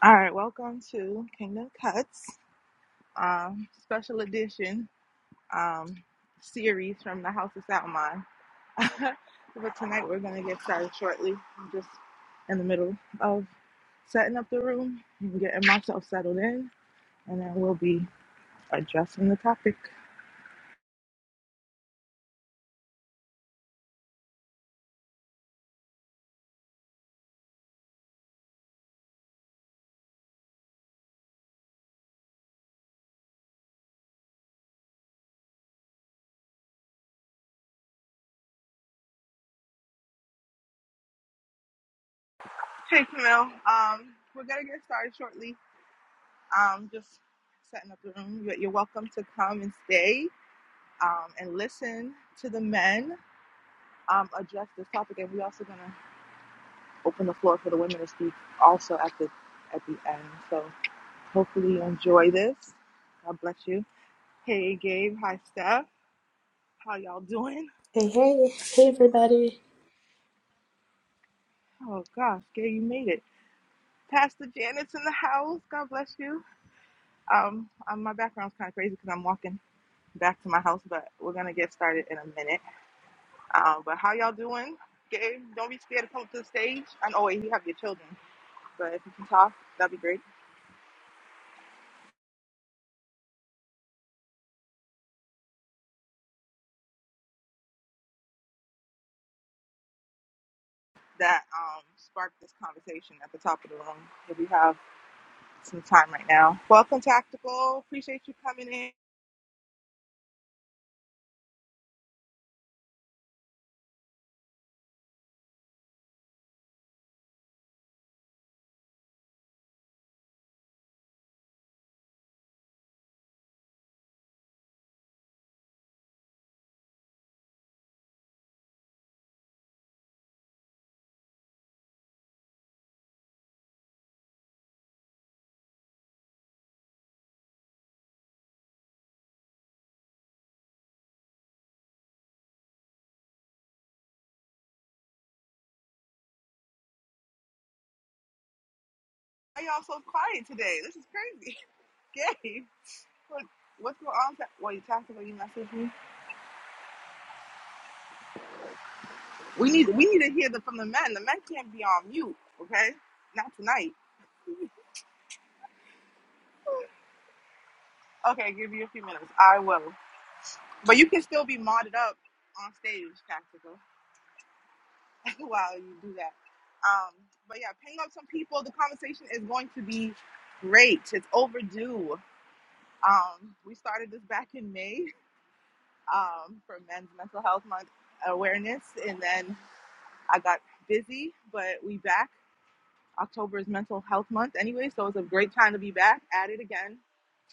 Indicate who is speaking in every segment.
Speaker 1: All right, welcome to Kingdom Cuts, um, special edition um, series from the House of Salmon. but tonight we're going to get started shortly. I'm just in the middle of setting up the room and getting myself settled in, and then we'll be addressing the topic. Hey, Camille. Um, we're going to get started shortly. Um, just setting up the room. You're you're welcome to come and stay um, and listen to the men um, address this topic, and we're also gonna open the floor for the women to speak also at the at the end. So hopefully you enjoy this. God bless you. Hey Gabe, hi Steph. How y'all doing?
Speaker 2: Hey, hey, hey, everybody.
Speaker 1: Oh gosh, Gabe, you made it. Pastor Janet's in the house. God bless you. Um, um my background's kind of crazy because I'm walking back to my house, but we're gonna get started in a minute. Um, but how y'all doing? Gabe, don't be scared to come up to the stage. I know wait, you have your children, but if you can talk, that'd be great. That um sparked this conversation at the top of the room. If you have some time right now. Welcome, Tactical. Appreciate you coming in. Why y'all so quiet today? This is crazy. Gabe, what, what's going on? Ta- Wait, Tactical, you message me. We need we need to hear the, from the men. The men can't be on mute, okay? Not tonight. Okay, give you a few minutes. I will. But you can still be modded up on stage, Tactical, while you do that. Um, but yeah, ping up some people. The conversation is going to be great. It's overdue. Um, we started this back in May um, for Men's Mental Health Month awareness, and then I got busy, but we back. October is Mental Health Month anyway, so it's a great time to be back at it again,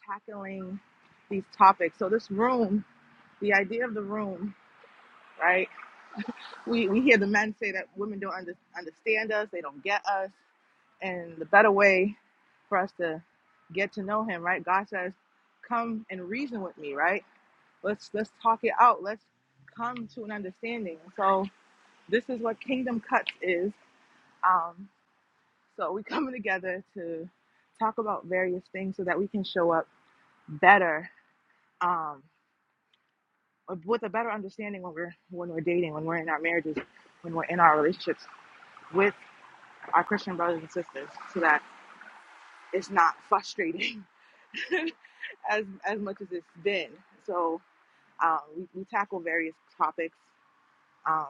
Speaker 1: tackling these topics. So this room, the idea of the room, right? We we hear the men say that women don't under, understand us, they don't get us, and the better way for us to get to know Him, right? God says, "Come and reason with me," right? Let's let's talk it out. Let's come to an understanding. So this is what Kingdom Cuts is. Um, so we coming together to talk about various things so that we can show up better, um, with a better understanding when we're when we're dating, when we're in our marriages, when we're in our relationships with our Christian brothers and sisters, so that it's not frustrating as as much as it's been. So um, we, we tackle various topics Um,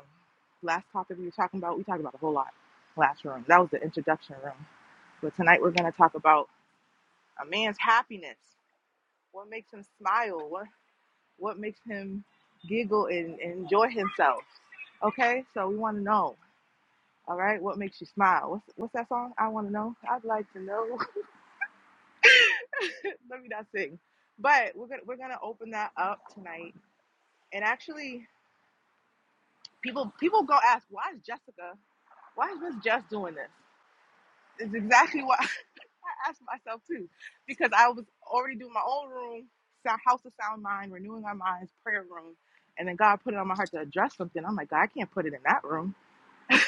Speaker 1: last topic we were talking about, we talked about a whole lot last room. That was the introduction room. But tonight we're going to talk about a man's happiness. What makes him smile? What what makes him giggle and, and enjoy himself? Okay, so we want to know. All right, what makes you smile? What's what's that song? I want to know. I'd like to know. Let me not sing. But we're gonna we're gonna open that up tonight. And actually, people people go ask, why is Jessica? Why is Miss Jess doing this? It's exactly why. asked myself too, because I was already doing my own room, sound house of sound mind, renewing our minds, prayer room, and then God put it on my heart to address something. I'm like, God, I can't put it in that room. and,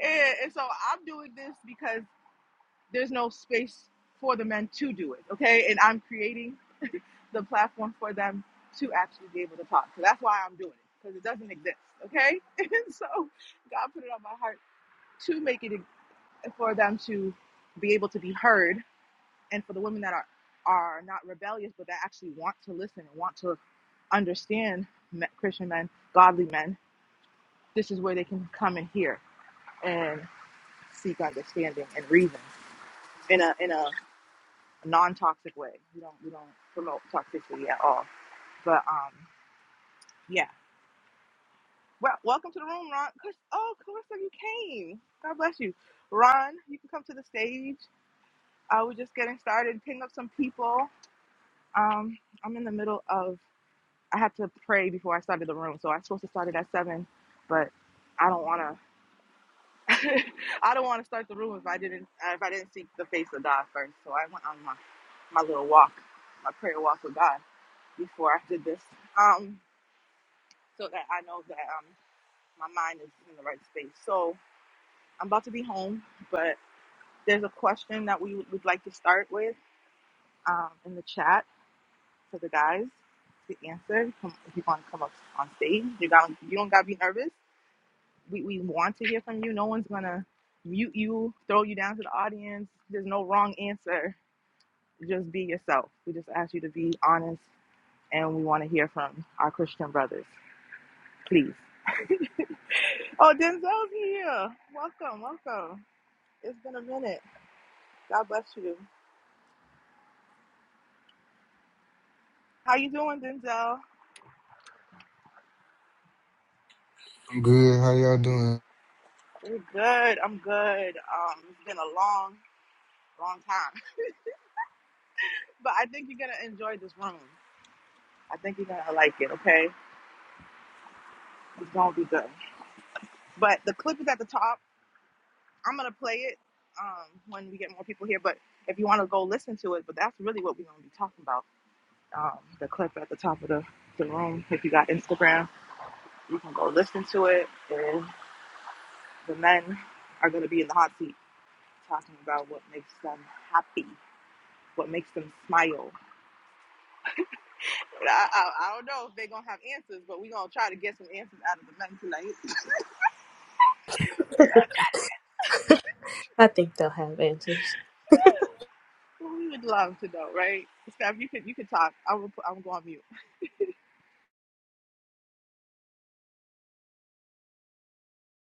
Speaker 1: and so I'm doing this because there's no space for the men to do it, okay? And I'm creating the platform for them to actually be able to talk. So that's why I'm doing it because it doesn't exist, okay? And so God put it on my heart to make it e, for them to be able to be heard and for the women that are are not rebellious but that actually want to listen and want to understand me- christian men godly men this is where they can come and hear and seek understanding and reason in a in a non-toxic way we don't we don't promote toxicity at all but um yeah well welcome to the room ron Chris, oh clarissa you came god bless you ron you can come to the stage uh, we're just getting started ping up some people um i'm in the middle of I had to pray before I started the room. So I was supposed to start it at seven, but I don't want to. I don't want to start the room if I didn't if I didn't seek the face of God first. So I went on my my little walk, my prayer walk with God before I did this, um, so that I know that um my mind is in the right space. So I'm about to be home, but there's a question that we would would like to start with um, in the chat for the guys to answer. Come, if you want to come up on stage, you got you don't gotta be nervous we, we want to hear from you. No one's gonna mute you, throw you down to the audience. There's no wrong answer. Just be yourself. We just ask you to be honest, and we want to hear from our Christian brothers, please. Oh, Denzel's here. Welcome, welcome. It's been a minute. God bless you. How you doing, Denzel?
Speaker 3: I'm good. How y'all doing?
Speaker 1: We're good. I'm good. Um, it's been a long, long time, but I think you're gonna enjoy this room. I think you're gonna like it. Okay, it's gonna be good. But the clip is at the top. I'm gonna play it um, when we get more people here. But if you want to go listen to it, but that's really what we're gonna be talking about. Um, the clip at the top of the, the room. If you got Instagram, you can go listen to it. And the men are gonna be in the hot seat talking about what makes them happy, what makes them smile. But I, I, I don't know if they're gonna have answers, but we're gonna try to get some answers out of the men tonight.
Speaker 2: I think they'll have answers
Speaker 1: We would love to know, right? Steph, you could you could talk. I will I'm going to mute.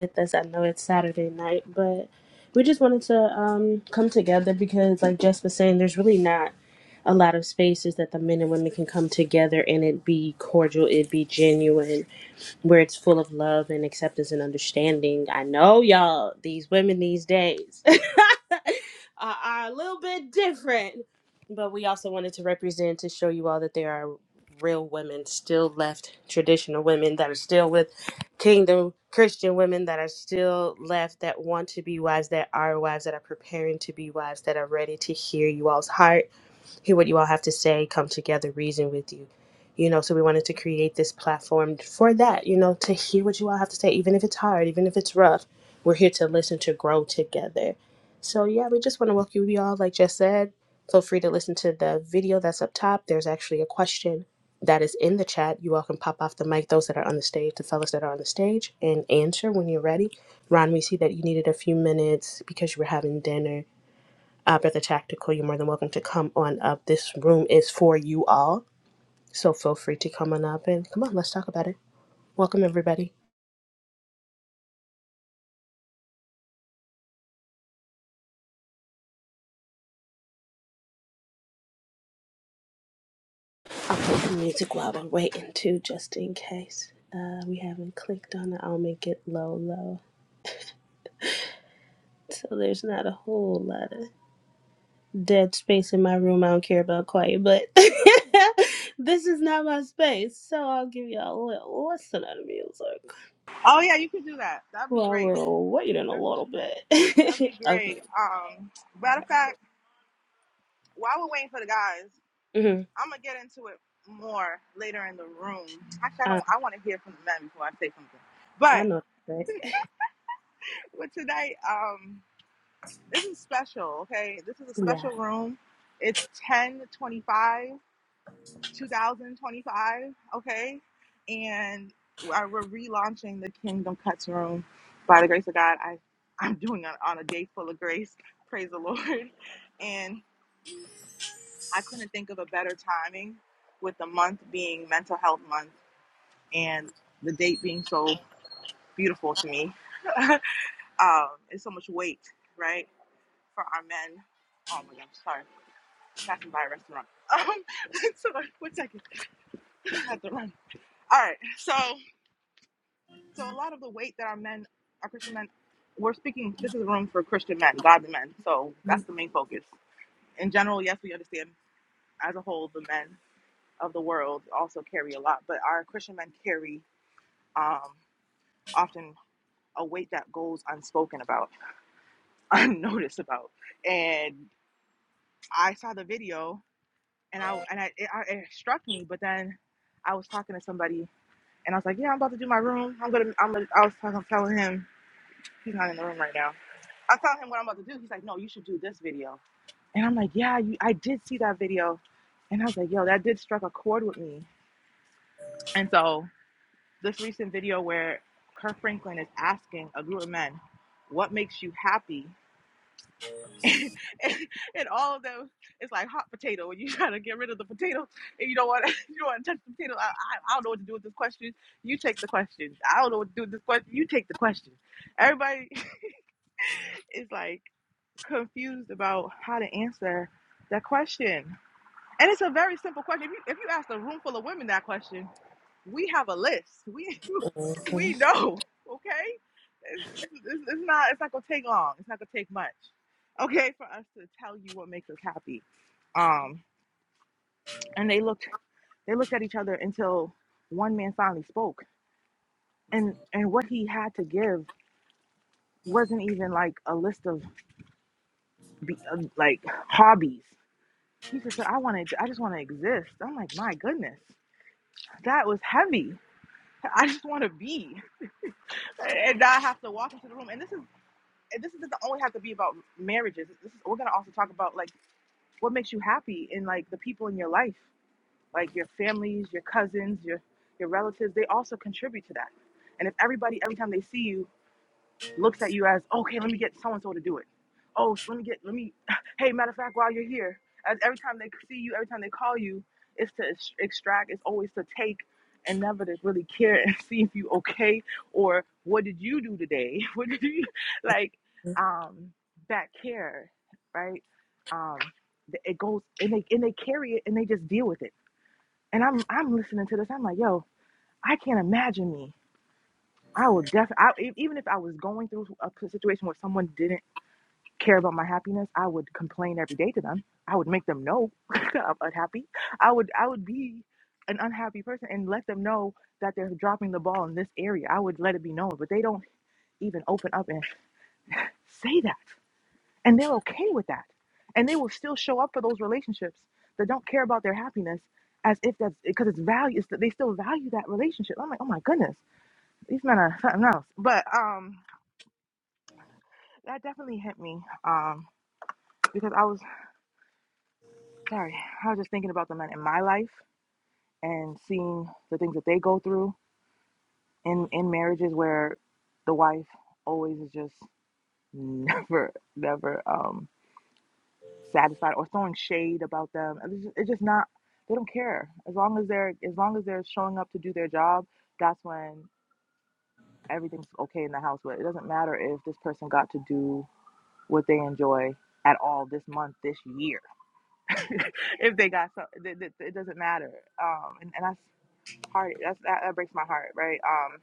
Speaker 2: with us. I know it's Saturday night, but we just wanted to um, come together because, like Jess was saying, there's really not a lot of spaces that the men and women can come together and it be cordial, it be genuine, where it's full of love and acceptance and understanding. I know y'all, these women these days are, are a little bit different, but we also wanted to represent to show you all that there are real women still left, traditional women that are still with kingdom Christian women that are still left that want to be wives, that are wives, that are preparing to be wives, that are ready to hear you all's heart hear what you all have to say, come together, reason with you. You know, so we wanted to create this platform for that, you know, to hear what you all have to say, even if it's hard, even if it's rough. We're here to listen, to grow together. So, yeah, we just want to welcome you all, like Jess said. Feel free to listen to the video that's up top. There's actually a question that is in the chat. You all can pop off the mic, those that are on the stage, the fellas that are on the stage, and answer when you're ready. Ron, we see that you needed a few minutes because you were having dinner uh, Brother Tactical, you're more than welcome to come on up. This room is for you all, so feel free to come on up and come on, let's talk about it. Welcome, everybody. I'll put the music while we're waiting, too, just in case uh, we haven't clicked on it. I'll make it low, low. So there's not a whole lot of dead space in my room. I don't care about quiet, but this is not my space, so I'll give you a little listen of the music
Speaker 1: Oh yeah, you could do that. That'd be
Speaker 2: while
Speaker 1: great.
Speaker 2: we're waiting a
Speaker 1: That'd
Speaker 2: little
Speaker 1: That'd be
Speaker 2: bit. okay.
Speaker 1: great. Um, matter of fact, while we're waiting for the guys,
Speaker 2: hmm
Speaker 1: I'm gonna get into it more later in the room. Actually, I don't.
Speaker 2: Uh,
Speaker 1: I want to hear from the men before I say something.
Speaker 2: I
Speaker 1: But
Speaker 2: know, right?
Speaker 1: with tonight, um, this is special. Okay, this is a
Speaker 2: Yeah.
Speaker 1: special room. It's 1025, 2025. Okay, and we're we're relaunching the Kingdom Cuts room. By the grace of God, I I'm doing it on a day full of grace. Praise the Lord. and. I couldn't think of a better timing with the month being mental health month and the date being so beautiful to me. Um, it's so much weight, right? For our men. Oh my God, sorry. Passing by a restaurant. Um, sorry, one second. I had to run. All right. So, so a lot of the weight that our men, our Christian men, we're speaking, this is a room for Christian men, godly men. So that's the main focus. In general, yes, we understand as a whole, the men of the world also carry a lot, but our Christian men carry um, often a weight that goes unspoken about, unnoticed about. And I saw the video, and I and I it, it struck me. But then I was talking to somebody, and I was like, "Yeah, I'm about to do my room. I'm gonna. I'm gonna." I was talking, telling him he's not in the room right now. I telling him what I'm about to do. He's like, "No, you should do this video." And I'm like, "Yeah, you, I did see that video," and I was like, "Yo, that did struck a chord with me." And so this recent video where Kirk Franklin is asking a group of men, "What makes you happy?" and, and all of them, it's like hot potato. When you try to get rid of the potato, and you don't want to, you don't want to touch the potato. I, I, I don't know what to do with this question. You take the question. I don't know what to do with this question. You take the question. Everybody is like confused about how to answer that question. And it's a very simple question. If you if you ask a room full of women that question, we have a list. We we
Speaker 2: Mhm.
Speaker 1: know, okay? It's, it's, it's not it's not gonna take long. It's not gonna take much, okay, for us to tell you what makes us happy. Um, and they looked they looked at each other until one man finally spoke, and and what he had to give wasn't even like a list of be, uh, like hobbies. He just said, "I want to. I just want to exist." I'm like, my goodness, that was heavy. I just want to be and not have to walk into the room. And this is and this doesn't only have to be about marriages. This is, we're gonna also talk about like what makes you happy and like the people in your life, like your families, your cousins, your your relatives. They also contribute to that. And if everybody every time they see you looks at you as, okay, let me get so and so to do it. Oh, so let me get, let me, hey, matter of fact, while you're here, as every time they see you, every time they call you, it's to extract, it's always to take and never to really care and see if you okay or what did you do today? What did you, like, um, that care, right? Um, it goes and they and they carry it and they just deal with it. And I'm I'm listening to this. I'm like, yo, I can't imagine me. I would definitely, even if I was going through a p- situation where someone didn't care about my happiness, I would complain every day to them. I would make them know I'm unhappy. I would, I would be an unhappy person and let them know that they're dropping the ball in this area. I would let it be known, but they don't even open up and say that, and they're okay with that, and they will still show up for those relationships that don't care about their happiness as if that's because it's value. It's, they still value that relationship. I'm like, oh my goodness, these men are something else. But um. that definitely hit me um, because I was sorry. I was just thinking about the men in my life and seeing the things that they go through in in marriages where the wife always is just never never um, satisfied or throwing shade about them. It's just, it's just not. They don't care as long as they're as long as they're showing up to do their job. That's when everything's okay in the house. But it doesn't matter if this person got to do what they enjoy at all this month, this year if they got some, it, it, it doesn't matter. Um, and, and that's hard. That's that, that breaks my heart, right? Um,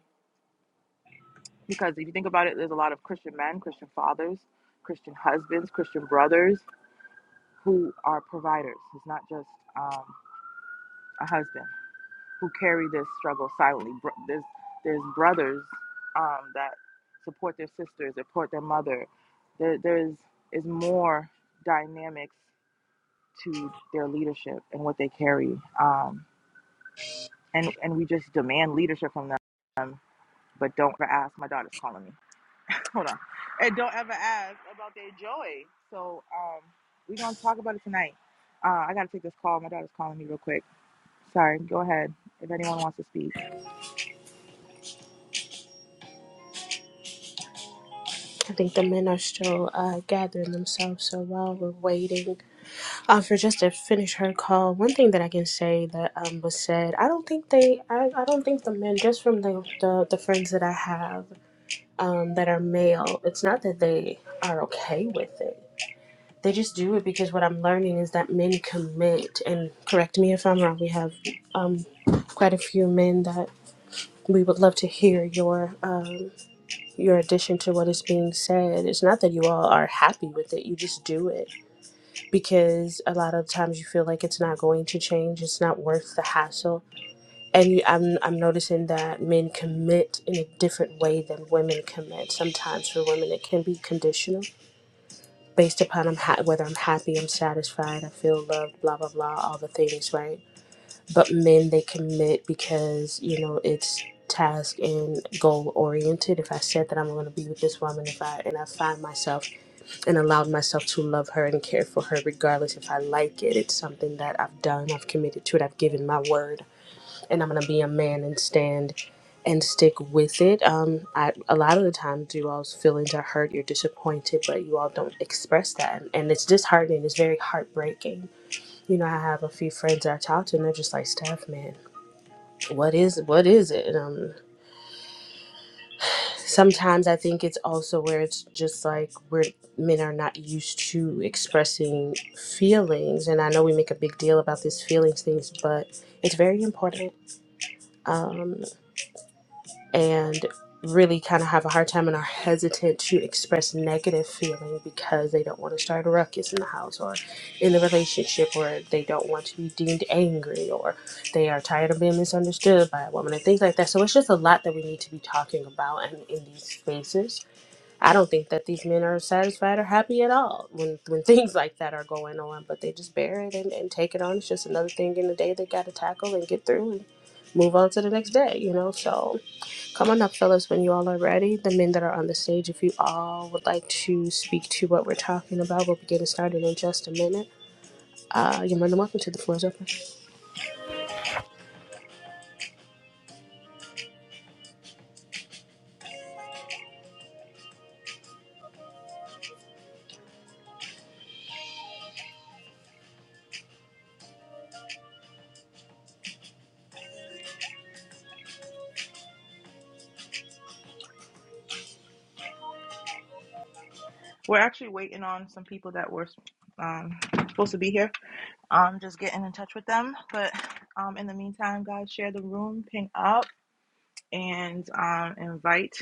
Speaker 1: because if you think about it, there's a lot of Christian men, Christian fathers, Christian husbands, Christian brothers who are providers. It's not just um, a husband who carry this struggle silently. Bro- There's there's brothers um, that support their sisters, support their mother. There, there's is more dynamics to their leadership and what they carry. Um, and and we just demand leadership from them. But don't ever ask. My daughter's calling me. Hold on. And don't ever ask about their joy. So um, we're gonna talk about it tonight. Uh, I gotta take this call. My daughter's calling me real quick. Sorry. Go ahead. If anyone wants to speak,
Speaker 2: I think the men are still uh, gathering themselves. So while we're waiting uh, for just to finish her call, one thing that I can say that um, was said, I don't think they, I, I don't think the men, just from the, the, the friends that I have um, that are male, it's not that they are okay with it. They just do it because what I'm learning is that men commit, and correct me if I'm wrong, we have um, quite a few men that we would love to hear your. Um, your addition to what is being said. It's not that you all are happy with it, you just do it because a lot of times you feel like it's not going to change, it's not worth the hassle. And you, I'm, I'm noticing that men commit in a different way than women commit. Sometimes for women, it can be conditional based upon I'm ha- whether I'm happy, I'm satisfied, I feel loved, blah, blah, blah, all the things, right? but men they commit because you know it's task and goal oriented if i said that i'm going to be with this woman if i and i find myself and allowed myself to love her and care for her regardless if i like it it's something that i've done i've committed to it i've given my word and i'm going to be a man and stand and stick with it um i a lot of the times you all's feelings are hurt you're disappointed but you all don't express that and it's disheartening it's very heartbreaking you know, I have a few friends that I talk to, and they're just like, "Steph, man what is what is it um sometimes i think it's also where it's just like where men are not used to expressing feelings and i know we make a big deal about these feelings things but it's very important Um, and really kind of have a hard time and are hesitant to express negative feeling because they don't want to start a ruckus in the house or in the relationship or they don't want to be deemed angry or they are tired of being misunderstood by a woman and things like that. So it's just a lot that we need to be talking about and in these spaces. I don't think that these men are satisfied or happy at all when, when things like that are going on, but they just bear it and, and take it on. It's just another thing in the day they got to tackle and get through and move on to the next day, you know? So, Come on up, fellas, when you all are ready. The men that are on the stage, if you all would like to speak to what we're talking about, we'll be getting started in just a minute. Uh, you're more than welcome to the floor's open.
Speaker 1: we're actually waiting on some people that were um, supposed to be here. Um, just getting in touch with them. But um, in the meantime, guys, share the room, ping up, and um, invite.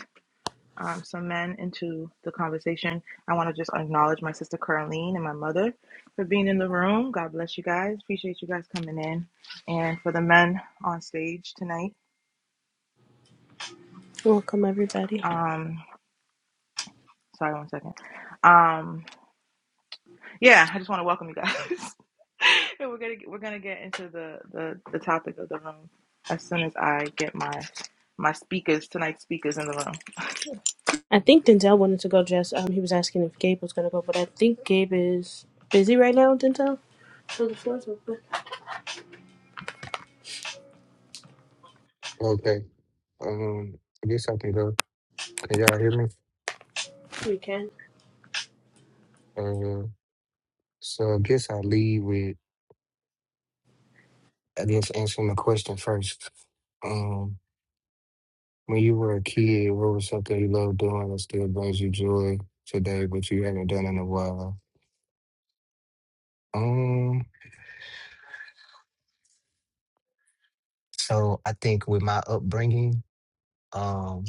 Speaker 1: um, some men into the conversation. I want to just acknowledge my sister Caroline and my mother for being in the room. God bless you guys. Appreciate you guys coming in. And for the men on stage tonight.
Speaker 2: Welcome, everybody.
Speaker 1: Um, sorry, one second. Um, yeah, I just want to welcome you guys. and we're gonna we're gonna get into the, the the topic of the room as soon as I get my my speakers tonight's speakers in the room.
Speaker 2: I think Denzel wanted to go, Jess. Um, he was asking if Gabe was going to go, but I think Gabe is busy right now, Denzel. So the floor's open.
Speaker 3: Okay. Um, I guess I can go. Can y'all hear me?
Speaker 2: You can.
Speaker 3: Uh, so I guess I lead with I guess answering the question first. Um, when you were a kid, what was something you loved doing that still brings you joy today, but you haven't done in a while? Um, so I think with my upbringing, um,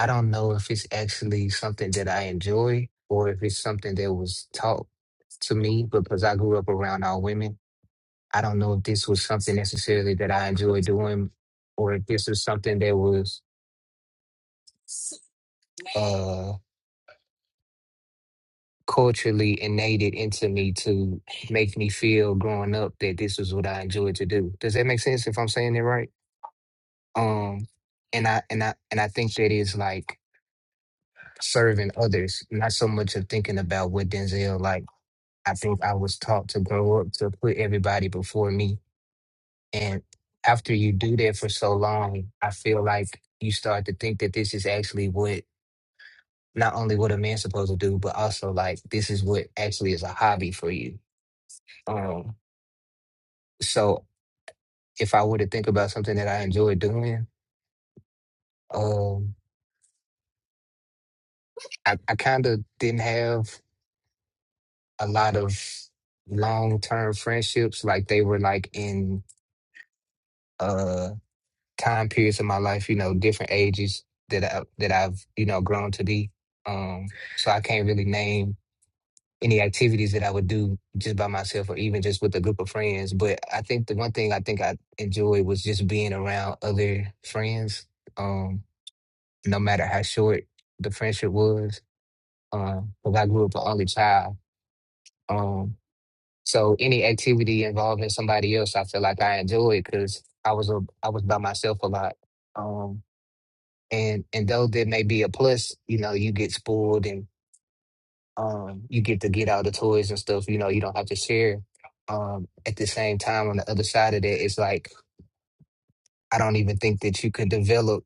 Speaker 3: I don't know if it's actually something that I enjoy or if it's something that was taught to me because I grew up around all women. I don't know if this was something necessarily that I enjoyed doing or if this was something that was uh, culturally innated into me to make me feel growing up that this was what I enjoyed to do. Does that make sense if I'm saying it right? Um, and I and I and I think that is like serving others, not so much of thinking about what Denzel like. I think I was taught to grow up to put everybody before me And after you do that for so long, I feel like you start to think that this is actually what not only what a man's supposed to do, but also like this is what actually is a hobby for you. Um, so if I were to think about something that I enjoy doing, um, I, I kind of didn't have a lot of long term friendships. Like they were like in uh time periods of my life, you know, different ages that I that I've you know grown to be. Um, so I can't really name any activities that I would do just by myself or even just with a group of friends. But I think the one thing I think I enjoyed was just being around other friends, um, no matter how short the friendship was. Because I grew up an only child. Um, so any activity involving somebody else, I feel like I enjoyed because I was a, I was by myself a lot. Um, and and though there may be a plus, you know, you get spoiled Um, you get to get all the toys and stuff, you know, you don't have to share. Um, at the same time, on the other side of that, it's like I don't even think that you can develop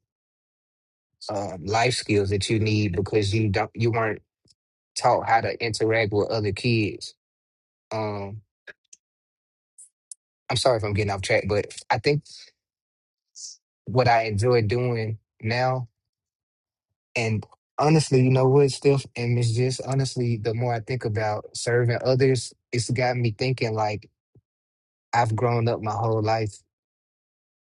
Speaker 3: um, life skills that you need because you don't you weren't taught how to interact with other kids. Um, I'm sorry if I'm getting off track, but I think what I enjoy doing now and honestly, you know what, Steph and Miss Jess, honestly, the more I think about serving others, it's got me thinking like I've grown up my whole life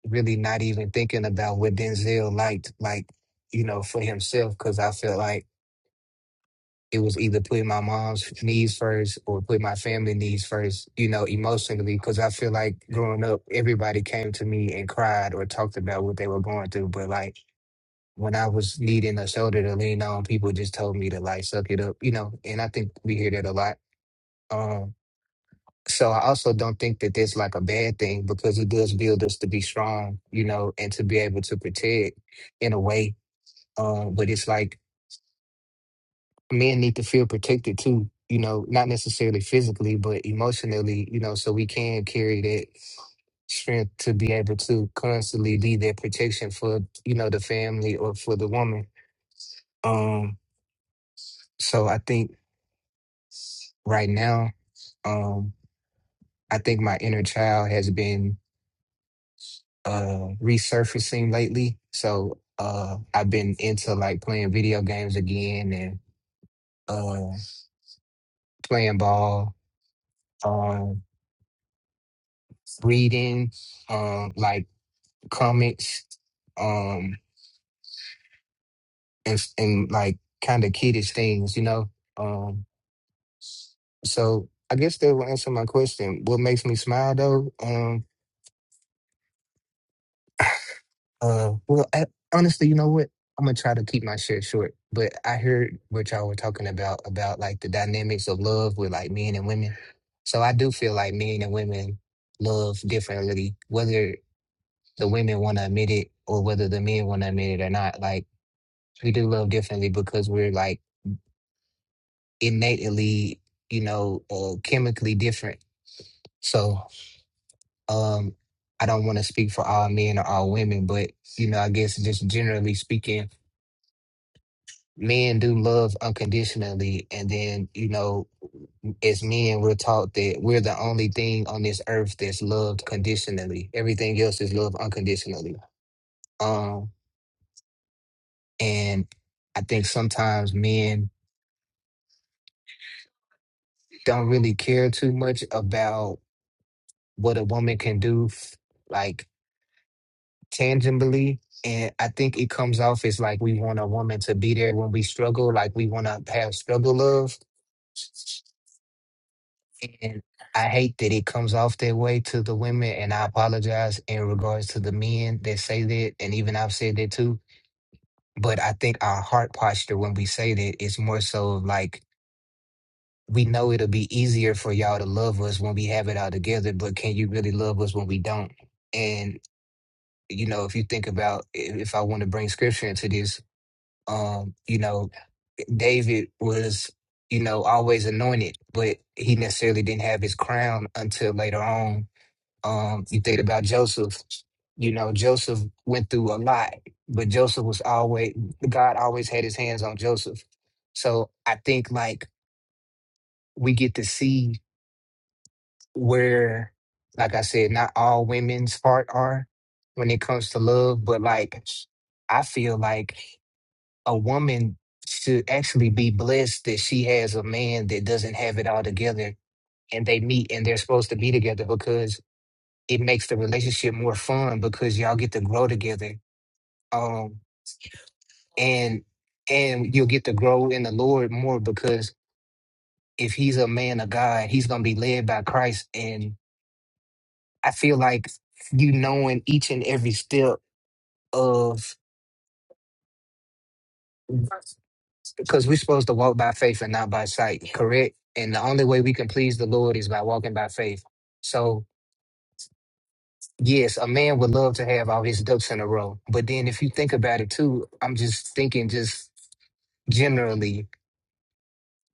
Speaker 3: really not even thinking about what Denzel liked, like, you know, for himself, because I felt like it was either putting my mom's needs first or putting my family needs first, you know, emotionally, because I feel like growing up, everybody came to me and cried or talked about what they were going through. But like when I was needing a shoulder to lean on, people just told me to like suck it up, you know, and I think we hear that a lot. um, So I also don't think that that's like a bad thing because it does build us to be strong, you know, and to be able to protect in a way. Um, but it's like men need to feel protected too, you know, not necessarily physically, but emotionally, you know, so we can carry that strength to be able to constantly be that protection for, you know, the family or for the woman. Um, so I think right now, um, I think my inner child has been uh resurfacing lately. So uh I've been into like playing video games again and uh playing ball, um reading um like comics um and and like kind of kiddish things, you know. Um so I guess that will answer my question. What makes me smile though? Um, Uh, well, I, honestly, you know what? I'm gonna try to keep my shit short. But I heard what y'all were talking about about like the dynamics of love with like men and women. So I do feel like men and women love differently, whether the women want to admit it or whether the men want to admit it or not. Like we do love differently because we're like innately, you know, uh, chemically different. So um, I don't want to speak for all men or all women, but you know, I guess just generally speaking men do love unconditionally and then you know as men we're taught that we're the only thing on this earth that's loved conditionally everything else is loved unconditionally um and i think sometimes men don't really care too much about what a woman can do f- like tangibly and i think it comes off as like we want a woman to be there when we struggle like we want to have struggle love And I hate that it comes off that way to the women, and I apologize in regards to the men that say that, and even I've said that too. But I think our heart posture when we say that is more so of like we know it'll be easier for y'all to love us when we have it all together, but can you really love us when we don't? And you know, if you think about if if I want to bring scripture into this, um, you know, David was you know always anointed, but he necessarily didn't have his crown until later on Um, you think about Joseph, you know, Joseph went through a lot, but Joseph was always, God always had his hands on Joseph. So I think like we get to see where, like I said, not all women's part are when it comes to love, but like I feel like a woman should actually be blessed that she has a man that doesn't have it all together and they meet and they're supposed to be together because it makes the relationship more fun because y'all get to grow together um and and you'll get to grow in the lord more because if he's a man of god he's gonna be led by christ and i feel like you knowing each and every step of because we're supposed to walk by faith and not by sight correct and the only way we can please the lord is by walking by faith so yes a man would love to have all his ducks in a row but then if you think about it too i'm just thinking just generally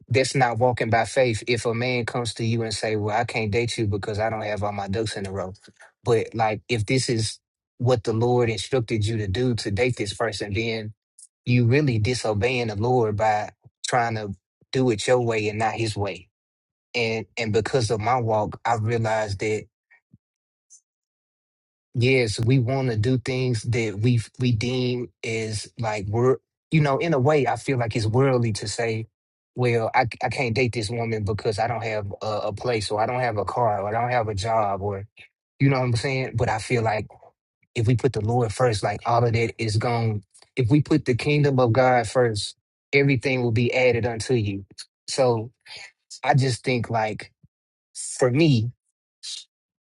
Speaker 3: That's not walking by faith. If a man comes to you and say, "Well, I can't date you because I don't have all my ducks in a row," but like if this is what the Lord instructed you to do to date this person, then you really disobeying the Lord by trying to do it your way and not His way. And and because of my walk, I realized that. Yes, we want to do things that we f- we deem is like we're you know in a way I feel like it's worldly to say, well I c- I can't date this woman because I don't have a, a place or I don't have a car or I don't have a job or you know what I'm saying. But I feel like if we put the Lord first, like all of that is gone. If we put the kingdom of God first, everything will be added unto you. So I just think like for me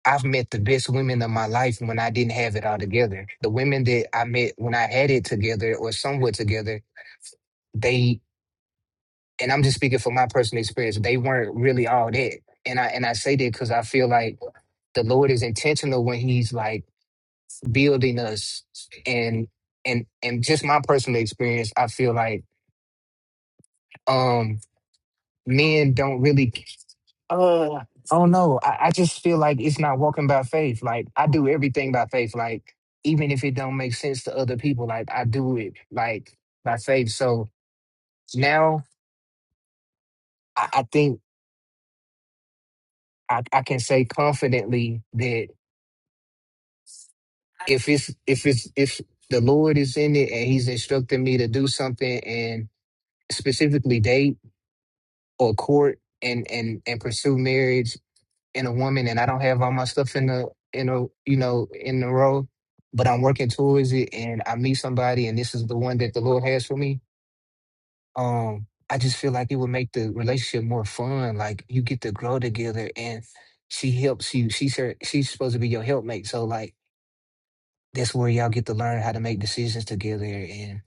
Speaker 3: I've met the best women of my life when I didn't have it all together. The women that I met when I had it together or somewhat together, they and I'm just speaking from my personal experience, they weren't really all that. And I and I say that because I feel like the Lord is intentional when He's like building us and and and just my personal experience, I feel like um men don't really uh I don't know. I, I just feel like it's not walking by faith. Like I do everything by faith. Like even if it don't make sense to other people, like I do it like by faith. So now I, I think I, I can say confidently that if it's if it's if the Lord is in it and He's instructing me to do something and specifically date or court and and and pursue marriage and a woman and I don't have all my stuff in the in a you know in the row, but I'm working towards it and I meet somebody and this is the one that the Lord has for me. Um, I just feel like it would make the relationship more fun. Like you get to grow together and she helps you. She's her she's supposed to be your helpmate. So like that's where y'all get to learn how to make decisions together and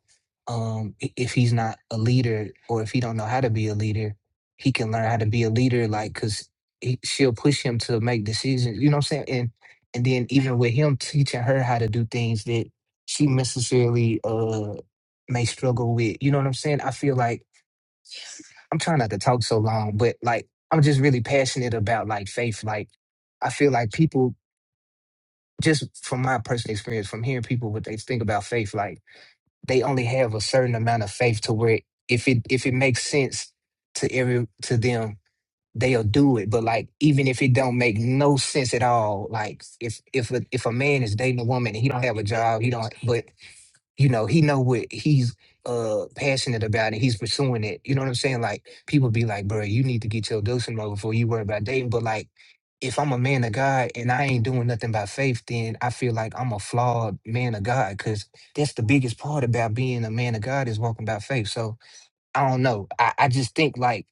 Speaker 3: um i- if he's not a leader or if he don't know how to be a leader he can learn how to be a leader like because she'll push him to make decisions you know what i'm saying and and then even with him teaching her how to do things that she necessarily uh may struggle with you know what i'm saying i feel like i'm trying not to talk so long but like i'm just really passionate about like faith like i feel like people just from my personal experience, from hearing people what they think about faith, like they only have a certain amount of faith to where if it if it makes sense to every to them, they'll do it. But like even if it don't make no sense at all, like if if a, if a man is dating a woman and he don't have a job, he don't. But you know he know what he's uh passionate about and he's pursuing it you know what i'm saying like people be like bro you need to get your dosing mode before you worry about dating but like if i'm a man of god and i ain't doing nothing by faith then i feel like i'm a flawed man of god because that's the biggest part about being a man of god is walking by faith so I don't know. I, I just think like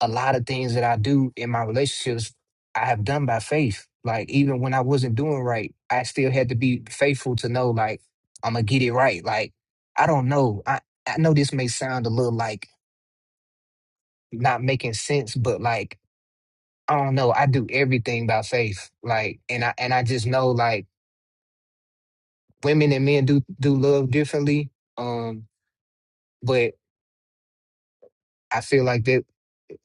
Speaker 3: a lot of things that I do in my relationships, I have done by faith. Like even when I wasn't doing right, I still had to be faithful to know like I'm gonna get it right. Like I don't know. I I know this may sound a little like not making sense, but like I don't know. I do everything by faith. Like and I and I just know like women and men do do love differently. Um, but I feel like that.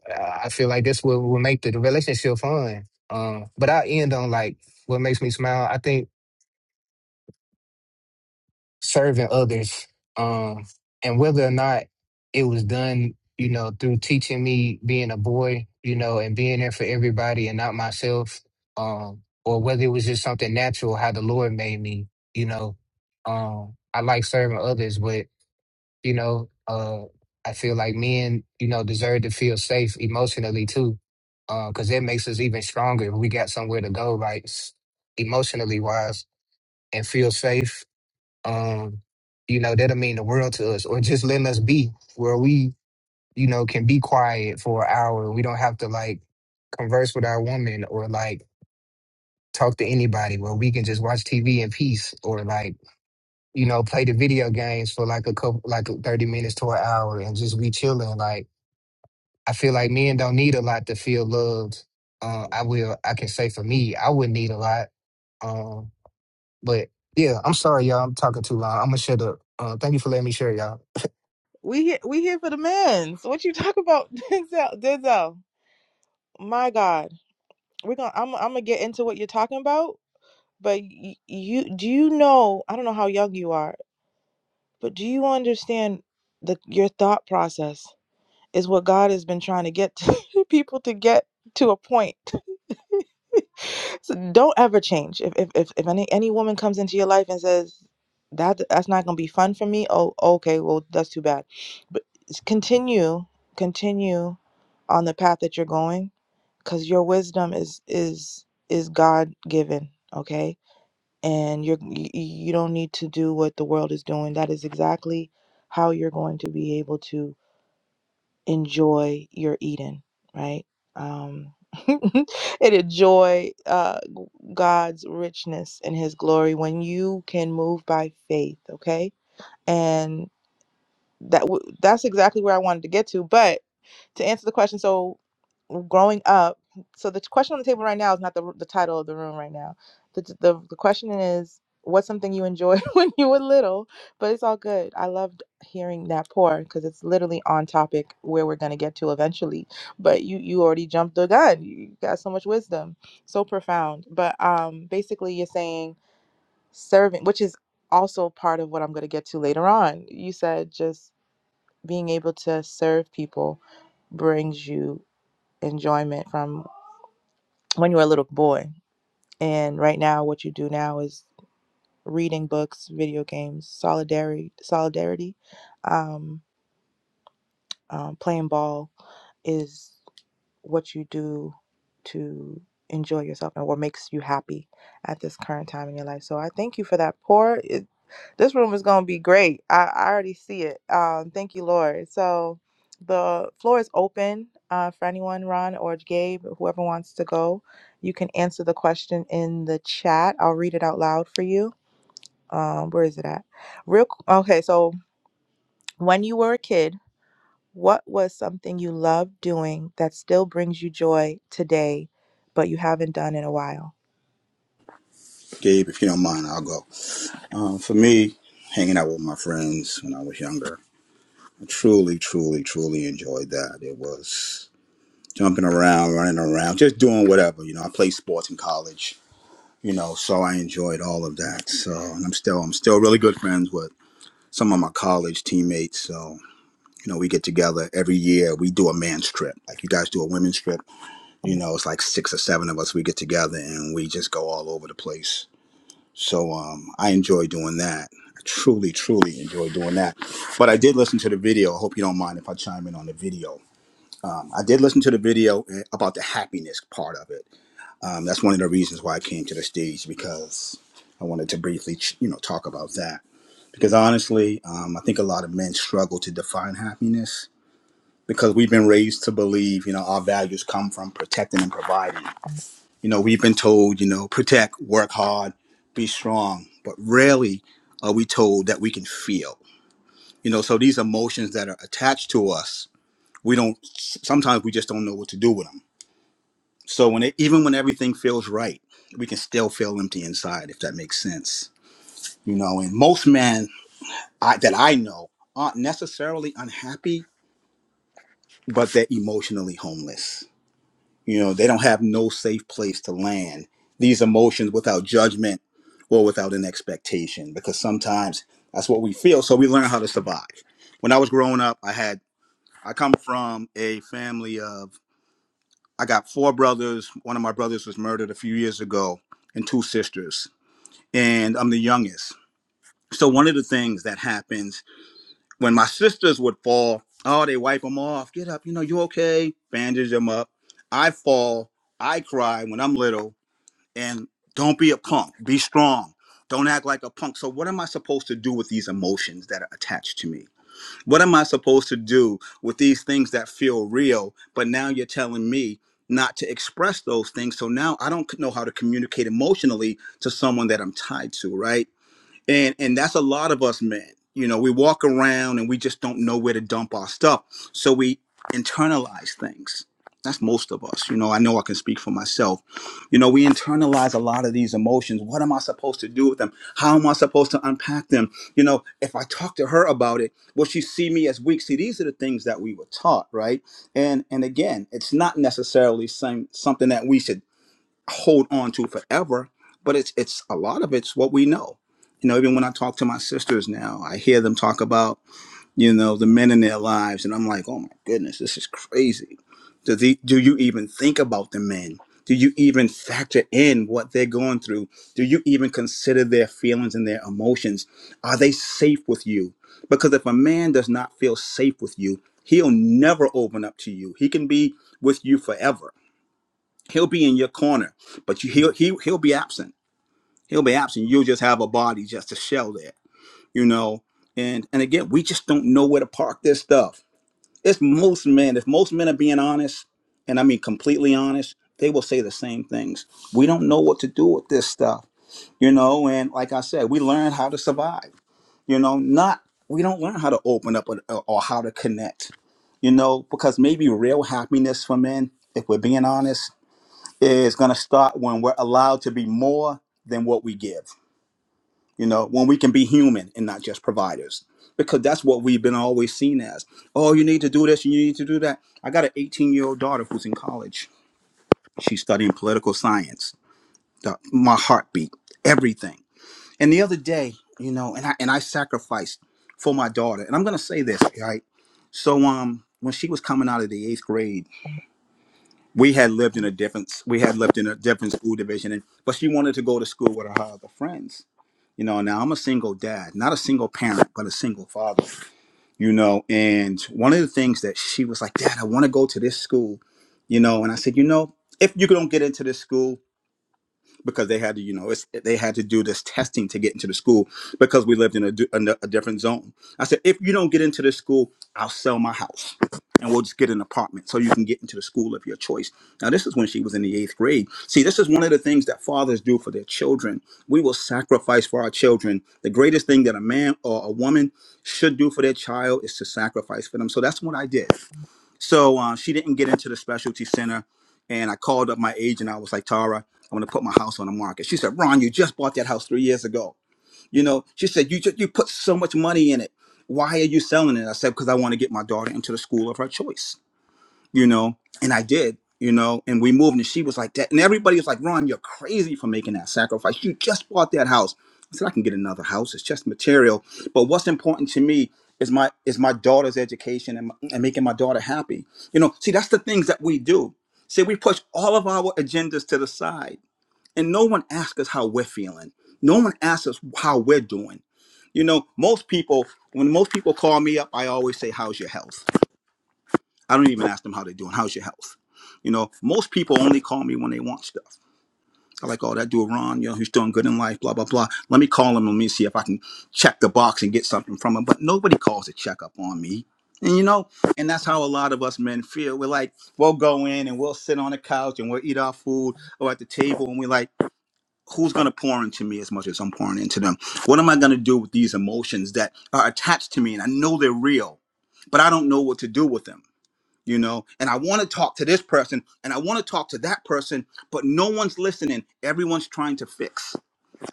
Speaker 3: I I feel like this will, will make the relationship fun. Um, but I end on like what makes me smile. I think serving others, um, and whether or not it was done, you know, through teaching me being a boy, you know, and being there for everybody and not myself, um, or whether it was just something natural how the Lord made me, you know, um, I like serving others, but You know, uh, I feel like men, you know, deserve to feel safe emotionally too, because it makes us even stronger if we got somewhere to go, right? s- Emotionally wise, and feel safe. Um, you know, that'll mean the world to us, or just letting us be where we, you know, can be quiet for an hour. We don't have to like converse with our woman or like talk to anybody, where we can just watch TV in peace or like you know, play the video games for like a couple, like 30 minutes to an hour and just be chilling. Like, I feel like men don't need a lot to feel loved. Uh, I will. I can say for me, I wouldn't need a lot. Um, but yeah, I'm sorry, y'all. I'm talking too long. I'm gonna shut up. Uh, thank you for letting me share, y'all.
Speaker 1: We he- we here for the men's. What you talk about, Denzel? Denzel, my God. we're gonna I'm I'm gonna get into what you're talking about, but y- you do you know, I don't know how young you are, but do you understand the your thought process is what God has been trying to get people to get to a point. So don't ever change. If if if, if any any woman comes into your life and says that that's not gonna be fun for me, oh okay, well that's too bad. But s- continue, continue on the path that you're going because your wisdom is is is god given okay and you're you, you don't need to do what the world is doing that is exactly how you're going to be able to enjoy your eden right um and enjoy uh god's richness and his glory when you can move by faith okay and that w- that's exactly where i wanted to get to but to answer the question so growing up so the question on the table right now is not the, the title of the room right now the, the, the question is what's something you enjoyed when you were little but it's all good i loved hearing that pour because it's literally on topic where we're going to get to eventually but you you already jumped the gun you got so much wisdom so profound but um basically you're saying serving which is also part of what i'm going to get to later on you said just being able to serve people brings you enjoyment from when you were a little boy. And right now, what you do now is reading books, video games, solidarity, solidarity, um, um, playing ball is what you do to enjoy yourself and what makes you happy at this current time in your life. So I thank you for that pour. It, this room is going to be great. I, I already see it. Um, thank you, Lord. So the floor is open uh, for anyone, Ron or Gabe, whoever wants to go. You can answer the question in the chat. I'll read it out loud for you. Um, where is it at? Real qu- okay. So when you were a kid, what was something you loved doing that still brings you joy today, but you haven't done in a while?
Speaker 4: Gabe, if you don't mind, I'll go. Um, for me, hanging out with my friends when I was younger, I truly, truly, truly enjoyed that. It was jumping around, running around, just doing whatever. You know, I played sports in college. You know, so I enjoyed all of that. So, and I'm still, I'm still really good friends with some of my college teammates. So, you know, we get together every year. We do a man's trip, like you guys do a women's trip. You know, it's like six or seven of us. We get together and we just go all over the place So um, I enjoy doing that. I truly, truly enjoy doing that. But I did listen to the video. I hope you don't mind if I chime in on the video. Um, I did listen to the video eh, about the happiness part of it. Um, that's one of the reasons why I came to the stage because I wanted to briefly, ch- you know, talk about that. Because honestly, um, I think a lot of men struggle to define happiness because we've been raised to believe, you know, our values come from protecting and providing. You know, we've been told, you know, protect, work hard, be strong, but rarely are we told that we can feel. You know, so these emotions that are attached to us, we don't, sometimes we just don't know what to do with them. So when it, even when everything feels right, we can still feel empty inside, if that makes sense. You know, and most men I, that I know aren't necessarily unhappy, but they're emotionally homeless You know, they don't have no safe place to land these emotions without judgment or without an expectation because sometimes that's what we feel. So we learn how to survive. When I was growing up, I had, I come from a family of, I got four brothers. One of my brothers was murdered a few years ago, and two sisters. And I'm the youngest. So one of the things that happens when my sisters would fall, oh, they wipe them off. Get up, you know, you okay? Bandage them up. I fall. I cry when I'm little and don't be a punk be strong don't act like a punk so what am i supposed to do with these emotions that are attached to me what am i supposed to do with these things that feel real but now you're telling me not to express those things so now i don't know how to communicate emotionally to someone that i'm tied to right and and that's a lot of us men you know we walk around and we just don't know where to dump our stuff so we internalize things that's most of us you know i know i can speak for myself you know we internalize a lot of these emotions what am i supposed to do with them how am i supposed to unpack them you know if i talk to her about it will she see me as weak see these are the things that we were taught right and and again it's not necessarily some, something that we should hold on to forever but it's it's a lot of it's what we know you know even when i talk to my sisters now i hear them talk about you know the men in their lives and i'm like oh my goodness this is crazy do, the, do you even think about the men do you even factor in what they're going through do you even consider their feelings and their emotions are they safe with you because if a man does not feel safe with you he'll never open up to you he can be with you forever he'll be in your corner, but you, he'll he, he'll be absent. He'll be absent. You'll just have a body, just a shell there, you know. And and again, we just don't know where to park this stuff. It's most men. If most men are being honest, and I mean completely honest, they will say the same things. We don't know what to do with this stuff, you know. And like I said, we learn how to survive, you know. Not we don't learn how to open up or, or how to connect, you know, because maybe real happiness for men, if we're being honest is going to start when we're allowed to be more than what we give. You know, when we can be human and not just providers, because that's what we've been always seen as. Oh, you need to do this and you need to do that. I got an 18 year old daughter who's in college. She's studying political science. The- my heartbeat, everything. And the other day, you know, and I and I sacrificed for my daughter. And I'm going to say this, right? So, um, when she was coming out of the eighth grade. we had lived in a different we had lived in a different school division and but she wanted to go to school with her other friends you know now i'm a single dad not a single parent but a single father you know and one of the things that she was like dad i want to go to this school you know and i said you know if you don't get into this school because they had to, you know, it's, they had to do this testing to get into the school because we lived in a, du- in a different zone. I said, if you don't get into the school, I'll sell my house and we'll just get an apartment so you can get into the school of your choice. Now, this is when she was in the eighth grade. See, this is one of the things that fathers do for their children. We will sacrifice for our children. The greatest thing that a man or a woman should do for their child is to sacrifice for them. So that's what I did. So uh, she didn't get into the specialty center. And I called up my agent. I was like, Tara, I'm going to put my house on the market. She said, Ron, you just bought that house three years ago. You know, she said, you, just, you put so much money in it. Why are you selling it? I said, because I want to get my daughter into the school of her choice you know, and I did, you know, and we moved and she was like that. And everybody was like, Ron, you're crazy for making that sacrifice. You just bought that house. I said, I can get another house. It's just material. But what's important to me is my is my daughter's education and, and making my daughter happy. You know, see, that's the things that we do. See, we push all of our agendas to the side and no one asks us how we're feeling. No one asks us how we're doing. You know, most people, when most people call me up, I always say, How's your health? I don't even ask them how they're doing. How's your health? You know, most people only call me when they want stuff. I like, oh, that dude Ron, you know, he's doing good in life, blah, blah, blah. Let me call him and let me see if I can check the box and get something from him. But nobody calls to check up on me. And you know, and that's how a lot of us men feel. We're like, we'll go in and we'll sit on the couch and we'll eat our food or at the table and we're like, who's gonna pour into me as much as I'm pouring into them? What am I gonna do with these emotions that are attached to me and I know they're real, but I don't know what to do with them? you know and i want to talk to this person and i want to talk to that person but no one's listening everyone's trying to fix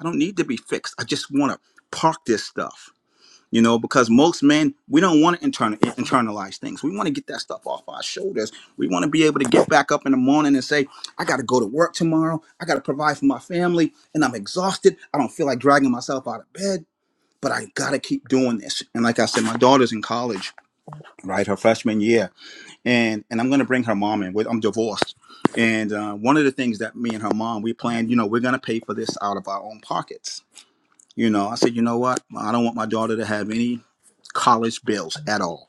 Speaker 4: i don't need to be fixed i just want to park this stuff you know because most men we don't want to internal, internalize things we want to get that stuff off our shoulders we want to be able to get back up in the morning and say i got to go to work tomorrow i got to provide for my family and i'm exhausted i don't feel like dragging myself out of bed but i got to keep doing this and like i said my daughter's in college right her freshman year and and I'm gonna bring her mom in. With I'm divorced, and uh, one of the things that me and her mom we planned, you know, we're gonna pay for this out of our own pockets. You know, I said, you know what, I don't want my daughter to have any college bills at all.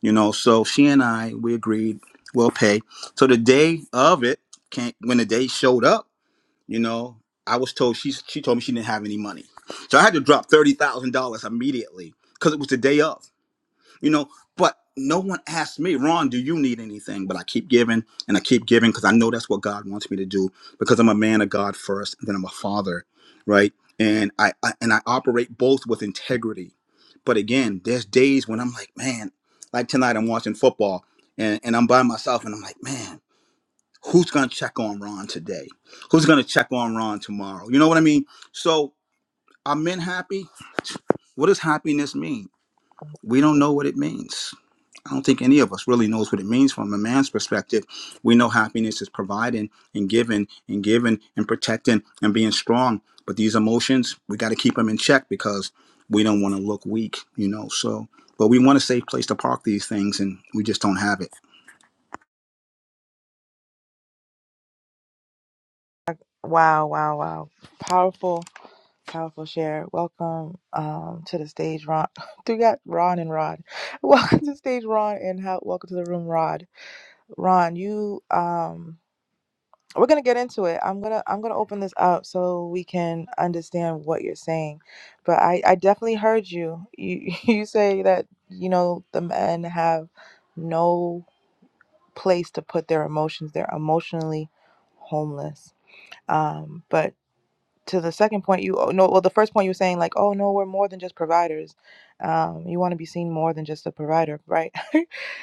Speaker 4: You know, so she and I we agreed we'll pay. So the day of it, came, when the day showed up, you know, I was told she she told me she didn't have any money, so I had to drop thirty thousand dollars immediately because it was the day of you know but no one asked me ron do you need anything but i keep giving and i keep giving because i know that's what god wants me to do because i'm a man of god first and then i'm a father right and I, I and i operate both with integrity but again there's days when i'm like man like tonight i'm watching football and, and i'm by myself and i'm like man who's gonna check on ron today who's gonna check on ron tomorrow you know what i mean so are men happy what does happiness mean we don't know what it means I don't think any of us really knows what it means from a man's perspective. We know happiness is providing and giving and giving and protecting and being strong. But these emotions, we got to keep them in check because we don't want to look weak, you know. So, but we want a safe place to park these things, and we just don't have it.
Speaker 1: Wow, wow, wow. Powerful, powerful share. Welcome um, to the stage, Ron. we got Ron and Rod. Welcome to the stage, Ron, and how, welcome to the room, Rod. Ron, you um we're gonna get into it. I'm gonna I'm gonna open this up so we can understand what you're saying. But I, I definitely heard you. You you say that, you know, the men have no place to put their emotions. They're emotionally homeless. Um, but to the second point, you oh, no, well, the first point you were saying like, oh no, we're more than just providers. Um, you want to be seen more than just a provider, right?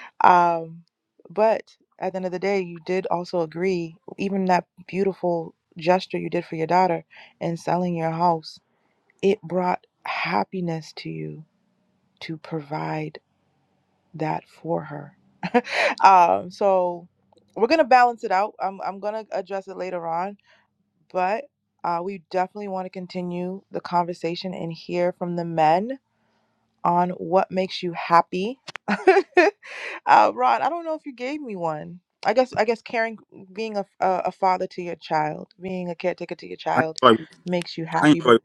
Speaker 1: um, but at the end of the day, you did also agree, even that beautiful gesture you did for your daughter in selling your house, it brought happiness to you to provide that for her. um, so we're gonna balance it out. I'm I'm gonna address it later on, but uh, we definitely want to continue the conversation and hear from the men on what makes you happy. uh, Ron, I don't know if you gave me one. I guess I guess caring, being a, a a father to your child, being a caretaker to your
Speaker 4: I
Speaker 1: child,
Speaker 4: enjoy,
Speaker 1: makes you
Speaker 4: I
Speaker 1: happy.
Speaker 4: enjoy,
Speaker 1: But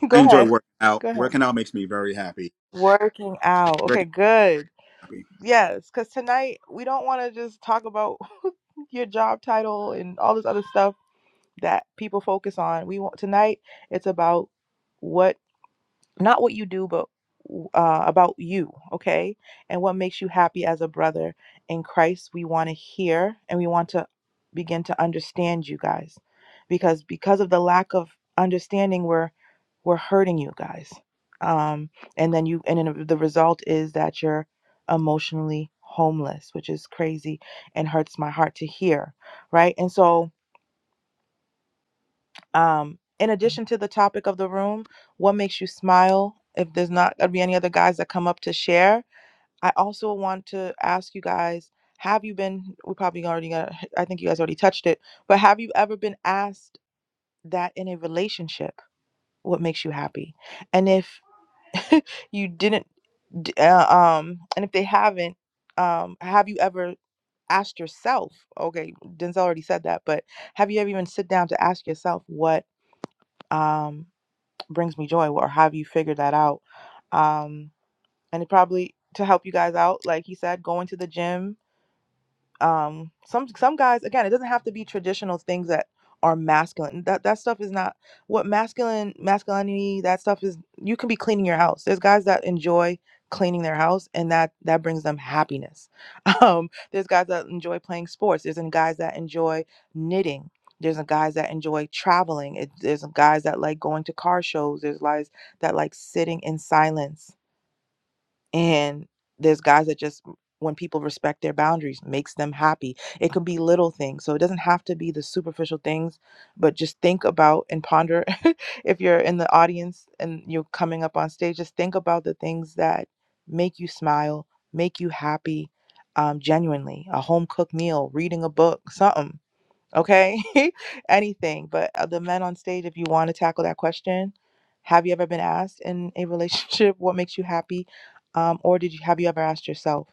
Speaker 1: go
Speaker 4: I enjoy
Speaker 1: ahead,
Speaker 4: working out.
Speaker 1: go ahead.
Speaker 4: Working out makes me very happy.
Speaker 1: Working out. Okay,
Speaker 4: Working
Speaker 1: good.
Speaker 4: happy.
Speaker 1: Yes, because tonight we don't want to just talk about your job title and all this other stuff that people focus on. We want tonight. It's about what not what you do, but uh, about you, okay? And what makes you happy as a brother in Christ. We want to hear and we want to begin to understand you guys, because because of the lack of understanding, we're we're hurting you guys. Um, and then you, and then the result is that you're emotionally homeless, which is crazy and hurts my heart to hear, right? And so um, in addition to the topic of the room, what makes you smile? If there's not gonna be any other guys that come up to share, I also want to ask you guys: Have you been? We probably already got. I think you guys already touched it, but have you ever been asked that in a relationship? What makes you happy? And if you didn't, d- uh, um, and if they haven't, um, have you ever asked yourself? Okay, Denzel already said that, but have you ever even sit down to ask yourself what? um brings me joy or have you figured that out um and it probably to help you guys out like he said going to the gym um some some guys again it doesn't have to be traditional things that are masculine that that stuff is not what masculine masculinity that stuff is you can be cleaning your house there's guys that enjoy cleaning their house and that that brings them happiness um there's guys that enjoy playing sports there's guys that enjoy knitting there's guys that enjoy traveling it, there's guys that like going to car shows there's guys that like sitting in silence and there's guys that just when people respect their boundaries makes them happy it could be little things so it doesn't have to be the superficial things but just think about and ponder if you're in the audience and you're coming up on stage just think about the things that make you smile make you happy um, genuinely a home cooked meal reading a book something okay anything but uh, the men on stage if you want to tackle that question have you ever been asked in a relationship what makes you happy um, or did you have you ever asked yourself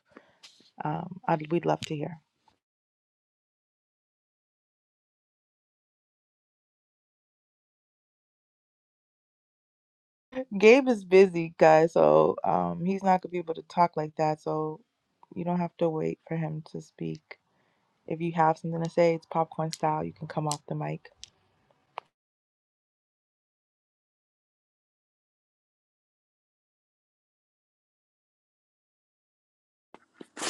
Speaker 1: um, I'd, we'd love to hear gabe is busy guys so um, he's not gonna be able to talk like that so you don't have to wait for him to speak if you have something to say it's popcorn style you can come off the mic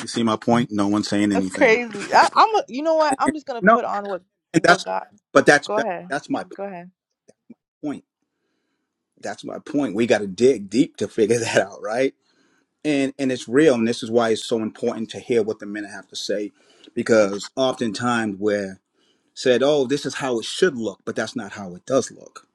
Speaker 4: You see my point? No one's saying
Speaker 1: that's
Speaker 4: anything.
Speaker 1: crazy I, i'm a, you know what
Speaker 4: And-
Speaker 1: i'm
Speaker 4: and-
Speaker 1: just gonna
Speaker 4: No,
Speaker 1: put on what
Speaker 4: and
Speaker 1: what
Speaker 4: that's,
Speaker 1: god
Speaker 4: but that's
Speaker 1: go
Speaker 4: that,
Speaker 1: ahead
Speaker 4: that's my
Speaker 1: go ahead
Speaker 4: point. That's my point. We got to dig deep to figure that out, right? And and it's real, and this is why it's so important to hear what the men have to say, because oftentimes we're said, "Oh, this is how it should look," but that's not how it does look,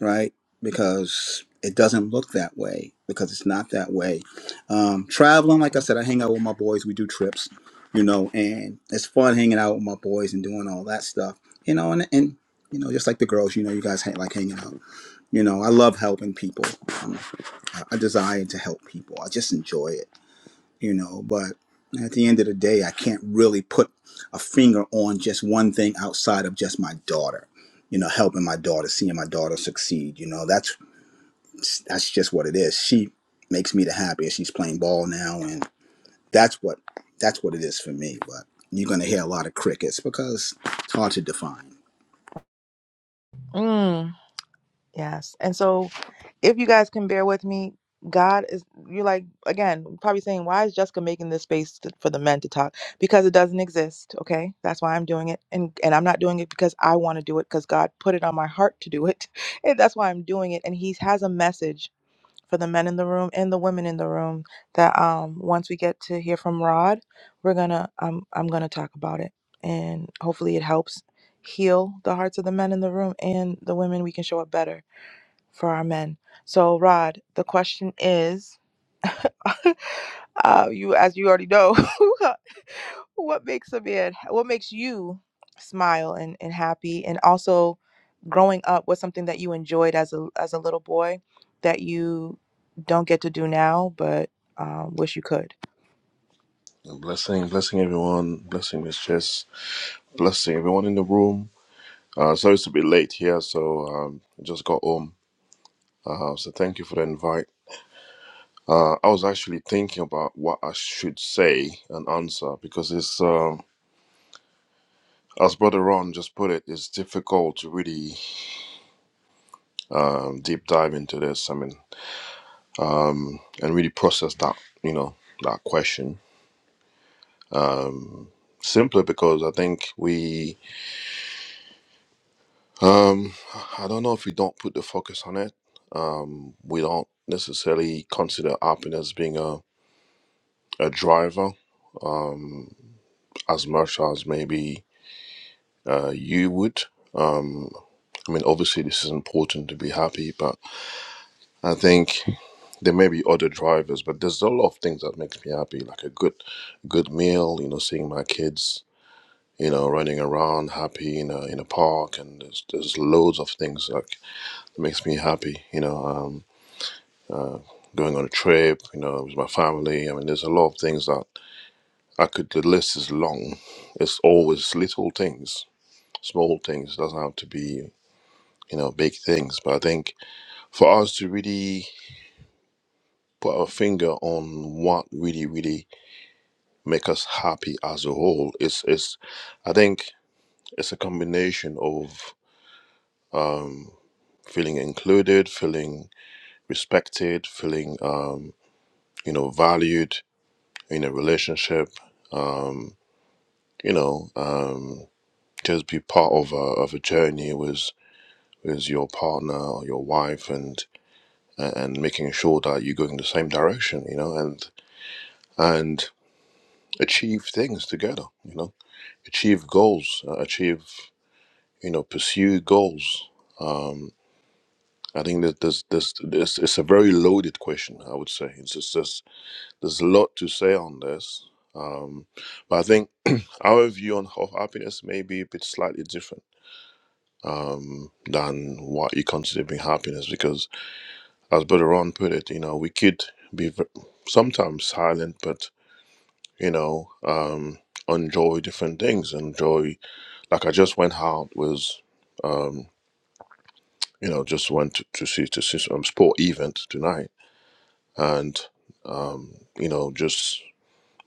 Speaker 4: right? Because it doesn't look that way because it's not that way. Um, traveling, like I said, I hang out with my boys. We do trips, you know, and it's fun hanging out with my boys and doing all that stuff, you know, and and you know, just like the girls, you know, you guys hang, like hanging out. You know, I love helping people. Um, I I desire to help people. I just enjoy it, you know. But at the end of the day, I can't really put a finger on just one thing outside of just my daughter. You know, helping my daughter, seeing my daughter succeed. You know, that's that's just what it is. She makes me the happiest. She's playing ball now, and that's what that's what it is for me. But you're gonna hear a lot of crickets because it's hard to define.
Speaker 1: Mm, yes. And so if you guys can bear with me, God is you're like again probably saying why is Jessica making this space to, for the men to talk because it doesn't exist. Okay, that's why I'm doing it, and and I'm not doing it because I want to do it because God put it on my heart to do it, and that's why I'm doing it. And He has a message for the men in the room and the women in the room that um once we get to hear from Rod, we're gonna I'm I'm gonna talk about it, and hopefully it helps heal the hearts of the men in the room and the women. We can show up better for our men. So, Rod, the question is, uh, you as you already know, what makes a man, what makes you smile and, and happy, and also growing up, what's something that you enjoyed as a as a little boy that you don't get to do now, but um, wish you could.
Speaker 5: Blessing, blessing everyone. Blessing Miss Jess. Blessing everyone in the room. Uh, sorry it's a bit late here, so um, I just got home. Uh, so thank you for the invite. Uh, I was actually thinking about what I should say and answer because it's, um, as Brother Ron just put it, it's difficult to really um, deep dive into this. I mean, and really process that, you know, that question. Simply because I think we, um, I don't know if we don't put the focus on it we don't necessarily consider happiness as being a, a driver as much as maybe uh, you would. I mean, obviously, this is important to be happy, but I think there may be other drivers. But there's a lot of things that makes me happy, like a good, good meal. You know, seeing my kids, you know, running around happy in a in a park, and there's there's loads of things like that makes me happy. You know, um, going on a trip, you know, with my family. I mean, there's a lot of things that I could, the list is long. It's always little things, small things. It doesn't have to be, you know, big things. But I think for us to really put our finger on what really, really make us happy as a whole, is, is, I think it's a combination of feeling included, feeling respected, feeling, um, you know, valued in a relationship, you know, um, just be part of a, of a journey with, with your partner or your wife and and making sure that you go in the same direction, you know, and and achieve things together, you know, achieve goals, uh, achieve, you know, pursue goals. I think that there's there's there's it's a very loaded question. I would say it's just there's, there's a lot to say on this, um, but I think our view on of happiness may be a bit slightly different um, than what you consider being happiness because, as Brother Ron put it, you know, we could be v- sometimes silent, but you know, um, enjoy different things. Enjoy, like I just went out with, um, you know, just went to, to see to see some sport event tonight, and um, you know, just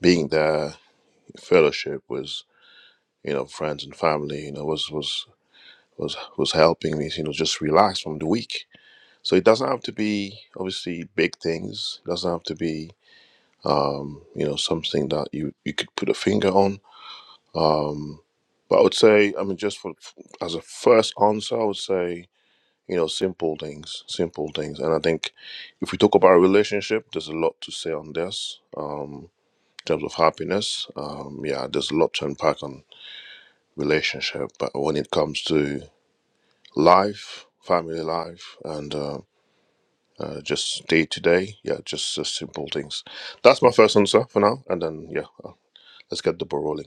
Speaker 5: being there, fellowship with, you know, friends and family, you know, was was was was helping me, you know, just relax from the week. So it doesn't have to be obviously big things. It doesn't have to be, um, you know, something that you you could put a finger on Um, but I would say, I mean, just for as a first answer, I would say, you know, simple things, simple things. And I think if we talk about a relationship, there's a lot to say on this um, in terms of happiness. Um, yeah, there's a lot to unpack on relationship. But when it comes to life, family life, and uh, uh, just day to day, yeah, just, just simple things. That's my first answer for now. And then, yeah, uh, let's get the ball rolling.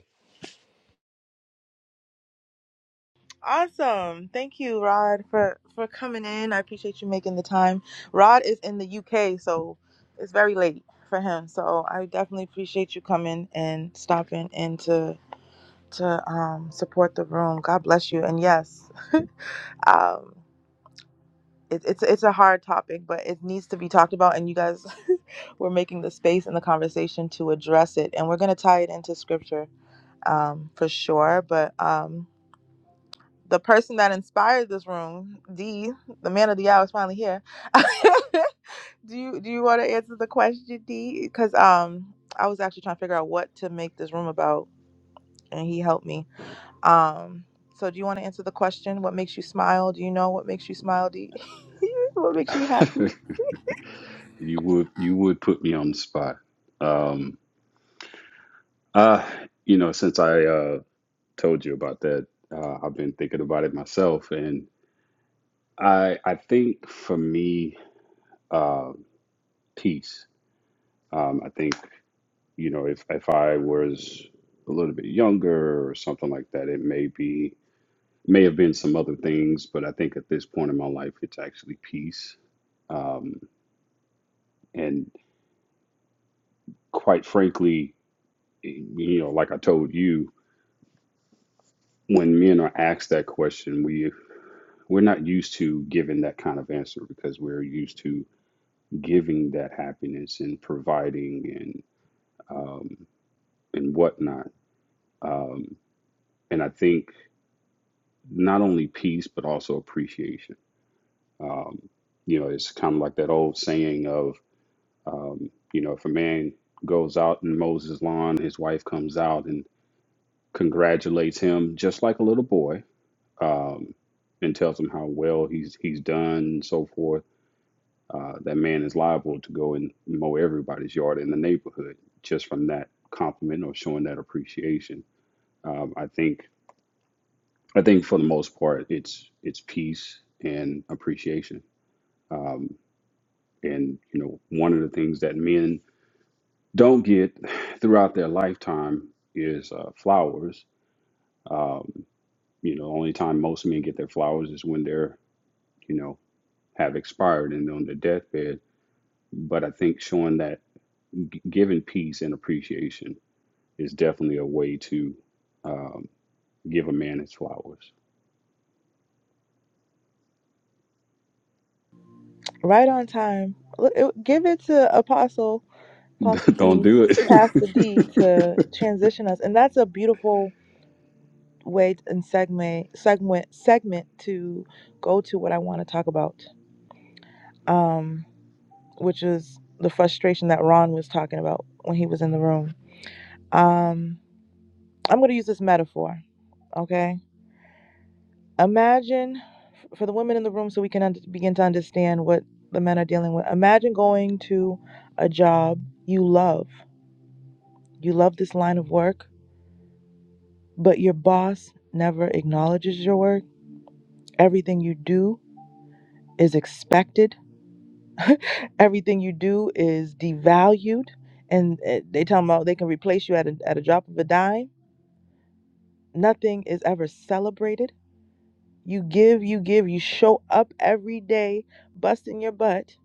Speaker 1: Awesome. Thank you, Rod, for for coming in. I appreciate you making the time. Rod is in the UK, so it's very late for him. So I definitely appreciate you coming and stopping and to to um support the room. God bless you. And yes, um it, it's it's a hard topic, but it needs to be talked about and you guys we're making the space and the conversation to address it. And we're going to tie it into scripture um for sure, but um the person that inspired this room, D, the man of the hour, is finally here. do you do you want to answer the question, D? Because um, I was actually trying to figure out what to make this room about, and he helped me. Um, so do you want to answer the question? What makes you smile? Do you know what makes you smile, D? what makes you happy?
Speaker 6: you would you would put me on the spot. Um, uh, you know, since I uh, told you about that, uh, I've been thinking about it myself, and I I think for me, uh, peace. Um, I think you know if if I was a little bit younger or something like that, it may be may have been some other things, but I think at this point in my life, it's actually peace. Um, and quite frankly, you know, like I told you, when men are asked that question, we we're not used to giving that kind of answer because we're used to giving that happiness and providing and um, and whatnot. Um, and I think not only peace but also appreciation. Um, you know, it's kind of like that old saying of um, you know, if a man goes out and mows his lawn, his wife comes out and congratulates him just like a little boy um, and tells him how well he's he's done and so forth, uh, that man is liable to go and mow everybody's yard in the neighborhood just from that compliment or showing that appreciation. Um, I think I think for the most part, it's it's peace and appreciation. Um, and you know, one of the things that men don't get throughout their lifetime is uh, flowers. Um, you know, only time most men get their flowers is when they're you know have expired and on their deathbed. But I think showing that giving peace and appreciation is definitely a way to um, give a man his flowers.
Speaker 1: Right on time. Look, it- Give it to Apostle Apostle
Speaker 6: Don't
Speaker 1: D,
Speaker 6: do it.
Speaker 1: Pastor D, to transition us, and that's a beautiful. way and segment segment segment to go to what I want to talk about, um, which is the frustration that Ron was talking about when he was in the room. Um, I'm going to use this metaphor, okay? Imagine for the women in the room, so we can un- begin to understand what the men are dealing with. Imagine going to a job you love. You love this line of work, but your boss never acknowledges your work. Everything you do is expected Everything you do is devalued, and uh, they talking about they can replace you at a, at a drop of a dime. Nothing is ever celebrated. You give, you give, you show up every day, busting your butt,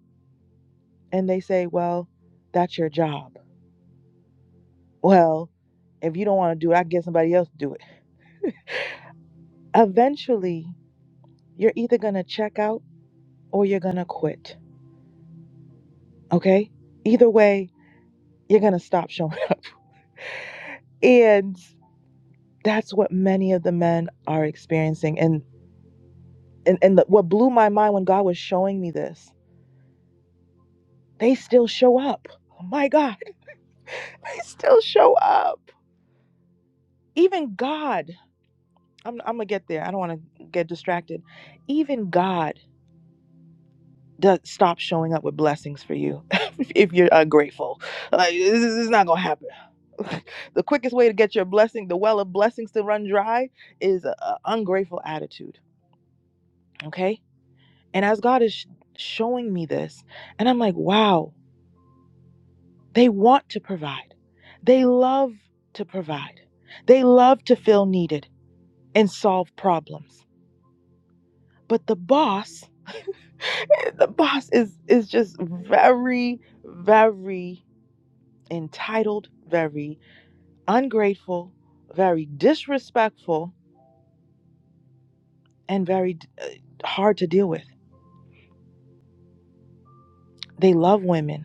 Speaker 1: and they say, "Well, that's your job." Well, if you don't want to do it, I can get somebody else to do it. Eventually, you're either gonna check out or you're gonna quit. Okay? Either way, you're gonna stop showing up. And that's what many of the men are experiencing. and. and and the, what blew my mind when God was showing me this, they still show up. Oh my God, they still show up. Even God, I'm, I'm gonna get there. I don't want to get distracted. Even God does stop showing up with blessings for you if you're ungrateful. Like this is, this is not gonna happen. the quickest way to get your blessing, the well of blessings to run dry, is an ungrateful attitude. Okay, and as God is sh- showing me this, and I'm like, wow. They want to provide. They love to provide. They love to feel needed and solve problems. But the boss, the boss is is just very very entitled, very ungrateful, very disrespectful and very uh, hard to deal with. They love women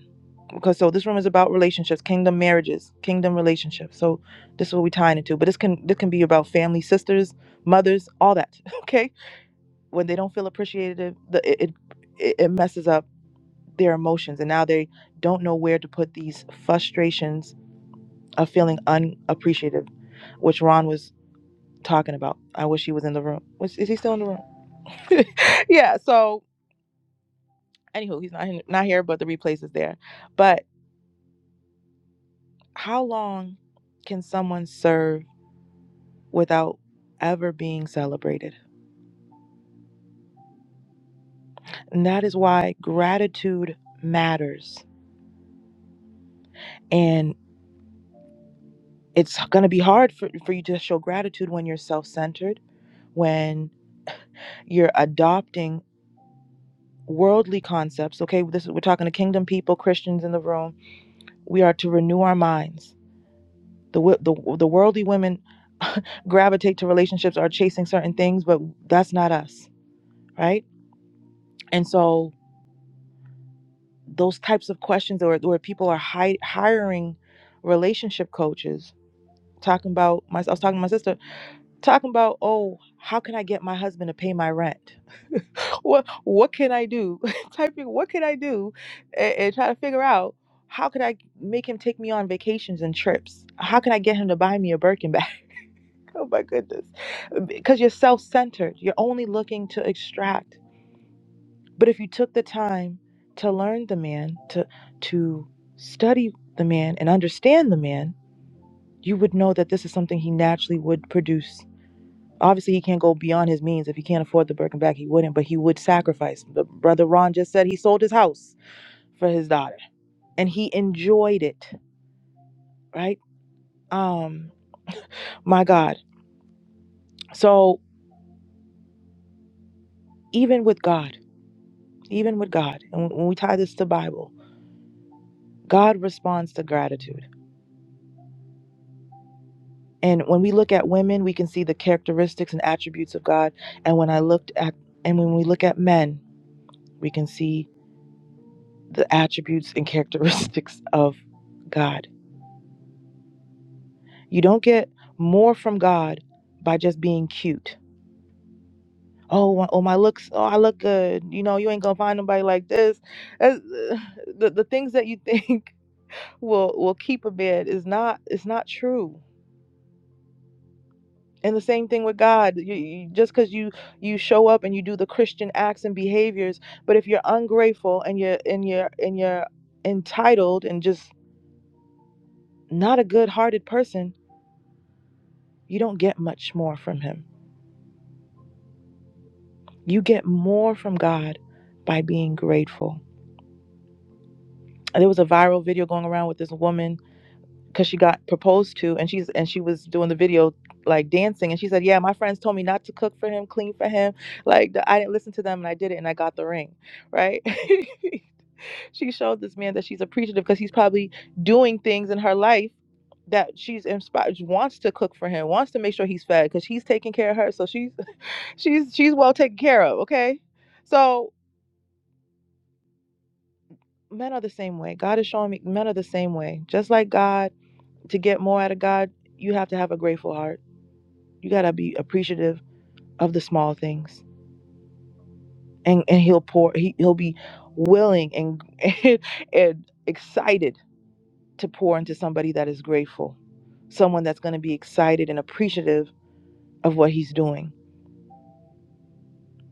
Speaker 1: because so this room is about relationships, kingdom marriages, kingdom relationships. So this is what we tying into. But this can this can be about family, sisters, mothers, all that. Okay, when they don't feel appreciated, the, it, it it messes up their emotions, and now they don't know where to put these frustrations of feeling unappreciated, which Ron was talking about. I wish he was in the room. Was, is he still in the room? yeah. So anywho, he's not not here, but the replays is there. But how long can someone serve? without ever being celebrated. And that is why gratitude matters. And it's going to be hard for, for you to show gratitude when you're self centered, when you're adopting worldly concepts. Okay, this is, we're talking to kingdom people, Christians in the room. We are to renew our minds. The, the, the worldly women gravitate to relationships are chasing certain things, but that's not us, right? And so those types of questions or where people are hi- hiring relationship coaches talking about my, I was talking to my sister talking about oh how can I get my husband to pay my rent what what can I do typing what can I do and, and try to figure out how could I make him take me on vacations and trips how can I get him to buy me a Birkin bag oh my goodness because you're self-centered you're only looking to extract but if you took the time to learn the man, to to study the man and understand the man, you would know that this is something he naturally would produce. Obviously, he can't go beyond his means. If he can't afford the Birkenback, he wouldn't, but he would sacrifice. The brother Ron just said he sold his house for his daughter and he enjoyed it, right? Um, my God. So even with God, even with God, and when we tie this to Bible, God responds to gratitude And when we look at women, we can see the characteristics and attributes of God. And when I looked at, and when we look at men, we can see the attributes and characteristics of God. You don't get more from God by just being cute. Oh, oh my looks. Oh, I look good. You know, you ain't gonna find nobody like this. That's- uh, the the things that you think will will keep a man is not it's not true And the same thing with God. You, you, just because you you show up and you do the Christian acts and behaviors, but if you're ungrateful and you're and you're and you're entitled and just not a good-hearted person, you don't get much more from Him. You get more from God by being grateful. There was a viral video going around with this woman because she got proposed to, and she's and she was doing the video like dancing, and she said, "Yeah, my friends told me not to cook for him, clean for him. Like I didn't listen to them, and I did it, and I got the ring, right?" she showed this man that she's appreciative because he's probably doing things in her life that she's inspired wants to cook for him wants to make sure he's fed because he's taking care of her so she's she's she's well taken care of okay so men are the same way god is showing me men are the same way just like god to get more out of god you have to have a grateful heart you got to be appreciative of the small things and and he'll pour he, he'll be willing and and, and excited to pour into somebody that is grateful, someone that's going to be excited and appreciative of what he's doing,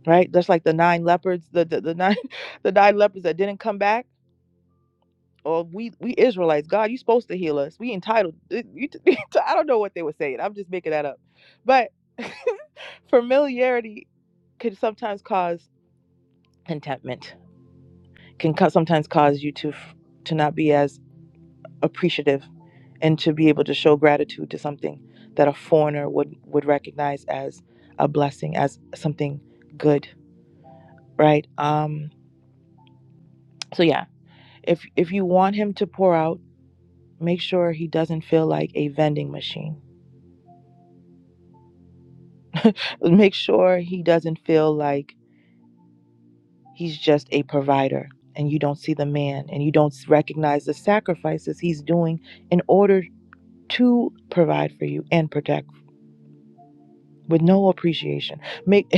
Speaker 1: right? Just like the nine leopards, the the, the nine the nine leopards that didn't come back. Or we we Israelites, God, you supposed to heal us. We entitled. eh, You, t- I don't know what they were saying. I'm just making that up. But familiarity can sometimes cause contentment. Can sometimes cause you to to not be as appreciative and to be able to show gratitude to something that a foreigner would would recognize as a blessing as something good right um so yeah if if you want him to pour out make sure he doesn't feel like a vending machine make sure he doesn't feel like he's just a provider and you don't see the man and you don't recognize the sacrifices he's doing in order to provide for you and protect with no appreciation. Make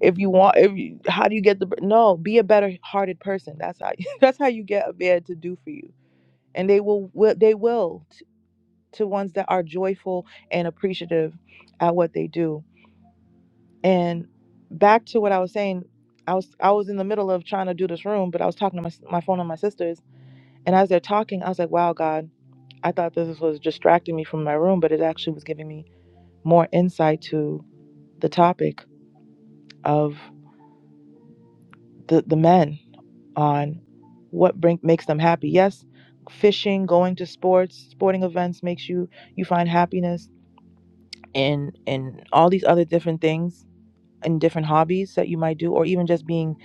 Speaker 1: if you want if you, how do you get the no, be a better hearted person. That's how that's how you get a man to do for you. And they will, will they will t- to ones that are joyful and appreciative at what they do. And back to what I was saying, I was I was in the middle of trying to do this room, but I was talking to my s- my phone and my sisters, and as they're talking, I was like, "Wow, God, I thought this was distracting me from my room, but it actually was giving me more insight to the topic of the the men on what bring, makes them happy. Yes, fishing, going to sports, sporting events makes you you find happiness in in all these other different things and different hobbies that you might do or even just being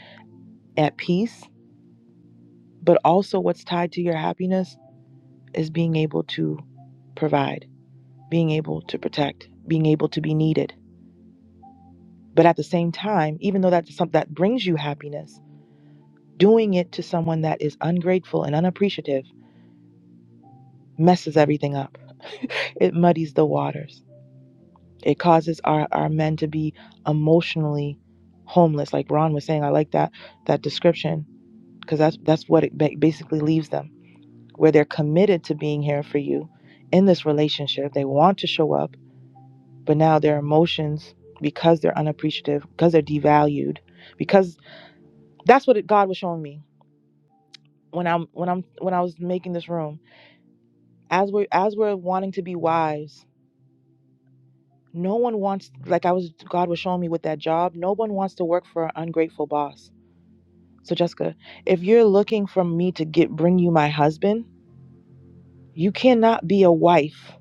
Speaker 1: at peace, but also what's tied to your happiness is being able to provide, being able to protect, being able to be needed. But at the same time, even though that's something that brings you happiness, doing it to someone that is ungrateful and unappreciative messes everything up. It muddies the waters. It causes our, our men to be emotionally homeless. Like Ron was saying, I like that that description because that's that's what it basically leaves them, where they're committed to being here for you in this relationship. They want to show up, but now their emotions, because they're unappreciative, because they're devalued, because that's what it, God was showing me when I'm when I'm when I was making this room. As we're as we're wanting to be wives No one wants, like I was, God was showing me with that job, no one wants to work for an ungrateful boss. So, Jessica, if you're looking for me to get bring you my husband, you cannot be a wife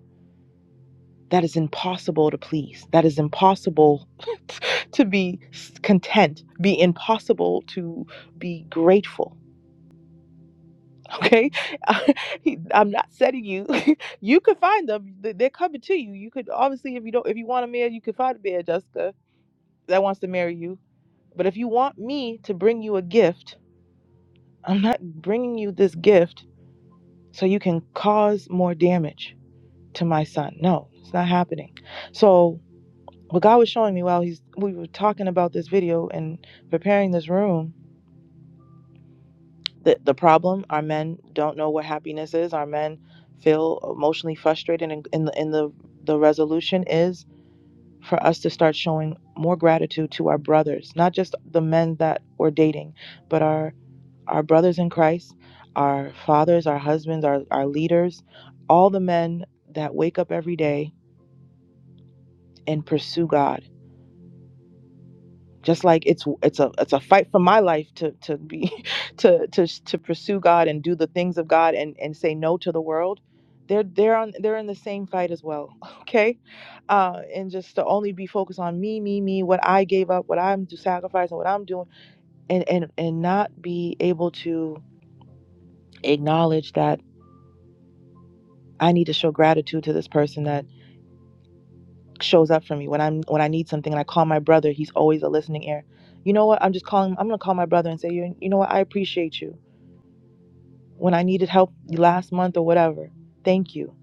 Speaker 1: that is impossible to please. That is impossible to be content, be impossible to be grateful. Okay, I'm not setting you. you could find them; they're coming to you. You could obviously, if you don't, if you want a man, you could find a man, Jessica, that wants to marry you. But if you want me to bring you a gift, I'm not bringing you this gift so you can cause more damage to my son. No, it's not happening. So, what God was showing me while he's we were talking about this video and preparing this room, the the problem our men don't know what happiness is. Our men feel emotionally frustrated and in the in the the resolution is for us to start showing more gratitude to our brothers, not just the men that we're dating, but our our brothers in Christ, our fathers, our husbands, our, our leaders, all the men that wake up every day and pursue God. Just like it's it's a it's a fight for my life to to be to to to pursue God and do the things of God and and say no to the world. They're they're on they're in the same fight as well, okay? Uh, and just to only be focused on me, me, me, what I gave up, what I'm sacrificing, what I'm doing, and and and not be able to acknowledge that I need to show gratitude to this person that shows up for me when I'm when I need something and I call my brother, he's always a listening ear. You know what? I'm just calling I'm going to call my brother and say, "You you know what? I appreciate you. When I needed help last month or whatever. Thank you.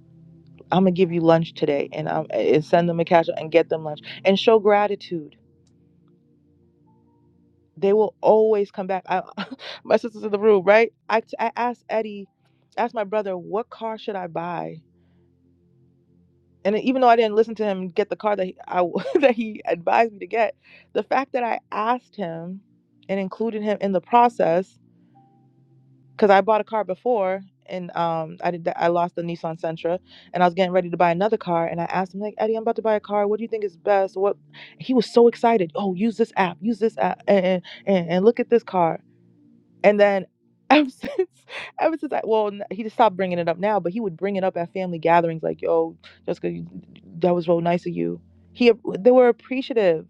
Speaker 1: I'm going to give you lunch today and um and send them a cash and get them lunch and show gratitude. They will always come back. I, my sister's in the room, right? I, I asked Eddie, asked my brother, what car should I buy? and even though I didn't listen to him get the car that he, I that he advised me to get, the fact that I asked him and included him in the process because I bought a car before and um I did that, I lost the Nissan Sentra and I was getting ready to buy another car and I asked him like Eddie I'm about to buy a car what do you think is best what he was so excited oh use this app use this app and and, and and look at this car and then ever since, ever since I, well, n- he just stopped bringing it up now, but he would bring it up at family gatherings like, yo, Jessica, you, that was real nice of you. He, they were appreciative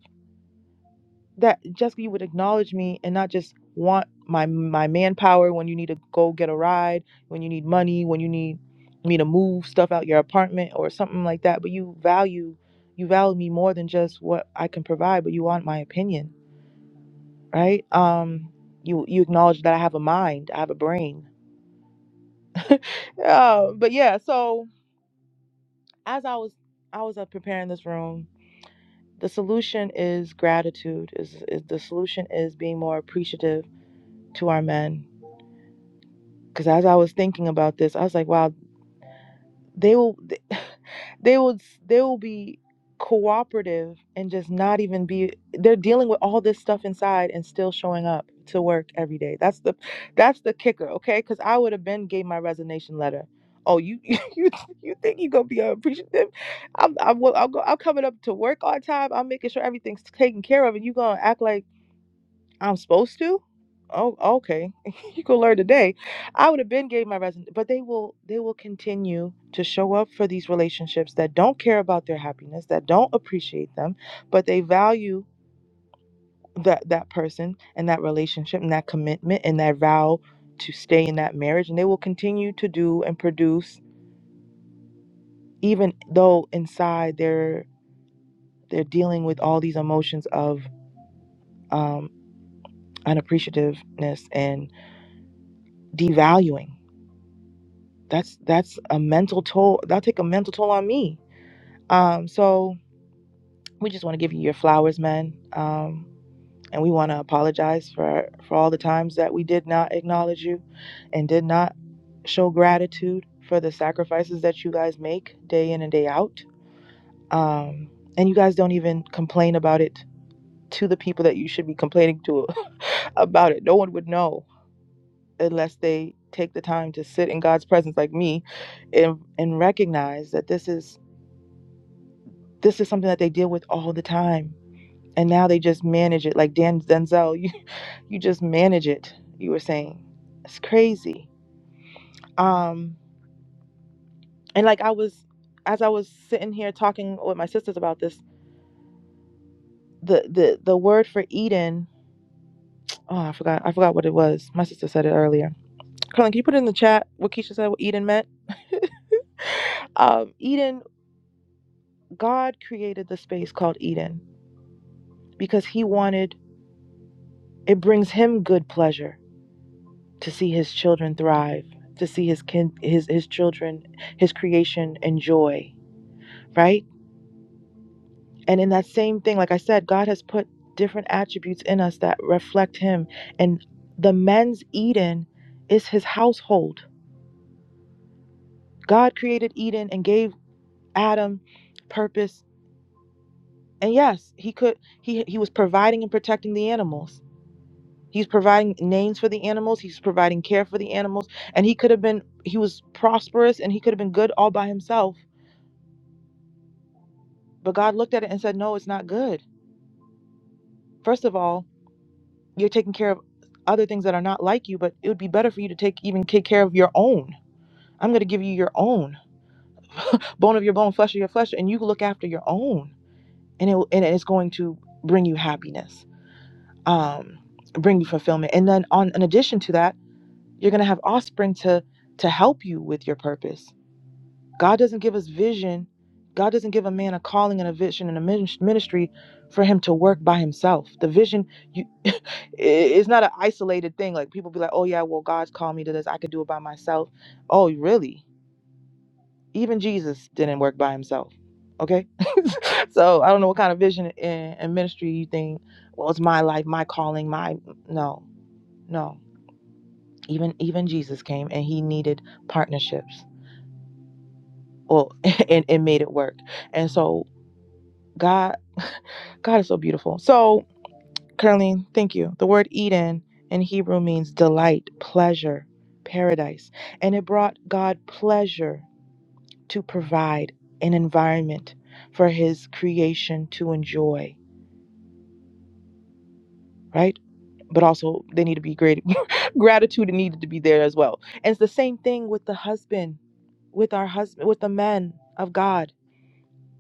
Speaker 1: that Jessica, you would acknowledge me and not just want my, my manpower when you need to go get a ride, when you need money, when you need me to move stuff out your apartment or something like that. But you value, you value me more than just what I can provide, but you want my opinion, right? Um, you, you acknowledge that I have a mind, I have a brain um, but yeah, so as I was I was uh, preparing this room, the solution is gratitude. Is, is the solution is being more appreciative to our men. Because as I was thinking about this, I was like, wow, they will they will they will be cooperative and just not even be they're dealing with all this stuff inside and still showing up to work every day that's the that's the kicker okay because i would have been gave my resignation letter oh you you you think you gonna be appreciative i'm i'm, will- I'll go, I'm coming up to work on time i'm making sure everything's taken care of and you gonna act like I'm supposed to? Oh, okay. you go learn today. I would have been gave my resume, but they will they will continue to show up for these relationships that don't care about their happiness, that don't appreciate them, but they value that that person and that relationship and that commitment and that vow to stay in that marriage and they will continue to do and produce even though inside they're they're dealing with all these emotions of um unappreciativeness and devaluing that's that's a mental toll that'll take a mental toll on me um so we just want to give you your flowers man um and we want to apologize for for all the times that we did not acknowledge you and did not show gratitude for the sacrifices that you guys make day in and day out um and you guys don't even complain about it to the people that you should be complaining to about it no one would know unless they take the time to sit in god's presence like me and and recognize that this is this is something that they deal with all the time and now they just manage it like dan denzel you you just manage it you were saying it's crazy um and like i was as i was sitting here talking with my sisters about this the the the word for eden oh i forgot i forgot what it was my sister said it earlier carlin can you put it in the chat what keisha said what eden meant um eden god created the space called eden because he wanted it brings him good pleasure to see his children thrive, to see his kin, his his children, his creation enjoy, right? And in that same thing, like I said, God has put different attributes in us that reflect him. And the men's Eden is his household. God created Eden and gave Adam purpose. And yes, he could he he was providing and protecting the animals. He's providing names for the animals, he's providing care for the animals, and he could have been he was prosperous and he could have been good all by himself But God looked at it and said, No, it's not good. First of all, you're taking care of other things that are not like you, but it would be better for you to take even take care of your own. I'm going to give you your own bone of your bone, flesh of your flesh, and you look after your own, and it and it's going to bring you happiness, um, bring you fulfillment. And then on in addition to that, you're going to have offspring to to help you with your purpose God doesn't give us vision. God doesn't give a man a calling and a vision and a ministry for him to work by himself. The vision you, it's not an isolated thing. Like people be like, "Oh yeah, well God's called me to this. I can do it by myself." Oh, really? Even Jesus didn't work by himself. Okay, so I don't know what kind of vision and, and ministry you think. Well, it's my life, my calling, my no, no. Even even Jesus came and he needed partnerships. Well, and, and made it work. And so God, God is so beautiful. So, Caroline, thank you. The word Eden in Hebrew means delight, pleasure, paradise. And it brought God pleasure to provide an environment for his creation to enjoy, right? But also, they need to be great. Gratitude needed to be there as well. And it's the same thing with the husband, with our husband, with the men of God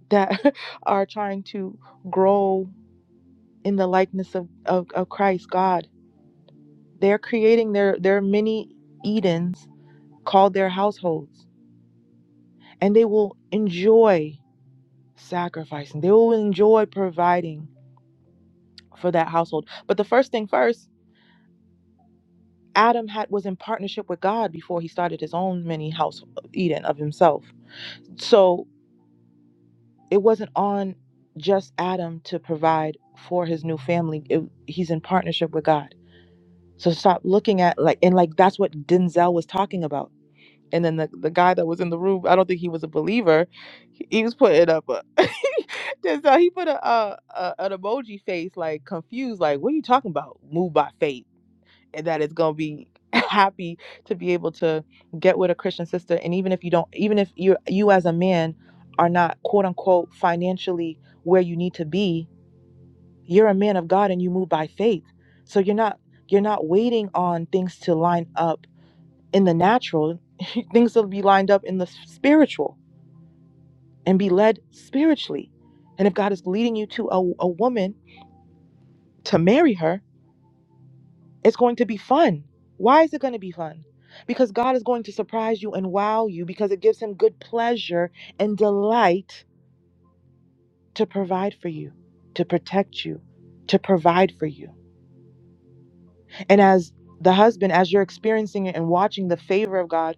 Speaker 1: that are trying to grow in the likeness of, of, of Christ, God They're creating their their mini Edens called their households, and they will enjoy sacrificing. They will enjoy providing for that household. But the first thing first, Adam had was in partnership with God before he started his own mini house Eden of himself. So it wasn't on just Adam to provide for his new family. It, he's in partnership with God. So stop looking at like and like that's what Denzel was talking about and then the, the guy that was in the room i don't think he was a believer he, he was putting up a just, uh, he put a, uh a an emoji face like confused like what are you talking about moved by faith and that it's gonna be happy to be able to get with a christian sister and even if you don't even if you you as a man are not quote unquote financially where you need to be you're a man of god and you move by faith so you're not you're not waiting on things to line up in the natural, things will be lined up in the spiritual and be led spiritually. And if God is leading you to a, a woman to marry her, it's going to be fun. Why is it going to be fun? Because God is going to surprise you and wow you because it gives him good pleasure and delight to provide for you, to protect you, to provide for you. And as the husband, as you're experiencing it and watching the favor of God,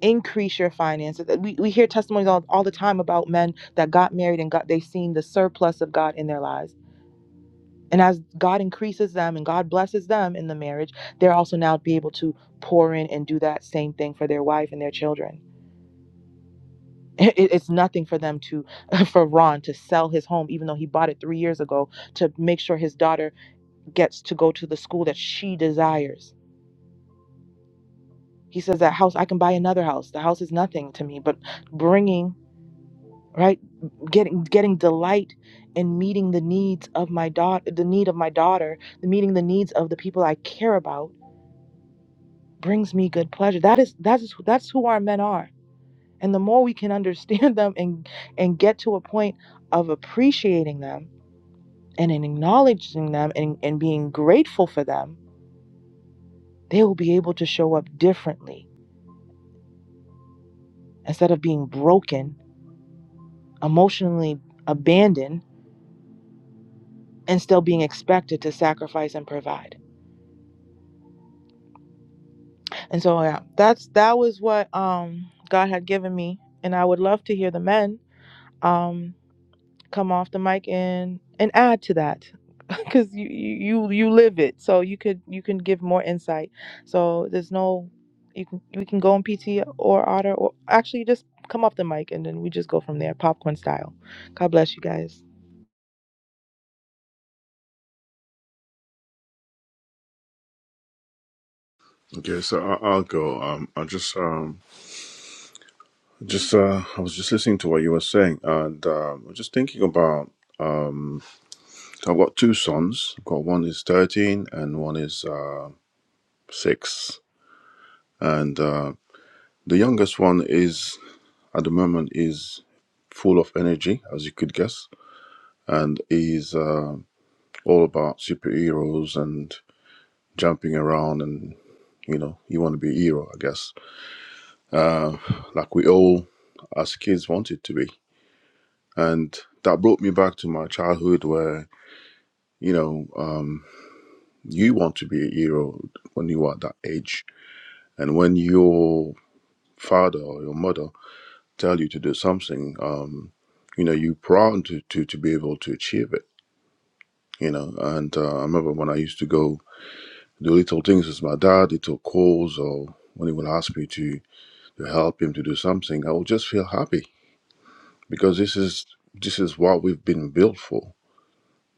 Speaker 1: increase your finances. We, we hear testimonies all, all the time about men that got married and got they've seen the surplus of God in their lives. And as God increases them and God blesses them in the marriage, they're also now be able to pour in and do that same thing for their wife and their children. It, it's nothing for them to, for Ron to sell his home, even though he bought it three years ago, to make sure his daughter gets to go to the school that she desires. He says that house, I can buy another house. The house is nothing to me, but bringing right getting getting delight in meeting the needs of my daughter the need of my daughter the meeting the needs of the people i care about brings me good pleasure that is that is that's who our men are and the more we can understand them and and get to a point of appreciating them and in acknowledging them and, and being grateful for them they will be able to show up differently instead of being broken emotionally abandoned and still being expected to sacrifice and provide And so yeah, that's that was what um God had given me, and I would love to hear the men um come off the mic and and add to that because you you you you live it, so you could you can give more insight. So there's no you can we can go on PT or Otter or actually just come off the mic and then we just go from there, popcorn style. God bless you guys,
Speaker 5: Okay, so I, I'll go. Um, I just um, Just uh, I was just listening to what you were saying, and uh, I was just thinking about. I've got two sons. I've got one is thirteen, and one is uh, six. And uh, the youngest one is at the moment is full of energy, as you could guess, and is uh, all about superheroes and jumping around, and you know, you want to be a hero, I guess, like we all as kids wanted to be. And that brought me back to my childhood, where you know. Um, you want to be a hero when you are that age and when your father or your mother tell you to do something um you know you're proud to, to to be able to achieve it you know and uh, i remember when i used to go do little things with my dad little calls or when he would ask me to to help him to do something i would just feel happy because this is this is what we've been built for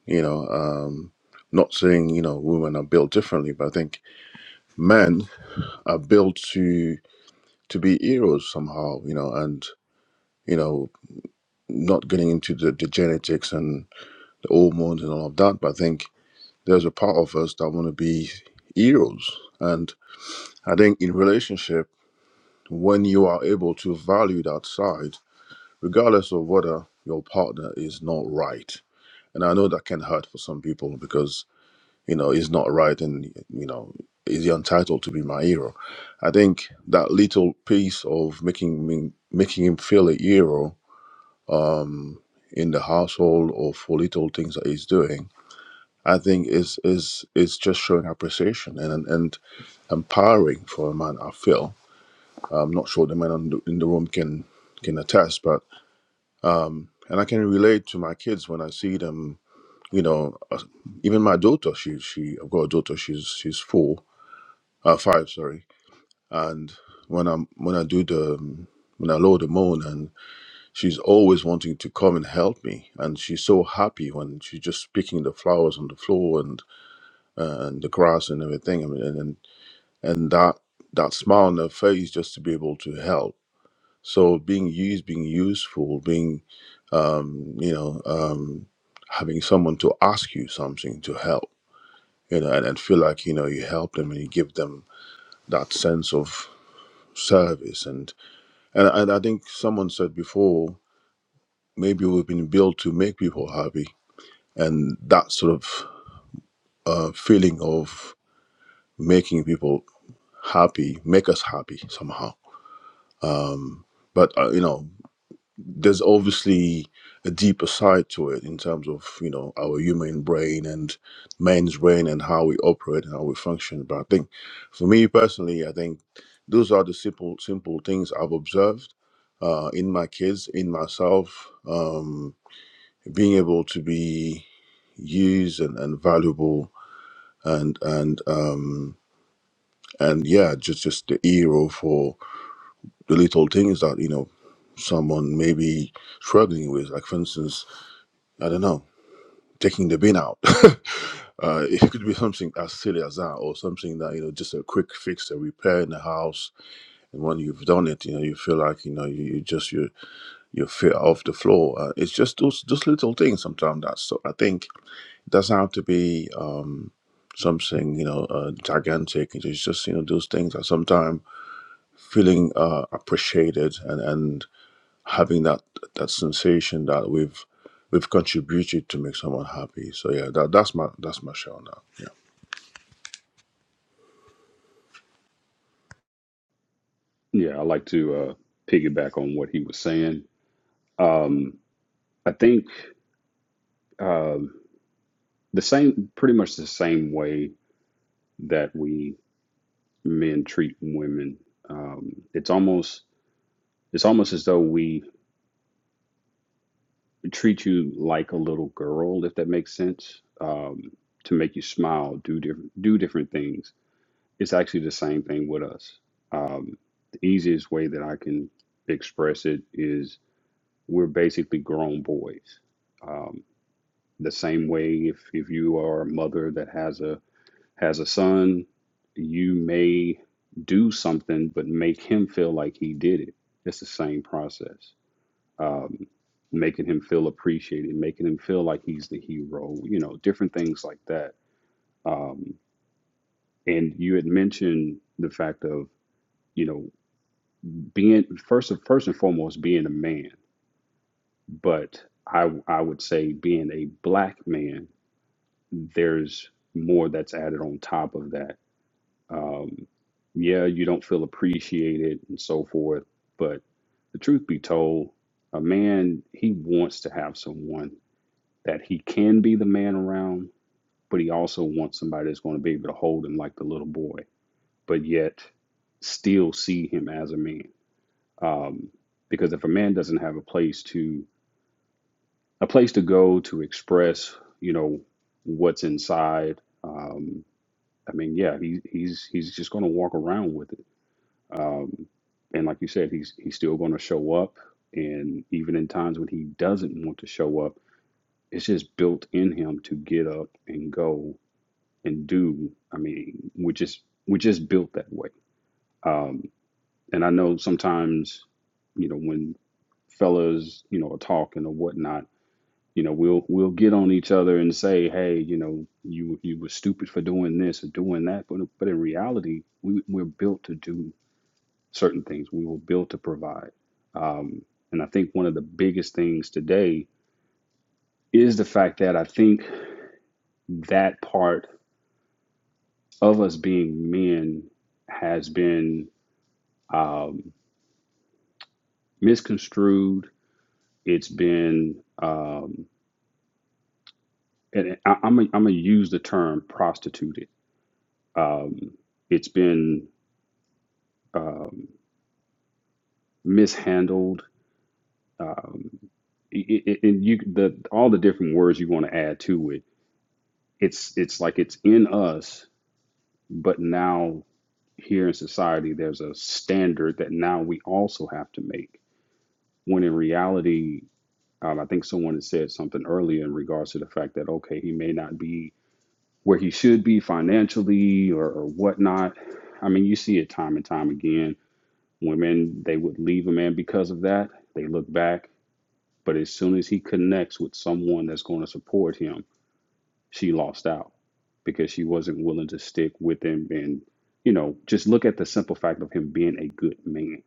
Speaker 5: you know um not saying you know women are built differently but i think men are built to to be heroes somehow, you know, and you know, not getting into the, the genetics and the hormones and all of that, but I think there's a part of us that want to be heroes. And I think in relationship, when you are able to value that side, regardless of whether your partner is not right. And I know that can hurt for some people because, you know, he's not right and you know, is he entitled to be my hero? I think that little piece of making me making him feel a hero in the household or for little things that he's doing, I think is is is just showing appreciation and and empowering for a man. I feel I'm not sure the men on the- in the room can can attest, but and I can relate to my kids when I see them. You know, uh, even my daughter, she she I've got a daughter. She's she's four, uh, five, sorry. And when I'm when I do the when I load the moan and She's always wanting to come and help me, and she's so happy when she's just picking the flowers on the floor and uh, and the grass and everything. I mean, and and and that that smile on her face just to be able to help. So being used, being useful, being um, you know um, having someone to ask you something to help, you know, and, and feel like you know you help them and you give them that sense of service and and, and I think someone said before maybe we've been built to make people happy and that sort of uh, feeling of making people happy make us happy somehow um, but uh, you know there's obviously a deeper side to it in terms of you know our human brain and man's brain and how we operate and how we function but i think for me personally i think those are the simple simple things i've observed uh, in my kids in myself um, being able to be used and, and valuable and and um and yeah just just the hero for the little things that you know someone may be struggling with like for instance i don't know taking the bin out uh, it could be something as silly as that or something that you know just a quick fix a repair in the house and when you've done it you know you feel like you know you, you just you your feet off the floor uh, it's just those those little things sometimes that's so i think doesn't have to be um, something you know uh, gigantic. It's just you know those things that sometimes feeling uh, appreciated and and having that that sensation that we've we've contributed to make someone happy. So yeah, that that's my that's my show now. Yeah.
Speaker 6: yeah, I like to uh, piggyback on what he was saying. Um, I think um the same, pretty much the same way that we men treat women. Um, it's almost it's almost as though we treat you like a little girl, if that makes sense, um, to make you smile, do different do different things. It's actually the same thing with us. Um, the easiest way that I can express it is we're basically grown boys. Um, the same way if if you are a mother that has a has a son, you may do something but make him feel like he did it. It's the same process um, making him feel appreciated, making him feel like he's the hero, you know, different things like that. Um, and you had mentioned the fact of, you know, being first first and foremost being a man, but I I would say being a black man, there's more that's added on top of that. Um, yeah, you don't feel appreciated and so forth, but the truth be told, a man he wants to have someone that he can be the man around, but he also wants somebody that's going to be able to hold him like the little boy, but yet still see him as a man. Um, because if a man doesn't have a place to a place to go to express, you know, what's inside, um, I mean, yeah, he, he's he's just going to walk around with it. Um, and like you said, he's he's still going to show up, and even in times when he doesn't want to show up, it's just built in him to get up and go and do. I mean, we're just we're just built that way. Um, and I know sometimes, you know, when fellas, you know, are talking or whatnot, you know, we'll we'll get on each other and say, hey, you know, you you were stupid for doing this or doing that, but but in reality, we we're built to do certain things. We were built to provide. Um, and I think one of the biggest things today is the fact that I think that part of us being men has been um, misconstrued. It's been, um, and I, I'm gonna I'm gonna use the term prostituted. Um, it's been um, mishandled. Um, it, it, and you the all the different words you want to add to it. It's it's like it's in us, but now here in society there's a standard that now we also have to make. When in reality, um, I think someone had said something earlier in regards to the fact that okay, he may not be where he should be financially or, or whatnot. I mean, you see it time and time again. Women, they would leave a man because of that. They look back, but as soon as he connects with someone that's going to support him, she lost out because she wasn't willing to stick with him. And, you know, just look at the simple fact of him being a good man.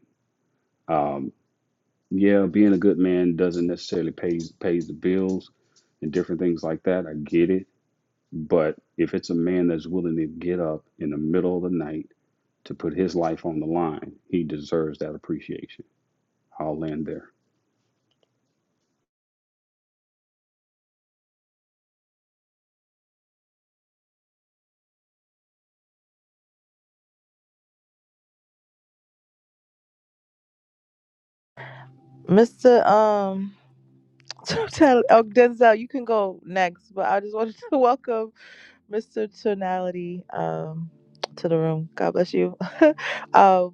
Speaker 6: Um, yeah, being a good man doesn't necessarily pays pays the bills and different things like that. I get it But if it's a man that's willing to get up in the middle of the night to put his life on the line, he deserves that appreciation. I'll land there.
Speaker 1: Mr. Um. Denzel, you can go next, but I just wanted to welcome Mr. Tonality, um, to the room. God bless you. um,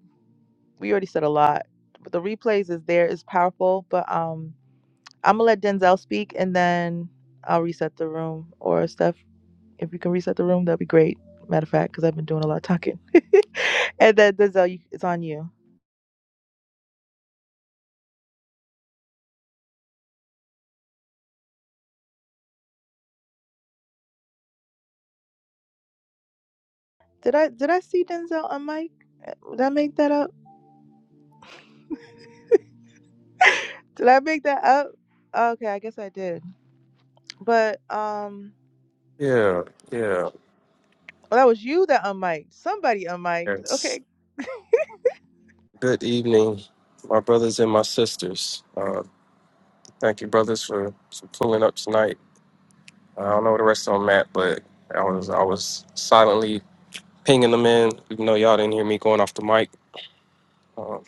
Speaker 1: we already said a lot, but the replays is there is powerful. But um, I'm gonna let Denzel speak, and then I'll reset the room. Or Steph, if you can reset the room, that'd be great. Matter of fact, because I've been doing a lot of talking. and then Denzel, you, it's on you. Did I did I see Denzel on mic? Uh, Did I make that up? Did I make that up? Okay, I guess I did. But um,
Speaker 7: Yeah, yeah.
Speaker 1: well, that was you that unmiked. Somebody unmiked.
Speaker 7: It's
Speaker 1: Okay,
Speaker 7: good evening, my brothers and my sisters. Uh, thank you, brothers, for, for pulling up tonight. Uh, I don't know where the rest of them at, but I was I was silently pinging them in, even though y'all didn't hear me going off the mic. Um,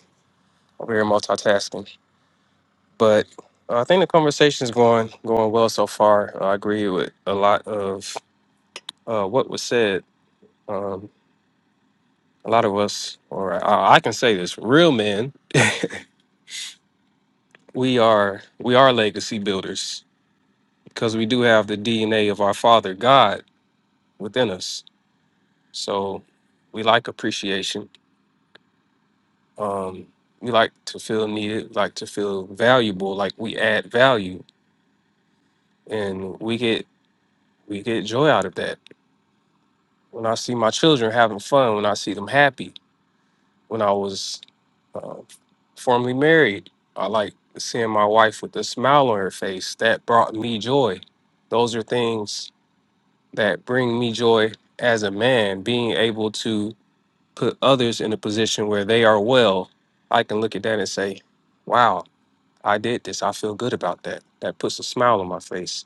Speaker 7: over here multitasking, but uh, I think the conversation's going going well so far. Uh, I agree with a lot of uh, what was said. Um, a lot of us, or I, I can say this, real men, we are we are legacy builders because we do have the DNA of our Father God within us. So we like appreciation. Um, we like to feel needed, like to feel valuable, like we add value, and we get we get joy out of that. When I see my children having fun, when I see them happy, when I was uh, formerly married, I like seeing my wife with a smile on her face. That brought me joy. Those are things that bring me joy as a man, being able to put others in a position where they are well, I can look at that and say, wow, I did this. I feel good about that. That puts a smile on my face.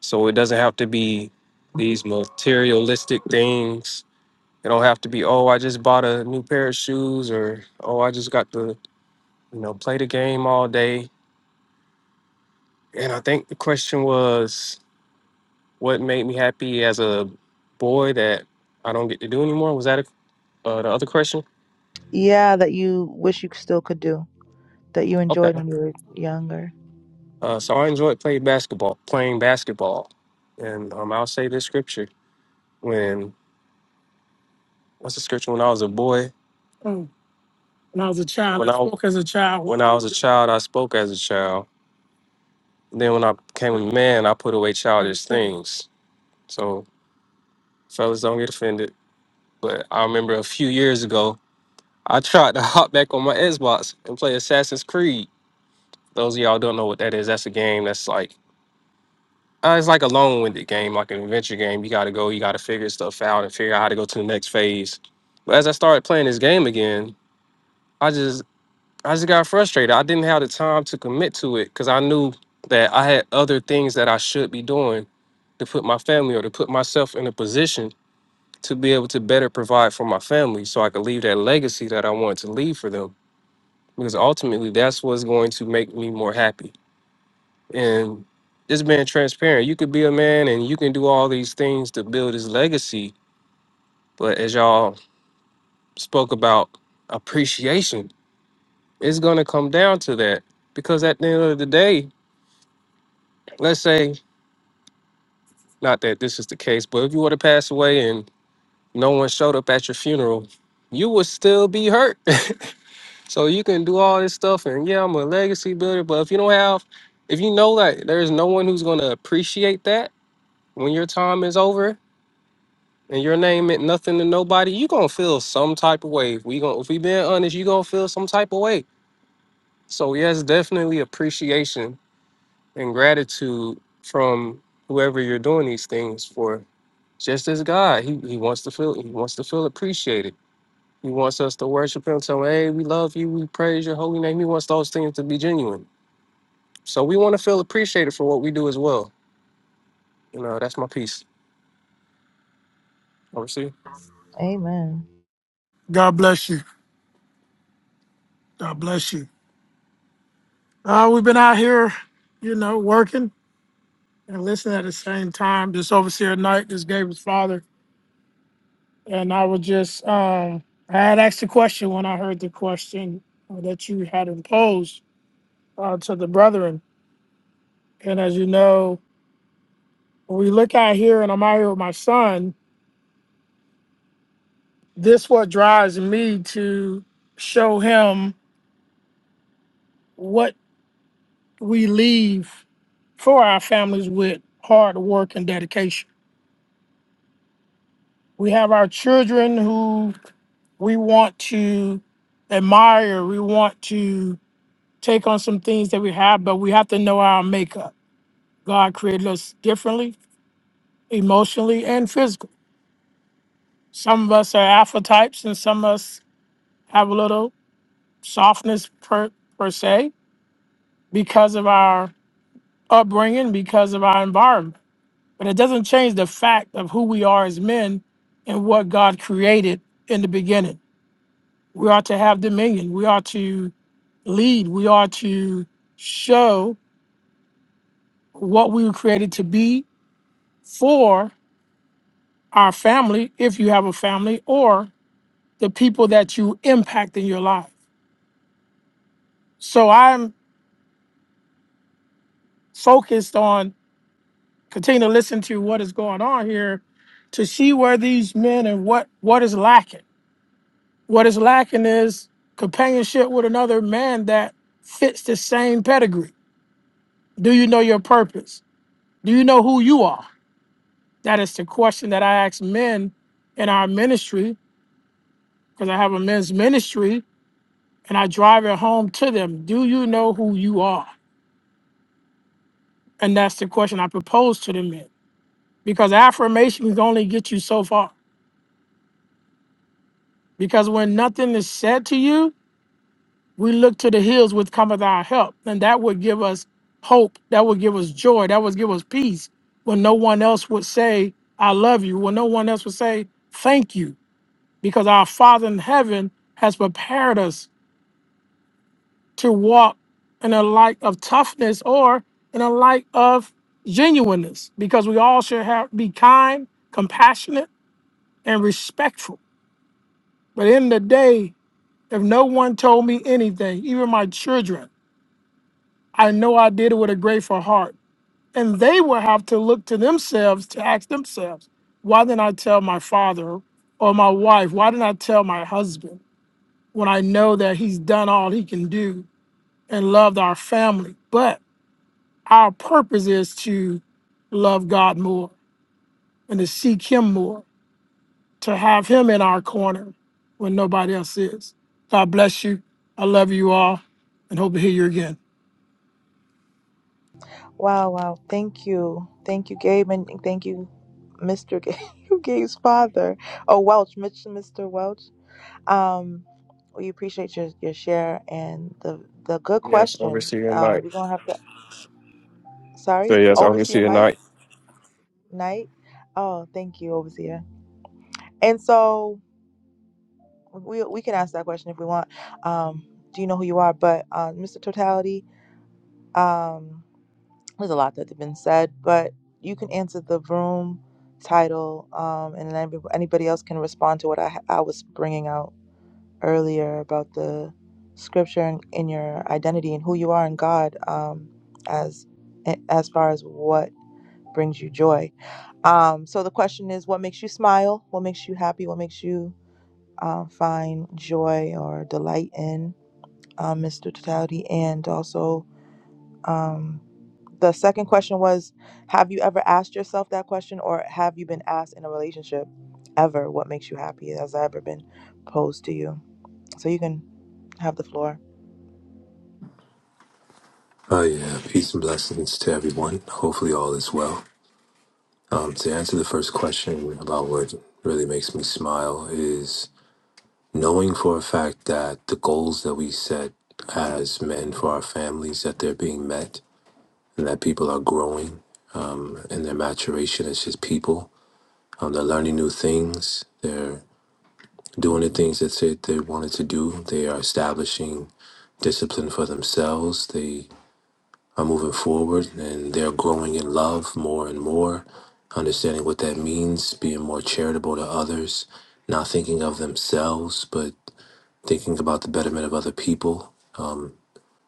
Speaker 7: So it doesn't have to be these materialistic things. It don't have to be, oh, I just bought a new pair of shoes or, oh, I just got to, you know, play the game all day. And I think the question was, what made me happy as a boy that I don't get to do anymore? Was that a, uh, the other question?
Speaker 1: Yeah, that you wish you still could do, that you
Speaker 7: Okay.
Speaker 1: enjoyed when you were younger.
Speaker 7: Uh, so I enjoyed playing basketball, playing basketball, and um, I'll say this scripture when what's the scripture? When I was a boy, Mm. When I was a child, when I I spoke as a child. when I was a child, I spoke as a child. Then when I became a man, I put away childish things. So fellas, don't get offended. But I remember a few years ago, I tried to hop back on my Xbox and play Assassin's Creed. Those of y'all don't know what that is. That's a game that's like Uh, it's like a long-winded game, like an adventure game. You got to go, you got to figure stuff out and figure out how to go to the next phase. But as I started playing this game again, I just I just got frustrated. I didn't have the time to commit to it because I knew that I had other things that I should be doing to put my family or to put myself in a position to be able to better provide for my family so I could leave that legacy that I wanted to leave for them. Because ultimately that's what's going to make me more happy. And just being transparent, you could be a man and you can do all these things to build his legacy. But as y'all spoke about appreciation, it's going to come down to that. Because at the end of the day, let's say, not that this is the case, but if you were to pass away and no one showed up at your funeral, you would still be hurt. so you can do all this stuff and yeah, I'm a legacy builder. But if you don't have, if you know that there's no one who's going to appreciate that when your time is over, and your name meant nothing to nobody, you gonna feel some type of way. If we gonna if we being honest, you gonna feel some type of way. So yes, definitely appreciation and gratitude from whoever you're doing these things for. Just as God, he, he wants to feel he wants to feel appreciated. He wants us to worship him, tell him, hey, we love you, we praise your holy name. He wants those things to be genuine. So we want to feel appreciated for what we do as well. You know, that's my piece. Oversee.
Speaker 1: Amen.
Speaker 7: God bless you. God bless you. Uh, we've been out here, you know, working and listening at the same time. This overseer Knight, this Gabriel's father, and I was just, uh, I had asked a question when I heard the question uh, that you had imposed uh, to the brethren. And as you know, when we look out here, and I'm out here with my son. This what drives me to show him what we leave for our families with hard work and dedication We have our children who we want to admire, we want to take on some things that we have, but we have to know our makeup. God created us differently, emotionally and physically. Some of us are alpha types, and some of us have a little softness per, per se because of our upbringing, because of our environment. But it doesn't change the fact of who we are as men and what God created in the beginning. We are to have dominion. We are to lead. We are to show what we were created to be for our family, if you have a family, or the people that you impact in your life. So I'm focused on continuing to listen to what is going on here to see where these men and what what is lacking. What is lacking is companionship with another man that fits the same pedigree. Do you know your purpose? Do you know who you are? That is the question that I ask men in our ministry, because I have a men's ministry, and I drive it home to them. Do you know who you are? And that's the question I propose to the men. Because affirmation can only get you so far. Because when nothing is said to you, we look to the hills with cometh our help. And that would give us hope. That would give us joy. That would give us peace. When no one else would say, I love you. When no one else would say, thank you. Because our Father in heaven has prepared us to walk in a light of toughness or in a light of genuineness because we all should have be kind, compassionate, and respectful. But in the day, if no one told me anything, even my children, I know I did it with a grateful heart. And they will have to look to themselves to ask themselves, why didn't I tell my father or my wife? Why didn't I tell my husband when I know that he's done all he can do and loved our family? But our purpose is to love God more and to seek Him more, to have Him in our corner when nobody else is. God bless you. I love you all and hope to hear you again.
Speaker 1: Wow, wow. Thank you. Thank you, Gabe, and thank you, Mr. Gabe, Gabe's father. Oh, Welch, Mitch, Mr. Welch. Um, we appreciate your, your share and the the good
Speaker 7: Yes,
Speaker 1: question.
Speaker 7: obviously your
Speaker 1: Uh,
Speaker 7: night.
Speaker 1: we're gonna have to.
Speaker 7: So
Speaker 1: Sorry,
Speaker 7: yes, obviously
Speaker 1: Overseer
Speaker 7: your
Speaker 1: Mike
Speaker 7: night.
Speaker 1: Knight. Oh, thank you, Overseer. And so we we can ask that question if we want. Um, do you know who you are? But uh, Mr. Totality, Um, there's a lot that has been said, but you can answer the room title, um, and then everyb- anybody else can respond to what I, ha- I was bringing out earlier about the scripture and in your identity and who you are in God, um, as as far as what brings you joy. Um, so the question is, what makes you smile? What makes you happy? What makes you uh, find joy or delight in, um, Mr. Totality? And also, um, the second question was Have you ever asked yourself that question, or have you been asked in a relationship ever what makes you happy? Has that ever been posed to you? So you can have the floor.
Speaker 8: Oh yeah, peace and blessings to everyone. Hopefully all is well. Um, to answer the first question about what really makes me smile is knowing for a fact that the goals that we set as men for our families that they're being met and that people are growing and their maturation is just people. Um, they're learning new things. They're doing the things that they, they wanted to do. They are establishing discipline for themselves. They are moving forward and they're growing in love more and more, understanding what that means, being more charitable to others, not thinking of themselves, but thinking about the betterment of other people,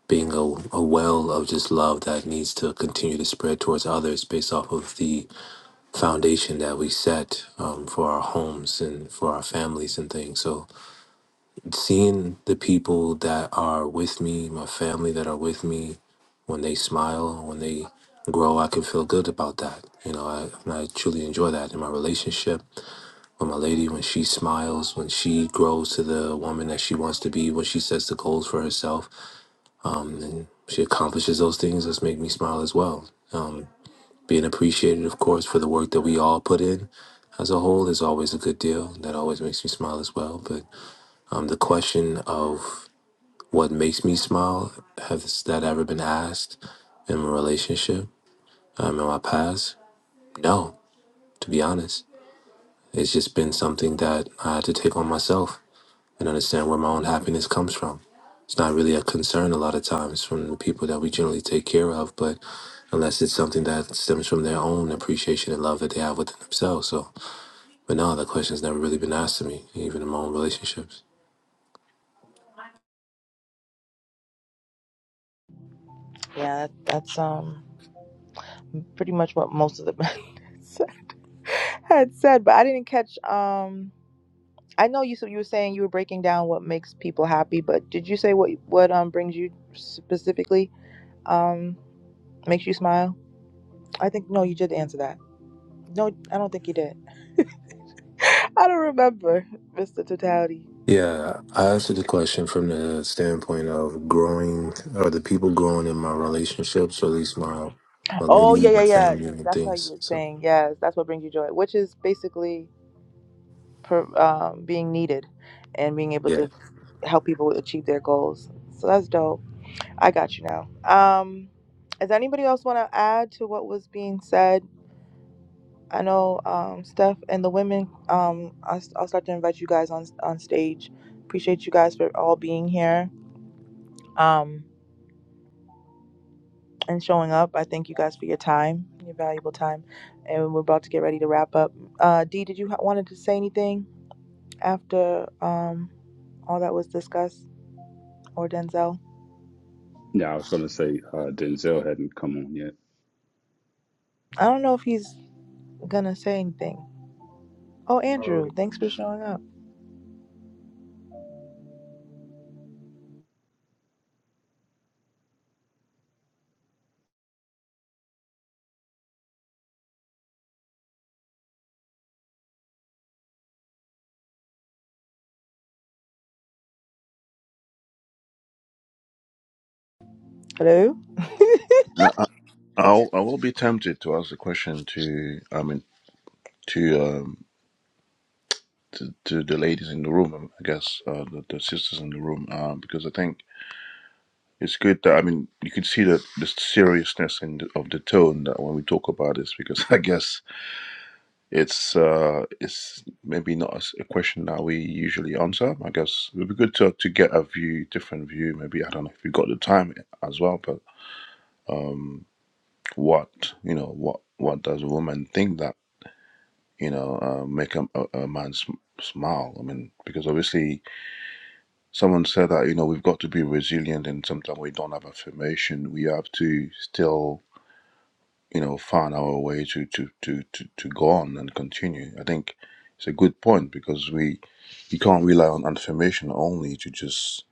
Speaker 8: being a, a well of just love that needs to continue to spread towards others based off of the foundation that we set um, for our homes and for our families and things. So seeing the people that are with me, my family that are with me, when they smile, when they grow, I can feel good about that. You know, I, and I truly enjoy that in my relationship with my lady. When she smiles, when she grows to the woman that she wants to be, when she sets the goals for herself, and she accomplishes those things, that's make me smile as well. Being appreciated, of course, for the work that we all put in as a whole is always a good deal. That always makes me smile as well. But um, the question of what makes me smile has that ever been asked in a relationship um, in my past no to be honest it's just been something that i had to take on myself and understand where my own happiness comes from it's not really a concern a lot of times from the people that we generally take care of but unless it's something that stems from their own appreciation and love that they have within themselves so but no the question's never really been asked to me even in my own relationships
Speaker 1: Yeah, that, that's um pretty much what most of the had said, but I didn't catch. Um, I know you. So you were saying you were breaking down what makes people happy, but did you say what what um brings you specifically um makes you smile? I think no, you did answer that. No, I don't think you did. I don't remember, Mr. Totality.
Speaker 8: Yeah, I answered the question from the standpoint of growing or the people growing in my relationships, or at least my my lady,
Speaker 1: Oh yeah, yeah,
Speaker 8: my
Speaker 1: yeah.
Speaker 8: family, and
Speaker 1: That's how you
Speaker 8: things.
Speaker 1: were
Speaker 8: So
Speaker 1: saying. Yes, that's what brings you joy, which is basically per, um, being needed and being able
Speaker 8: yeah.
Speaker 1: to help people achieve their goals. So that's dope. I got you now. Um, does anybody else want to add to what was being said? I know um, Steph and the women. Um, I'll, I'll start to invite you guys on on stage. Appreciate you guys for all being here. Um. and showing up. I thank you guys for your time, your valuable time. And we're about to get ready to wrap up. Uh, Dee, did you ha- wanted to say anything after um, all that was discussed or Denzel?
Speaker 6: Yeah, I was going to say uh, Denzel hadn't come on yet.
Speaker 1: I don't know if he's gonna say anything. Oh, Andrew, thanks for showing up. Hello.
Speaker 5: I, I, I'll, I will be tempted to ask the question to I mean to um to, to the ladies in the room, I guess uh, the, the sisters in the room, uh, because I think It's good that I mean you can see the the seriousness in the, of the tone that when we talk about this because I guess it's uh it's maybe not as- a question that we usually answer. I guess it would be good to to get a view, different view. Maybe I don't know if you got the time as well, but um, what you know, what what does a woman think that you know uh, make a, a, a man sm- smile? I mean, because obviously someone said that you know we've got to be resilient, and sometimes we don't have affirmation. We have to still you know find our way to to to to, to go on and continue i think it's a good point because we you can't rely on affirmation only to just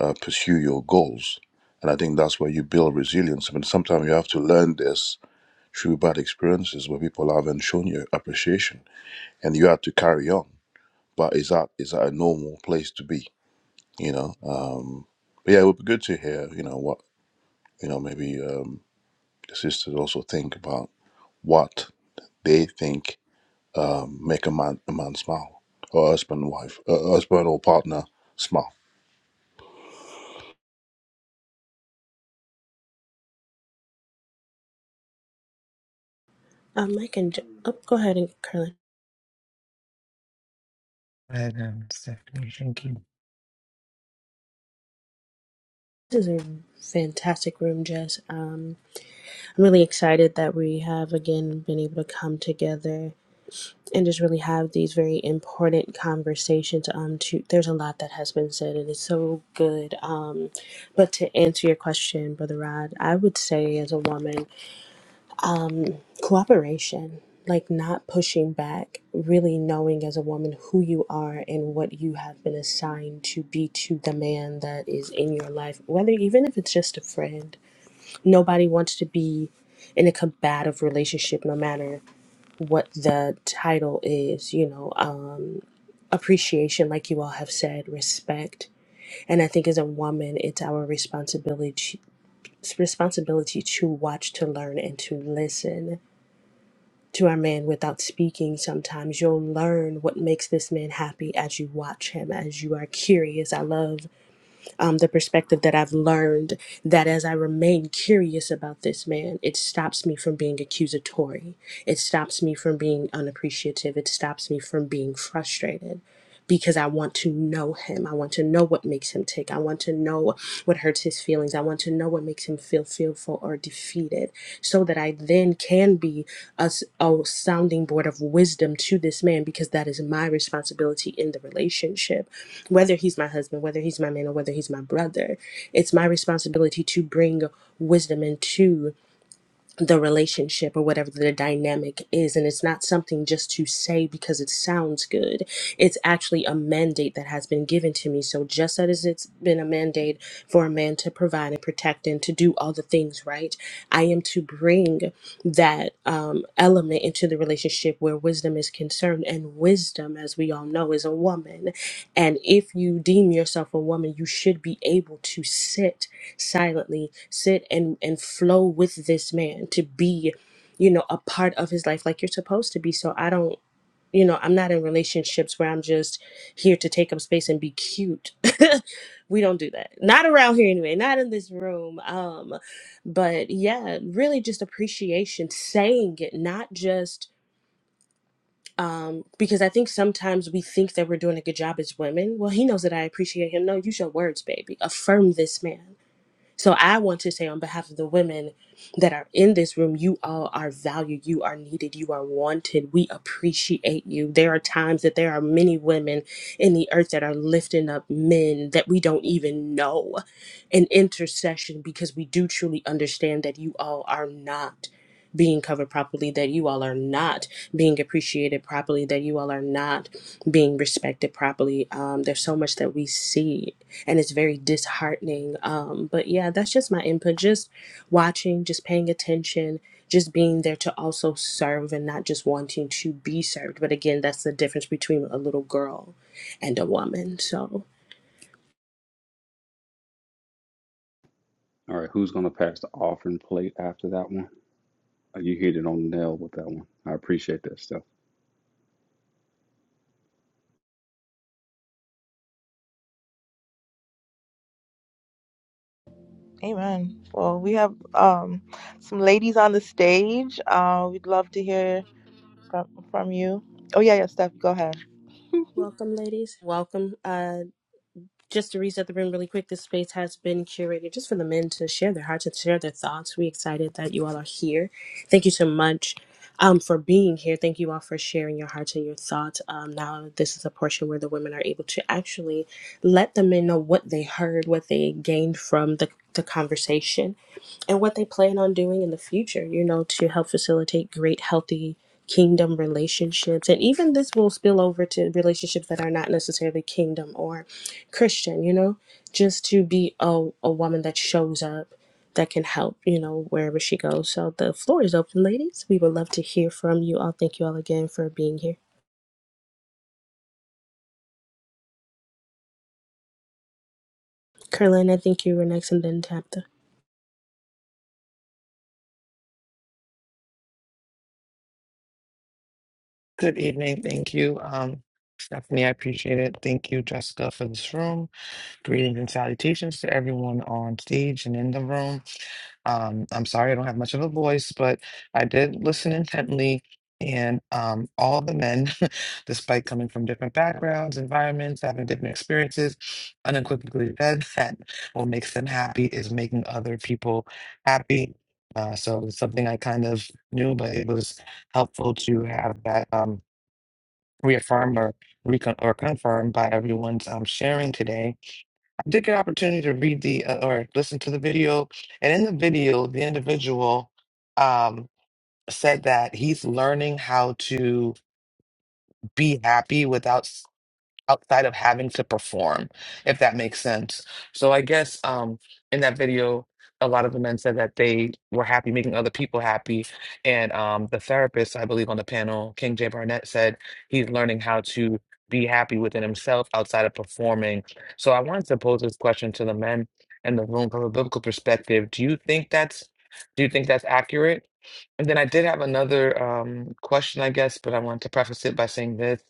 Speaker 5: uh, pursue your goals and i think that's where you build resilience I mean, sometimes you have to learn this through bad experiences where people haven't shown you appreciation and you have to carry on but is that is that a normal place to be you know um but yeah it would be good to hear you know what you know maybe um the sisters also think about what they think um, make a man a man smile or husband wife uh, husband or partner smile
Speaker 2: Um, Mike and Je- oh, go ahead and Curlin.
Speaker 9: Right, um, Stephanie, thank you.
Speaker 2: This is a fantastic room, Jess. Um, I'm really excited that we have again been able to come together and just really have these very important conversations um to there's a lot that has been said and it's so good um but to answer your question brother rod i would say as a woman cooperation like not pushing back really knowing as a woman who you are and what you have been assigned to be to the man that is in your life whether even if it's just a friend nobody wants to be in a combative relationship no matter what the title is you know um appreciation, like you all have said, respect. And I think as a woman, it's our responsibility responsibility to watch, to learn, and to listen to our man without speaking. Sometimes you'll learn what makes this man happy as you watch him, as you are curious. I love um, the perspective that I've learned that as I remain curious about this man, it stops me from being accusatory. It stops me from being unappreciative. It stops me from being frustrated because I want to know him. I want to know what makes him tick. I want to know what hurts his feelings. I want to know what makes him feel fearful or defeated so that I then can be a a sounding board of wisdom to this man because that is my responsibility in the relationship. Whether he's my husband, whether he's my man, or whether he's my brother, it's my responsibility to bring wisdom into the relationship or whatever the dynamic is. And it's not something just to say because it sounds good. It's actually a mandate that has been given to me. So, just as it's been a mandate for a man to provide and protect and to do all the things right, I am to bring that um, element into the relationship where wisdom is concerned. And wisdom, as we all know, is a woman. And if you deem yourself a woman, you should be able to sit silently sit and and flow with this man to be you know a part of his life like you're supposed to be so i don't you know i'm not in relationships where i'm just here to take up space and be cute we don't do that not around here anyway not in this room um but yeah really just appreciation saying it not just um because i think sometimes we think that we're doing a good job as women well he knows that i appreciate him no use your words baby affirm this man so I want to say on behalf of the women that are in this room, you all are valued, you are needed, you are wanted. We appreciate you. There are times that there are many women in the earth that are lifting up men that we don't even know in intercession because we do truly understand that you all are not being covered properly, that you all are not being appreciated properly, that you all are not being respected properly. Um, there's so much that we see, and it's very disheartening. Um, but yeah, that's just my input. Just watching, just paying attention, just being there to also serve and not just wanting to be served. But again, that's the difference between a little girl and a woman. So,
Speaker 6: All right, who's going to pass the offering plate after that one? Uh, You hit it on the nail with that one. I appreciate that stuff.
Speaker 1: Amen. Well, we have um, some ladies on the stage. Uh, we'd love to hear from from you. Oh yeah, yeah, Steph, go ahead.
Speaker 2: welcome, ladies. Welcome. uh, Just to reset the room really quick, this space has been curated just for the men to share their hearts and share their thoughts. We're excited that you all are here. Thank you so much um, for being here. Thank you all for sharing your hearts and your thoughts. Um, now, this is a portion where the women are able to actually let the men know what they heard, what they gained from the, the conversation, and what they plan on doing in the future, you know, to help facilitate great, healthy kingdom relationships. And even this will spill over to relationships that are not necessarily kingdom or. Christian, you know, just to be a, a woman that shows up, that can help, you know, wherever she goes. So the floor is open, ladies. We would love to hear from you all. Thank you all again for being here. Carlin, I think you were next and then Tabitha.
Speaker 9: Good evening. Thank you, um, Stephanie. I appreciate it. Thank you, Jessica, for this room. Greetings and salutations to everyone on stage and in the room. Um, I'm sorry I don't have much of a voice, but I did listen intently. And um, all the men, despite coming from different backgrounds, environments, having different experiences, unequivocally said that what makes them happy is making other people happy. Uh, so it's something I kind of knew, but it was helpful to have that um, reaffirmed or, recon- or confirmed by everyone's um, sharing today Take an opportunity to read the uh, or listen to the video. And in the video, the individual um, said that he's learning how to be happy without outside of having to perform, if that makes sense. So I guess um, in that video, a lot of the men said that they were happy making other people happy. And um, the therapist, I believe, on the panel, King J. Barnett, said he's learning how to be happy within himself outside of performing. So I wanted to pose this question to the men in the room from a biblical perspective. Do you think that's do you think that's accurate? And then I did have another um, question, I guess, but I wanted to preface it by saying this.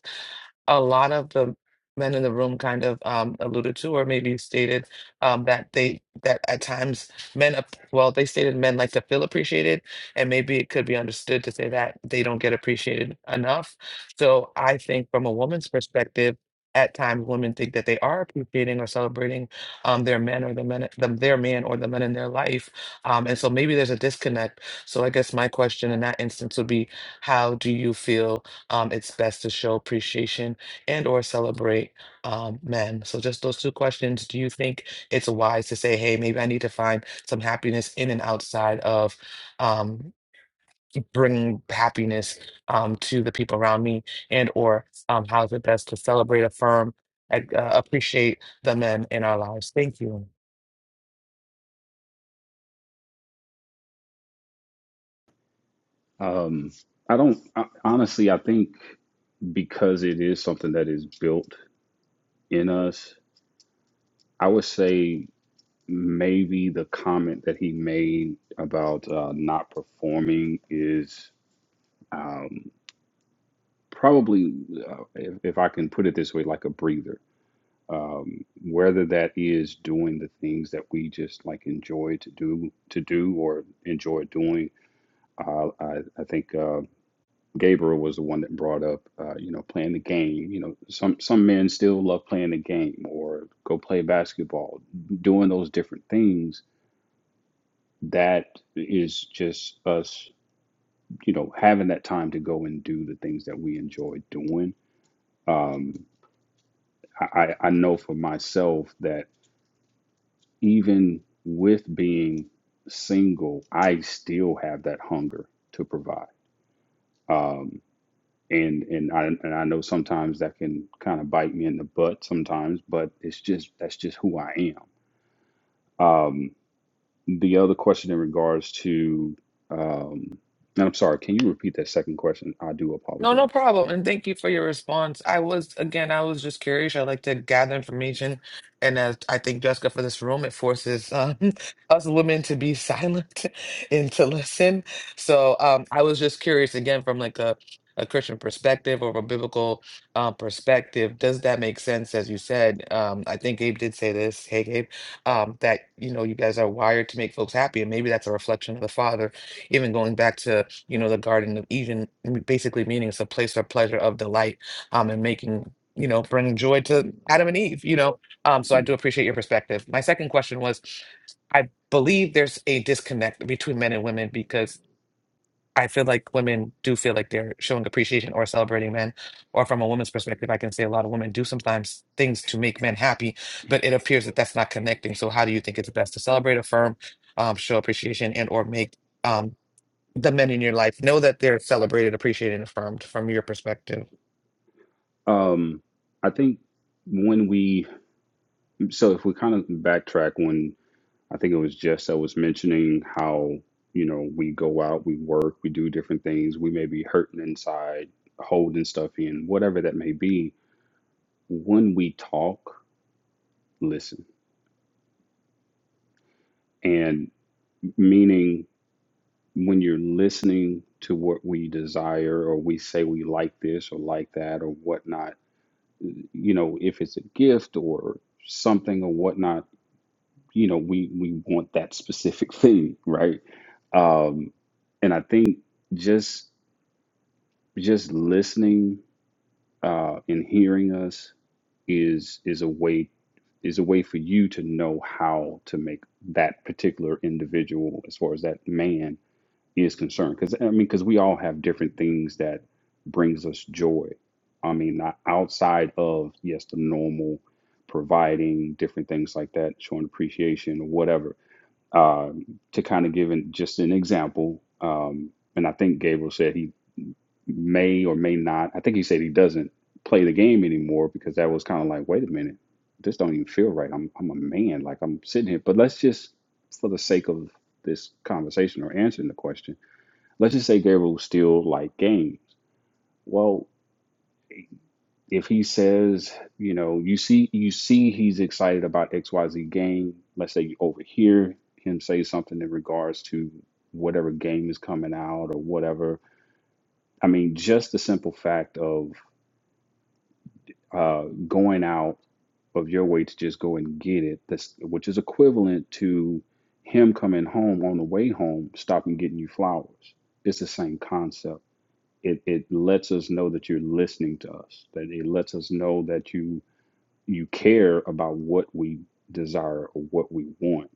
Speaker 9: A lot of the men in the room kind of um, alluded to, or maybe stated um, that they that at times men, ap- well, they stated men like to feel appreciated, and maybe it could be understood to say that they don't get appreciated enough. So I think from a woman's perspective. At times, women think that they are appreciating or celebrating um, their men or the men, the, their man or the men in their life, um, and so maybe there's a disconnect. So I guess my question in that instance would be, how do you feel um, it's best to show appreciation and or celebrate um, men. So just those two questions. Do you think it's wise to say, hey, maybe I need to find some happiness in and outside of um, bringing happiness um, to the people around me and or um, how is it best to celebrate, affirm, and, uh, appreciate the men in our lives? Thank you.
Speaker 6: Um, I don't, I, honestly, I think because it is something that is built in us, I would say maybe the comment that he made about uh, not performing is um, probably, uh, if, if I can put it this way, like a breather. Um, whether that is doing the things that we just like enjoy to do, to do or enjoy doing. Uh, I, I think uh, Gabriel was the one that brought up, uh, you know, playing the game. You know, some some men still love playing the game or go play basketball, doing those different things that is just us, you know, having that time to go and do the things that we enjoy doing. Um, I, I know for myself that even with being single, I still have that hunger to provide. Um, and and I and I know sometimes that can kind of bite me in the butt sometimes, but it's just that's just who I am. Um, The other question in regards to, um, and I'm sorry, can you repeat that second question? I do
Speaker 9: No, no
Speaker 6: apologize.
Speaker 9: problem. And thank you for your response. I was, again, I was just curious. I like to gather information. And as I think, Jessica, for this room, it forces um, us women to be silent and to listen. So um, I was just curious, again, from like a, a Christian perspective or a biblical uh, perspective, does that make sense? As you said, um, I think Gabe did say this, hey, Gabe, um, that, you know, you guys are wired to make folks happy. And maybe that's a reflection of the Father, even going back to you know, the Garden of Eden, m- basically meaning it's a place of pleasure of delight, um, and making, you know, bringing joy to Adam and Eve, you know. Um, so I do
Speaker 6: Mhm.
Speaker 9: appreciate your perspective. My second question was, I believe there's a disconnect between men and women because I feel like women do feel like they're showing appreciation or celebrating men. Or from a woman's perspective, I can say a lot of women do sometimes things to make men happy, but it appears that that's not connecting. So how do you think it's best to celebrate, affirm, um, show appreciation, and or make um, the men in your life know that they're celebrated, appreciated, and affirmed from your perspective.
Speaker 6: Um, I think when we, so if we kind of backtrack when I think it was Jess that was mentioning how, you know, we go out, we work, we do different things, we may be hurting inside, holding stuff in, whatever that may be. When we talk, listen. And meaning when you're listening to what we desire or we say we like this or like that or whatnot, you know, if it's a gift or something or whatnot, you know, we we want that specific thing, right? Um, and I think just just listening uh, and hearing us is is a way is a way for you to know how to make that particular individual, as far as that man, is concerned because i mean because we all have different things that brings us joy i mean not outside of yes the normal providing different things like that showing appreciation or whatever um, to kind of give an, just an example um, and i think gabriel said he may or may not i think he said he doesn't play the game anymore because that was kind of like wait a minute this don't even feel right i'm, I'm a man like i'm sitting here but let's just for the sake of this conversation or answering the question let's just say Gabriel still like games. Well, if he says, you know, you see you see he's excited about XYZ game, let's say you overhear him say something in regards to whatever game is coming out or whatever. I mean, just the simple fact of uh, going out of your way to just go and get it, that's, which is equivalent to him coming home on the way home, stopping getting you flowers. It's the same concept it it lets us know that you're listening to us that it lets us know that you you care about what we desire or what we want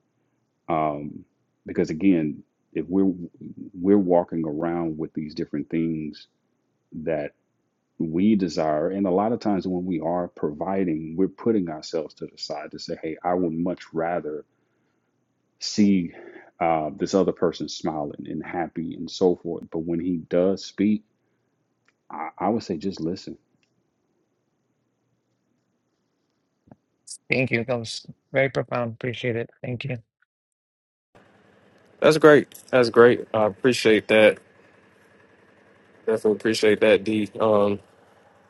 Speaker 6: um because again if we're we're walking around with these different things that we desire and a lot of times when we are providing we're putting ourselves to the side to say hey i would much rather see uh, this other person smiling and happy and so forth but when he does speak I, I would say just listen
Speaker 9: Thank you. That was very profound. Appreciate it. Thank you.
Speaker 7: That's great. That's great. I appreciate that. Definitely appreciate that, D. Um,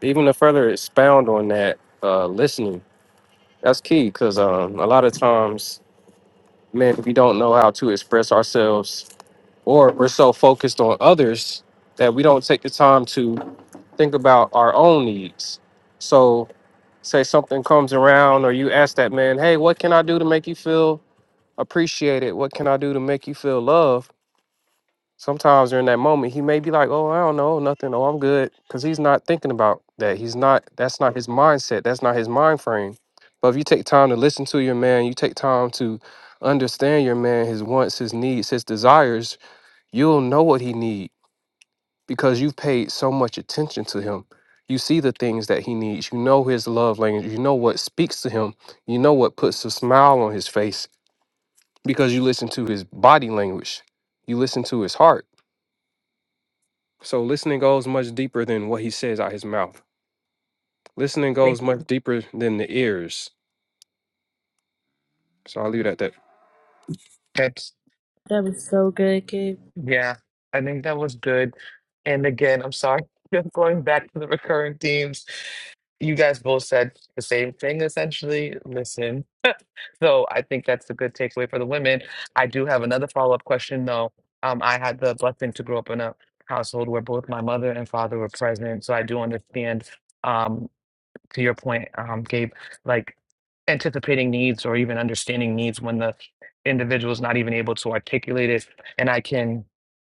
Speaker 7: even to further expound on that, uh, listening. That's key because um, a lot of times, man, we don't know how to express ourselves or we're so focused on others that we don't take the time to think about our own needs. So, say something comes around, or you ask that man, Hey, what can I do to make you feel appreciated? What can I do to make you feel loved? Sometimes during that moment, he may be like, Oh, I don't know, nothing. Oh, I'm good. Because he's not thinking about that. He's not, that's not his mindset. That's not his mind frame. But if you take time to listen to your man, you take time to understand your man, his wants, his needs, his desires, you'll know what he needs because you've paid so much attention to him. You see the things that he needs. You know his love language. You know what speaks to him. You know what puts a smile on his face because you listen to his body language. You listen to his heart. So listening goes much deeper than what he says out his mouth. Listening
Speaker 9: Think
Speaker 7: goes much deeper than the ears. So I'll leave it at that.
Speaker 9: that's
Speaker 2: That was so good, Gabe.
Speaker 9: yeah. I think that was good. And again, I'm sorry. Just going back to the recurring themes, you guys both said the same thing essentially. Listen, so I think that's a good takeaway for the women. I do have another follow up question though. Um, I had the blessing to grow up in a household where both my mother and father were present, so I do understand. Um, to your point, um, Gabe, like anticipating needs or even understanding needs when the individual is not even able to articulate it. And I can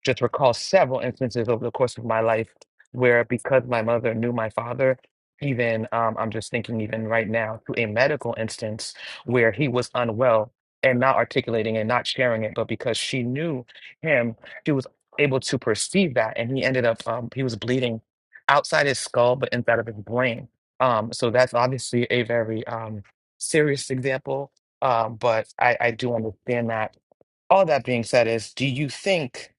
Speaker 9: just recall several instances over the course of my life where, because my mother knew my father, even um, I'm just thinking, even right now, to a medical instance where he was unwell and not articulating and not sharing it, but because she knew him, she was able to perceive that. And he ended up, um, he was bleeding outside his skull, but inside of his brain um, so that's obviously a very um, serious example, um, but I, I do understand that. All that being said, is do you think,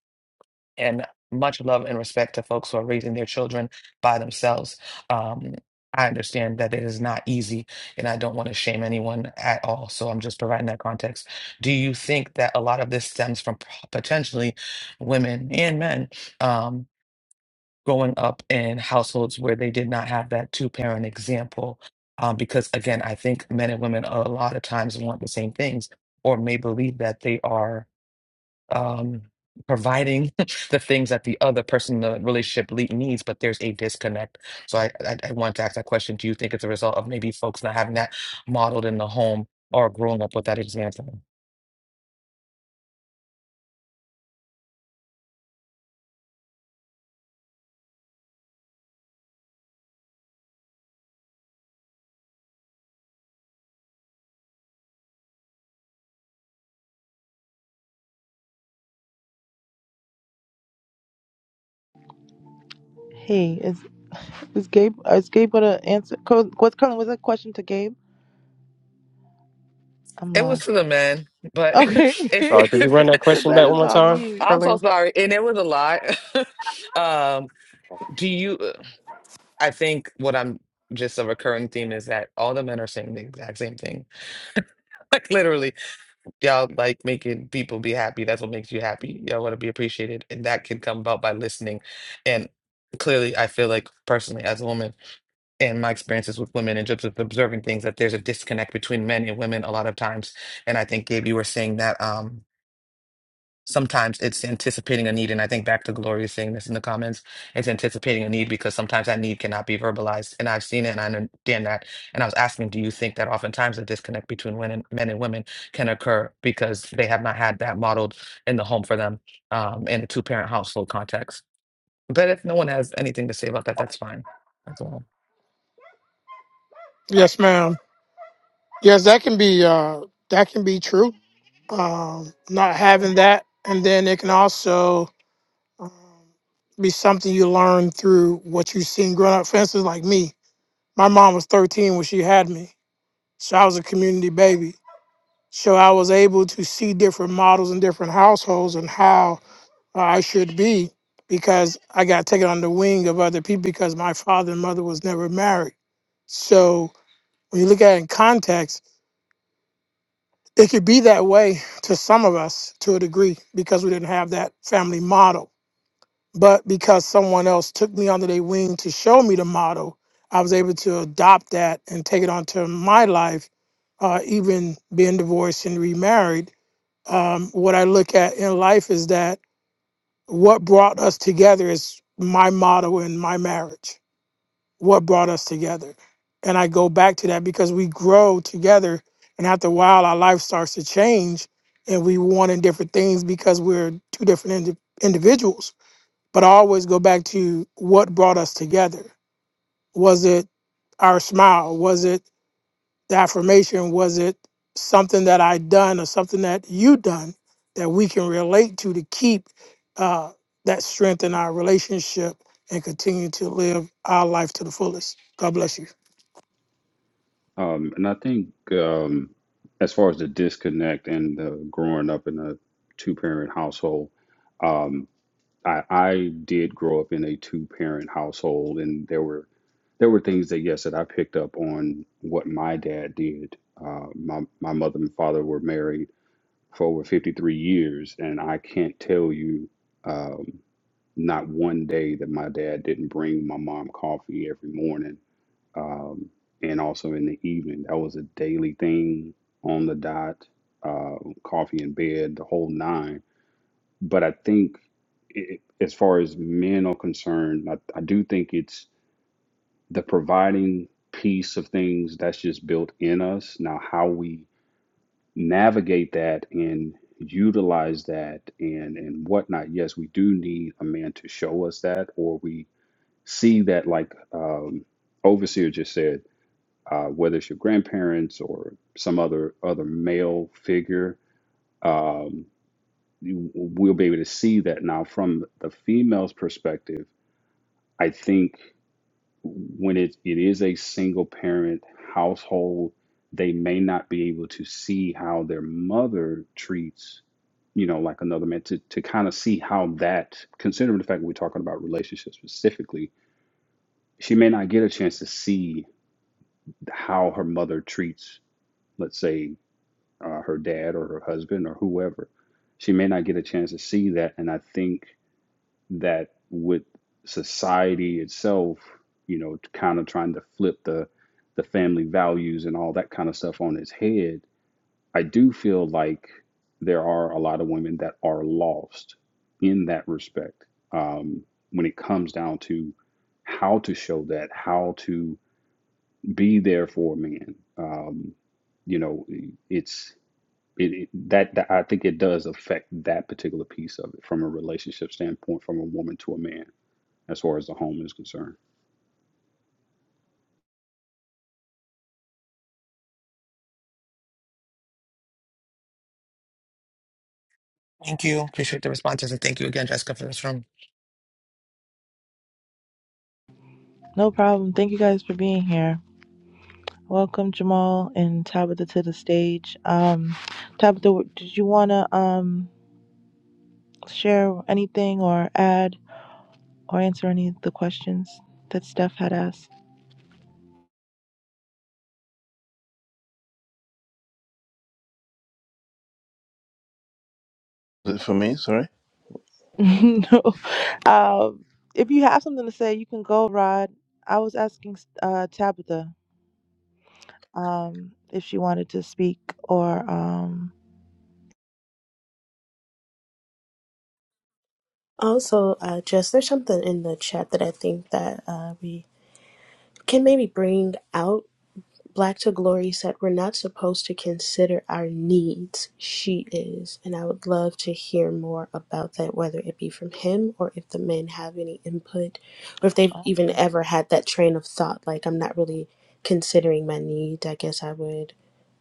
Speaker 9: and much love and respect to folks who are raising their children by themselves, um, I understand that it is not easy, and I don't want to shame anyone at all. So I'm just providing that context. Do you think that a lot of this stems from p- potentially women and men? Um, growing up in households where they did not have that two parent example. Um, because again, I think men and women a lot of times want the same things or may believe that they are um, providing the things that the other person in the relationship le- needs, but there's a disconnect. So I, I, I want to ask that question Do you think it's a result of maybe folks not having that modeled in the home or growing up with that example?
Speaker 1: Hey, is is Gabe? Is Gabe gonna answer? co- What's Colin? Was that a question to Gabe? I'm
Speaker 9: It
Speaker 1: lost.
Speaker 9: was to the men, but
Speaker 1: Okay.
Speaker 9: if,
Speaker 7: Sorry, could you
Speaker 9: if,
Speaker 7: run that
Speaker 1: so
Speaker 7: question
Speaker 1: that
Speaker 7: back one
Speaker 1: is
Speaker 7: more
Speaker 1: on
Speaker 7: time,
Speaker 1: mute.
Speaker 9: I'm so
Speaker 7: Carlene?
Speaker 9: sorry, and it was a lot. um, Do you, uh, I think what I'm just a recurring theme is that all the men are saying the exact same thing. Like literally, y'all like making people be happy. That's what makes you happy. Y'all want to be appreciated. And that can come about by listening. And clearly, I feel like personally, as a woman, and my experiences with women and just with observing things, that there's a disconnect between men and women a lot of times. And I think, Gabe, you were saying that. um sometimes it's anticipating a need. And I think back to Gloria saying this in the comments, it's anticipating a need because sometimes that need cannot be verbalized. And I've seen it and I understand that. And I was asking, do you think that oftentimes a disconnect between women, men and women can occur because they have not had that modeled in the home for them um, in a two parent household context? But if no one has anything to say about that, that's fine. That's all.
Speaker 7: Yes, ma'am. Yes, that can be uh, that can be true. Um, not having that, and then it can also be something you learn through what you've seen growing up. For instance, like me, my mom was 13 when she had me. So I was a community baby. So I was able to see different models in different households and how uh, I should be because I got taken on the wing of other people because my father and mother was never married. So when you look at it in context, it could be that way to some of us to a degree because we didn't have that family model but because someone else took me under their wing to show me the model, I was able to adopt that and take it onto my life, uh, even being divorced and remarried. Um, what I look at in life is that what brought us together is my model in my marriage, what brought us together. And I go back to that because we grow together. And after a while, our life starts to change and we want in different things because we're two different indi- individuals but I always go back to what brought us together. Was it our smile? Was it the affirmation? Was it something that I done or something that you done that we can relate to to keep uh, that strength in our relationship and continue to live our life to the fullest? God bless you.
Speaker 6: Um, and I think um, as far as the disconnect and the growing up in a two-parent household, um, I, I did grow up in a two-parent household, and there were there were things that yes that I picked up on what my dad did. Uh, my my mother and father were married for over 53 years, and I can't tell you um, not one day that my dad didn't bring my mom coffee every morning um, and also in the evening. That was a daily thing on the dot, uh, coffee in bed, the whole nine. But I think, it, as far as men are concerned, I, I do think it's the providing piece of things that's just built in us. Now, how we navigate that and utilize that and and whatnot. Yes, we do need a man to show us that, or we see that like um, overseer just said uh, whether it's your grandparents or some other other male figure. Um, you- we'll be able to see that now from the female's perspective. I think when it, it is a single parent household, they may not be able to see how their mother treats, you know, like another man to, to kind of see how that, considering the fact that we're talking about relationships specifically, she may not get a chance to see how her mother treats, let's say uh, her dad or her husband or whoever. She may not get a chance to see that. And I think that with society itself, you know, kind of trying to flip the the family values and all that kind of stuff on its head, I do feel like there are a lot of women that are lost in that respect um, when it comes down to how to show that, how to be there for a man. Um, you know, it's it, it- that, that I think it does affect that particular piece of it from a relationship standpoint, from a woman to a man, as far as the home is concerned.
Speaker 9: Thank you. Appreciate the responses. And thank you again, Jessica, for this room.
Speaker 1: No problem. Thank you guys for being here. Welcome Jamal and Tabitha to the stage. Um Tabitha, did you want to um share anything or add or answer any of the questions that Steph had asked?
Speaker 5: for me sorry
Speaker 1: no. Um if you have something to say, you can go, Rod. I was asking uh Tabitha um if she wanted to speak or um
Speaker 2: Also, uh, Jess, there's something in the chat that I think that uh, we can maybe bring out. Black to Glory said, We're not supposed to consider our needs. She is. And I would love to hear more about that, whether it be from him or if the men have any input or if they've even ever had that train of thought. Like, I'm not really considering my needs. I guess I would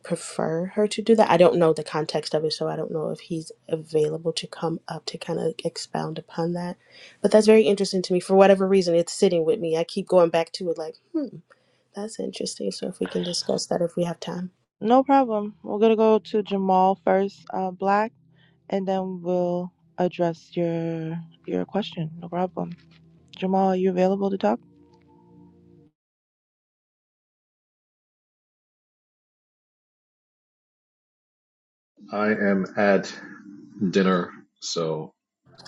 Speaker 2: prefer her to do that. I don't know the context of it, so I don't know if he's available to come up to kind of expound upon that. But that's very interesting to me. For whatever reason, it's sitting with me. I keep going back to it, like, hmm. That's interesting. So, if we can discuss that if we have time.
Speaker 1: No problem. We're gonna go to Jamal first, uh, Black, and then we'll address your your question. No problem. Jamal, are you available to talk?
Speaker 10: I am at dinner, so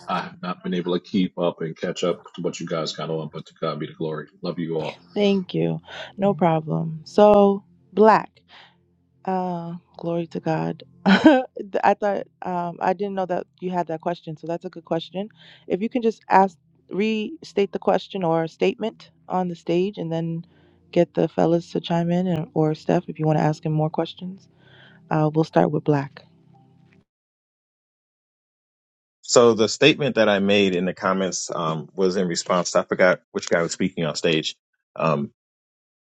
Speaker 10: I have not been able to keep up and catch up to what you guys got on, but to God be the glory. Love you all.
Speaker 1: Thank you. No problem. So, Black, uh, glory to God. I thought um, I didn't know that you had that question, so that's a good question. If you can just ask, restate the question or statement on the stage, and then get the fellas to chime in, and, or Steph, if you want to ask him more questions. Uh, we'll start with Black.
Speaker 11: So the statement that I made in the comments um, was in response. to, I forgot which guy was speaking on stage because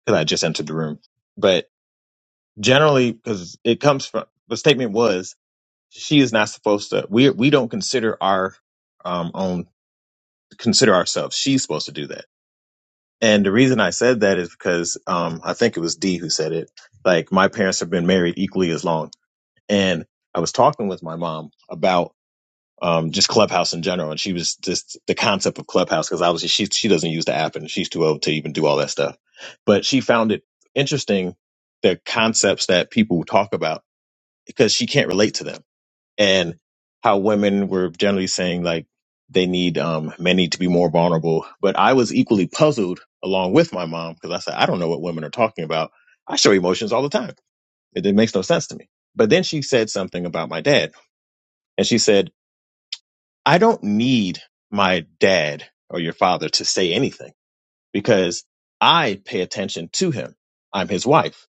Speaker 11: I just entered the room. But generally, because it comes from the statement was she is not supposed to. We we don't consider our um, own consider ourselves. She's supposed to do that. And the reason I said that is because um, I think it was D who said it. Like my parents have been married equally as long, and I was talking with my mom about um, just Clubhouse in general. And she was just the concept of Clubhouse because obviously she she doesn't use the app and she's too old to even do all that stuff. But she found it interesting the concepts that people talk about because she can't relate to them and how women were generally saying like they need um, men need to be more vulnerable. But I was equally puzzled along with my mom because I said I don't know what women are talking about. I show emotions all the time. It, it makes no sense to me. But then she said something about my dad, and she said I don't need my dad or your father to say anything because I pay attention to him. I'm his wife.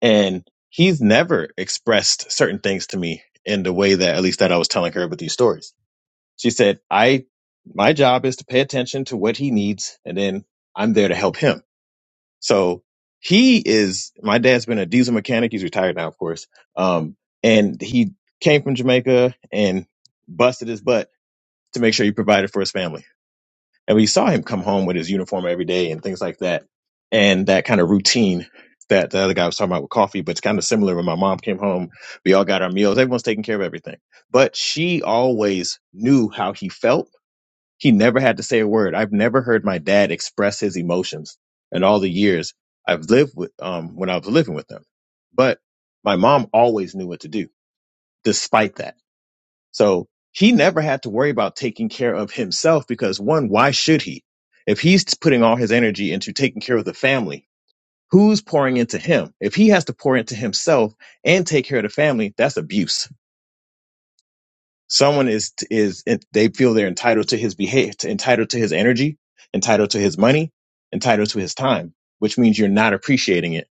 Speaker 11: And he's never expressed certain things to me in the way that, at least that I was telling her with these stories. She said, I, my job is to pay attention to what he needs and then I'm there to help him. So he is, my dad's been a diesel mechanic. He's retired now, of course. Um, and he came from Jamaica and busted his butt to make sure he provided for his family and we saw him come home with his uniform every day and things like that and that kind of routine that the other guy was talking about with coffee but it's kind of similar when my mom came home we all got our meals everyone's taking care of everything but she always knew how he felt he never had to say a word i've never heard my dad express his emotions in all the years i've lived with um when i was living with them but my mom always knew what to do despite that so he never had to worry about taking care of himself because one, why should he? If he's putting all his energy into taking care of the family, who's pouring into him? If he has to pour into himself and take care of the family, that's abuse. Someone is is they feel they're entitled to his behavior, entitled to his energy, entitled to his money, entitled to his time, which means you're not appreciating it.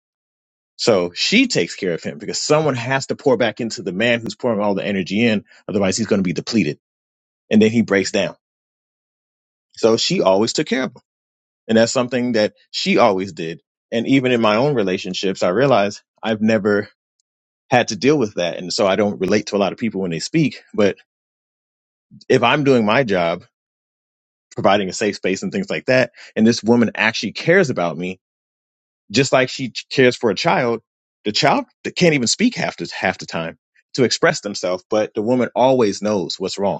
Speaker 11: So she takes care of him because someone has to pour back into the man who's pouring all the energy in, otherwise he's going to be depleted and then he breaks down So she always took care of them. And that's something that she always did. And even in my own relationships, I realize I've never had to deal with that. And so I don't relate to a lot of people when they speak. But if I'm doing my job, providing a safe space and things like that, and this woman actually cares about me, just like she cares for a child, the child can't even speak half the, half the time to express themselves, but the woman always knows what's wrong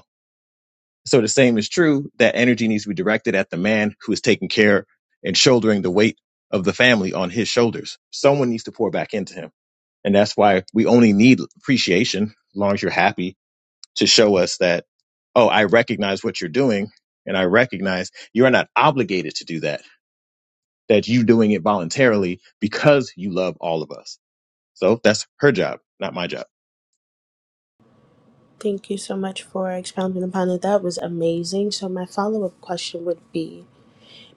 Speaker 11: So the same is true that energy needs to be directed at the man who is taking care and shouldering the weight of the family on his shoulders. Someone needs to pour back into him. And that's why we only need appreciation, as long as you're happy, to show us that, oh, I recognize what you're doing and I recognize you're not obligated to do that, that you doing it voluntarily because you love all of us. So that's her job, not my job.
Speaker 2: Thank you so much for expounding upon it. That was amazing. So, my follow up question would be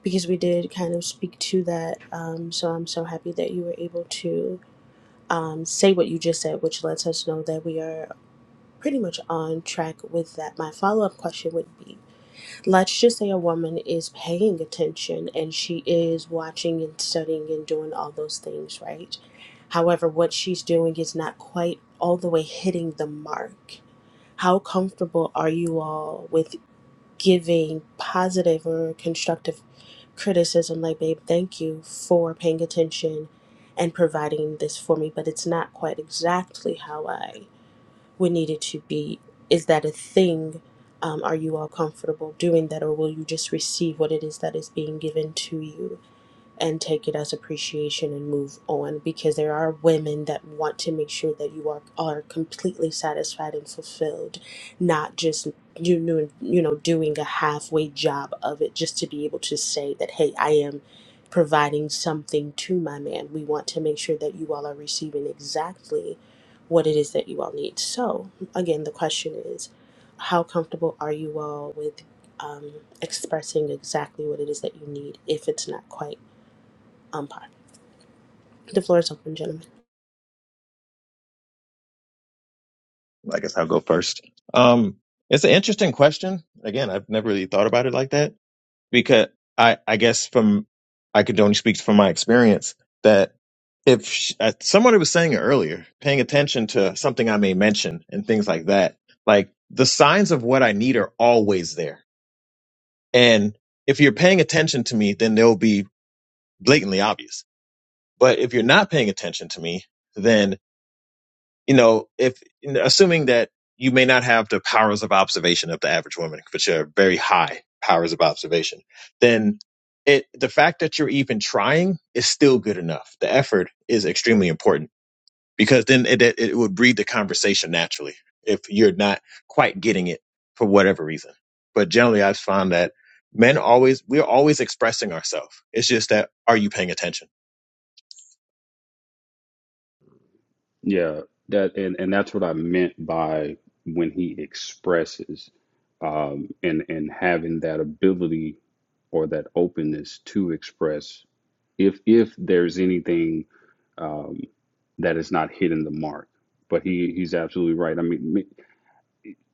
Speaker 2: because we did kind of speak to that. Um, so, I'm so happy that you were able to um, say what you just said, which lets us know that we are pretty much on track with that. My follow up question would be let's just say a woman is paying attention and she is watching and studying and doing all those things, right? However, what she's doing is not quite all the way hitting the mark. How comfortable are you all with giving positive or constructive criticism, like, babe, thank you for paying attention and providing this for me, but it's not quite exactly how I would need it to be. Is that a thing? Um, are you all comfortable doing that, or will you just receive what it is that is being given to you? and take it as appreciation and move on because there are women that want to make sure that you are are completely satisfied and fulfilled not just you know you know doing a halfway job of it just to be able to say that hey I am providing something to my man we want to make sure that you all are receiving exactly what it is that you all need so again the question is how comfortable are you all with um, expressing exactly what it is that you need if it's not quite umpire. The floor is open, gentlemen.
Speaker 11: I guess I'll go first. Um, it's an interesting question. Again, I've never really thought about it like that because I, I guess from I could only speak from my experience that if sh uh, somebody was saying it earlier, paying attention to something I may mention and things like that, like the signs of what I need are always there. And if you're paying attention to me, then they'll be blatantly obvious. But if you're not paying attention to me, then you know, if assuming that you may not have the powers of observation of the average woman, which are very high powers of observation, then it the fact that you're even trying is still good enough. The effort is extremely important because then it it, it would breed the conversation naturally if you're not quite getting it for whatever reason. But generally, I've found that men always we're always expressing ourselves. It's just that are you paying attention?
Speaker 6: Yeah, that and and that's what I meant by when he expresses, um, and and having that ability or that openness to express if if there's anything um, that is not hitting the mark. But he he's absolutely right. I mean,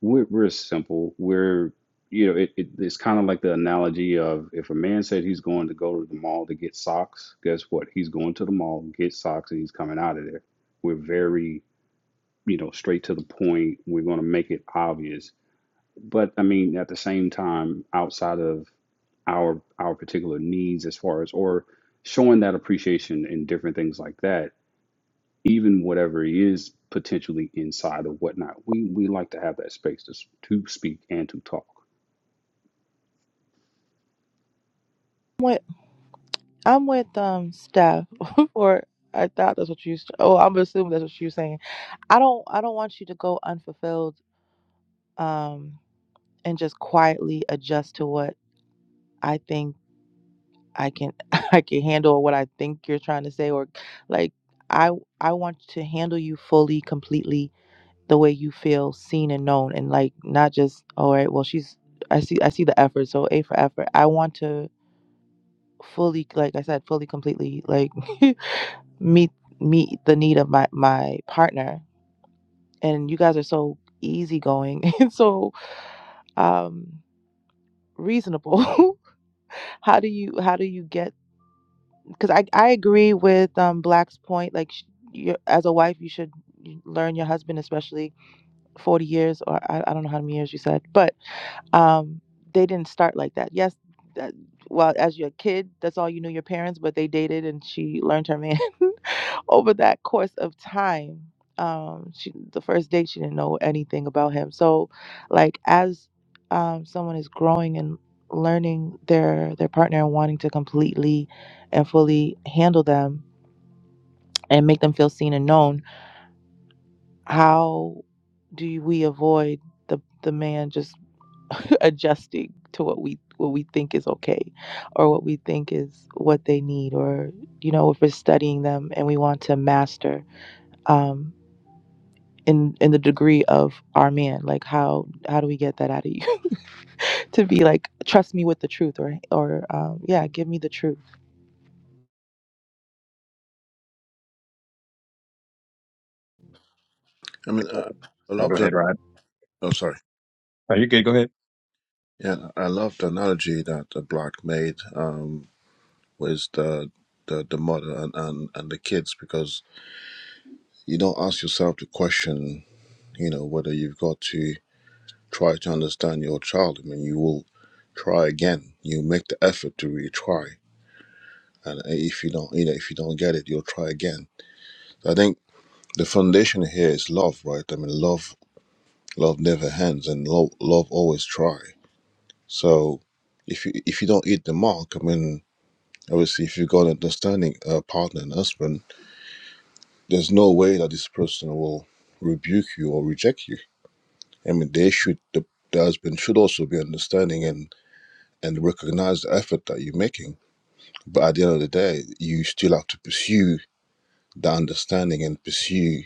Speaker 6: We're, we're simple. We're, you know, it, it, it's kind of like the analogy of if a man said he's going to go to the mall to get socks, guess what? He's going to the mall, get socks, and he's coming out of there. We're very, you know, straight to the point. We're going to make it obvious. But I mean, at the same time, outside of our our particular needs as far as or showing that appreciation in different things like that even whatever is potentially inside or whatnot. We we like to have that space to to speak and to talk.
Speaker 1: with I'm with um Steph, or I thought that's what you. s- Oh, I'm assuming that's what you were saying. I don't I don't want you to go unfulfilled, um, and just quietly adjust to what I think I can I can handle, or what I think you're trying to say, or like I I want to handle you fully, completely the way you feel seen and known, and like not just all right. Well, she's I see I see the effort, so A for effort. I want to fully like I said, fully completely like. meet meet the need of my my partner and you guys are so easygoing and so um reasonable how do you how do you get because I, I agree with um black's point like sh- you as a wife you should learn your husband especially 40 years or I, I don't know how many years you said but um they didn't start like that yes that, well as your kid that's all you knew your parents but they dated and she learned her man over that course of time um she the first date she didn't know anything about him so like as um someone is growing and learning their their partner and wanting to completely and fully handle them and make them feel seen and known how do we avoid the the man just adjusting to what we what we think is okay or what we think is what they need or you know if we're studying them and we want to master um, in in the degree of our man like how how do we get that out of you to be like trust me with the truth or or um, yeah give me the truth
Speaker 5: i mean
Speaker 11: Oh,
Speaker 5: uh, i love
Speaker 11: go
Speaker 5: that
Speaker 11: ahead, Rod.
Speaker 5: oh sorry
Speaker 11: Are you good? Go ahead.
Speaker 5: yeah i love the analogy that the black made um with the the, the mother and, and and the kids because you don't ask yourself the question you know whether you've got to try to understand your child i mean you will try again you make the effort to retry and if you don't you know if you don't get it you'll try again i think the foundation here is love, right? I mean, love, love never ends, and love, love always try. So, if you if you don't hit the mark, I mean, obviously, if you got an understanding uh, partner and husband, there's no way that this person will rebuke you or reject you. I mean, they should the, the husband should also be understanding and and recognize the effort that you're making. But at the end of the day, you still have to pursue that understanding and pursue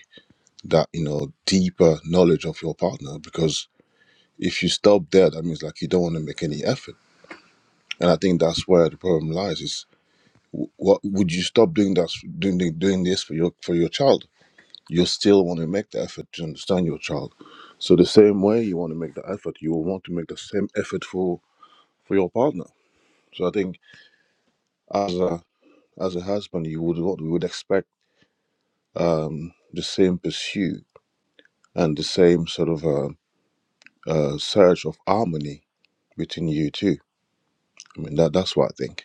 Speaker 5: that you know deeper knowledge of your partner because if you stop there, that means like you don't want to make any effort. And I think that's where the problem lies. Is wh- what would you stop doing that doing the- doing this for your for your child? You still want to make the effort to understand your child. So the same way you want to make the effort, you will want to make the same effort for for your partner. So I think as a as a husband, you would want we would expect um, the same pursuit and the same sort of uh, uh, search of harmony between you two. I mean that that's what I think.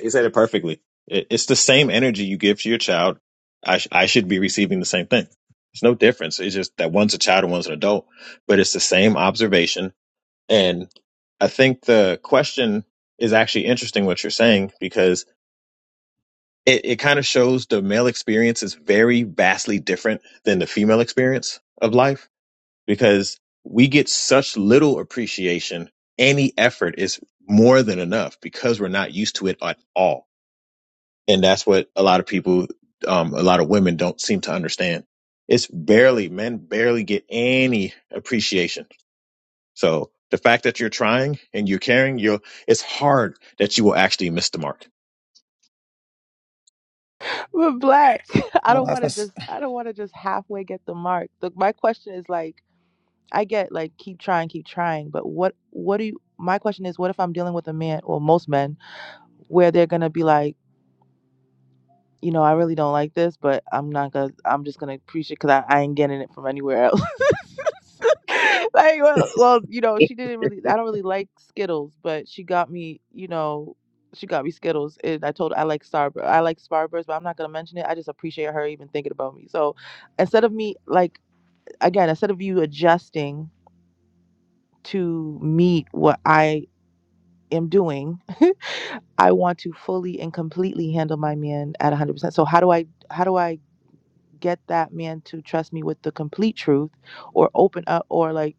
Speaker 11: You said it perfectly. It, it's the same energy you give to your child. I, sh- I should be receiving the same thing. There's no difference. It's just that one's a child and one's an adult, but it's the same observation. And I think the question is actually interesting what you're saying because it, it kind of shows the male experience is very vastly different than the female experience of life because we get such little appreciation. Any effort is more than enough because we're not used to it at all and that's what a lot of people um a lot of women don't seem to understand it's barely men barely get any appreciation so the fact that you're trying and you're caring you're it's hard that you will actually miss the mark
Speaker 1: but black i don't want
Speaker 9: I'm
Speaker 1: to just i don't want to just halfway get the mark the, my question is like i get like keep trying keep trying but what what do you my question is what if i'm dealing with a man or most men where they're gonna be like you know, I really don't like this, but I'm not gonna. I'm just gonna preach it because I, I ain't getting it from anywhere else. like, well, well, you know, she didn't really. I don't really like Skittles, but she got me. You know, she got me Skittles, and I told her I like Starburst. I like Starburst, but I'm not gonna mention it. I just appreciate her even thinking about me. So, instead of me, like, again, instead of you adjusting to meet what I am doing, I want to fully and completely handle my man at 100%. So, how do I? How do I? get that man to trust me with the complete truth or open up or like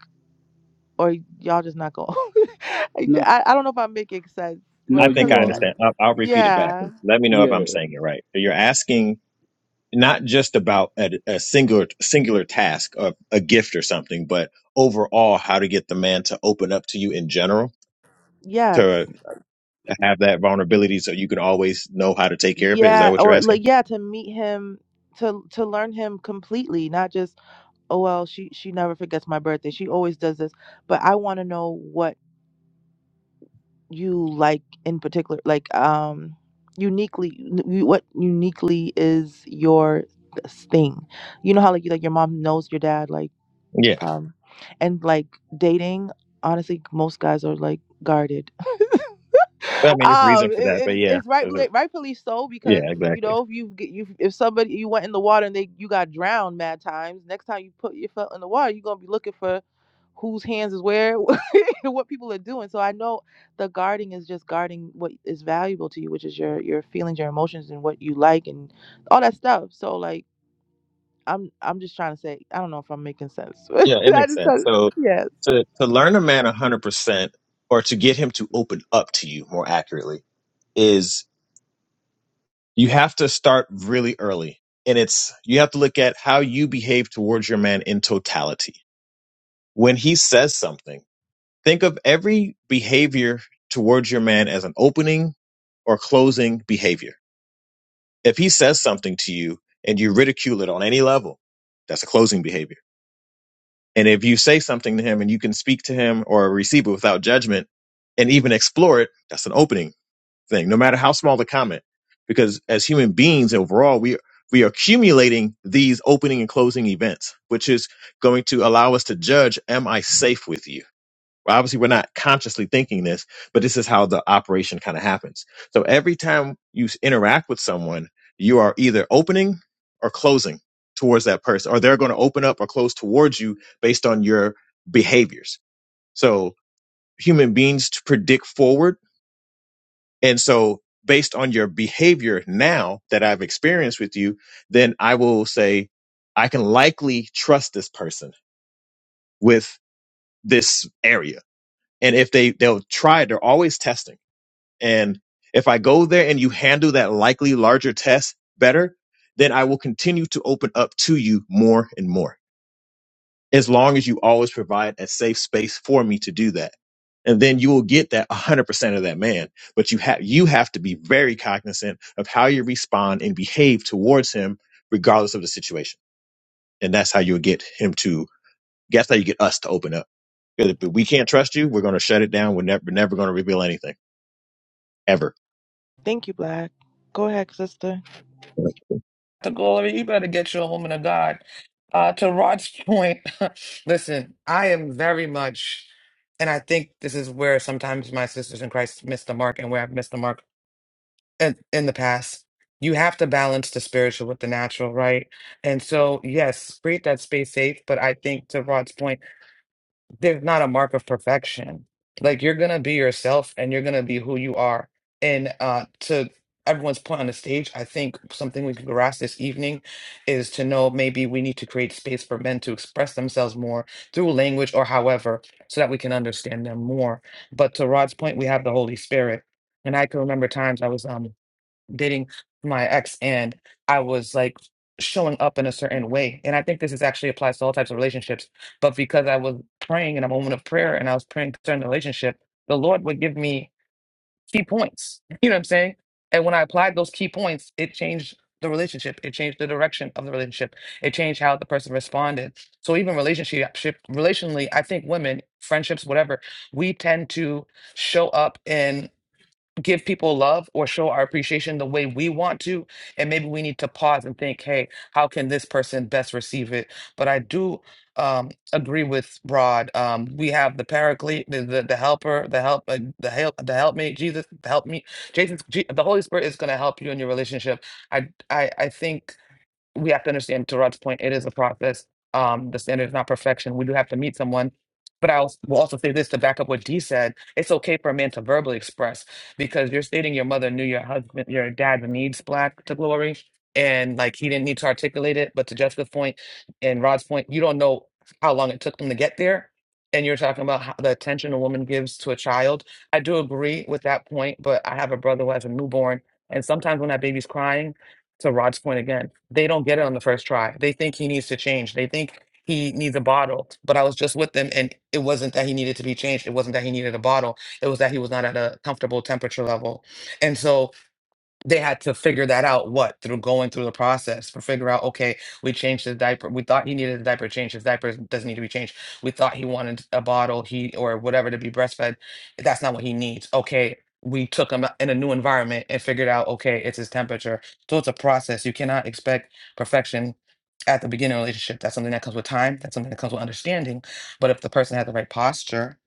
Speaker 1: or y'all just not gonna
Speaker 6: No,
Speaker 1: I, I don't know if i'm making sense
Speaker 11: i
Speaker 6: no,
Speaker 1: but
Speaker 11: think
Speaker 6: you
Speaker 1: curly
Speaker 11: i
Speaker 6: are.
Speaker 11: understand i'll, I'll repeat it back
Speaker 1: yeah
Speaker 11: let me know if
Speaker 6: Yeah,
Speaker 11: i'm saying it right So you're asking not just about a, a singular singular task of a gift or something, but overall how to get the man to open up to you in general
Speaker 1: yes
Speaker 11: to have that vulnerability so you can always know how to take care of it. Is that
Speaker 1: yeah
Speaker 11: what you're
Speaker 1: or
Speaker 11: asking?
Speaker 1: like yeah to meet him to to learn him completely not just oh well she she never forgets my birthday she always does this but i want to know what you like in particular like um uniquely you- what uniquely is your s- thing you know how like you like your mom knows your dad like
Speaker 11: Yeah.
Speaker 1: from and like dating honestly most guys are like guarded
Speaker 11: I mean, there's a reason
Speaker 1: um
Speaker 11: for
Speaker 1: it,
Speaker 11: that, but
Speaker 1: it's
Speaker 11: yeah,
Speaker 1: it's
Speaker 11: there's a-
Speaker 1: rightfully rightfully so because
Speaker 11: yeah,
Speaker 1: you
Speaker 11: exactly.
Speaker 1: know if you get you if somebody you went in the water and they you got drowned mad times next time you put your foot in the water you're gonna be looking for whose hands is where, what people are doing. So I know the guarding is just guarding what is valuable to you, which is your your feelings, your emotions, and what you like, and all that stuff. So like, I'm I'm just trying to say, I don't know if I'm making sense.
Speaker 11: Yeah, it
Speaker 1: I
Speaker 11: makes
Speaker 1: just
Speaker 11: sense.
Speaker 1: thought,
Speaker 11: So
Speaker 1: yes.
Speaker 11: to to learn a man 100% or to get him to open up to you more accurately is you have to start really early and it's you have to look at how you behave towards your man in totality when he says something, think of every behavior towards your man as an opening or closing behavior. If he says something to you and you ridicule it on any level, that's a closing behavior. And if you say something to him and you can speak to him or receive it without judgment and even explore it, that's an opening thing, no matter how small the comment. Because as human beings overall, we we are accumulating these opening and closing events, which is going to allow us to judge, am I safe with you? Well, obviously, we're not consciously thinking this, but this is how the operation kind of happens. So every time you s- interact with someone, you are either opening or closing towards that person, or they're going to open up or close towards you based on your behaviors. So human beings to predict forward. And so based on your behavior now that I've experienced with you, then I will say, I can likely trust this person with this area. And if they, they'll try, they're always testing And if I go there and you handle that likely larger test better, then I will continue to open up to you more and more, as long as you always provide a safe space for me to do that. And then you will get that 100% of that man. But you have, you have to be very cognizant of how you respond and behave towards him, regardless of the situation. And that's how you'll get him to, that's how you get us to open up. Because if we can't trust you, we're going to shut it down. We're never, we're never going to reveal anything ever.
Speaker 1: Thank you, Black. Go ahead, sister.
Speaker 9: to glory. You better get you a woman of God. Uh, to Rod's point, listen, I am very much, and I think this is where sometimes my sisters in Christ miss the mark and where I've missed the mark in, in the past. You have to balance the spiritual with the natural, right? And so, yes, create that space safe. But I think to Rod's point there's not a mark of perfection. Like you're gonna be yourself and you're gonna be who you are. And uh to everyone's point on the stage, I think something we can grasp this evening is to know maybe we need to create space for men to express themselves more through language or however, so that we can understand them more. But to Rod's point, we have the Holy Spirit. And I can remember times I was um dating my ex and I was like showing up in a certain way. And I think this is actually applies to all types of relationships. But because I was praying in a moment of prayer and I was praying concerning the relationship, the Lord would give me key points. You know what I'm saying? And when I applied those key points, it changed the relationship. It changed the direction of the relationship. It changed how the person responded. So even relationship relationally, I think women, friendships, whatever, we tend to show up in give people love or show our appreciation the way we want to. And maybe we need to pause and think, hey, how can this person best receive it? But I do um, agree with Rod. Um, we have the paraclete, the, the, the helper, the help, uh, the help, the helpmate, Jesus, the help me. Jason, Je- the Holy Spirit is going to help you in your relationship. I, I, I think we have to understand to Rod's point, it is a process. Um, the standard is not perfection. We do have to meet someone. But I als- will also say this to back up what Dee said. It's okay for a man to verbally express because you're stating your mother knew your husband, your dad needs black to glory. And like he didn't need to articulate it. But to Jessica's point and Rod's point, you don't know how long it took them to get there. And you're talking about how the attention a woman gives to a child. I do agree with that point, but I have a brother who has a newborn. And sometimes when that baby's crying, to Rod's point again, they don't get it on the first try. They think he needs to change. They think he needs a bottle. But I was just with them, and it wasn't that he needed to be changed. It wasn't that he needed a bottle. It was that he was not at a comfortable temperature level. And so they had to figure that out what through going through the process for figure out okay we changed his diaper we thought he needed a diaper change his diaper doesn't need to be changed we thought he wanted a bottle he or whatever to be breastfed that's not what he needs okay we took him in a new environment and figured out okay it's his temperature so it's a process you cannot expect perfection at the beginning of a relationship that's something that comes with time that's something that comes with understanding but if the person had the right posture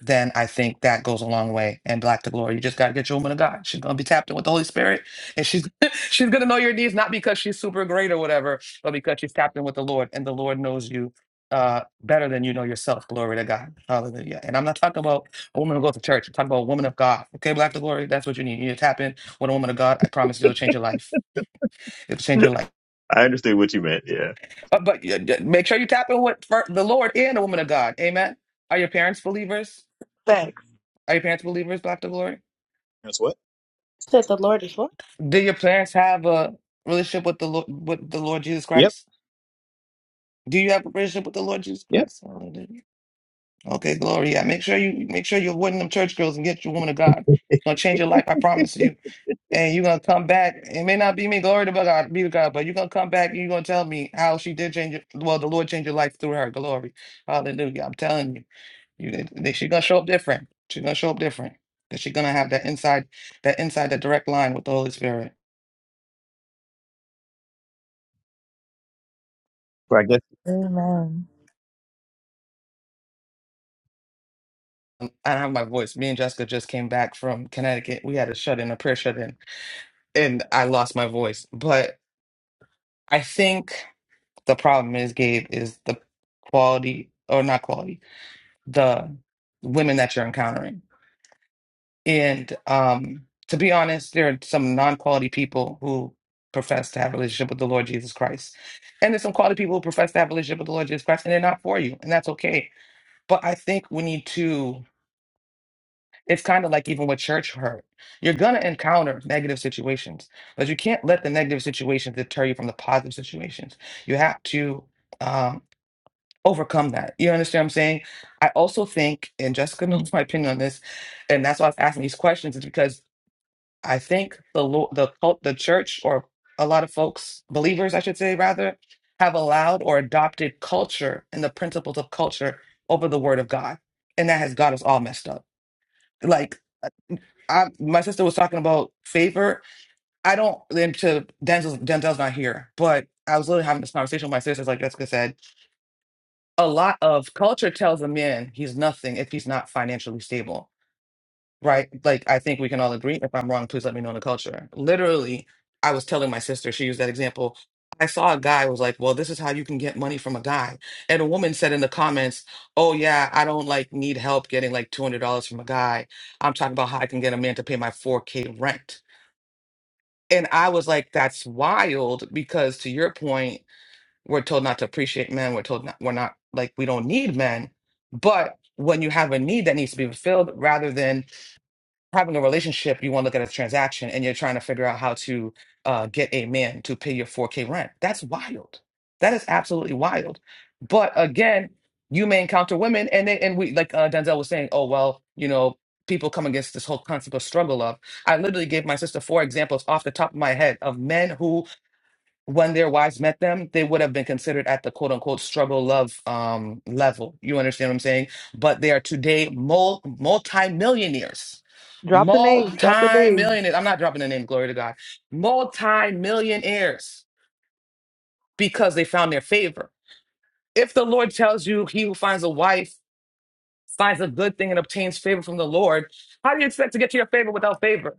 Speaker 9: then I think that goes a long way. And black to glory, you just gotta get your woman of God. She's gonna be tapped in with the Holy Spirit and she's she's gonna know your needs not because she's super great or whatever, but because she's tapped in with the Lord, and the Lord knows you uh better than you know yourself. Glory to God. Hallelujah. And I'm not talking about a woman who goes to church. I'm talking about a woman of God. Okay, black to glory. That's what you need. You need to tap in with a woman of God. I promise you, it'll change your life. It'll change your life.
Speaker 11: I understand what you meant. Yeah.
Speaker 9: But, but uh, d- make sure you tap in with fir- the Lord and a woman of God. Amen. Are your parents believers?
Speaker 1: Thanks.
Speaker 9: Are your parents believers, black to glory?
Speaker 11: That's what?
Speaker 2: That the Lord is Lord.
Speaker 9: Do your parents have a relationship with the Lord with the Lord Jesus
Speaker 11: Yep.
Speaker 9: Christ? Do you have a relationship with the Lord Jesus
Speaker 11: Yep.
Speaker 9: Christ? Hallelujah. Okay, glory. Yeah, make sure you make sure you're avoiding them church girls and get your woman of God. It's gonna change your life, I promise you. And you're gonna come back. It may not be me, glory to God, be to God, but you're gonna come back and you're gonna tell me how she did change your well, the Lord changed your life through her. Glory. Hallelujah. I'm telling you. You they, she's gonna show up different. She's gonna show up different. Because she's gonna have that inside that inside that direct line with the Holy Spirit.
Speaker 11: I guess
Speaker 1: Amen.
Speaker 9: Um, I don't have my voice. Me and Jessica just came back from Connecticut. We had a shut in, a prayer shut in and I lost my voice. But I think the problem is, Gabe, is the quality or not quality, the women that you're encountering. And um, to be honest, there are some non-quality people who profess to have a relationship with the Lord Jesus Christ. And there's some quality people who profess to have a relationship with the Lord Jesus Christ and they're not for you, and that's okay. But I think we need to It's kind of like even with church hurt. You're going to encounter negative situations, but you can't let the negative situations deter you from the positive situations. You have to um, overcome that. You understand what I'm saying? I also think, and Jessica knows my opinion on this, and that's why I was asking these questions, is because I think the lo- the cult, the church, or a lot of folks, believers, I should say, rather, have allowed or adopted culture and the principles of culture over the word of God. And that has got us all messed up. Like, I my sister was talking about favor. I don't then to Denzel's Denzel's not here, but I was literally having this conversation with my sisters, like Jessica said. A lot of culture tells a man he's nothing if he's not financially stable. Right? Like I think we can all agree. If I'm wrong, please let me know in the culture. Literally, I was telling my sister, she used that example. I saw a guy who was like, Well, this is how you can get money from a guy. And a woman said in the comments, Oh yeah, I don't like need help getting like two hundred dollars from a guy. I'm talking about how I can get a man to pay my four K rent And I was like, that's wild because to your point, we're told not to appreciate men. We're told not, we're not like, we don't need men. But when you have a need that needs to be fulfilled, rather than having a relationship, you want to look at a transaction and you're trying to figure out how to uh, get a man to pay your 4K rent. That's wild. That is absolutely wild. But again, you may encounter women and they, and we, like uh, Denzel was saying, oh, well, you know, people come against this whole concept of struggle of. I literally gave my sister four examples off the top of my head of men who when their wives met them, they would have been considered at the quote unquote struggle love um, level. You understand what I'm saying? But they are today mul- multi-millionaires.
Speaker 1: Drop the names. Drop the names.
Speaker 9: Multi-millionaires. I'm not dropping the name, glory to God. Multi-millionaires because they found their favor. If the Lord tells you he who finds a wife finds a good thing and obtains favor from the Lord, how do you expect to get to your favor without favor?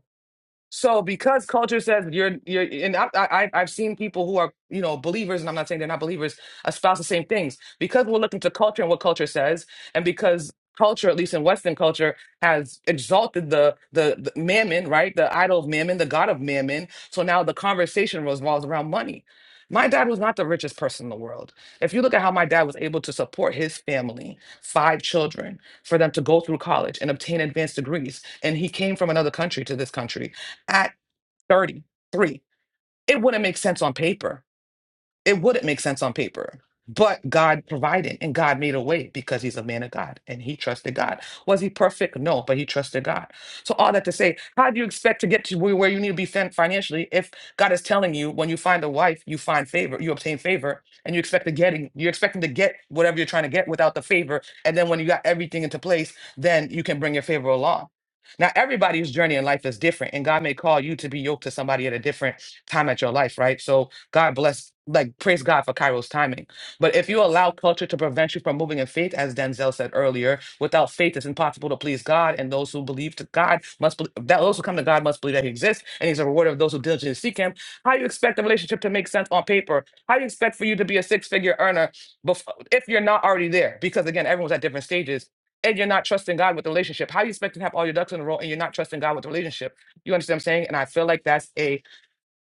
Speaker 9: So because culture says you're you're and I, I I've seen people who are you know believers and I'm not saying they're not believers espouse the same things because we're looking to culture and what culture says and because culture at least in Western culture has exalted the the, the mammon right the idol of mammon the god of mammon so now the conversation revolves around money. My dad was not the richest person in the world. If you look at how my dad was able to support his family, five children, for them to go through college and obtain advanced degrees, and he came from another country to this country at 33. It wouldn't make sense on paper. It wouldn't make sense on paper. But God provided and God made a way because he's a man of God and he trusted God. Was he perfect? No, but he trusted God. So, all that to say, how do you expect to get to where where you need to be fin- financially if God is telling you when you find a wife, you find favor, you obtain favor, and you expect to getting, you're expecting to get whatever you're trying to get without the favor. And then when you got everything into place, then you can bring your favor along. Now, everybody's journey in life is different, and God may call you to be yoked to somebody at a different time at your life, right? So, God bless, like, praise God for Cairo's timing. But if you allow culture to prevent you from moving in faith, as Denzel said earlier, without faith, it's impossible to please God. And those who believe to God must believe that those who come to God must believe that He exists and He's a rewarder of those who diligently seek Him. How do you expect the relationship to make sense on paper? How do you expect for you to be a six figure earner before, if you're not already there? Because again, everyone's at different stages. And you're not trusting God with the relationship. How do you expect to have all your ducks in a row and you're not trusting God with the relationship? You understand what I'm saying? And I feel like that's a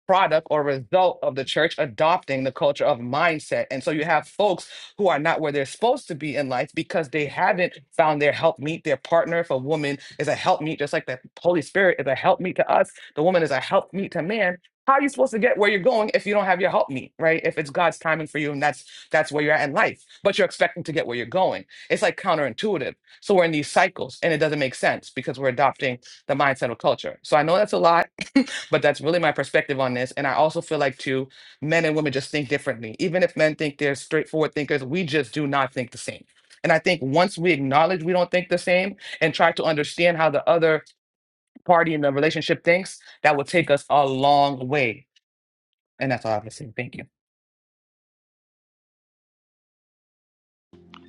Speaker 9: product or result of the church adopting the culture of mindset. And so you have folks who are not where they're supposed to be in life because they haven't found their help meet. Their partner, if a woman is a help meet, just like the Holy Spirit is a help meet to us, the woman is a help meet to man. How are you supposed to get where you're going if you don't have your help meet, right? If it's God's timing for you and that's that's where you're at in life, but you're expecting to get where you're going. It's like counterintuitive. So we're in these cycles and it doesn't make sense because we're adopting the mindset of culture. So I know that's a lot. but that's really my perspective on this. And I also feel like too, men and women just think differently. Even if men think they're straightforward thinkers, we just do not think the same. And I think once we acknowledge we don't think the same and try to understand how the other party in the relationship thinks, that will take us a long way. And that's all I'm saying. Thank you.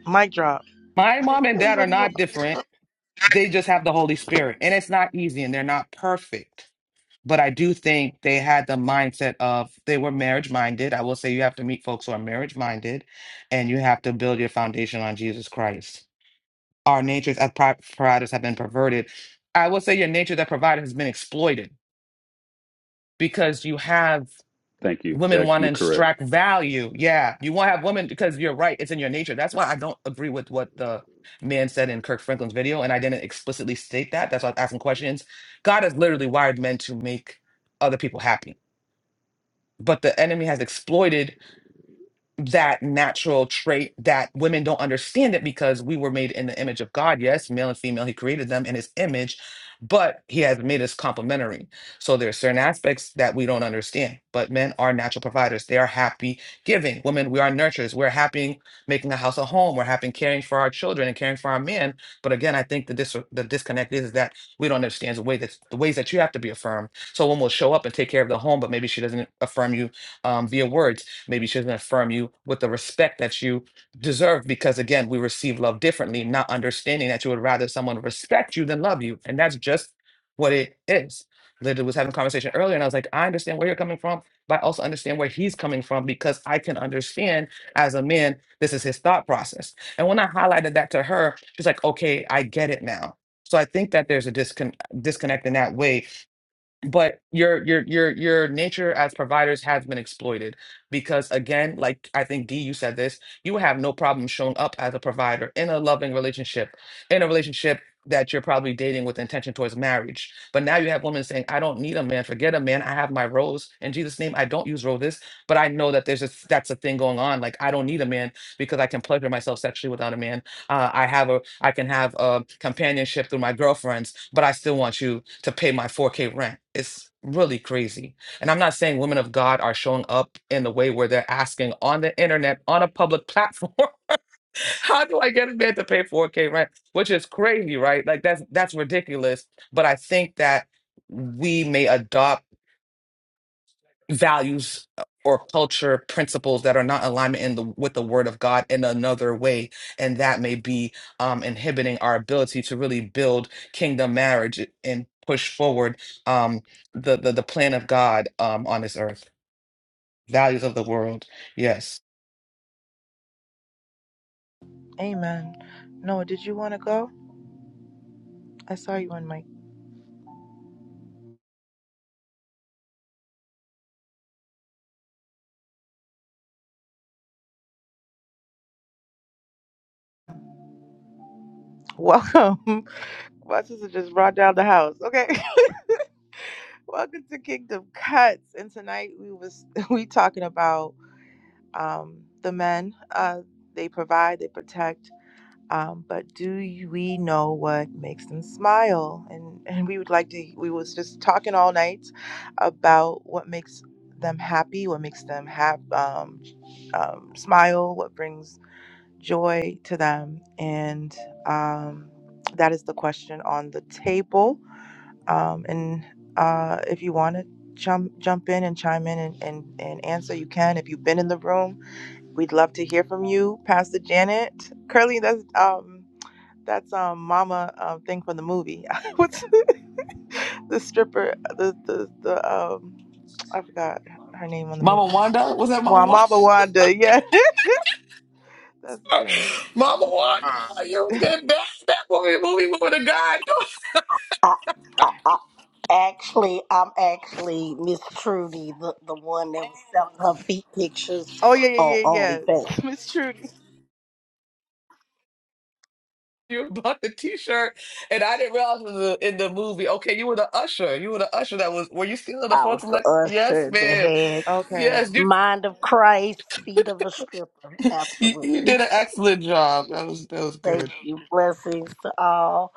Speaker 1: Mic drop.
Speaker 9: My mom and dad are
Speaker 1: Anybody you want?
Speaker 9: not different. They just have the Holy Spirit. And it's not easy and they're not perfect. but I do think they had the mindset of they were marriage minded. I will say you have to meet folks who are marriage minded and you have to build your foundation on Jesus Christ. Our natures as pri- providers have been perverted. I will say your nature that provider has been exploited because you have
Speaker 6: thank you.
Speaker 9: women
Speaker 6: That
Speaker 9: want to
Speaker 6: you're correct.
Speaker 9: extract value. Yeah, you want to have women because you're right. It's in your nature. That's why I don't agree with what the man said in Kirk Franklin's video. And I didn't explicitly state that. That's why I was asking questions. God has literally wired men to make other people happy but the enemy has exploited that natural trait that women don't understand it because we were made in the image of God. Yes, male and female, he created them in his image, but he has made us complementary. So there are certain aspects that we don't understand. But men are natural providers. They are happy giving. Women, we are nurturers. We're happy making a house a home. We're happy caring for our children and caring for our men. But again, I think the dis- the disconnect is, that we don't understand the way that the ways that you have to be affirmed. So a woman will show up and take care of the home, but maybe she doesn't affirm you um, via words Maybe she doesn't affirm you with the respect that you deserve because, again, we receive love differently, not understanding that you would rather someone respect you than love you. And that's just what it is. Linda was having a conversation earlier, and I was like, I understand where you're coming from, but I also understand where he's coming from because I can understand as a man, this is his thought process. And when I highlighted that to her, she's like, okay, I get it now. So I think that there's a discon- disconnect in that way but your your your your nature as providers has been exploited because again like i think d you said this you would have no problem showing up as a provider in a loving relationship in a relationship that you're probably dating with intention towards marriage but now you have women saying i don't need a man forget a man i have my rose in jesus name i don't use roses but i know that there's a that's a thing going on like i don't need a man because i can pleasure myself sexually without a man uh, I have a I can have a companionship through my girlfriends, but I still want you to pay my 4K rent. It's really crazy. And I'm not saying women of God are showing up in the way where they're asking on the internet on a public platform, how do I get a man to pay 4K rent? Which is crazy, right? Like that's that's ridiculous. But I think that we may adopt values uh, or culture principles that are not in alignment in the with the word of god in another way and that may be um inhibiting our ability to really build kingdom marriage and push forward um the the, the plan of god um on this earth values of the world yes
Speaker 1: Amen. Noah, did you want to go? I saw you on mic. Welcome. My sister just brought down the house. Okay. Welcome to Kingdom Cuts. And tonight we was we talking about um, the men. Uh, they provide, they protect. Um, but do you- we know what makes them smile? And and we would like to. We was just talking all night about what makes them happy, what makes them have um, um, smile, what brings joy to them, and um, that is the question on the table um, and uh, if you want to jump jump in and chime in and, and, and answer you can if you've been in the room we'd love to hear from you pastor janet curly that's um that's um mama um thing from the movie what's the the stripper the the, the um i forgot her name on the
Speaker 9: mama
Speaker 1: movie
Speaker 9: wanda was that mama
Speaker 1: Wa
Speaker 9: wanda
Speaker 1: mama wanda yeah that's janet
Speaker 9: mama wanda
Speaker 12: Uh,
Speaker 9: you was getting bad that movie movie woman of god
Speaker 13: I, I, I actually, I'm actually Miss Trudy, the, the one that was selling her feet pictures
Speaker 1: oh yeah yeah
Speaker 13: on
Speaker 1: yeah
Speaker 13: OnlyFans.
Speaker 1: yeah miss trudy
Speaker 9: you about the t-shirt and I didn't realize it was a, in the movie. Okay, you were the usher. You were the usher that was were you stealing the
Speaker 13: I was
Speaker 9: folks
Speaker 13: the
Speaker 9: elect? Yes,
Speaker 13: usher that
Speaker 9: ma'am.
Speaker 13: had
Speaker 1: okay
Speaker 9: Yes, you,
Speaker 13: Mind of Christ, Feet of a Stripper.
Speaker 9: you you
Speaker 13: Absolutely.
Speaker 9: did an excellent job. That was that was
Speaker 13: Thank
Speaker 9: good.
Speaker 13: you. Blessings to all.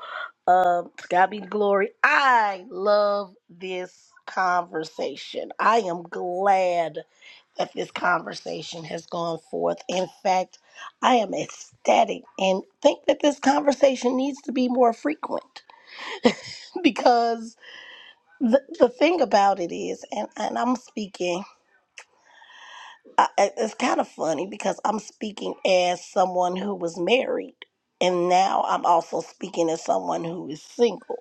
Speaker 13: Um, to God be the glory. I love this conversation. I am glad that this conversation has gone forth. In fact, I am ecstatic and think that this conversation needs to be more frequent because the, the thing about it is, and, and I'm speaking, I, I- it's kind of funny because I'm speaking as someone who was married, and now I'm also speaking as someone who is single.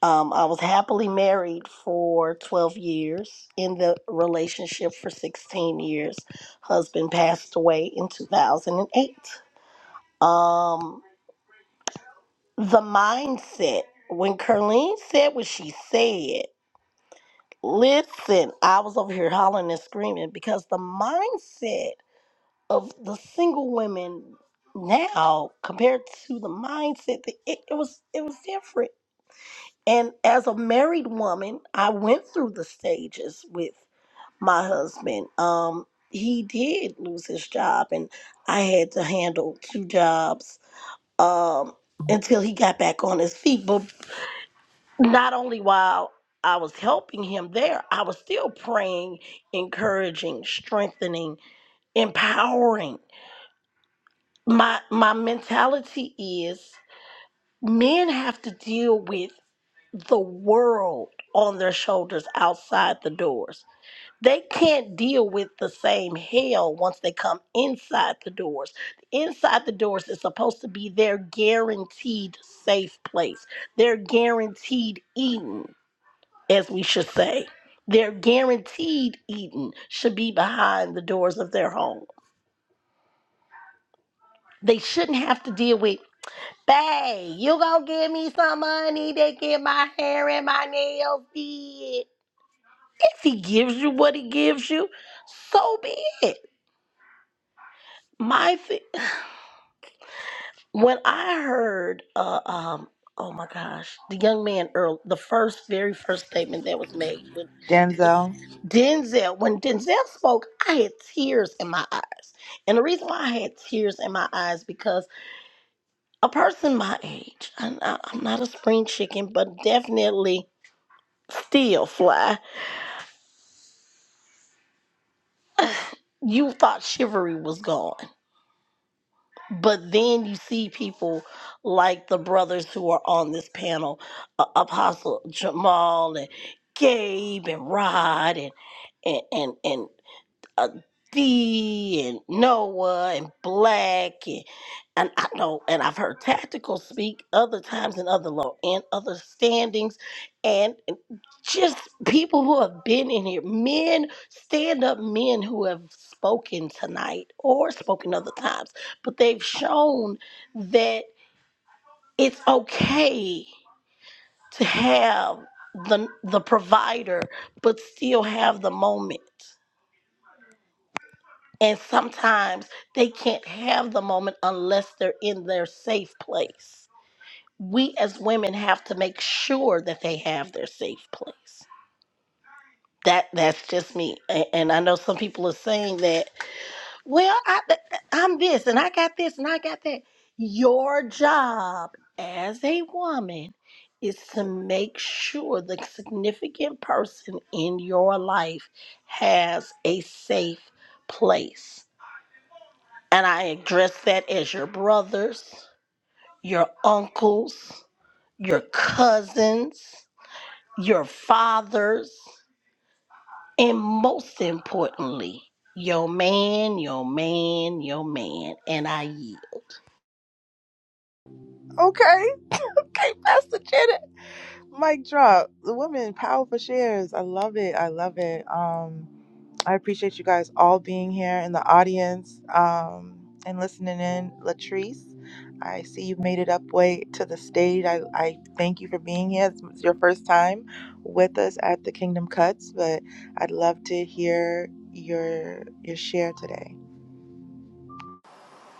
Speaker 13: Um, I was happily married for 12 years, in the relationship for 16 years. Husband passed away in 2008. Um, the mindset, when Carleen said what she said, listen, I was over here hollering and screaming because the mindset of the single women now compared to the mindset that it, it was it was different And as a married woman, I went through the stages with my husband. Um, he did lose his job, and I had to handle two jobs um, until he got back on his feet. But not only while I was helping him there, I was still praying, encouraging, strengthening, empowering. My my mentality is men have to deal with the world on their shoulders outside the doors. They can't deal with the same hell once they come inside the doors. Inside the doors is supposed to be their guaranteed safe place, their guaranteed Eden, as we should say. Their guaranteed Eden should be behind the doors of their home. They shouldn't have to deal with, babe, you gonna give me some money to get my hair and my nails did If he gives you what he gives you, so be it. My thing. When I heard, uh, um, oh my gosh, the young man Earl, the first, very first statement that was made when, when
Speaker 1: denzel
Speaker 13: Denzel, when Denzel spoke, I had tears in my eyes, and the reason why I had tears in my eyes because a person my age, I'm not, I'm not a spring chicken, but definitely still fly. You thought chivalry was gone But then you see people like the brothers who are on this panel, uh, Apostle Jamal and Gabe and Rod and and and and, uh, D and Noah and Black and, and I know and I've heard Tactical speak other times in other law and other standings and and just people who have been in here, men, stand up men who have spoken tonight or spoken other times, but they've shown that it's okay to have the the provider but still have the moment And sometimes they can't have the moment unless they're in their safe place. We as women have to make sure that they have their safe place. That that's just me. A- And I know some people are saying that, well, I, I'm this and I got this and I got that. Your job as a woman is to make sure the significant person in your life has a safe place And I address that as your brothers, your uncles, your cousins, your fathers, and most importantly, your man, your man, your man. And I yield.
Speaker 1: okay okay pastor janet Mic drop. The women, powerful shares. I love it. I love it. Um, I appreciate you guys all being here in the audience um, and listening in. Latrice, I see you've made it up way to the stage. I, I thank you for being here. It's your first time with us at the Kingdom Cuts, but I'd love to hear your your share today.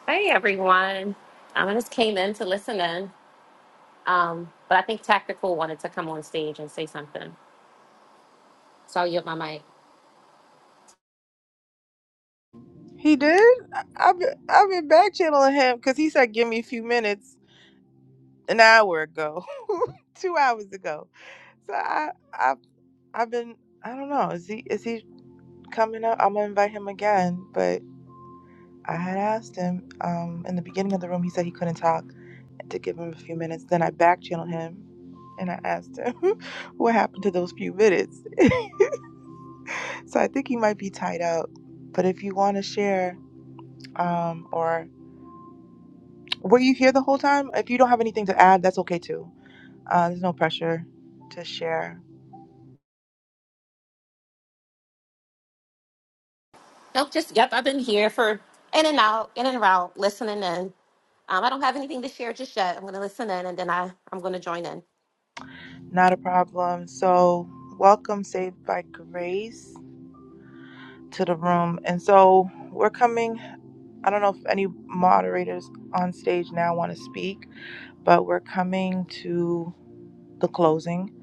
Speaker 14: Hey everyone. Um, I just came in to listen in, um, but I think Tactical wanted to come on stage and say something. So I'll yield my mic.
Speaker 1: He did. I- I've been, I've been back channeling him because he said, "Give me a few minutes." an hour ago, two hours ago. So I, I've, I've been, I don't know. Is he, is he coming up? I'm gonna invite him again. But I had asked him um, in the beginning of the room. He said he couldn't talk to give him a few minutes. Then I back channeled him, and I asked him what happened to those few minutes. so I think he might be tied out. But if you want to share, um, or were you here the whole time? If you don't have anything to add, that's okay too. Uh, there's no pressure to share.
Speaker 14: Nope, just, yep, I've been here for in and out, in and out, listening in. Um, I don't have anything to share just yet. I'm going to listen in and then I, I'm going to join in.
Speaker 1: Not a problem. So, welcome, Saved by Grace, to the room. And so, we're coming. I don't know if any moderators on stage now want to speak, but we're coming to the closing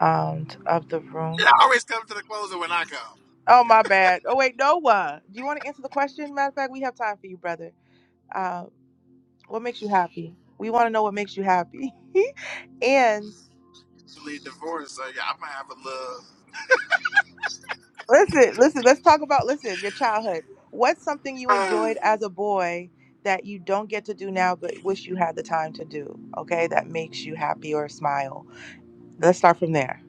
Speaker 1: um, of the
Speaker 12: it
Speaker 1: room.
Speaker 12: always comes to the closer when I come.
Speaker 1: Oh, my bad. Oh, wait, Noah, do you want to answer the question? Matter of fact, we have time for you, brother. Uh, what makes you happy? We want to know what makes you happy. And.
Speaker 12: Usually divorce, so yeah, I might have a
Speaker 1: Listen, listen, let's talk about listen, your childhood. What's something you
Speaker 12: little.
Speaker 1: enjoyed
Speaker 12: Uh,
Speaker 1: as a boy that you don't get to do now but wish you had the time to do? Okay, that makes you happy or smile. Let's start from there.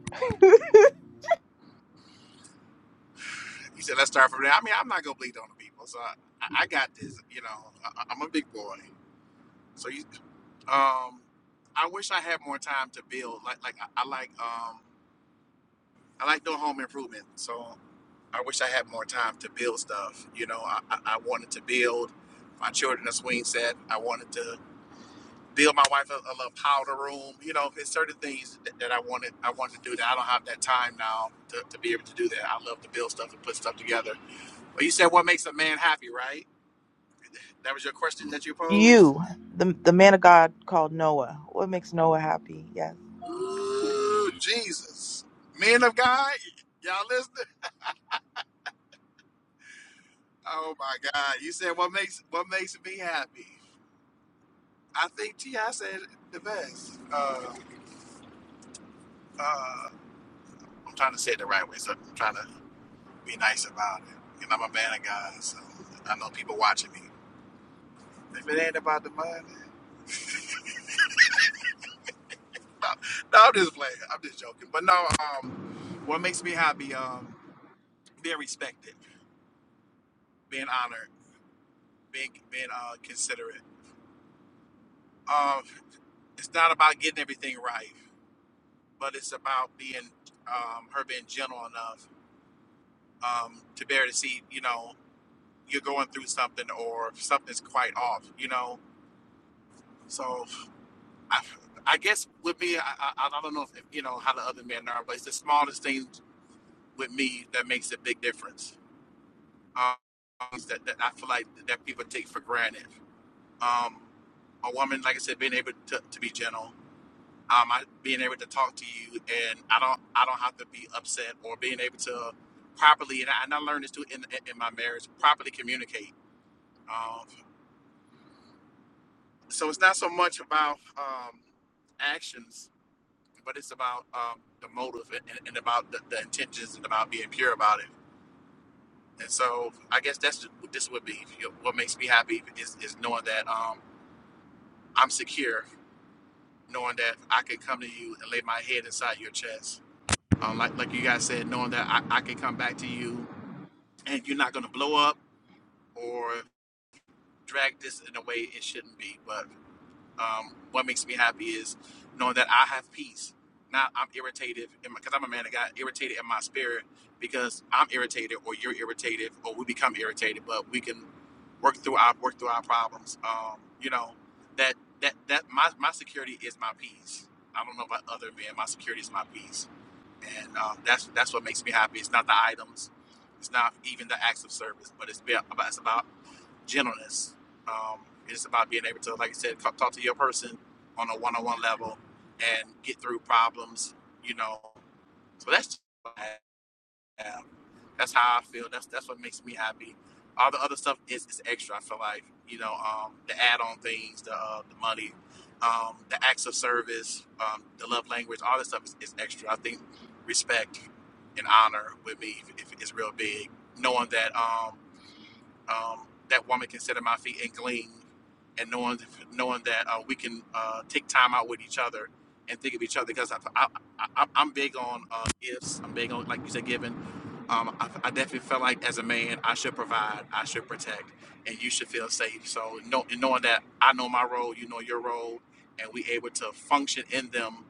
Speaker 12: you said let's start from there. I mean, I'm not gonna bleed on the people, so I, I I got this. You know, I, I'm a big boy, so you. Um, I wish I had more time to build. Like, like I, I like, um, I like doing home improvement. So I wish I had more time to build stuff. You know, I, I I wanted to build my children a swing set. I wanted to build my wife a, a little powder room. You know, it's certain things that, that I wanted I wanted to do that I don't have that time now to, to be able to do that. I love to build stuff and put stuff together. But you said what makes a man happy, right? That was your question that you posed?
Speaker 1: You, the the man of God called Noah. What makes Noah happy? Yes.
Speaker 12: Ooh, Jesus. Men of God, y'all listening? Oh my God. You said what makes what makes me happy. I think T I said it the best. Uh uh I'm trying to say it the right way, so I'm trying to be nice about it. And I'm a man of God, so I know people watching me. If it ain't about the money, no, no, I'm just playing. I'm just joking. But no, um, what makes me happy, um, being respected, being honored, being being uh, considerate. Um, it's not about getting everything right, but it's about being um, her being gentle enough um, to bear to see, you know, you're going through something or something's quite off, you know. So. I, I guess with me, I, I, I don't know if you know how the other men are, but it's the smallest things with me that makes a big difference. Um, things that, that I feel like that people take for granted. Um, a woman, like I said, being able to, to be gentle, um, I, being able to talk to you, and I don't I don't have to be upset or being able to properly, and I, and I learned this too in, in my marriage, properly communicate. Um, so it's not so much about um, actions but it's about um, the motive and, and about the, the intentions and about being pure about it. And so I guess that's what this would be You know, what makes me happy is, is knowing that um, I'm secure, knowing that I can come to you and lay my head inside your chest. Um, like like you guys said, knowing that I, I can come back to you and you're not going to blow up or drag this in a way it shouldn't be. But Um, what makes me happy is knowing that I have peace. Not I'm irritated because I'm a man that got irritated in my spirit because I'm irritated or you're irritated or we become irritated, but we can work through our work through our problems. Um, you know that that that my my security is my peace. I don't know about other men. My security is my peace, and um, that's that's what makes me happy. It's not the items, it's not even the acts of service, but it's be- about it's about gentleness. Um, it's about being able to, like I said, talk to your person on a one-on-one level and get through problems. You know, so that's what I have. that's how I feel. That's that's what makes me happy. All the other stuff is, is extra. I feel like you know um, the add-on things, the uh, the money, um, the acts of service, um, the love language, all this stuff is, is extra. I think respect and honor with me if, if it's real big. Knowing that. Um, um, that woman can sit at my feet and glean, and knowing knowing that uh, we can uh, take time out with each other and think of each other because I, I, I I'm big on uh, gifts. I'm big on like you said, giving. Um, I, I definitely felt like as a man, I should provide, I should protect, and you should feel safe. So know, knowing that I know my role, you know your role, and we able to function in them.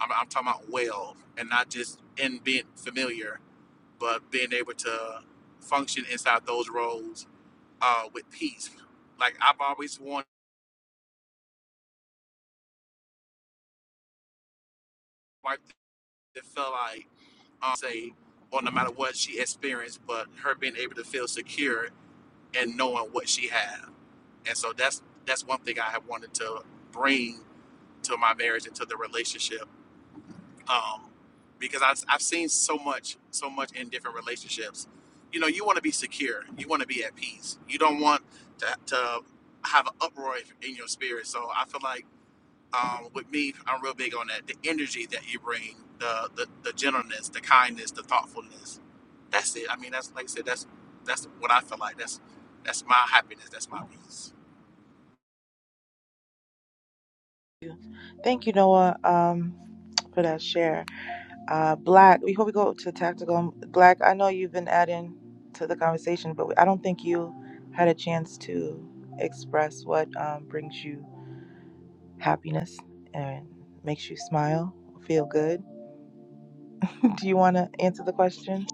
Speaker 12: I'm, I'm talking about well, and not just in being familiar, but being able to function inside those roles uh, with peace. Like I've always wanted a wife that felt like um, say, well, no matter what she experienced, but her being able to feel secure and knowing what she had. And so that's that's one thing I have wanted to bring to my marriage and to the relationship, um, because I've, I've seen so much so much in different relationships. You know, you want to be secure. You want to be at peace. You don't want to, to have an uproar in your spirit. So I feel like um, with me, I'm real big on that. The energy that you bring, the, the the gentleness, the kindness, the thoughtfulness. That's it. I mean, that's like I said. That's that's what I feel like. That's that's my happiness. That's my peace.
Speaker 1: Thank you, Noah, um, for that share. Uh, Black, before we go to tactical, Black, I know you've been adding to the conversation, but I don't think you had a chance to express what um, brings you happiness and makes you smile, feel good. Do you want to answer the question?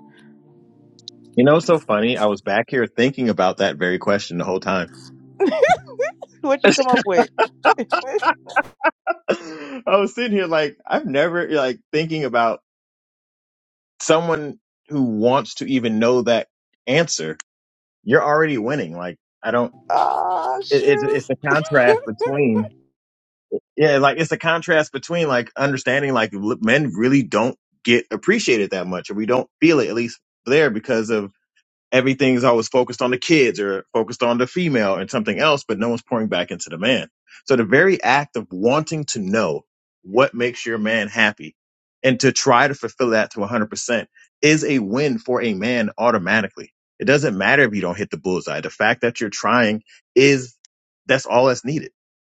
Speaker 11: you know. It's so funny. I was back here thinking about that very question the whole time.
Speaker 1: What you come up with?
Speaker 11: I was sitting here like I've never like thinking about someone who wants to even know that answer. You're already winning. Like I don't.
Speaker 1: oh
Speaker 11: It, it's
Speaker 1: shoot!
Speaker 11: it's a contrast between yeah, like it's a contrast between like understanding like l- men really don't get appreciated that much, or we don't feel it at least there because of everything's always focused on the kids or focused on the female and something else, but no one's pouring back into the man. So the very act of wanting to know what makes your man happy and to try to fulfill that to 100% is a win for a man automatically. It doesn't matter if you don't hit the bullseye. The fact that you're trying is that's all that's needed.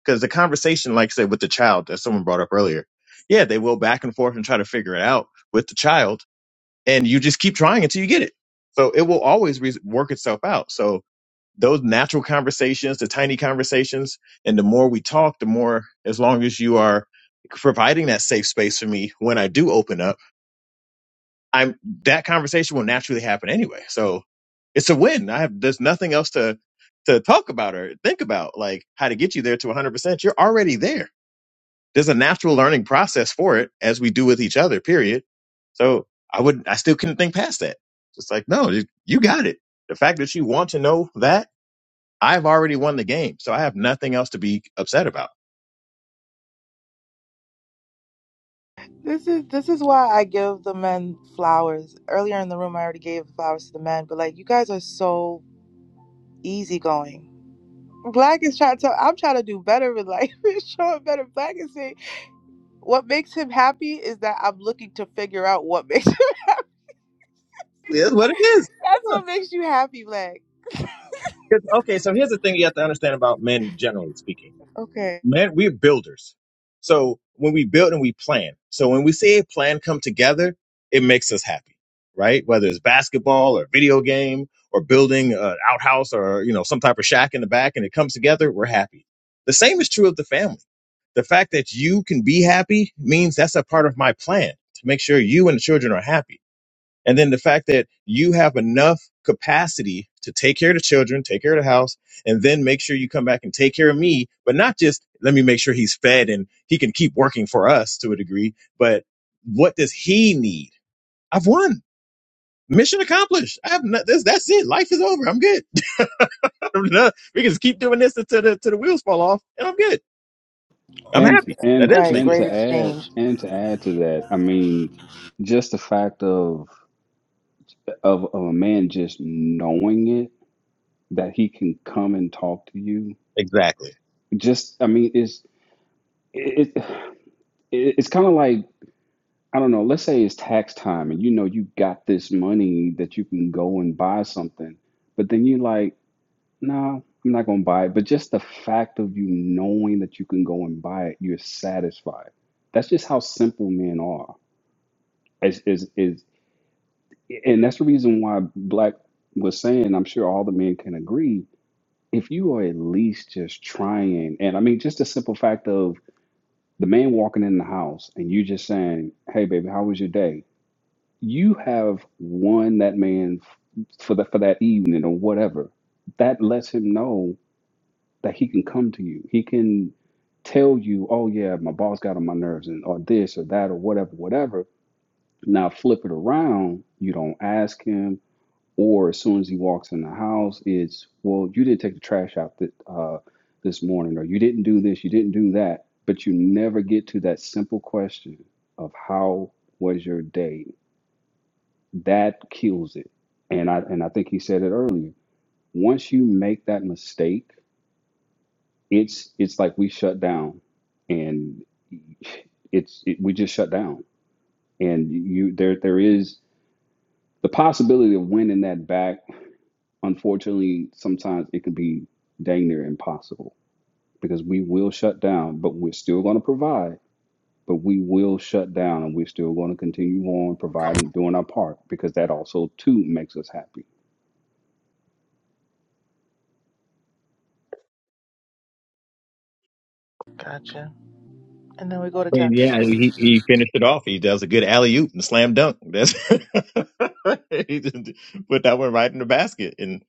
Speaker 11: Because the conversation, like I said, with the child that someone brought up earlier, yeah, they will back and forth and try to figure it out with the child and you just keep trying until you get it. So it will always re- work itself out. So those natural conversations, the tiny conversations, and the more we talk, the more, as long as you are providing that safe space for me when I do open up, I'm that conversation will naturally happen anyway. So it's a win. I have there's nothing else to to talk about or think about, like how to get you there to 100. percent You're already there there's a natural learning process for it as we do with each other period so i would i still couldn't think past that It's like no you you got it the fact that you want to know that i've already won the game so i have nothing else to be upset about
Speaker 1: This is this is why I give the men flowers. Earlier in the room, I already gave flowers to the men, but like you guys are so easygoing. Black is trying to. I'm trying to do better with life. Showing better. Black is saying what makes him happy is that I'm looking to figure out what makes. That's
Speaker 11: it is what it is Yeah.
Speaker 1: what makes you happy, Black.
Speaker 11: 'Cause- okay so here's the thing you have to understand about men generally speaking
Speaker 1: Okay.
Speaker 11: man, we're builders. So when we build and we plan. So when we see a plan come together, it makes us happy, right? Whether it's basketball or video game or building an outhouse or you know some type of shack in the back, and it comes together, we're happy. The same is true of the family. The fact that you can be happy means that's a part of my plan to make sure you and the children are happy and then the fact that you have enough capacity to take care of the children, take care of the house, and then make sure you come back and take care of me, but not just let me make sure he's fed and he can keep working for us to a degree, but what does he need? I've won. Mission accomplished. I have not, This that's it. Life is over. I'm good. we can just keep doing this until the, until the wheels fall off and I'm good. I'm
Speaker 6: And
Speaker 11: happy.
Speaker 1: Mm,
Speaker 11: That
Speaker 6: and
Speaker 11: does
Speaker 1: Right,
Speaker 11: make
Speaker 6: and
Speaker 11: us
Speaker 1: great
Speaker 6: to
Speaker 11: happy.
Speaker 6: add
Speaker 1: exchange.
Speaker 6: and to add to that, I mean, just the fact of of, of a man just knowing it that he can come and talk to you.
Speaker 11: Exactly.
Speaker 6: Just I mean, it's it, it it's kind of like I don't know, let's say it's tax time and you know you got this money that you can go and buy something, but then you're like, nah, I'm not gonna buy it. But just the fact of you knowing that you can go and buy it, you're satisfied. That's just how simple men are. Is is is and that's the reason why Black was saying, I'm sure all the men can agree, if you are at least just trying, and I mean just the simple fact of the man walking in the house and you just saying, Hey baby, how was your day? you have won that man for the for that evening or whatever that lets him know that he can come to you he can tell you oh yeah my boss got on my nerves and or this or that or whatever whatever now flip it around you don't ask him or as soon as he walks in the house it's well you didn't take the trash out that uh this morning or you didn't do this you didn't do that but you never get to that simple question of how was your day that kills it. And I and I think he said it earlier. Once you make that mistake, it's it's like we shut down, and it's it, we just shut down. And you there there is the possibility of winning that back. Unfortunately, sometimes it could be dang near impossible because we will shut down, but we're still going to provide. But we will shut down, and we're still going to continue on
Speaker 12: Come on,
Speaker 6: providing, doing our part because that also too makes us happy.
Speaker 1: Gotcha. And then we go to
Speaker 11: And yeah,
Speaker 1: tactical.
Speaker 11: he, he finished it off. He does a good alley oop and slam dunk. That's he just put that one right in the basket, and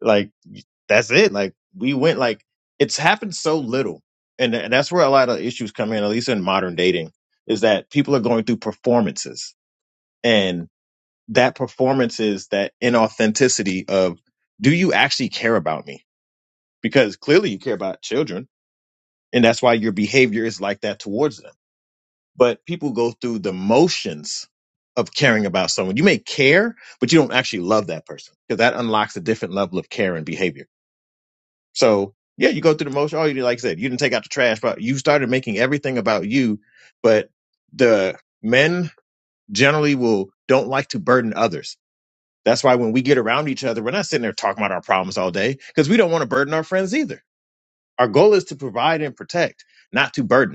Speaker 11: like that's it. Like we went like it's happened so little, and, tha- that's where a lot of issues come in. At least in modern dating, is that people are going through performances, and that performance is that inauthenticity of do you actually care about me? Because clearly you care about children, and that's why your behavior is like that towards them but people go through the motions of caring about someone. You may care, but you don't actually love that person because that unlocks a different level of care and behavior. So yeah, you go through the motion. Oh, you did, like I said, you didn't take out the trash, but you started making everything about you. But the men generally will don't like to burden others. That's why when we get around each other, we're not sitting there talking about our problems all day because we don't want to burden our friends either. Our goal is to provide and protect, not to burden.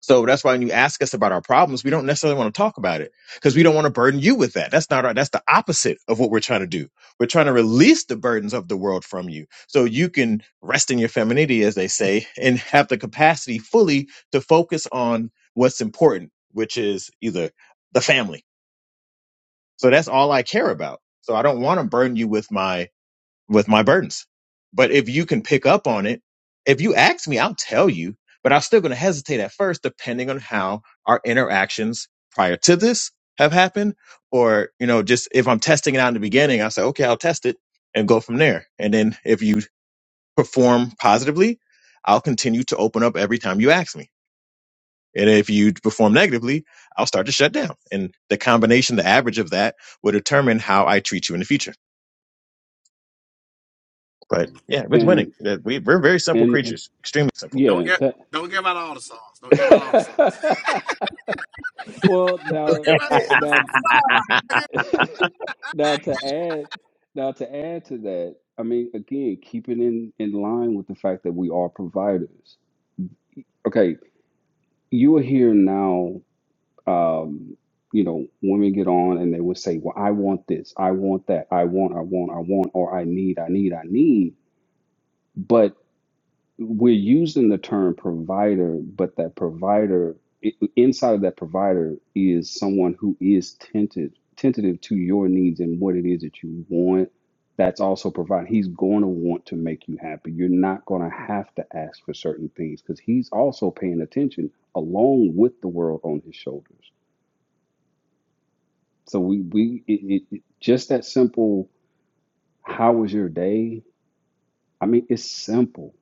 Speaker 11: So that's why when you ask us about our problems, we don't necessarily want to talk about it because we don't want to burden you with that. That's not our, that's the opposite of what we're trying to do. We're trying to release the burdens of the world from you so you can rest in your femininity, as they say, and have the capacity fully to focus on what's important, which is either the family. So that's all I care about. So I don't want to burden you with my with my burdens. But if you can pick up on it, if you ask me, I'll tell you, but I'm still going to hesitate at first, depending on how our interactions prior to this have happened. Or, you know, just if I'm testing it out in the beginning, I say, okay, I'll test it and go from there. And then if you perform positively, I'll continue to open up every time you ask me. And if you perform negatively, I'll start to shut down. And the combination, the average of that will determine how I treat you in the future. But yeah, it's winning.
Speaker 6: And
Speaker 11: That- We, we're very simple
Speaker 6: and and
Speaker 11: creatures, extremely simple.
Speaker 12: don't
Speaker 6: Yeah,
Speaker 12: get
Speaker 6: that
Speaker 12: don't give out all the songs. Don't give out all the songs.
Speaker 6: well
Speaker 12: don't
Speaker 6: now
Speaker 12: give out.
Speaker 1: Eh,
Speaker 6: now now to add now to add to that, I mean again, keeping in in line with the fact that we are providers. Okay, you are here now, um, you know, women get on and they will say, Well, I want this, I want that, I want, I want, I want, or I need, I need, I need. But we're using the term provider, but that provider i- inside of that provider is someone who is tentative, tentative to your needs and what it is that you want. That's also providing. He's going to want to make you happy. You're not going to have to ask for certain things because he's also paying attention along with the world on his shoulders. So we we it, it, it- just that simple. How was your day? I mean, it's simple.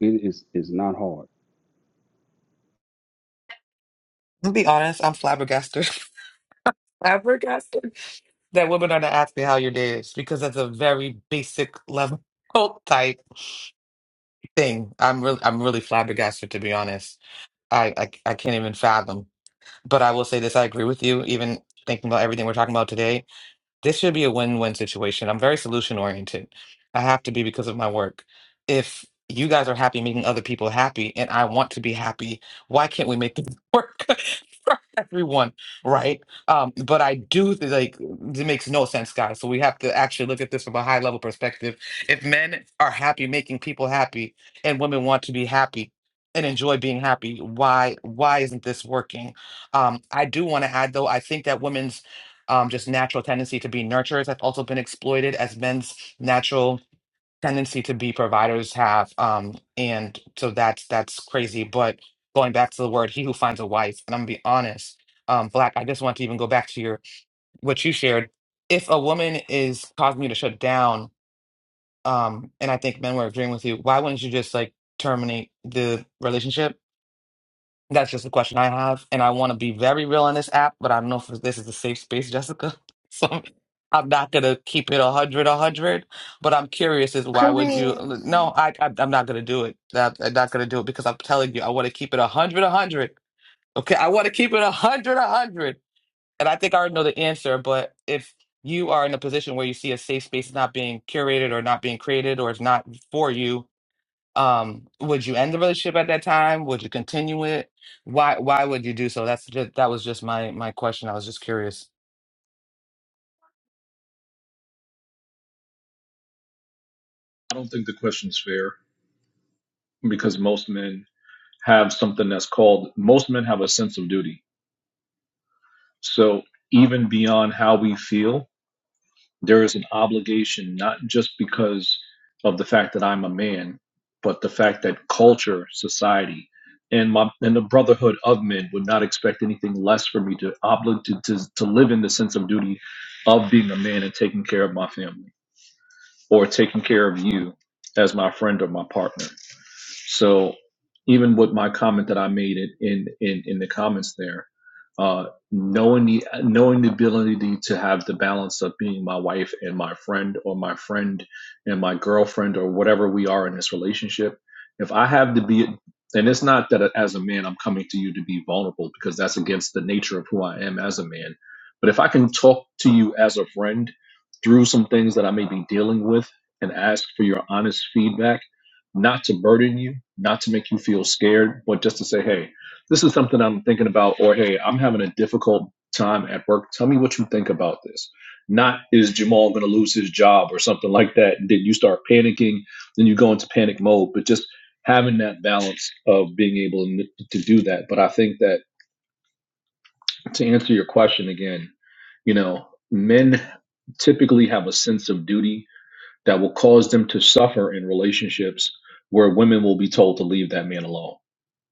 Speaker 6: It is is not hard.
Speaker 9: To be honest, I'm flabbergasted. flabbergasted that women are not asking how your day is because that's a very basic level type thing. I'm really I'm really flabbergasted to be honest. I, I I can't even fathom. But I will say this, I agree with you, even thinking about everything we're talking about today this should be a win-win situation. I'm very solution oriented. I have to be because of my work. If you guys are happy making other people happy and I want to be happy, why can't we make this work for everyone, right? Um, but I do th- like it makes no sense, guys. So we have to actually look at this from a high level perspective. If men are happy making people happy and women want to be happy and enjoy being happy, why why isn't this working? Um, I do want to add though, I think that women's um, just natural tendency to be nurturers that's also been exploited as men's natural tendency to be providers have um, and so that's that's crazy but going back to the word he who finds a wife and i'm gonna be honest um, black i just want to even go back to your what you shared if a woman is causing you to shut down um, and i think men were agreeing with you why wouldn't you just like terminate the relationship that's just a question I have, and I want to be very real on this app, but I don't know if this is a safe space, Jessica. So I'm not gonna keep it a hundred, a hundred. But I'm curious: is why would you?
Speaker 1: Kareem.
Speaker 9: No, I, I I'm not gonna do it. That- I'm not gonna do it because I'm telling you, I want to keep it a hundred, a hundred. Okay, I want to keep it a hundred, a hundred. And I think I already know the answer. But if you are in a position where you see a safe space not being curated or not being created or it's not for you, um would you end the relationship at that time would you continue it why why would you do so that's just that was just my my question i was just curious
Speaker 10: I don't think the question's fair because most men have something that's called, most men have a sense of duty. So even beyond how we feel, There is an obligation, not just because of the fact that I'm a man, but the fact that culture, society, and my and the brotherhood of men would not expect anything less for me to oblig to, to, to live in the sense of duty of being a man and taking care of my family or taking care of you as my friend or my partner. So even with my comment that I made it in in in the comments there, uh, knowing the knowing the ability to have the balance of being my wife and my friend, or my friend and my girlfriend, or whatever we are in this relationship, if I have to be and it's not that as a man I'm coming to you to be vulnerable because that's against the nature of who I am as a man. But if I can talk to you as a friend through some things that I may be dealing with and ask for your honest feedback not to burden you, not to make you feel scared, but just to say, hey, this is something I'm thinking about, or hey, I'm having a difficult time at work. Tell me what you think about this. Not is Jamal going to lose his job or something like that. And then you start panicking, then you go into panic mode, but just having that balance of being able to do that. But I think that to answer your question again, you know, men typically have a sense of duty that will cause them to suffer in relationships where women will be told to leave that man alone.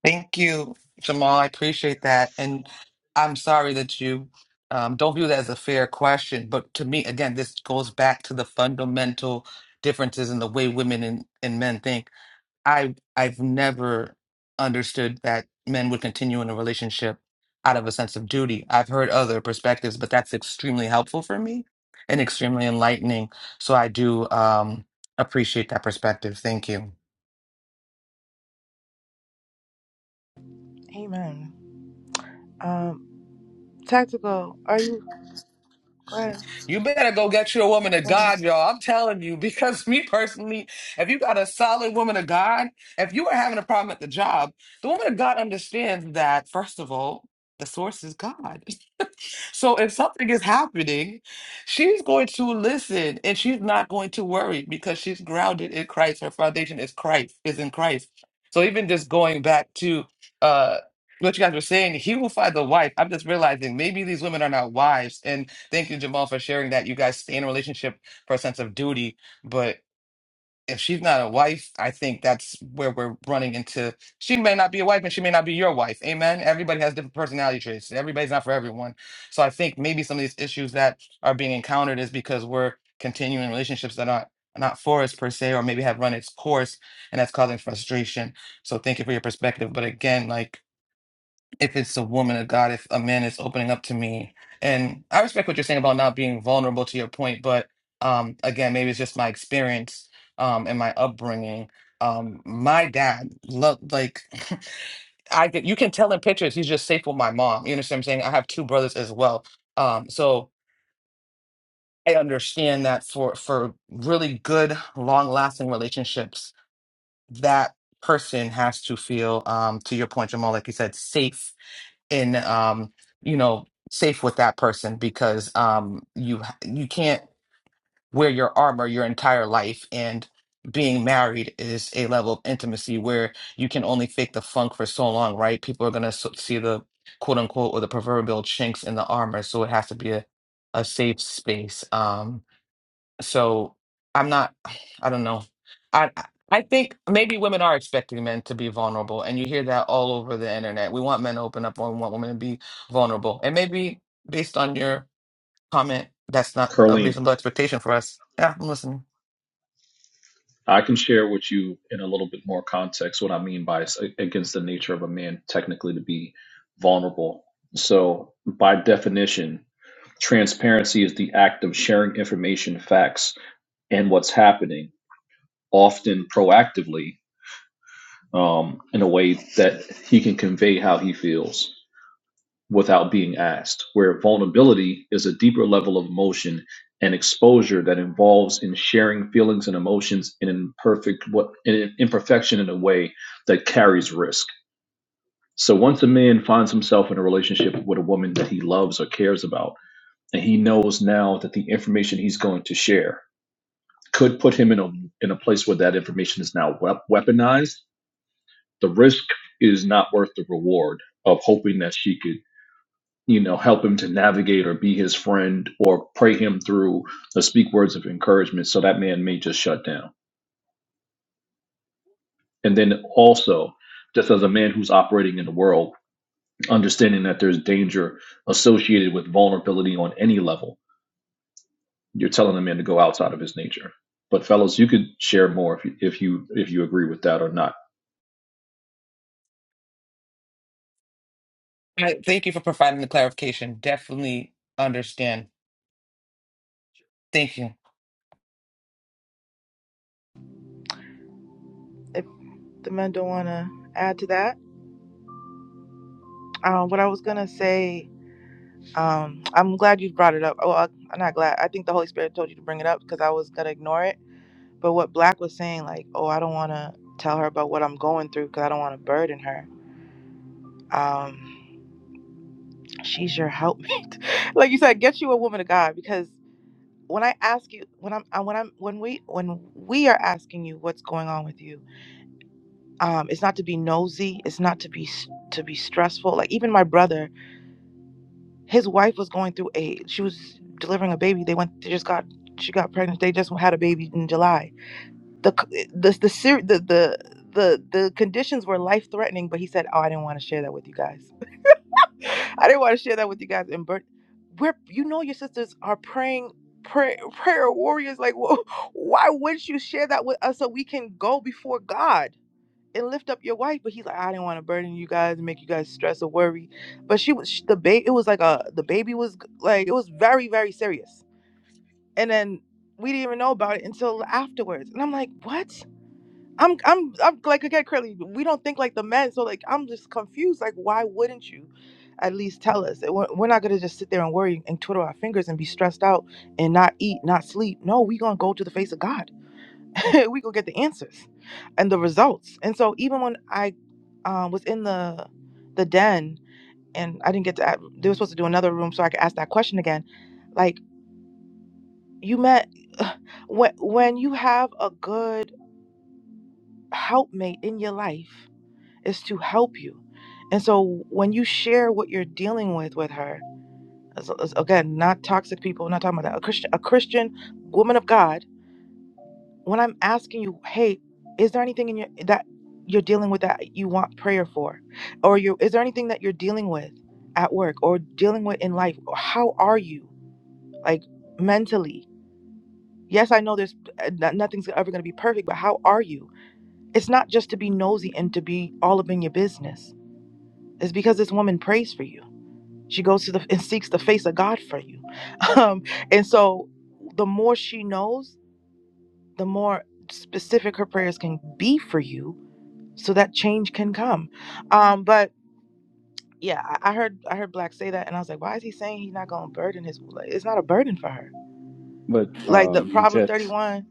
Speaker 9: thank you jamal i appreciate that and i'm sorry that you um, don't view that as a fair question but to me again this goes back to the fundamental differences in the way women and, and men think I I've never understood that men would continue in a relationship out of a sense of duty. I've heard other perspectives, but that's extremely helpful for me and extremely enlightening. So I do um appreciate that perspective. Thank you.
Speaker 1: Amen. Um, tactical. Are you? Go ahead.
Speaker 9: You better go get you a woman of
Speaker 1: Go ahead.
Speaker 9: God, y'all. I'm telling you, because me personally, if you got a solid woman of God, if you are having a problem at the job, the woman of God understands that first of all, the source is God. So if something is happening, she's going to listen and she's not going to worry because she's grounded in Christ. Her foundation is Christ, is in Christ. So even just going back to uh what you guys were saying, he will find the wife. I'm just realizing maybe these women are not wives. And thank you, Jamal, for sharing that. You guys stay in a relationship for a sense of duty. but if she's not a wife, I think that's where we're running into. She may not be a wife and she may not be your wife. Amen. Everybody has different personality traits. Everybody's not for everyone. So I think maybe some of these issues that are being encountered is because we're continuing relationships that aren't are not for us per se, or maybe have run its course and that's causing frustration. So thank you for your perspective. But again, like if it's a woman of God, if a man is opening up to me. And I respect what you're saying about not being vulnerable to your point, but um, again, maybe it's just my experience um, and my upbringing. Um, my dad loved like I get you can tell in pictures he's just safe with my mom. You understand what I'm saying? I have two brothers as well, um, so I understand that for for really good, long lasting relationships, that person has to feel um, to your point, Jamal, like you said, safe and um you know safe with that person because um you you can't wear your armor your entire life and being married is a level of intimacy where you can only fake the funk for so long right people are going to see the quote unquote or the proverbial chinks in the armor so it has to be a, a safe space um so I'm not, I don't know. I I think maybe women are expecting men to be vulnerable, and you hear that all over the internet. We want men to open up, and we want women to be vulnerable. And maybe based on your comment, that's not a
Speaker 10: Carleen,
Speaker 9: reasonable expectation for us. Yeah, I'm listening.
Speaker 10: I can share with you in a little bit more context what I mean by it's against the nature of a man technically to be vulnerable. So, by definition, transparency is the act of sharing information, facts, and what's happening, often proactively, um, in a way that he can convey how he feels without being asked, where vulnerability is a deeper level of emotion and exposure that involves in sharing feelings and emotions in imperfect what in imperfection in a way that carries risk. So once a man finds himself in a relationship with a woman that he loves or cares about, and he knows now that the information he's going to share could put him in a in a place where that information is now wep- weaponized, the risk is not worth the reward of hoping that she could you know, help him to navigate or be his friend or pray him through or speak words of encouragement so that man may just shut down. And then also, just as a man who's operating in the world, understanding that there's danger associated with vulnerability on any level, you're telling a man to go outside of his nature. But fellas, you could share more if you if you if you agree with that or not.
Speaker 9: I, thank you for providing the clarification. Definitely understand. Thank you.
Speaker 1: If the men don't want to add to that, um, what I was gonna say. Um, I'm glad you brought it up. Oh, I- I'm not glad. I think the Holy Spirit told you to bring it up because I was gonna ignore it. But what Black was saying, like, oh, I don't want to tell her about what I'm going through because I don't want to burden her. Um, she's your helpmate. like you said, get you a woman of God because when I ask you when I'm uh, when I'm when we when we are asking you what's going on with you, um, it's not to be nosy. It's not to be s- to be stressful. Like even my brother, his wife was going through a she was delivering a baby. They went they just got she got pregnant. They just had a baby in July. The c- eh, the the ser- the the the, the conditions were life threatening, but he said, "Oh, I didn't want to share that with you guys." I didn't want to share that with you guys. And but we're you know your sisters are praying prayer prayer warriors. Like wh- why wouldn't you share that with us so we can go before God and lift up your wife? But he's like, I didn't want to burden you guys and make you guys stress or worry. But she was sh- the baby. It was like a the baby was g- like it was very very serious. And then we didn't even know about it until afterwards. And I'm like, what? I'm I'm I'm like again, Curly, we don't think like the men, so like I'm just confused. Like, why wouldn't you at least tell us? We're we're not gonna just sit there and worry and twiddle our fingers and be stressed out and not eat, not sleep. No, we gonna go to the face of God. we gonna get the answers and the results. And so even when I um, was in the the den and I didn't get to, a- they were supposed to do another room so I could ask that question again. Like you met when when you have a good helpmate in your life is to help you. And so when you share what you're dealing with with her, as, as- again, not toxic people, not talking about that. A Christian, a Christian woman of God. When I'm asking you, hey, is there anything in your that you're dealing with that you want prayer for, or you is there anything that you're dealing with at work or dealing with in life? Or how are you like mentally? Yes, I know there's uh, no- nothing's ever going to be perfect, but how are you? It's not just to be nosy and to be all up in your business. It's because this woman prays for you She goes to the and seeks the face of God for you. Um, and so the more she knows, the more specific her prayers can be for you so that change can come. Um, but yeah, I I heard I heard Black say that and I was like, why is he saying he's not gonna burden his like, it's not a burden for her.
Speaker 6: But
Speaker 1: Like the
Speaker 6: um,
Speaker 1: Proverb
Speaker 6: Jets,
Speaker 1: 31,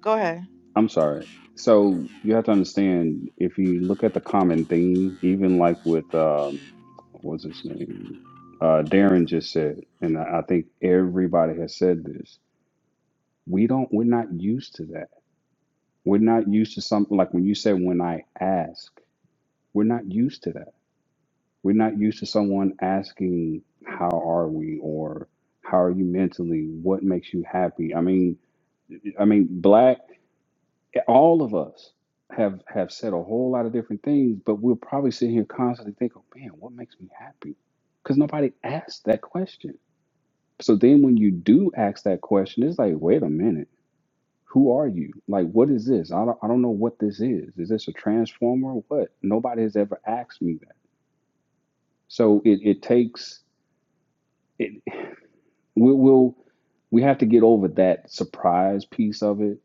Speaker 1: go ahead.
Speaker 6: I'm sorry. So you have to understand if you look at the common theme, even like with um, what was his name? Uh, Darren just said, and I I think everybody has said this. We don't. We're not used to that. We're not used to something like when you said, "When I ask," we're not used to that. We're not used to someone asking, "How are we?" or "How are you mentally? What makes you happy?" I mean, I mean, black. all of us have have said a whole lot of different things, but we'll probably sit here constantly think, oh man, what makes me happy? Because nobody asked that question. So then when you do ask that question, it's like, wait a minute, who are you? Like, what is this? I don't, I don't know what this is. Is this a transformer? or What? Nobody has ever asked me that. So it, it takes, it, we, we'll, we have to get over that surprise piece of it.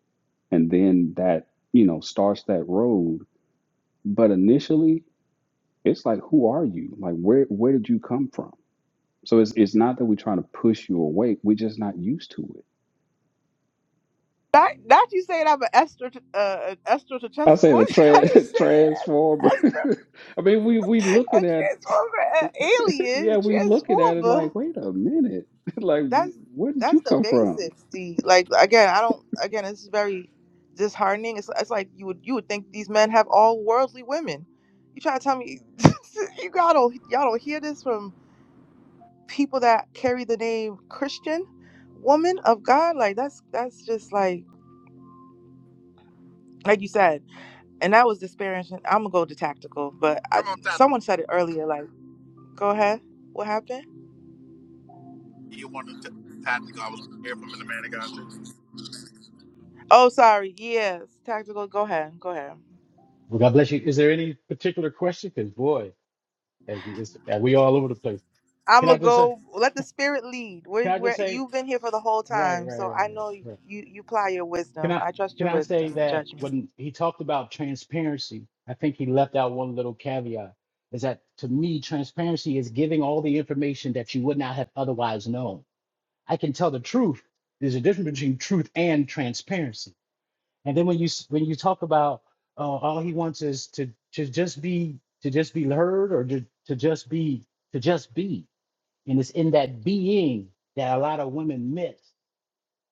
Speaker 6: And then that, you know, starts that road. But initially, it's like who are you like where where did you come from so it's it's not that we're trying to push you away we're just not used to it
Speaker 1: Not, not you saying I'm an Esther, to, uh, an Esther to
Speaker 6: i
Speaker 1: test.
Speaker 6: say the
Speaker 1: What how do you
Speaker 6: tra-
Speaker 1: say? it?
Speaker 6: transformer
Speaker 1: Esther,
Speaker 6: i mean we we
Speaker 1: a
Speaker 6: looking at
Speaker 1: transformer, an alien,
Speaker 6: yeah
Speaker 1: a
Speaker 6: we looking at it like
Speaker 1: transformer.
Speaker 6: wait a minute like
Speaker 1: that's
Speaker 6: where did
Speaker 1: that's
Speaker 6: you
Speaker 1: the
Speaker 6: come from
Speaker 1: basics. The like again, I don't again. It's very disheartening. It's it's like you would you would think these men have all worldly women. You trying to tell me you got all y'all don't hear this from people that carry the name Christian woman of God? Like that's that's just like like you said, and that was disparaging. I'm gonna go to tactical, but I,
Speaker 12: Come on, Tata.
Speaker 1: someone said it earlier. Like, go ahead. What happened?
Speaker 12: You wanted to Tata? I was here from the man of God too.
Speaker 1: Oh, sorry. Yes, tactical. Go ahead. Go ahead.
Speaker 15: Well, God bless you. Is there any particular question? Because boy, as he is, as we all over the place.
Speaker 1: I'm
Speaker 15: Can I
Speaker 1: gonna
Speaker 15: just say?
Speaker 1: go. Let the spirit lead. Where
Speaker 15: Can I just
Speaker 1: where
Speaker 15: say?
Speaker 1: you've been here for the whole
Speaker 15: Right,
Speaker 1: time,
Speaker 15: right, right,
Speaker 1: so I
Speaker 15: right,
Speaker 1: know you
Speaker 15: right.
Speaker 1: you apply your
Speaker 15: Can
Speaker 1: wisdom.
Speaker 15: I?
Speaker 1: I trust
Speaker 15: Can
Speaker 1: your
Speaker 15: I
Speaker 1: wisdom
Speaker 15: say
Speaker 1: and
Speaker 15: that
Speaker 1: judgment.
Speaker 15: when he talked about transparency, I think he left out one little caveat. Is that to me, transparency is giving all the information that you would not have otherwise known. I can tell the truth. There's a difference between truth and transparency And then when you s- when you talk about uh, all he wants is to to just be to just be heard or to, to just be to just be, and it's in that being that a lot of women miss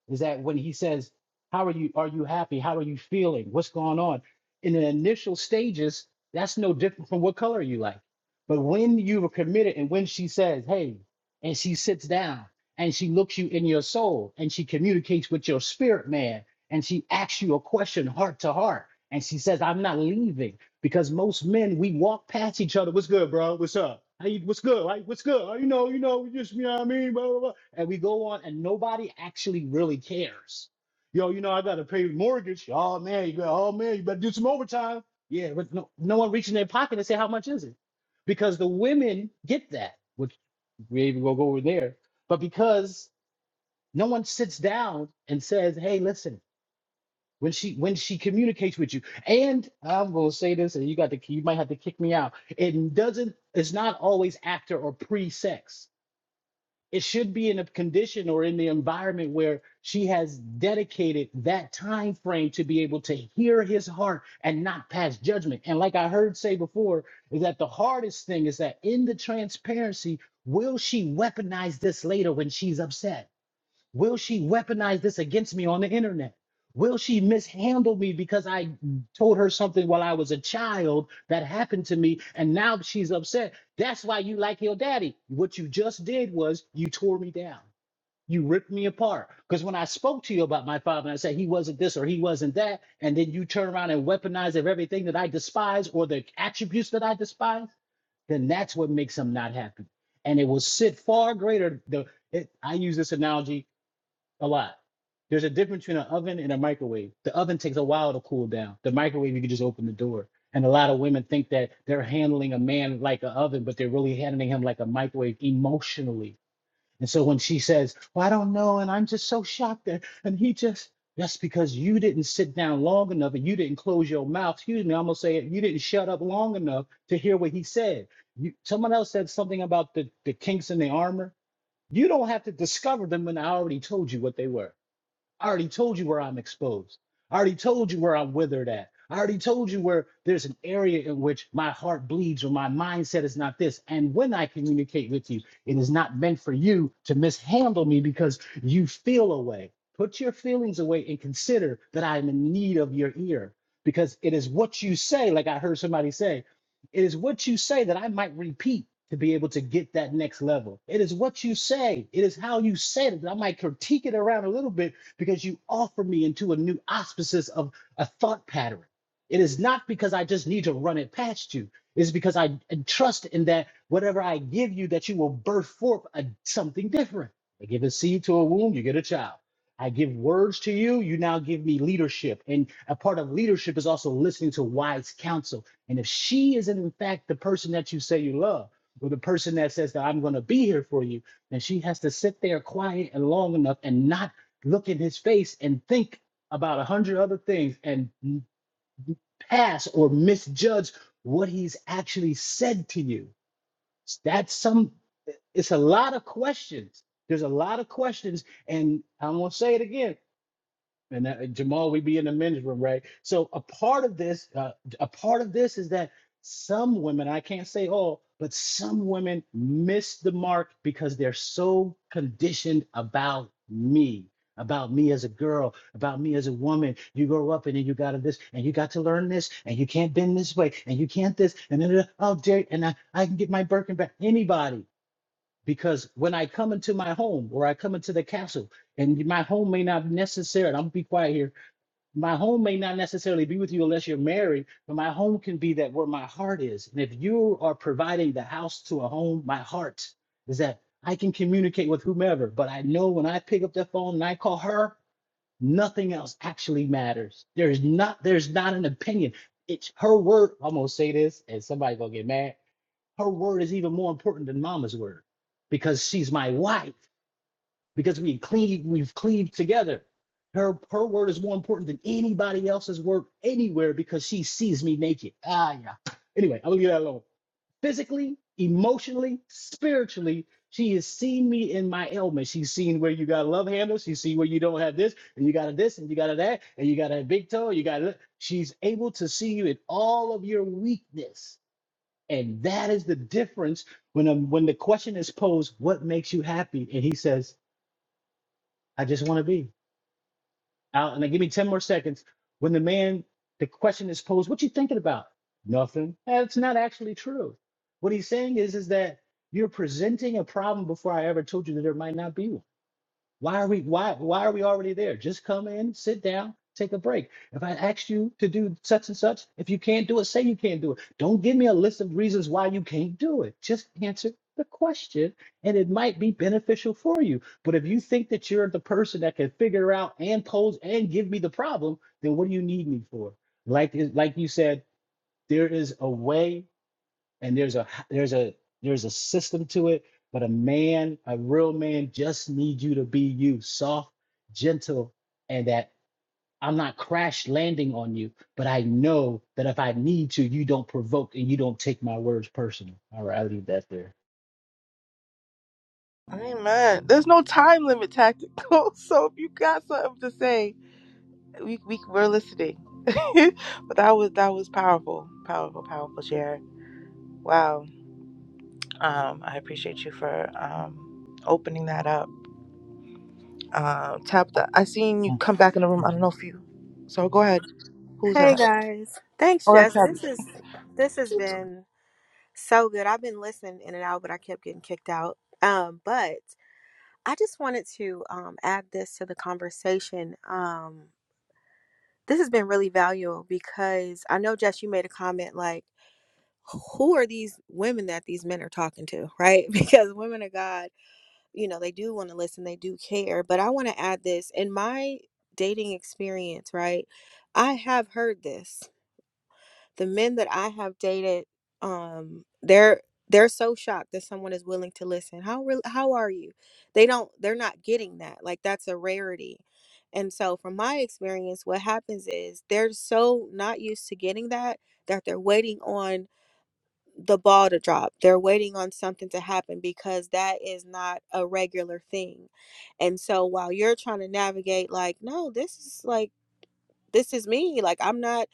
Speaker 15: is that when he says, How are you? Are you happy? How are you feeling? What's going on? In the initial stages, that's no different from what color you like. But when you were committed and when she says, Hey, and she sits down and she looks you in your soul and she communicates with your spirit man and she asks you a question heart to heart and she says, I'm not leaving because most men we walk past each other. What's good, bro? What's up? How you, what's good? Right? What's good? Oh, you know, you know, we just you know what I mean, blah, blah, blah. And we go on, and nobody actually really cares. Yo, you know, I gotta pay mortgage. Oh man, you got oh man, you better do some overtime. Yeah, but no, no one reaching their pocket and say how much is it, because the women get that, which we even will go over there. But because no one sits down and says, hey, listen when she when she communicates with you and i'm going to say this and you got to you might have to kick me out it doesn't it's not always after or pre-sex it should be in a condition or in the environment where she has dedicated that time frame to be able to hear his heart and not pass judgment and like i heard say before is that the hardest thing is that in the transparency will she weaponize this later when she's upset Will she weaponize this against me on the internet? Will she mishandle me because I told her something while I was a child that happened to me and now she's upset? That's why you like your daddy. What you just did was you tore me down. You ripped me apart. Because when I spoke to you about my father and I said he wasn't this or he wasn't that, and then you turn around and weaponize of everything that I despise or the attributes that I despise, then that's what makes him not happy. And it will sit far greater. The, it, I use this analogy a lot. There's a difference between an oven and a microwave. The oven takes a while to cool down. The microwave, you can just open the door. And a lot of women think that they're handling a man like an oven, but they're really handling him like a microwave emotionally. And so when she says, Well, I don't know, and I'm just so shocked that, and he just, that's because you didn't sit down long enough and you didn't close your mouth. Excuse me, I'm gonna say it. You didn't shut up long enough to hear what he said. You, someone else said something about the, the kinks in the armor. You don't have to discover them when I already told you what they were. I already told you where I'm exposed. I already told you where I'm withered at. I already told you where there's an area in which my heart bleeds or my mindset is not this. And when I communicate with you, it is not meant for you to mishandle me because you feel away. Put your feelings away and consider that I am in need of your ear because it is what you say, like I heard somebody say, it is what you say that I might repeat to be able to get that next level. It is what you say. It is how you said it that I might critique it around a little bit because you offer me into a new auspices of a thought pattern. It is not because I just need to run it past you. It's because I trust in that whatever I give you, that you will birth forth a, something different. I give a seed to a womb, you get a child. I give words to you, you now give me leadership. And a part of leadership is also listening to wise counsel. And if she isn't, in fact, the person that you say you love, or the person that says that I'm going to be here for you, then she has to sit there quiet and long enough and not look in his face and think about a hundred other things and pass or misjudge what he's actually said to you. That's some, it's a lot of questions. There's a lot of questions. And I'm going to say it again and that, Jamal, we be in the men's room, right? So a part of this, uh, a part of this is that some women, I can't say all, but some women miss the mark because they're so conditioned about me, about me as a girl, about me as a woman. You grow up and then you got to this, and you got to learn this, and you can't bend this way, and you can't this, and then oh, dare, and I, I can get my Birkin back. Anybody. Because when I come into my home or I come into the castle, and my home may not necessarily, I'm gonna be quiet here. My home may not necessarily be with you unless you're married, but my home can be that where my heart is. And if you are providing the house to a home, my heart is that I can communicate with whomever, but I know when I pick up the phone and I call her, nothing else actually matters. There's not, there's not an opinion. It's her word. I'm gonna say this, and somebody gonna get mad her word is even more important than mama's word because she's my wife because we cleave we've cleaved together her her word is more important than anybody else's word anywhere because she sees me naked ah yeah anyway i'm gonna leave that alone physically emotionally spiritually she has seen me in my ailment she's seen where you got a love handle she's seen where you don't have this and you got a this and you got a that and you got a big toe you got a, she's able to see you in all of your weakness and that is the difference when um when the question is posed, what makes you happy? And he says, I just want to be. Out and then give me 10 more seconds. When the man, the question is posed, what you thinking about? Nothing. That's not actually true. What he's saying is, is that you're presenting a problem before I ever told you that there might not be one. Why are we why why are we already there? Just come in, sit down, take a break. If I asked you to do such and such, if you can't do it, say you can't do it. Don't give me a list of reasons why you can't do it. Just answer the question and it might be beneficial for you. But if you think that you're the person that can figure out and pose and give me the problem, then what do you need me for? Like like you said, there is a way and there's a there's a there's a system to it but a man a real man just needs you to be you soft gentle and that i'm not crash landing on you but i know that if i need to you don't provoke and you don't take my words personal all right i'll leave that there
Speaker 1: Amen. There's no time limit tactical. So if you got something to say, we we we're listening. but that was that was powerful, powerful, powerful share. Wow. Um, I appreciate you for um opening that up. Um, Tabitha, I seen you come back in the room.
Speaker 9: Mm,
Speaker 1: I don't know if you. So go ahead. Who's
Speaker 16: Hey
Speaker 1: that?
Speaker 16: guys. Thanks,
Speaker 1: Oh, that's
Speaker 16: Jess. This
Speaker 1: Tabitha.
Speaker 16: is this has been so good. I've been listening in and out, but I kept getting kicked out. Um, but I just wanted to um add this to the conversation. Um, this has been really valuable because I know Jess, you made a comment like, who are these women that these men are talking to, right? Because women of God, you know, they do want to listen, they do care. But I want to add this in my dating experience, right? I have heard this. the men that I have dated, um, they're they're so shocked that someone is willing to listen. How real? How are you? They don't. They're not getting that. Like that's a rarity. And so, from my experience, what happens is they're so not used to getting that that they're waiting on the ball to drop. They're waiting on something to happen because that is not a regular thing. And so, while you're trying to navigate, like, no, this is like this is me like i'm not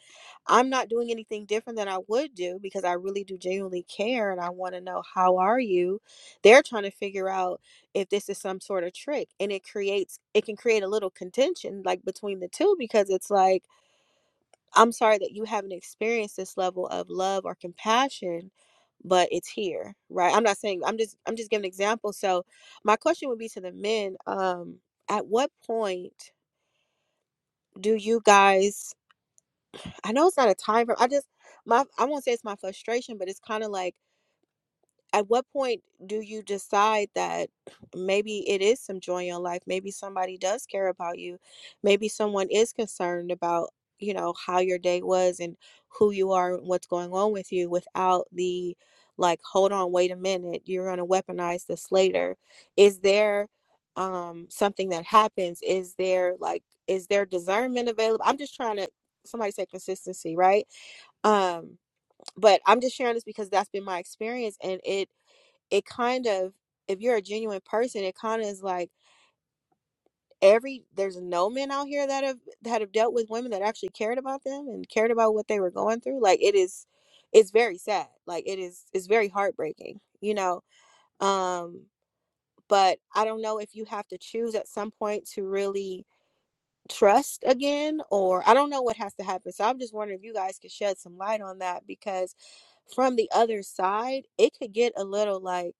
Speaker 16: i'm not doing anything different than i would do because i really do genuinely care and i want to know how are you they're trying to figure out if this is some sort of trick and it creates it can create a little contention like between the two because it's like i'm sorry that you haven't experienced this level of love or compassion but it's here right i'm not saying i'm just i'm just giving an example so my question would be to the men um at what point do you guys I know it's not a time for I just my I won't say it's my frustration, but it's kind of like at what point do you decide that maybe it is some joy in your life? Maybe somebody does care about you. Maybe someone is concerned about, you know, how your day was and who you are and what's going on with you without the like, hold on, wait a minute, you're gonna weaponize this later. Is there um something that happens? Is there like is there discernment available? I'm just trying to somebody said consistency, right? um but i'm just sharing this because that's been my experience and it it kind of if you're a genuine person it kind of is like every there's no men out here that have that have dealt with women that actually cared about them and cared about what they were going through like it is it's very sad like it is it's very heartbreaking you know um but i don't know if you have to choose at some point to really trust again or i don't know what has to happen so i'm just wondering if you guys could shed some light on that because from the other side it could get a little like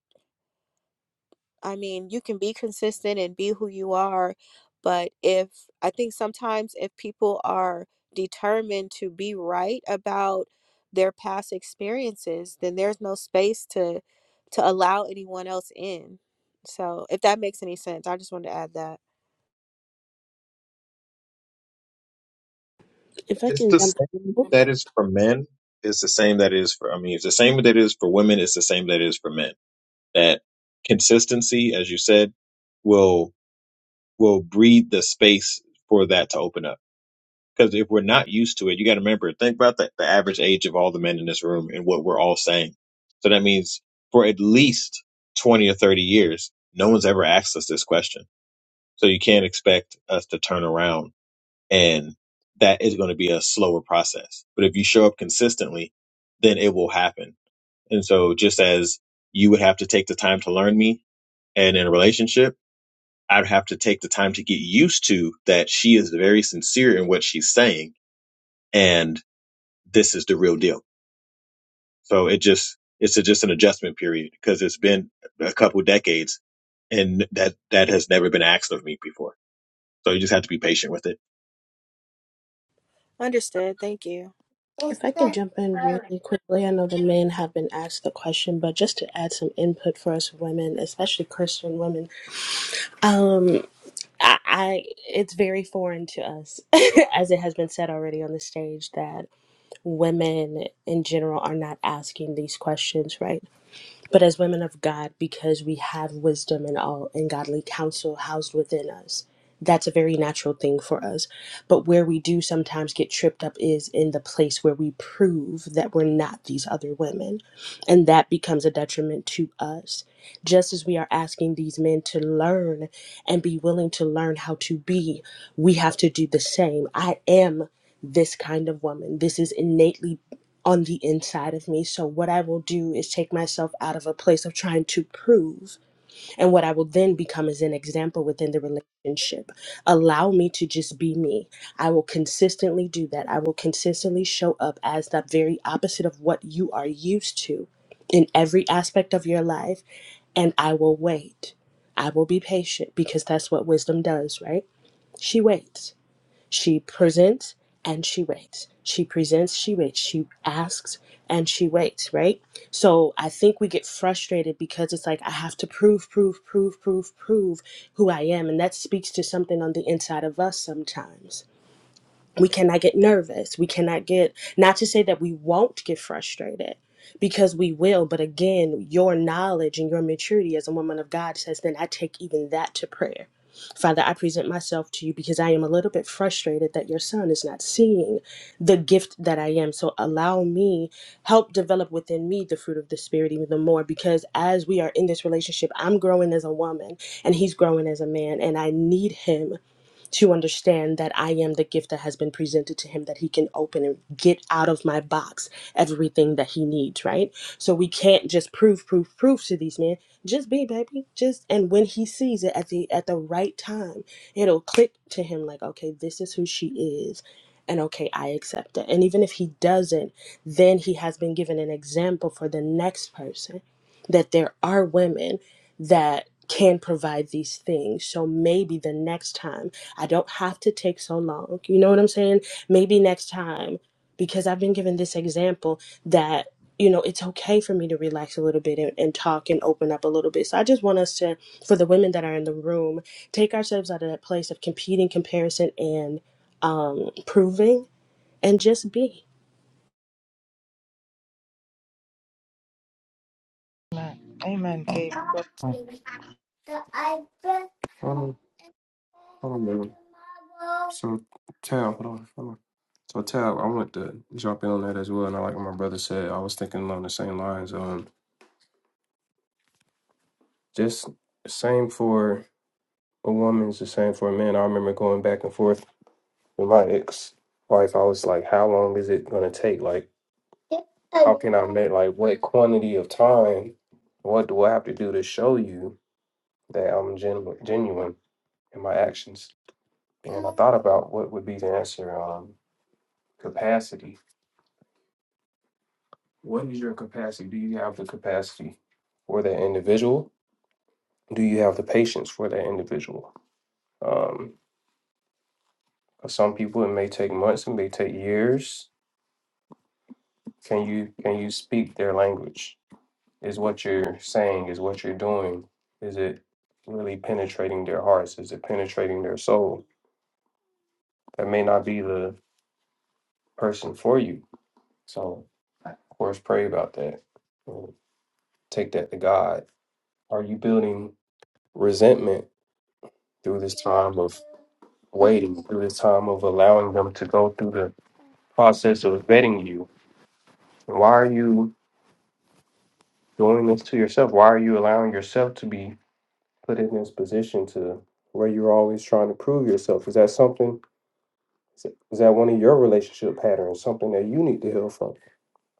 Speaker 16: i mean you can be consistent and be who you are but if i think sometimes if people are determined to be right about their past experiences then there's no space to to allow anyone else in so if that makes any sense i just wanted to add that
Speaker 2: If I
Speaker 11: It's
Speaker 2: can
Speaker 11: the
Speaker 2: jump,
Speaker 11: same
Speaker 2: oh,
Speaker 11: that is for men. It's the same that is for, I mean, it's the same that is for women. It's the same that is for men. That consistency, as you said, will, will breed the space for that to open up. Because if we're not used to it, you got to remember, think about the, the average age of all the men in this room and what we're all saying. So that means for at least 20 or 30 years, no one's ever asked us this question. So you can't expect us to turn around and that is going to be a slower process. But if you show up consistently, then it will happen. And so just as you would have to take the time to learn me and in a relationship, I'd have to take the time to get used to that she is very sincere in what she's saying and this is the real deal. So it just it's a, just an adjustment period because it's been a couple decades and that that has never been asked of me before. So you just have to be patient with it.
Speaker 16: understood thank you
Speaker 2: if I can jump in really quickly, I know the men have been asked the question, but just to add some input for us women, especially Christian women, um, I, I it's very foreign to us, as it has been said already on the stage that women in general are not asking these questions, right? but as women of God, because we have wisdom and all and godly counsel housed within us, that's a very natural thing for us. But where we do sometimes get tripped up is in the place where we prove that we're not these other women. And that becomes a detriment to us. Just as we are asking these men to learn and be willing to learn how to be, we have to do the same. I am this kind of woman. This is innately on the inside of me. So, what I will do is take myself out of a place of trying to prove, and what I will then become is an example within the relationship. Allow me to just be me. I will consistently do that. I will consistently show up as the very opposite of what you are used to in every aspect of your life, and I will wait. I will be patient because that's what wisdom does, right? She waits. She presents and she waits. She presents, she waits. She asks and she waits, right? So I think we get frustrated because it's like, I have to prove, prove, prove, prove, prove who I am. And that speaks to something on the inside of us sometimes we cannot get nervous we cannot get not to say that we won't get frustrated because we will but again your knowledge and your maturity as a woman of god says then i take even that to prayer father i present myself to you because i am a little bit frustrated that your son is not seeing the gift that i am so allow me help develop within me the fruit of the spirit even the more because as we are in this relationship i'm growing as a woman and he's growing as a man and i need him to understand that I am the gift that has been presented to him that he can open and get out of my box everything that he needs, right? So we can't just prove, prove, prove to these men. Just be, baby. Just and when he sees it at the at the right time, it'll click to him like, okay, this is who she is. And okay, I accept it. And even if he doesn't, then he has been given an example for the next person that there are women that can provide these things. So maybe the next time I don't have to take so long. You know what I'm saying? Maybe next time, because I've been given this example that, you know, it's okay for me to relax a little bit and, and talk and open up a little bit. So I just want us to, for the women that are in the room, take ourselves out of that place of competing, comparison, and um, proving and just be.
Speaker 1: Amen. Amen, Gabe.
Speaker 9: mm,
Speaker 7: Hold on. So, Tab, hold on, hold on. So, Tab, I want to jump in on that as well. And I like what my brother said. I was thinking along the same lines. Um, just same for a woman is the same for a man. I remember going back and forth with my ex wife. I was like, how long is it gonna take? Like I'm at like what quantity of time? What do I have to do to show you that I'm genu genuine in my actions? Thought about what would be the answer. Um capacity. What is your capacity? Do you have the capacity for that individual? Do you have the patience for that individual? Um for some people it may take months, it may take years Can you can you speak their language? Is what you're saying, is what you're doing, is it really penetrating their hearts? Is it penetrating their soul? That may not be the person for you. So of course pray about that. and Take that to God. Are you building resentment through this time of waiting, through this time of allowing them to go through the process of vetting you? Why are you doing this to yourself? Why are you allowing yourself to be put in this position to where you're always trying to prove yourself? Is that something? Is that one of your relationship patterns? Something that you need to heal from?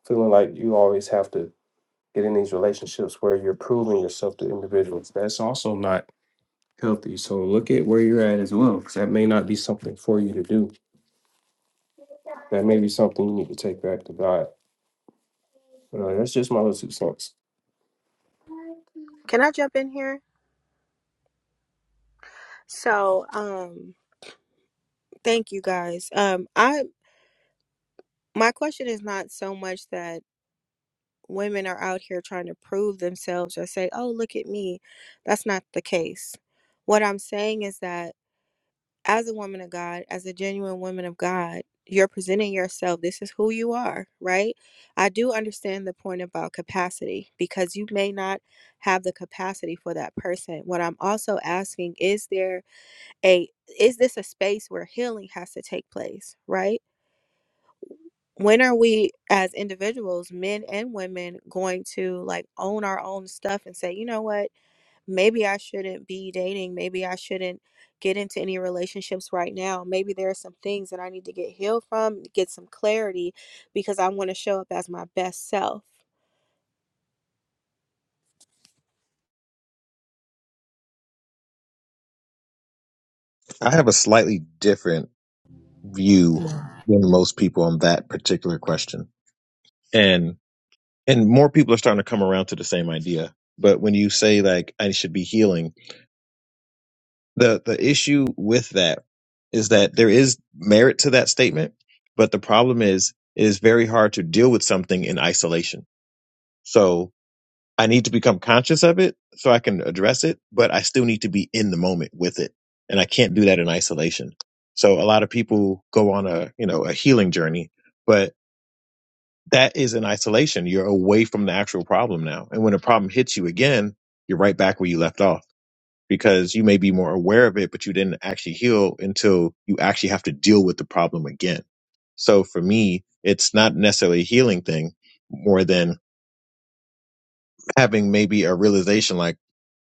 Speaker 7: Feeling like you always have to get in these relationships where you're proving yourself to individuals. That's also not healthy. So look at where you're at as well, because that may not be something for you to do. That may be something you need to take back to God. But, uh, that's just my little two cents.
Speaker 16: can i jump in here So, um, thank you guys. Um, I my question is not so much that women are out here trying to prove themselves or say, "Oh, look at me." That's not the case. What I'm saying is that as a woman of God, as a genuine woman of God, you're presenting yourself. This is who you are, right? I do understand the point about capacity because you may not have the capacity for that person. What I'm also asking is there a is this a space where healing has to take place right when are we as individuals men and women going to like own our own stuff and say you know what maybe i shouldn't be dating maybe i shouldn't get into any relationships right now maybe there are some things that i need to get healed from get some clarity because i want to show up as my best self
Speaker 11: I have a slightly different view
Speaker 1: Yeah.
Speaker 11: than most people on that particular question. And and more people are starting to come around to the same idea. But when you say like I should be healing, the the issue with that is that there is merit to that statement, but the problem is it is very hard to deal with something in isolation. So I need to become conscious of it so I can address it, but I still need to be in the moment with it. And I can't do that in isolation. So a lot of people go on a, you know, a healing journey, but that is in isolation. You're away from the actual problem now. And when a problem hits you again, you're right back where you left off because you may be more aware of it, but you didn't actually heal until you actually have to deal with the problem again. So for me, it's not necessarily a healing thing more than having maybe a realization like,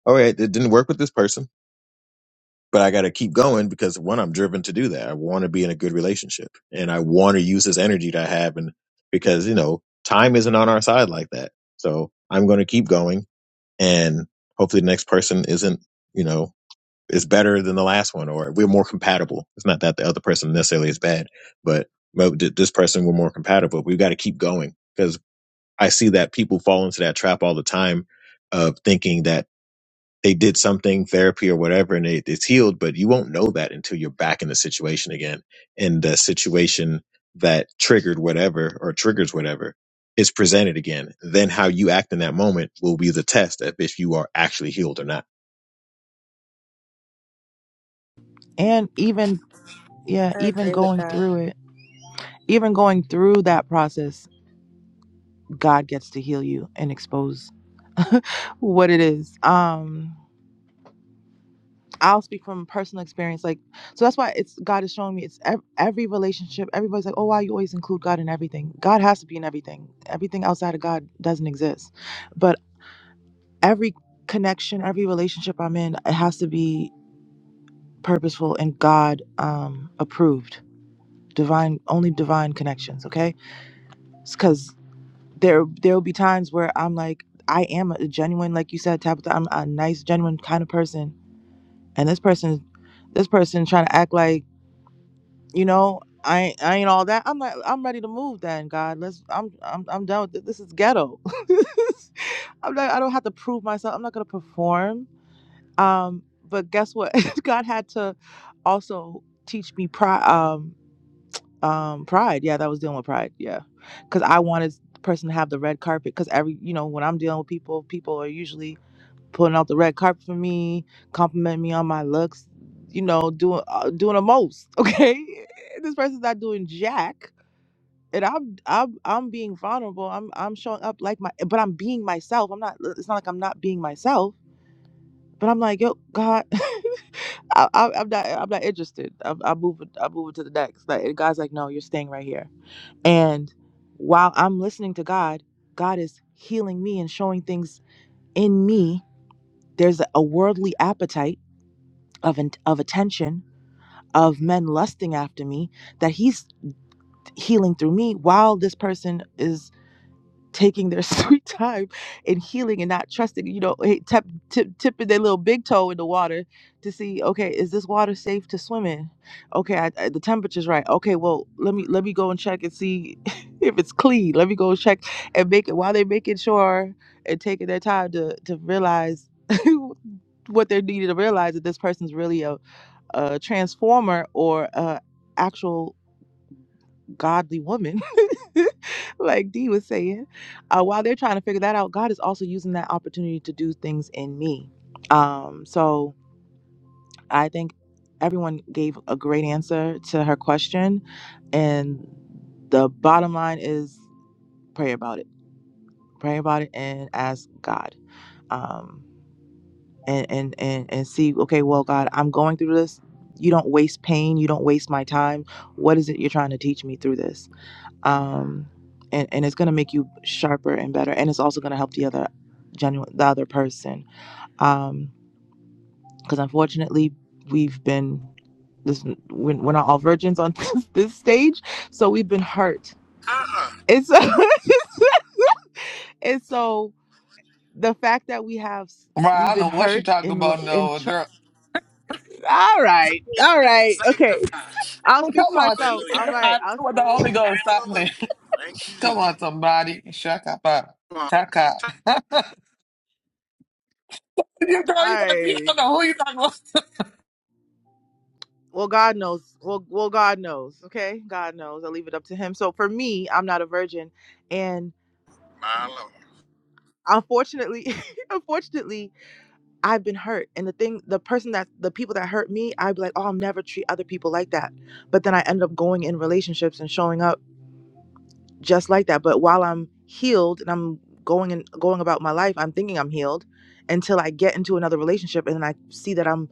Speaker 11: all right, it didn't work with this person but I got to keep going because one, I'm driven to do that. I want to be in a good relationship and I want to use this energy that I have. And because, you know, time isn't on our side like that. So I'm going to keep going and hopefully the next person isn't, you know, is better than the last one or we're more compatible. It's not that the other person necessarily is bad, but but th- this person we're more compatible. We've got to keep going because I see that people fall into that trap all the time of thinking that they did something therapy or whatever and it, it's healed but you won't know that until you're back in the situation again and the situation that triggered whatever or triggers whatever is presented again then how you act in that moment will be the test of if you are actually healed or not
Speaker 1: And even, yeah,
Speaker 16: i
Speaker 1: even
Speaker 16: agree with
Speaker 1: going
Speaker 16: that
Speaker 1: through it, even going through that process, God gets to heal you and expose what it is. Um, I'll speak from personal experience. Like, so that's why it's God is showing me it's ev- every relationship. Everybody's like, oh, why you always include God in everything? God has to be in everything. Everything outside of God doesn't exist. But every connection, every relationship I'm in, it has to be purposeful and God um, approved. Divine, only divine connections. Okay because there there will be times where I'm like I am a genuine, like you said, Tabitha. I'm a nice, genuine kind of person, and this person, this person trying to act like you know I ain't- I ain't all that. I'm like I'm ready to move. Then God, let's I'm I'm I'm done with this. This is ghetto. I'm not I don't have to prove myself. I'm not gonna perform. Um, but guess what? God had to also teach me pride. Um, Um, Pride. Yeah, that was dealing with Pride. Yeah, because I wanted the person to have the red carpet. Because every, you know, when I'm dealing with people, people are usually pulling out the red carpet for me, compliment me on my looks. You know, doing uh, doing the most. Okay, this person's not doing jack, and I'm I'm I'm being vulnerable. I'm I'm showing up like my, but I'm being myself. I'm not. It's not like I'm not being myself. But I'm like, yo, God, I, I, I'm not. I'm not interested. I'm, I'm moving. I'm moving to the next. Like, and God's like, no, you're staying right here and while I'm listening to God, God is healing me and showing things in me. There's a worldly appetite of of attention of men lusting after me that he's healing through me while this person is taking their sweet time and healing and not trusting you know hey, tip, tip, tipping their little big toe in the water to see okay is this water safe to swim in okay I, I- the temperature's right okay well let me let me go and check and see if it's clean let me go and check and make it while they're making sure and taking their time to to realize what they're needed to realize that this person's really a, a transformer or a actual godly woman, like Dee was saying, uh, while they're trying to figure that out, God is also using that opportunity to do things in me. Um, so I think everyone gave a great answer to her question. And the bottom line is pray about it. Pray about it and ask God. Um, and, and, and, and see, okay, well, God, I'm going through this. You don't waste pain. You don't waste my time. What is it you're trying to teach me through this? um, and and it's going to make you sharper and better, and it's also going to help the other genuine the other person. Um, because unfortunately, we've been this we're, we're not all virgins on this, this stage, so we've been hurt.
Speaker 12: Uh-uh.
Speaker 1: It's and so the fact that we have
Speaker 9: mm. Right,
Speaker 1: we've
Speaker 9: I
Speaker 1: been
Speaker 9: know what you're
Speaker 1: hurt
Speaker 9: talking
Speaker 1: in lo-
Speaker 9: about,
Speaker 1: in
Speaker 9: no
Speaker 1: tr-
Speaker 9: girl.
Speaker 1: all right
Speaker 12: Save,
Speaker 1: all right
Speaker 12: save the
Speaker 1: okay
Speaker 12: sanctify.
Speaker 1: i'll
Speaker 9: Oh,
Speaker 1: speak for
Speaker 9: come on,
Speaker 1: myself
Speaker 9: speak
Speaker 12: Hallelujah.
Speaker 9: to
Speaker 1: all right i'll
Speaker 9: the Holy Ghost. Stop
Speaker 12: Hallelujah. Thank you,
Speaker 9: Come
Speaker 12: Jesus.
Speaker 9: on, somebody. Shut up. uh,
Speaker 12: Come
Speaker 9: Shut up.
Speaker 12: on.
Speaker 9: you girl,
Speaker 1: all
Speaker 9: you talking, you
Speaker 1: right
Speaker 9: don't know who you talking about.
Speaker 1: well god knows well well god knows okay god knows i leave it up to him so for me i'm not a virgin and
Speaker 12: My Lord.
Speaker 1: unfortunately unfortunately i've been hurt and the thing the person that the people that hurt me i'd be like oh i'll never treat other people like that but then i end up going in relationships and showing up just like that but while i'm healed and i'm going and going about my life i'm thinking i'm healed until i get into another relationship and then i see that i'm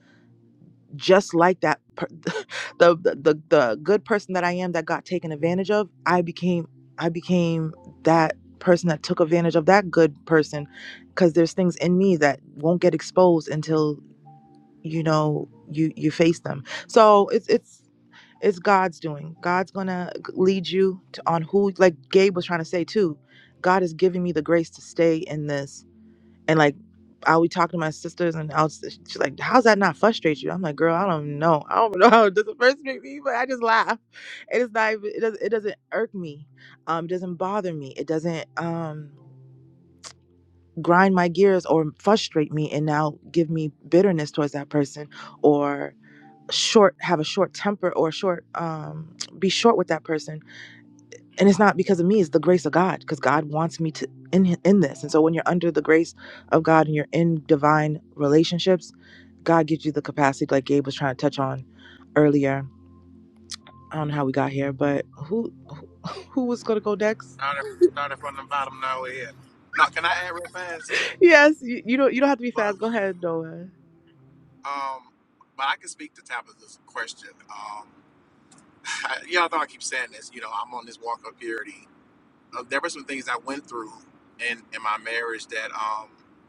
Speaker 1: just like that per- the, the the the good person that I am that got taken advantage of I became I became that person that took advantage of that good person cuz there's things in me that won't get exposed until you know you you face them so it's it's it's God's doing God's going to lead you to on who like Gabe was trying to say too God is giving me the grace to stay in this and like I would talk to my sisters and I was she's like, How's that not frustrate you? I'm like, girl, I don't know. I don't know how it doesn't frustrate me, but I just laugh. it's not even it doesn't it doesn't irk me. Um, it doesn't bother me. It doesn't um grind my gears or frustrate me and now give me bitterness towards that person or short have a short temper or short um be short with that person and it's not because of me it's the grace of god because god wants me to in in this and so when you're under the grace of god and you're in divine relationships god gives you the capacity like gabe was trying to touch on earlier i don't know how we got here but who who was going to go next
Speaker 12: Started, started from the bottom, now we're here. No, can I add real fast?
Speaker 1: yes you, you don't you don't have to be
Speaker 12: But
Speaker 1: fast go ahead noah
Speaker 12: um, but I can speak to Tabitha's question. Um, I, y'all know I keep saying this. You know, I'm on this walk of purity. Uh, there were some things I went through in in my marriage that um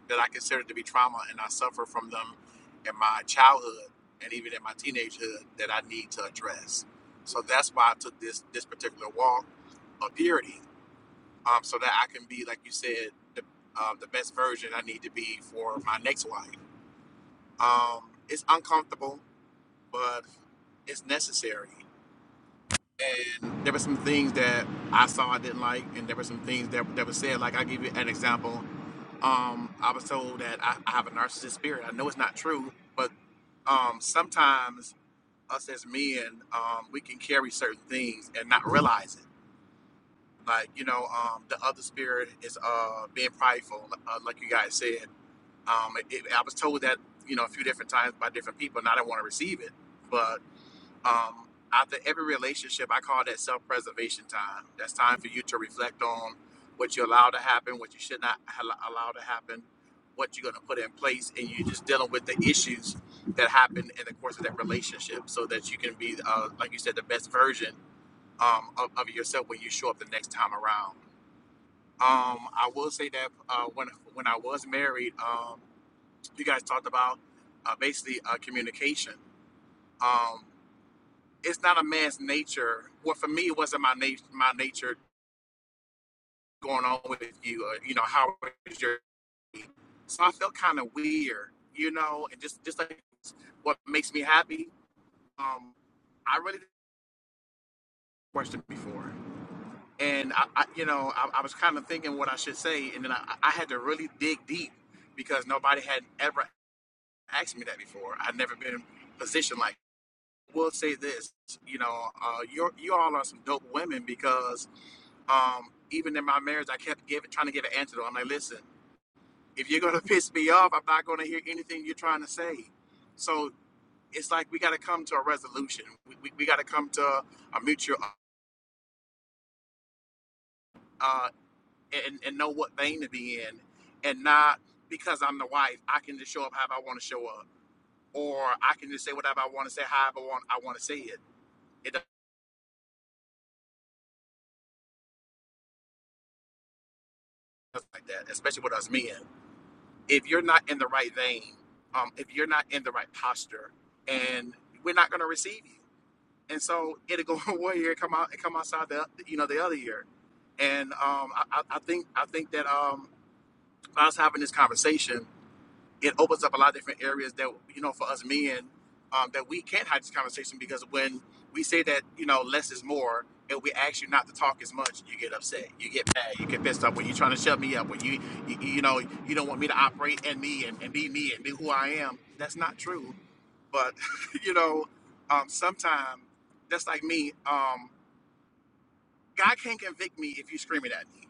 Speaker 12: that I considered to be trauma, and I suffer from them in my childhood and even in my teenagehood that I need to address. So that's why I took this this particular walk of purity um, so that I can be, like you said, the, um, the best version I need to be for my next wife. Um, it's uncomfortable, but it's necessary. And there were some things that I saw I didn't like, and there were some things that, that were said. Like, I'll give you an example. Um, I was told that I, I have a narcissist spirit. I know it's not true, but um, sometimes us as men, um, we can carry certain things and not realize it Like you know, um, the other spirit is uh, being prideful, uh, like you guys said. Um, it, I was told that you know a few different times by different people, and I didn't want to receive it. But um, after every relationship, I call that self-preservation time. That's time for you to reflect on what you allow to happen, what you should not al- allow to happen, what you're going to put in place, and you're just dealing with the issues that happen in the course of that relationship, so that you can be, uh, like you said, the best version um, of, of yourself when you show up the next time around. Um, I will say that uh, when when I was married, um, you guys talked about uh, basically uh, communication. Um, it's not a man's nature. Well, for me, it wasn't my nature. My nature going on with you. Uh, you know how is your? So I felt kind of weird, you know, and just just like what makes me happy. Um, I really didn't question before, and I, I you know, I, I was kind of thinking what I should say, and then I, I had to really dig deep because nobody had ever asked me that before. I've never been positioned like. We'll say this, you know, uh, you you all are some dope women because um, even in my marriage, I kept giving trying to get an answer. To I'm like, listen, if you're gonna piss me off, I'm not gonna hear anything you're trying to say. So it's like we got to come to a resolution. We, we, we got to come to a mutual uh, and and know what vein to be in, and not because I'm the wife, I can just show up how I want to show up, or I can just say whatever I want to say, however I want I want to say it. it stuff like that, especially with us men. If you're not in the right vein, um, if you're not in the right posture, and we're not gonna receive you. And so it'll go one year, and come out, and come outside the you know the other year. And um, I, I I think I think that um, us having this conversation it opens up a lot of different areas that you know for us men um, that we can't have this conversation because when we say that you know less is more and we ask you not to talk as much you get upset you get mad you get pissed off when you're trying to shut me up when you you, you know you don't want me to operate in me and, and be me and be who i am that's not true but you know um, sometimes that's like me um, god can't convict me if you're screaming at me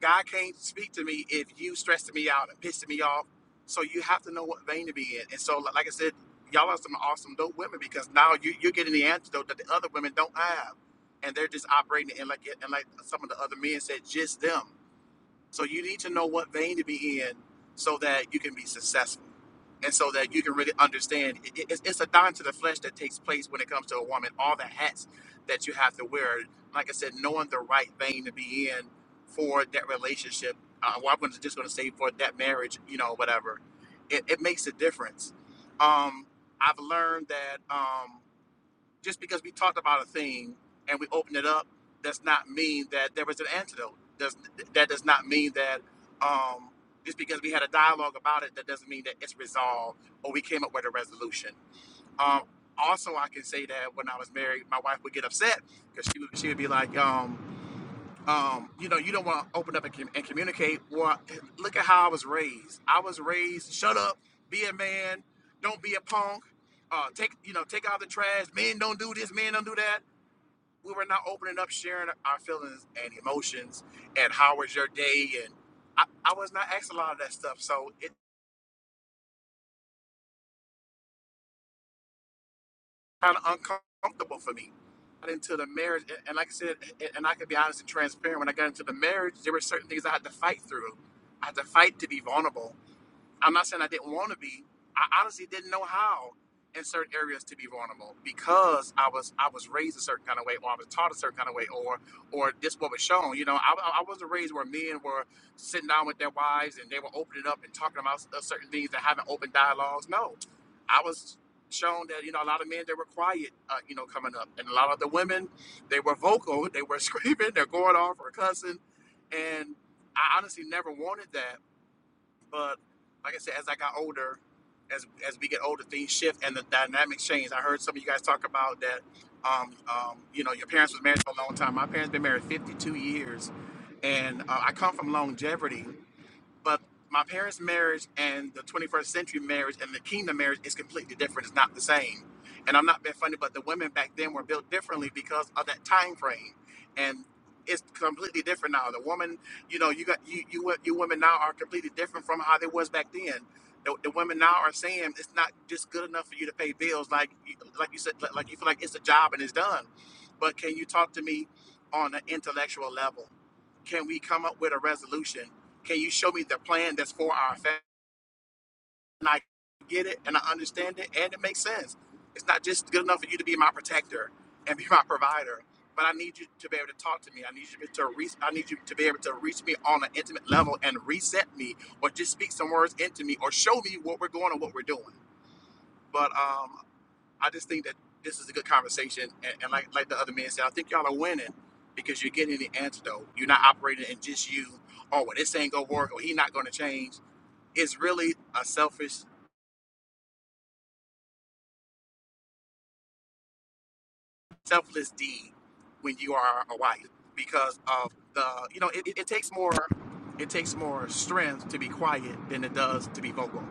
Speaker 12: God can't speak to me if you stressing me out and pissing me off. So you have to know what vein to be in. And so, like I said, y'all are some awesome dope women because now you, you're getting the antidote that the other women don't have, and they're just operating in like and like some of the other men said, just them. So you need to know what vein to be in so that you can be successful and so that you can really understand. It, it- it's, it's a dime to the flesh that takes place when it comes to a woman, all the hats that you have to wear. Like I said, knowing the right vein to be in for that relationship. Uh, well, I'm gonna- just going to say for that marriage, you know, whatever. It, it makes a difference. Um, I've learned that. Um, just because we talked about a thing and we opened it up does not mean that there was an antidote. Does that does not mean that um, just because we had a dialogue about it, that doesn't mean that it's resolved or we came up with a resolution. Um, also, I can say that when I was married, my wife would get upset because she would she would be like. Um, um, you know, you don't want to open up and, com- and communicate. Well, look at how I was raised. I was raised, shut up, be a man, don't be a punk, uh, take, you know, take out the trash. Men don't do this, men don't do that. We were not opening up, sharing our feelings and emotions and how was your day. And I, I was not asked a lot of that stuff. So it's kind of uncomfortable for me. Got into the marriage, and and like I said, a- and I can be honest and transparent. When I got into the marriage, there were certain things I had to fight through. I had to fight to be vulnerable I'm not saying I didn't want to be. I honestly didn't know how in certain areas to be vulnerable because I was I was raised a certain kind of way, or I was taught a certain kind of way, or or this what was shown. You know, I, I I wasn't raised where men were sitting down with their wives and they were opening up and talking about s- uh, certain things and having open dialogues. No, I was shown that you know a lot of men they were quiet uh, you know coming up and a lot of the women they were vocal they were screaming they're going off or cussing and i honestly never wanted that but like I said, as I got older, as as we get older, things shift and the dynamics change. I heard some of you guys talk about that. Um, um, you know, your parents was married for a long time. My parents been married 52 years, and uh, I come from longevity. But my parents' marriage and the 21st century marriage and the kingdom marriage is completely different. It's not the same. And I'm not being funny, but the women back then were built differently because of that time frame. And it's completely different now. The woman, you know, you got you you wo- you women now are completely different from how they was back then. The, the women now are saying it's not just good enough for you to pay bills, like you- like you said, like like you feel like it's a job and it's done. But can you talk to me on an intellectual level? Can we come up with a resolution? Can you show me the plan that's for our family? And I get it and I understand it and it makes sense. It's not just good enough for you to be my protector and be my provider, but I need you to be able to talk to me. I need you to reach. I need you to be able to reach me on an intimate level and reset me, or just speak some words into me, or show me what we're going and what we're doing. But um, I just think that this is a good conversation, and, and like like the other man said, I think y'all are winning because you're getting the antidote. You're not operating in just you. or well, this ain't gonna work, or he not gonna change. It's really a selfish selfless deed when you are a wife because of the you know it, it, it takes more it takes more strength to be quiet than it does to be vocal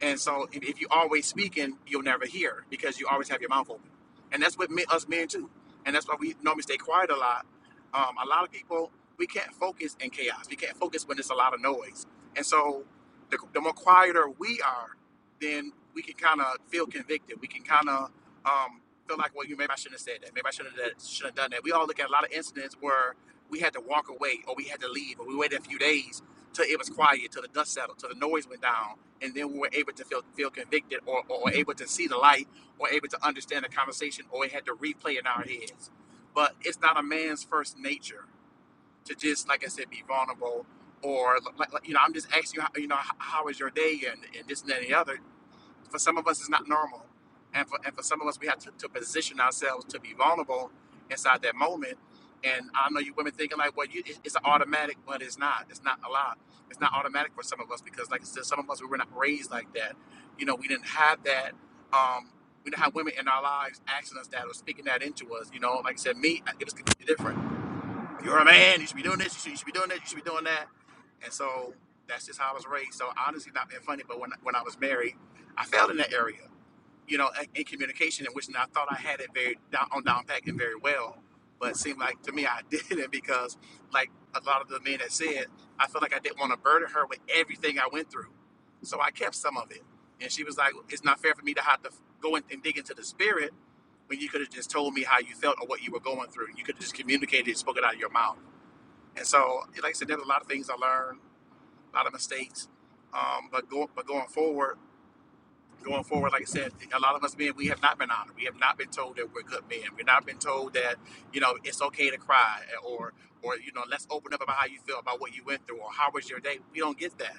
Speaker 12: and so if, if you always speaking you'll never hear because you always have your mouth open and that's what me, us men too and that's why we normally stay quiet a lot um, a lot of people we can't focus in chaos we can't focus when there's a lot of noise and so the, the more quieter we are then we can kind of feel convicted we can kind of um, feel like, well, you maybe I shouldn't have said that. Maybe I shouldn't have, should have done that. We all look at a lot of incidents where we had to walk away or we had to leave or we waited a few days till it was quiet, till the dust settled, till the noise went down, and then we were able to feel feel convicted or, or, or able to see the light or able to understand the conversation or we had to replay in our heads. But it's not a man's first nature to just, like I said, be vulnerable or like, like you know, I'm just asking you, how, you know, how, how was your day and, and this and that and the other for some of us it's not normal and for, and for some of us we have to, to position ourselves to be vulnerable inside that moment and i know you women thinking like well you, it's an automatic but it's not it's not a lot it's not automatic for some of us because like i said some of us we were not raised like that you know we didn't have that um we didn't have women in our lives asking us that or speaking that into us you know like i said me it was completely different you're a man. You should be doing this. You should, you should be doing that. You should be doing that. And so that's just how I was raised. So honestly, not being funny, but when when I was married, I failed in that area. You know, in, in communication, in which I thought I had it very down on down pack and very well, but it seemed like to me I didn't because, like a lot of the men that said, I felt like I didn't want to burden her with everything I went through, so I kept some of it. And she was like, "It's not fair for me to have to go in and dig into the spirit when you could have just told me how you felt or what you were going through. You could have just communicated and spoken out of your mouth." And so, like I said, there's a lot of things I learned, a lot of mistakes. Um, but going but going forward, going forward, like I said, a lot of us men, we have not been honored. We have not been told that we're good men. We've not been told that you know it's okay to cry, or or you know let's open up about how you feel about what you went through, or how was your day. We don't get that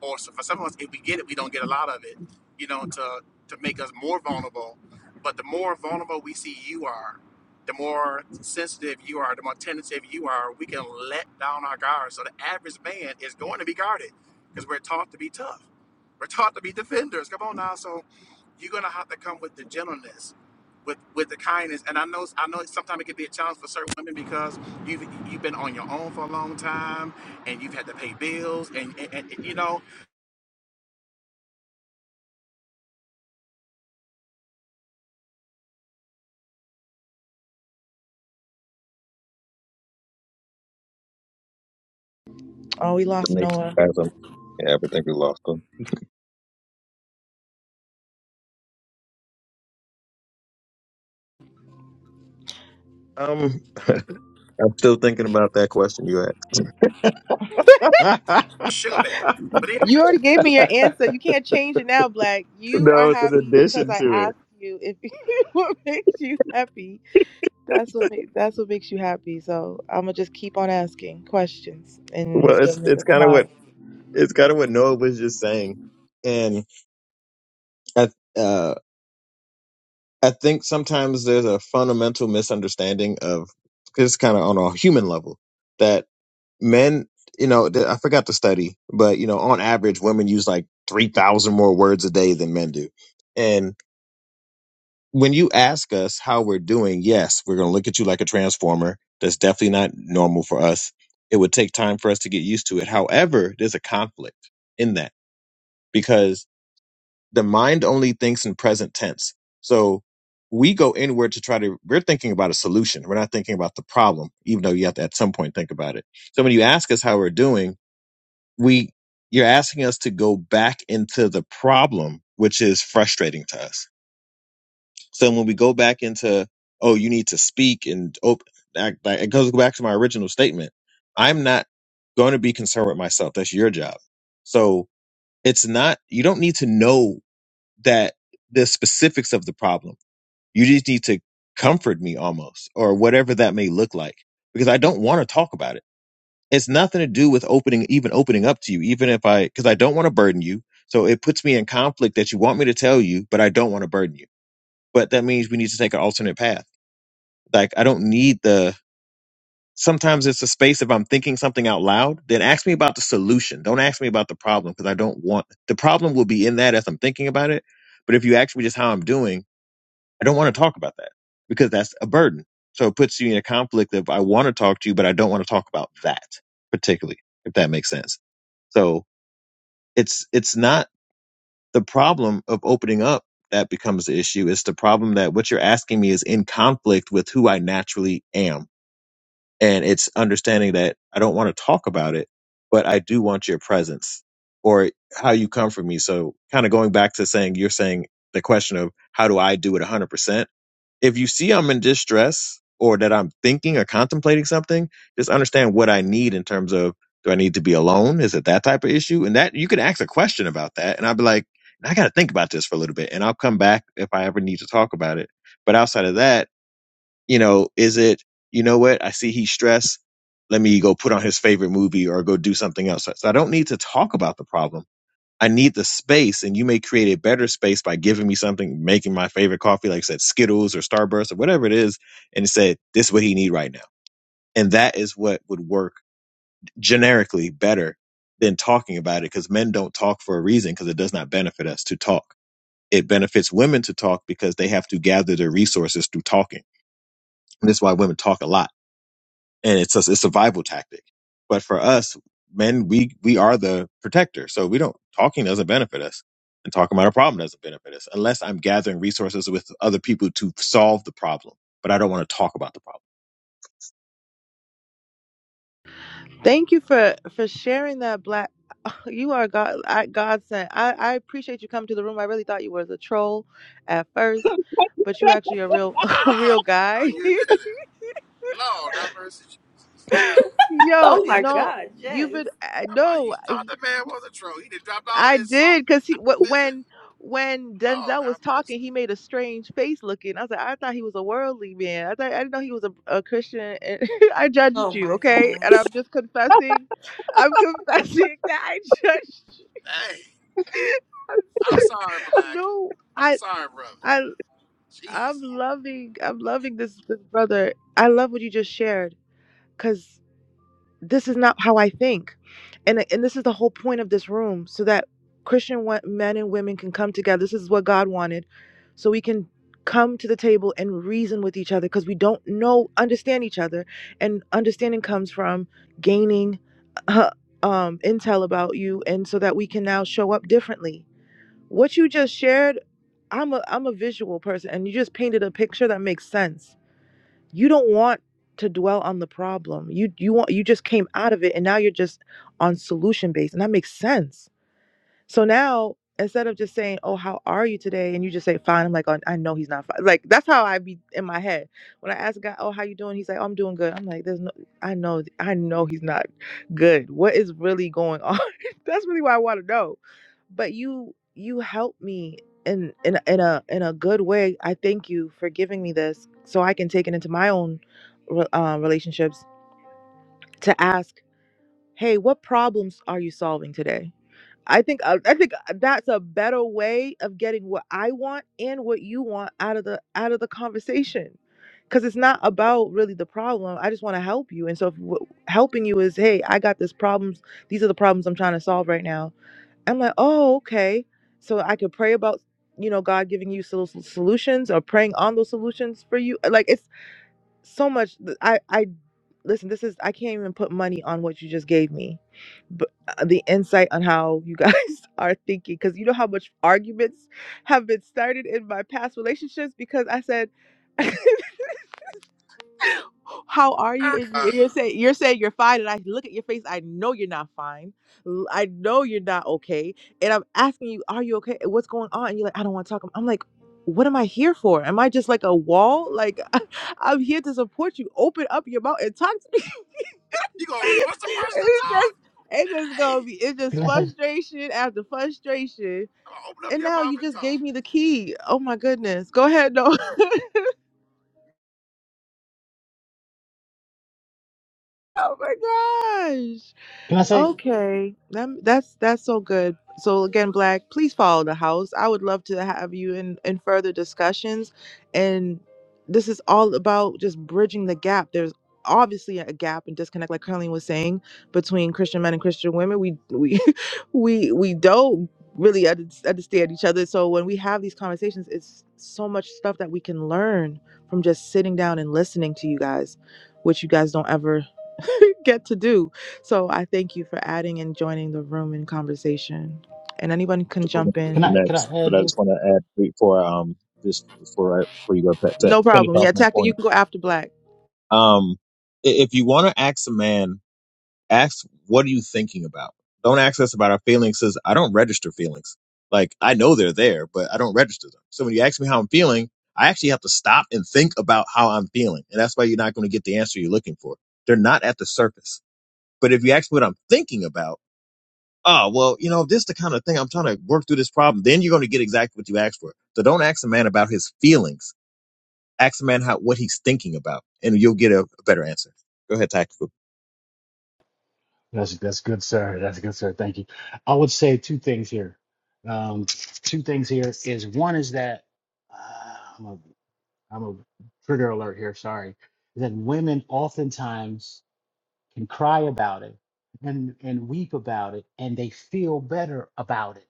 Speaker 12: or so for some of us, if we get it, we don't get a lot of it, you know, to to make us more vulnerable. But the more vulnerable we see you are, the more sensitive you are, the more tentative you are, we can let down our guard. So the average man is going to be guarded because we're taught to be tough. We're taught to be defenders. Come on now. So you're gonna have to come with the gentleness, with with the kindness. And I know I know sometimes it can be a challenge for certain women because you've you've been on your own for a long time and you've had to pay bills and, and, and you know
Speaker 1: oh we lost
Speaker 11: And they
Speaker 1: noah
Speaker 11: has them. Yeah, I think we lost them. um i'm still thinking about that question you asked
Speaker 12: a Sugar Bear. But
Speaker 1: You
Speaker 12: anyway,
Speaker 1: already gave me your answer. You can't change it now, Black. You are
Speaker 11: no it's an
Speaker 1: happy because
Speaker 11: addition
Speaker 1: I
Speaker 11: to it
Speaker 1: asked you if what makes you happy. That's what make, that's what makes you happy. So I'm gonna just keep on asking questions, and it's
Speaker 11: well it's
Speaker 1: gonna make
Speaker 11: it's
Speaker 1: us
Speaker 11: kind of what
Speaker 1: smile.
Speaker 11: it's kind of what noah was just saying and I, uh I think sometimes there's a fundamental misunderstanding of because it's kind of on a human level that men, you know, th- I forgot the study, but you know, on average, women use like three thousand more words a day than men do. And when you ask us how we're doing, yes, we're going to look at you like a transformer. That's definitely not normal for us. It would take time for us to get used to it. However, there's a conflict in that because the mind only thinks in present tense. So we go inward to try to, we're thinking about a solution. We're not thinking about the problem, even though you have to at some point think about it. So when you ask us how we're doing, we, you're asking us to go back into the problem, which is frustrating to us. So when we go back into, oh, you need to speak and open, that, that, it goes back to my original statement. I'm not going to be concerned with myself. That's your job. So it's not, you don't need to know that the specifics of the problem. You just need to comfort me almost, or whatever that may look like, because I don't want to talk about it. It's nothing to do with opening, even opening up to you, even if I, because I don't want to burden you. So it puts me in conflict that you want me to tell you, but I don't want to burden you. But that means we need to take an alternate path. Like I don't need the, sometimes it's a space if I'm thinking something out loud, then ask me about the solution. Don't ask me about the problem because I don't want, the problem will be in that as I'm thinking about it. But if you ask me just how I'm doing, I don't want to talk about that because that's a burden. So it puts you in a conflict of I want to talk to you, but I don't want to talk about that particularly, if that makes sense. So it's it's not the problem of opening up that becomes the issue. It's the problem that what you're asking me is in conflict with who I naturally am. And it's understanding that I don't want to talk about it, but I do want your presence or how you comfort me. So kind of going back to saying you're saying the question of how do I do it 100%? if you see I'm in distress or that I'm thinking or contemplating something, just understand what I need in terms of do I need to be alone? Is it that type of issue? And that you can ask a question about that. And I'd be like, I got to think about this for a little bit and I'll come back if I ever need to talk about it. But outside of that, you know, is it, you know what? I see he's stressed. Let me go put on his favorite movie or go do something else. So so I don't need to talk about the problem I need the space, and you may create a better space by giving me something, making my favorite coffee, like I said, Skittles or Starburst or whatever it is, and said, this is what he need right now. And that is what would work generically better than talking about it because men don't talk for a reason because it does not benefit us to talk. It benefits women to talk because they have to gather their resources through talking. And that's why women talk a lot and it's a, it's a survival tactic. But for us men, we we are the protector, so we don't talking doesn't benefit us, and talking about a problem doesn't benefit us unless I'm gathering resources with other people to solve the problem. But I don't want to talk about the problem.
Speaker 1: Thank you for for sharing that. Black, you are God. I, God sent. I I appreciate you coming to the room. I really thought you was a troll at first, but you actually a real a real
Speaker 12: Ah, no,
Speaker 1: guy.
Speaker 12: you didn't. Lord, have mercy. No,
Speaker 1: Yo,
Speaker 16: Oh
Speaker 12: you
Speaker 16: my
Speaker 12: didn't.
Speaker 1: no,
Speaker 16: God, yes.
Speaker 1: you've been uh,
Speaker 12: How about
Speaker 1: no.
Speaker 12: you thought the man was a troll? He done dropped all
Speaker 1: I
Speaker 12: this salt
Speaker 1: did
Speaker 12: and
Speaker 1: because he wh-
Speaker 12: diamonds
Speaker 1: when
Speaker 12: and
Speaker 1: when
Speaker 12: Lord,
Speaker 1: Denzel was
Speaker 12: have
Speaker 1: talking,
Speaker 12: mercy.
Speaker 1: he made a strange face looking. I was like, I thought he was a worldly man. I thought I didn't know he was a, a Christian. And I judged
Speaker 16: oh
Speaker 1: you,
Speaker 16: my
Speaker 1: okay? And
Speaker 16: gosh
Speaker 1: I'm just confessing, I'm confessing that I judged
Speaker 12: Hey,
Speaker 1: you. I'm
Speaker 12: I'm
Speaker 1: s-
Speaker 12: sorry, Black.
Speaker 1: no,
Speaker 12: I'm
Speaker 1: I
Speaker 12: sorry, brother.
Speaker 1: I I'm
Speaker 12: Jeez.
Speaker 1: loving I'm loving this this brother. I love what you just shared this is not how I think. And uh, and this is the whole point of this room so that Christian men and women can come together. This is what God wanted. So we can come to the table and reason with each other because we don't know understand each other and understanding comes from gaining uh, um intel about you and so that we can now show up differently. What you just shared, I'm a I'm a visual person and you just painted a picture that makes sense you don't want to dwell on the problem. You you want you just came out of it and now you're just on solution based. And that makes sense. So now instead of just saying, "Oh, how are you today?" and you just say, "Fine," I'm like, "Oh, I know he's not fine." Like that's how I be in my head when I ask a guy, "Oh, how you doing?" He's like, "Oh, "I'm doing good." I'm like, "There's no, I know, I know he's not good. What is really going on?" that's really what I want to know. But you, you help me in in a- in a in a good way. I thank you for giving me this so I can take it into my own re- uh, relationships to ask, "Hey, what problems are you solving today?" I think I, I think uh, that's a better way of getting what I want and what you want out of the out of the conversation. Cuz it's not about really the problem. I just want to help you. And so if w- helping you is, "Hey, I got this problems. These are the problems I'm trying to solve right now." I'm like, "Oh, okay." So I could pray about you know God giving you sol- solutions or praying on those solutions for you. Like it's so much th- i i listen this is i can't even put money on what you just gave me but uh, the insight on how you guys are thinking because you know how much arguments have been started in my past relationships because i said how are you? And
Speaker 12: Uh,
Speaker 1: you- you're saying you're saying you're fine, and I look at your face. I know you're not fine. L- I know you're not okay. And I'm asking you, are you okay? What's going on? And you're like, I don't want to talk. I'm like, what am I here for? Am I just like a wall? Like I'm here to support you. Open up your mouth and talk to me.
Speaker 12: you gonna force the person to
Speaker 1: it's just
Speaker 12: talk?
Speaker 1: it's just
Speaker 12: Hey,
Speaker 1: gonna be it's
Speaker 15: Can
Speaker 1: just
Speaker 15: I say?
Speaker 1: frustration after frustration.
Speaker 12: I'm gonna open up
Speaker 1: And
Speaker 12: your
Speaker 1: now
Speaker 12: mouth
Speaker 1: you
Speaker 12: and
Speaker 1: just gave
Speaker 12: talk.
Speaker 1: me the key. Oh my goodness. Go ahead, no. oh my gosh.
Speaker 15: Can I say?
Speaker 1: Okay, that, that's that's so good. So again, Black, please follow the house. I would love to have you in in further discussions, and this is all about just bridging the gap. There's obviously a gap and disconnect, like Carleen was saying, between Christian men and Christian women. We we we we don't really un- understand each other. So when we have these conversations, it's so much stuff that we can learn from just sitting down and listening to you guys, which you guys don't ever get to do. So I thank you for adding and joining the room in conversation. And anyone can
Speaker 11: Practical one
Speaker 1: jump
Speaker 15: Can
Speaker 11: for
Speaker 1: in.
Speaker 15: I? Can I
Speaker 11: next, but
Speaker 15: add
Speaker 11: I just
Speaker 15: this?
Speaker 11: want to add before um just before I, before you go to, to
Speaker 1: No
Speaker 11: finish
Speaker 1: problem.
Speaker 11: off
Speaker 1: Yeah,
Speaker 11: my
Speaker 1: Taka, you
Speaker 11: point.
Speaker 1: can go after Black.
Speaker 11: Um, i- if you want to ask a man ask what are you thinking about don't ask us about our feelings because i don't register feelings like i know they're there but i don't register them so when you ask me how i'm feeling i actually have to stop and think about how i'm feeling and that's why you're not going to get the answer you're looking for they're not at the surface but if you ask me what i'm thinking about oh well you know this is the kind of thing i'm trying to work through this problem then you're going to get exactly what you asked for so don't ask a man about his feelings ask a man how what he's thinking about and you'll get a, a better answer go ahead tactical
Speaker 15: That's that's good, sir. That's good, sir. Thank you. I would say two things here. Um, two things here is one is that. uh, I'm a trigger alert here, sorry, that women oftentimes can cry about it and, and weep about it and they feel better about it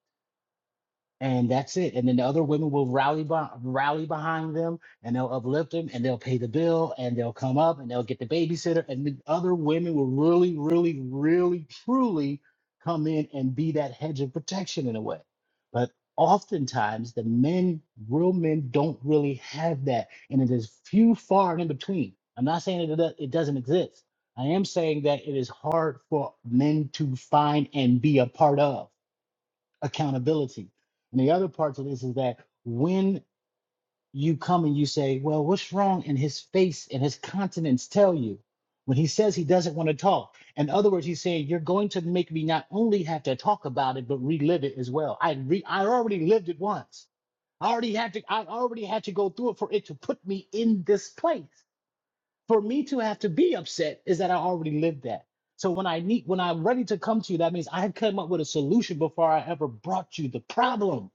Speaker 15: and that's it. And then the other women will rally by, rally behind them, and they'll uplift them, and they'll pay the bill, and they'll come up, and they'll get the babysitter, and the other women will really, really, really, truly come in and be that hedge of protection in a way. But oftentimes, the men, real men, don't really have that, and it is few, far, and in between. I'm not saying that it do- it doesn't exist. I am saying that it is hard for men to find and be a part of accountability. And the other part to this is that when you come and you say, Well, what's wrong? And his face and his countenance tell you when he says he doesn't want to talk. In other words, he's saying, You're going to make me not only have to talk about it, but relive it as well. I re- I already lived it once. I already had to I already had to go through it for it to put me in this place for me to have to be upset is that I already lived that. So when I need when I'm ready to come to you, that means I had come up with a solution before I ever brought you the problem.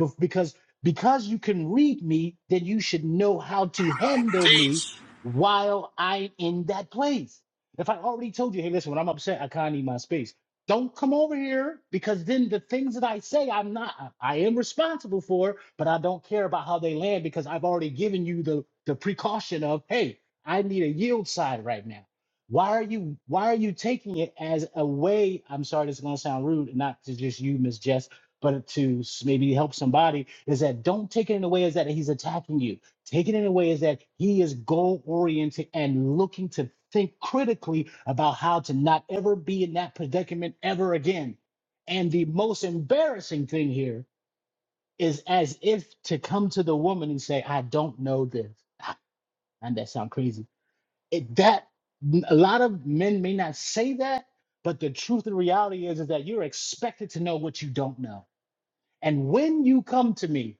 Speaker 15: Bef- Because because you can read me, then you should know how to handle me
Speaker 12: Jeez.
Speaker 15: while I'm in that place. If I already told you, hey, listen, when I'm upset, I kind of need my space. Don't come over here because then the things that I say, I'm not, I I am responsible for, but I don't care about how they land because I've already given you the the precaution of, hey, I need a yield side right now. Why are you why are you taking it as a way? I'm sorry, this is gonna sound rude, not to just you, Miss Jess, but to s- maybe help somebody, is that don't take it in a way as that he's attacking you. Take it in a way as that he is goal oriented and looking to think critically about how to not ever be in that predicament ever again. And the most embarrassing thing here is as if to come to the woman and say, I don't know this. And that sound crazy it, that a lot of men may not say that, but the truth and reality is, is that you're expected to know what you don't know. And when you come to me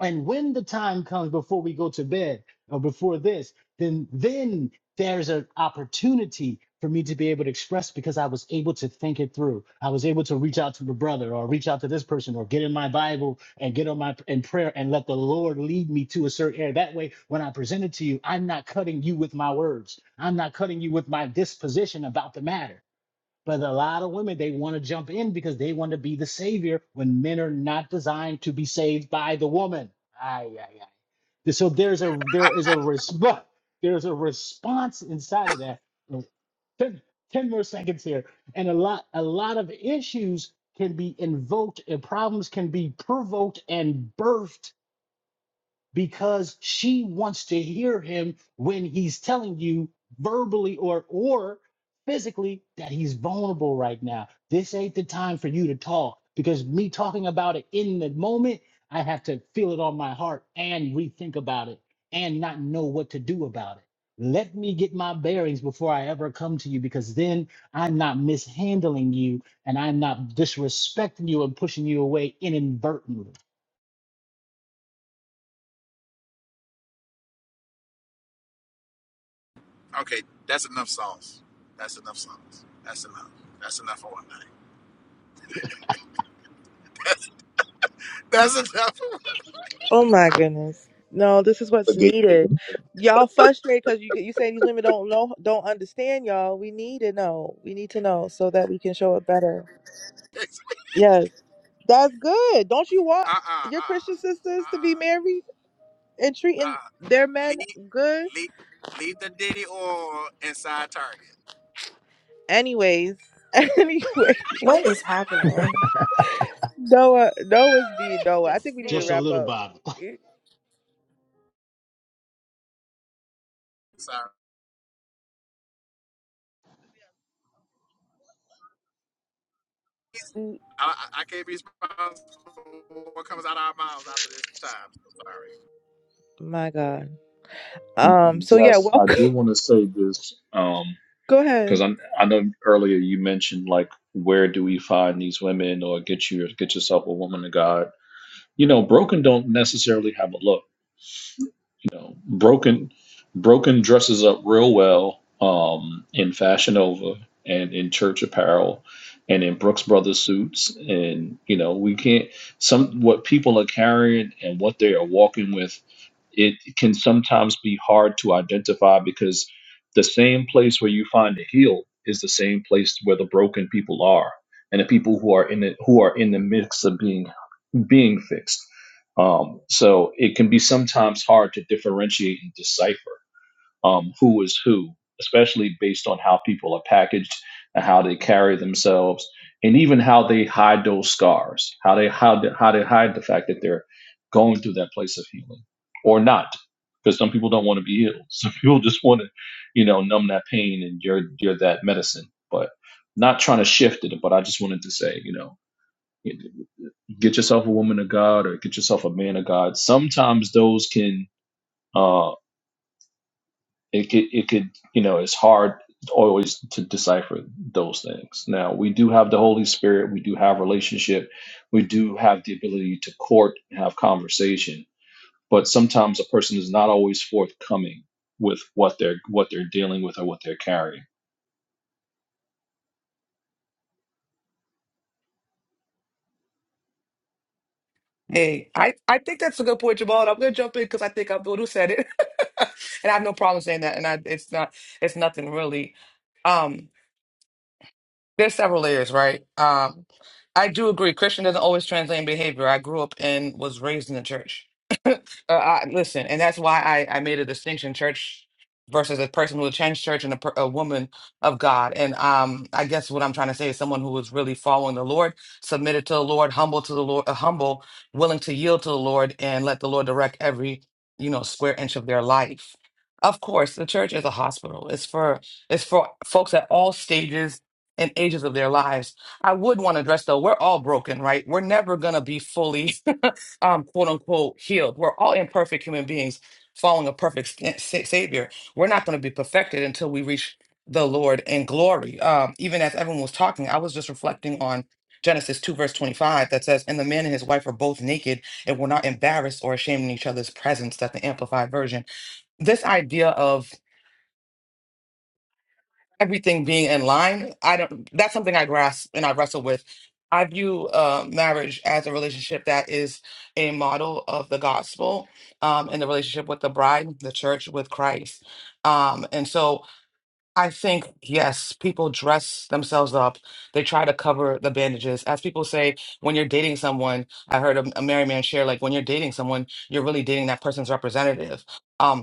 Speaker 15: and when the time comes before we go to bed or before this, then then there's an opportunity for me to be able to express because I was able to think it through. I was able to reach out to my brother or reach out to this person or get in my Bible and get on my in prayer and let the Lord lead me to a certain area. That way, when I present it to you, I'm not cutting you with my words. I'm not cutting you with my disposition about the matter. But a lot of women, they want to jump in because they want to be the savior when men are not designed to be saved by the woman. Ay, ay, ay. So there's a there is a response. There's a response inside of that. Oh, Ten ten more seconds here, and a lot a lot of issues can be invoked, and problems can be provoked and birthed because she wants to hear him when he's telling you verbally or or physically that he's vulnerable right now. This ain't the time for you to talk because me talking about it in the moment, I have to feel it on my heart and rethink about it and not know what to do about it. Let me get my bearings before I ever come to you because then I'm not mishandling you and I'm not disrespecting you and pushing you away inadvertently.
Speaker 12: Okay, that's enough sauce. That's enough sauce. That's enough. That's enough for one night. That's enough.
Speaker 1: Oh my goodness. No, this is what's needed.
Speaker 11: Well,
Speaker 1: Y'all frustrated because you you say these women don't know, don't understand y'all. We need to know. We need to know so that we can show it better. Yes, that's good. Don't you want
Speaker 12: Uh uh uh uh.
Speaker 1: your Christian sisters to
Speaker 12: uh.
Speaker 1: be married and treating
Speaker 12: Uh,
Speaker 1: their men
Speaker 12: leave,
Speaker 1: good?
Speaker 12: leave, leave the Diddy or inside Target.
Speaker 1: Anyways, anyway.
Speaker 16: what is happening
Speaker 1: Noah, Noah's being Noah.
Speaker 14: The
Speaker 1: I think we need to
Speaker 15: Just a
Speaker 1: wrap
Speaker 14: stage.
Speaker 15: little
Speaker 1: up.
Speaker 15: bottle.
Speaker 1: Mm,
Speaker 12: Sorry,
Speaker 1: mm,
Speaker 12: I, I I can't be responsible for what comes out of our mouths after this time. So sorry.
Speaker 1: My God. Um. So yeah,
Speaker 10: Yes, I
Speaker 1: welcome.
Speaker 10: do want to say this. Um,
Speaker 1: Go
Speaker 10: Because
Speaker 1: ahead.
Speaker 10: I I know earlier you mentioned like where do we find these women or get you get yourself a woman of God. You know, broken don't necessarily have a look. You know, broken broken dresses up real well um, in Fashion Nova and in church apparel and in Brooks Brothers suits. And you know, we can't some what people are carrying and what they are walking with. It can sometimes be hard to identify because the same place where you find the heel is the same place where the broken people are, and the people who are in it who are in the mix of being being fixed. Um, so it can be sometimes hard to differentiate and decipher um, who is who, especially based on how people are packaged and how they carry themselves, and even how they hide those scars, how they how they, how they hide the fact that they're going through that place of healing or not, because some people don't want to be healed. Some people just want to, you know, numb that pain and you're you're that medicine, but not trying to shift it. But I just wanted to say, you know get yourself a woman of God or get yourself a man of God. Sometimes those can uh it could it could you know it's hard always to decipher those things. Now we do have the Holy Spirit, we do have relationship, we do have the ability to court and have conversation, but sometimes a person is not always forthcoming with what they're what they're dealing with or what they're carrying.
Speaker 9: Hey, I, I think that's a good point, Jamal. and I'm gonna jump in because I think I'm the one who said it, and I have no problem saying that. And I, it's not, it's nothing really. Um, there's several layers, right? Um, I do agree. Christian doesn't always translate in behavior. I grew up and was raised in the church. Uh, I, listen, and that's why I, I made a distinction: church versus a person who attends church and a, per, a woman of God. And um, I guess what I'm trying to say is someone who is really following the Lord, submitted to the Lord, humble to the Lord, uh, humble, willing to yield to the Lord, and let the Lord direct every you know square inch of their life. Of course, the church is a hospital. It's for it's for folks at all stages and ages of their lives. I would want to address though, we're all broken, right? We're never gonna be fully. um, quote unquote healed. We're all imperfect human beings following a perfect sta- sa- savior. We're not going to be perfected until we reach the Lord in glory. Um, even as everyone was talking, I was just reflecting on Genesis 2, verse 25, that says, And the man and his wife are both naked and were not embarrassed or ashamed in each other's presence. That's the amplified version. This idea of everything being in line i don't that's something i grasp and i wrestle with i view uh, marriage as a relationship that is a model of the gospel um, and the relationship with the bride the church with christ um, and so i think yes people dress themselves up they try to cover the bandages as people say when you're dating someone i heard a, a married man share like when you're dating someone you're really dating that person's representative Um.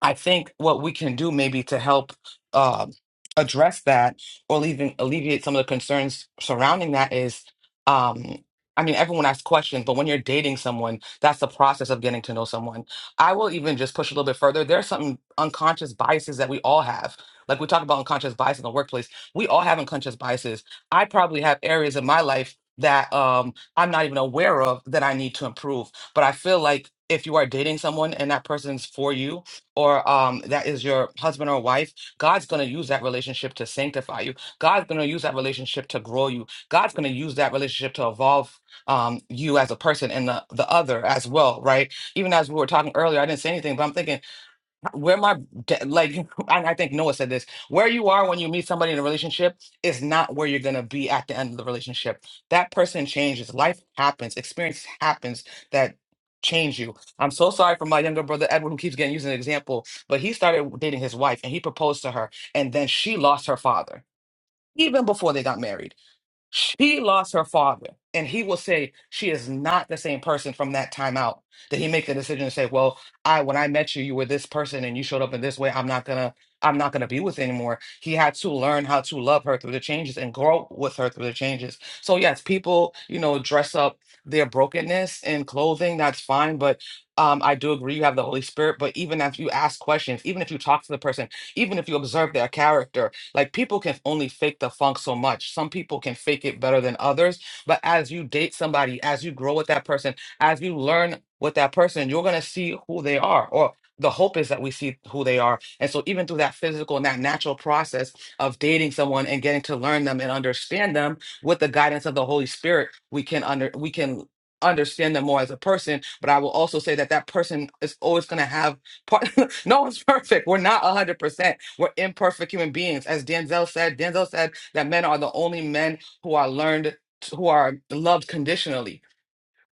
Speaker 9: I think what we can do maybe to help um address that or even alleviate some of the concerns surrounding that is, um, I mean, everyone asks questions, but when you're dating someone, that's the process of getting to know someone. I will even just push a little bit further. There are some unconscious biases that we all have. Like we talk about unconscious bias in the workplace, we all have unconscious biases. I probably have areas in my life that um, I'm not even aware of that I need to improve. But I feel like if you are dating someone and that person's for you, or um, that is your husband or wife, God's going to use that relationship to sanctify you. God's going to use that relationship to grow you. God's going to use that relationship to evolve um, you as a person and the, the other as well, right? Even as we were talking earlier, I didn't say anything, but I'm thinking where my de- like you- and i think noah said this where you are when you meet somebody in a relationship is not where you're going to be at the end of the relationship that person changes life happens experience happens that change you i'm so sorry for my younger brother edward who keeps getting used as an example but he started dating his wife and he proposed to her and then she lost her father even before they got married she lost her father. And he will say she is not the same person from that time out. That he make the decision to say, Well, I when I met you, you were this person and you showed up in this way. I'm not gonna I'm not gonna be with you anymore. He had to learn how to love her through the changes and grow with her through the changes. So yes, people, you know, dress up their brokenness in clothing, that's fine. But um, I do agree you have the Holy Spirit, but even if you ask questions, even if you talk to the person, even if you observe their character, like people can only fake the funk so much. Some people can fake it better than others. But as you date somebody, as you grow with that person, as you learn with that person, you're gonna see who they are. Or the hope is that we see who they are. And so even through that physical and that natural process of dating someone and getting to learn them and understand them with the guidance of the Holy Spirit, we can under we can understand them more as a person but i will also say that that person is always going to have part no one's perfect we're not 100% we're imperfect human beings. As Denzel said, Denzel said that men are the only men who are learned, who are loved conditionally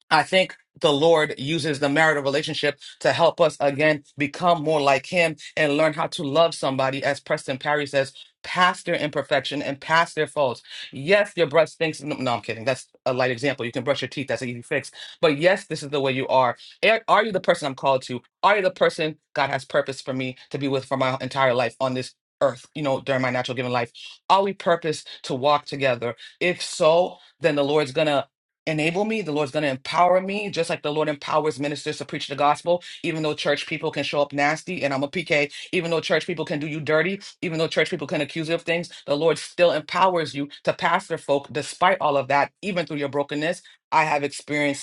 Speaker 9: I think the Lord uses the marital relationship to help us again become more like Him and learn how to love somebody, as Preston Perry says, past their imperfection and past their faults. Yes, your brush stinks. No, no, I'm kidding. That's a light example. You can brush your teeth. That's an easy fix. But yes, this is the way you are. Are are you the person I'm called to? Are you the person God has purpose for me to be with for my entire life on this earth, you know, during my natural given life? Are we purposed to walk together? If so, then the Lord's gonna enable me. The Lord's going to empower me, just like the Lord empowers ministers to preach the gospel, even though church people can show up nasty. And I'm a PK, even though church people can do you dirty, even though church people can accuse you of things, the Lord still empowers you to pastor folk despite all of that, even through your brokenness. I have experienced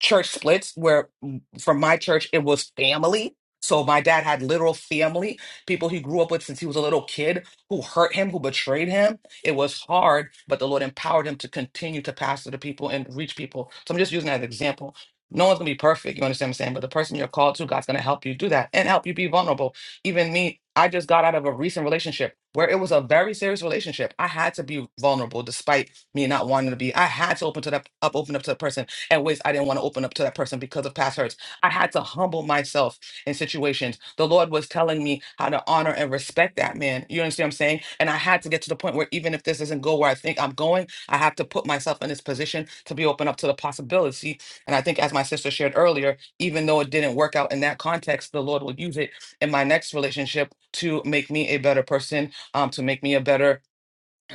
Speaker 9: church splits where mm, from my church it was family so my dad had literal family people he grew up with since he was a little kid who hurt him who betrayed him it was hard but the lord empowered him to continue to pastor to people and reach people so i'm just using that as an example no one's gonna be perfect you understand what i'm saying but the person you're called to god's gonna help you do that and help you be vulnerable even me i just got out of a recent relationship where it was a very serious relationship i had to be vulnerable despite me not wanting to be i had to open to that up open up to the person and ways I didn't want to open up to that person because of past hurts. I had to humble myself in situations. The Lord was telling me how to honor and respect that man. You understand what I'm saying? And I had to get to the point where even if this doesn't go where I think I'm going, I have to put myself in this position to be open up to the possibility. And I think, as my sister shared earlier, even though it didn't work out in that context, the Lord will use it in my next relationship to make me a better person, um, to make me a better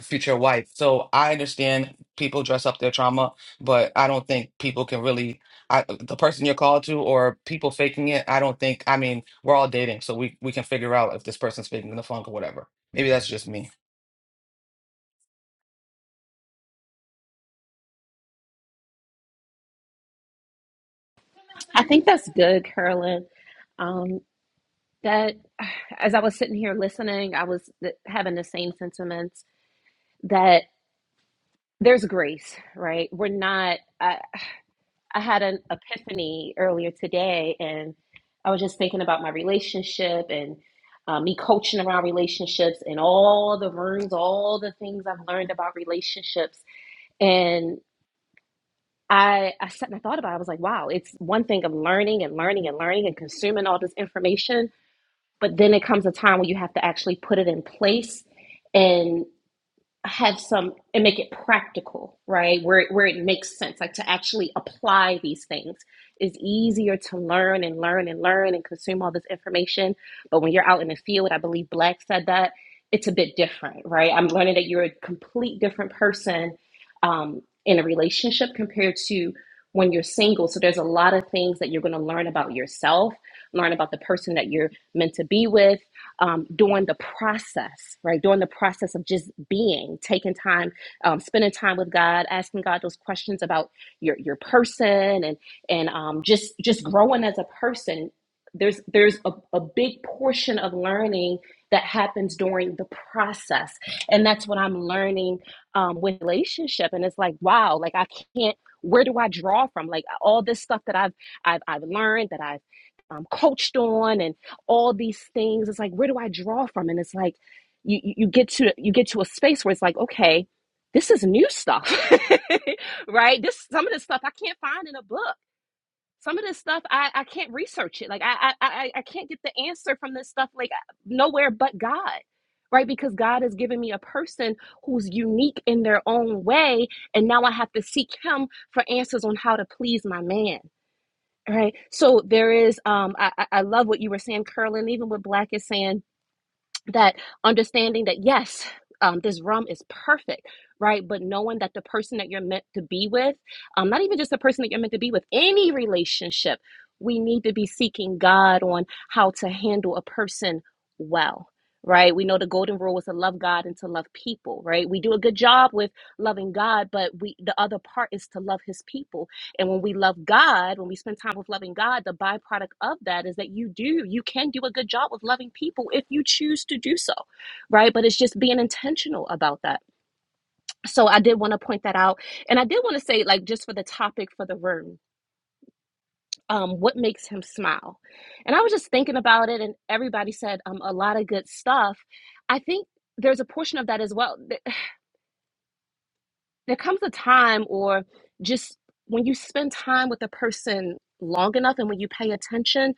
Speaker 9: future wife. So I understand people dress up their trauma, but I don't think people can really I, the person you're called to or people faking it, I don't think I mean, we're all dating, so we we can figure out if this person's faking the funk or whatever. Maybe that's just me.
Speaker 14: I think that's good, Carolyn. Um, that as I was sitting here listening, I was th- having the same sentiments that there's grace, right? We're not. I had an epiphany earlier today, and I was just thinking about my relationship and uh, me coaching around relationships and all the rooms, all the things I've learned about relationships. And I, I sat and I thought about it. I was like, wow, it's one thing of learning and learning and learning and consuming all this information, but then it comes a time where you have to actually put it in place and have some and make it practical, right? Where where it makes sense, like to actually apply these things is easier to learn and learn and learn and consume all this information. But when you're out in the field, I believe Black said that it's a bit different, right? I'm learning that you're a complete different person um, in a relationship compared to when you're single. So there's a lot of things that you're going to learn about yourself, learn about the person that you're meant to be with um, during the process, right? During the process of just being, taking time, um, spending time with God, asking God those questions about your your person and and um, just just growing as a person. There's there's a, a big portion of learning that happens during the process, and that's what I'm learning um, with relationship. And it's like, wow, like I can't. Where do I draw from? Like all this stuff that I've I've I've learned that I've um, coached on and all these things. It's like, where do I draw from? And it's like, you, you get to you get to a space where it's like, okay, this is off, right? In a book, some of this stuff I, I like I, I I I can't get the answer from this stuff like nowhere but God, right? Because God has given me a person who's unique in their own way, and now I have to seek Him for answers on how to please my man. Right. So there is um I, I I love what you were saying, Curlin, even what Black is saying that understanding that yes um, this rum is perfect right but knowing that the person that you're meant to be with um, not even just the person that you're meant to be with any relationship we need to be seeking god on how to handle a person well right we know the golden rule is to love god and to love people right we do a good job with loving god but we the other part is to love his people and when we love God, when we spend time with loving God, the byproduct of that is that you do, you can do a good job with loving people if you choose to do so, right? But it's just being intentional about that. So I did want to point that out. And I did want to say, like, just for the topic for the room, um, what makes him smile? And I was just thinking about it, and everybody said um, a lot of good stuff. I think there's a portion of that as well. there comes a time or just when you spend time with a person long enough and when you pay attention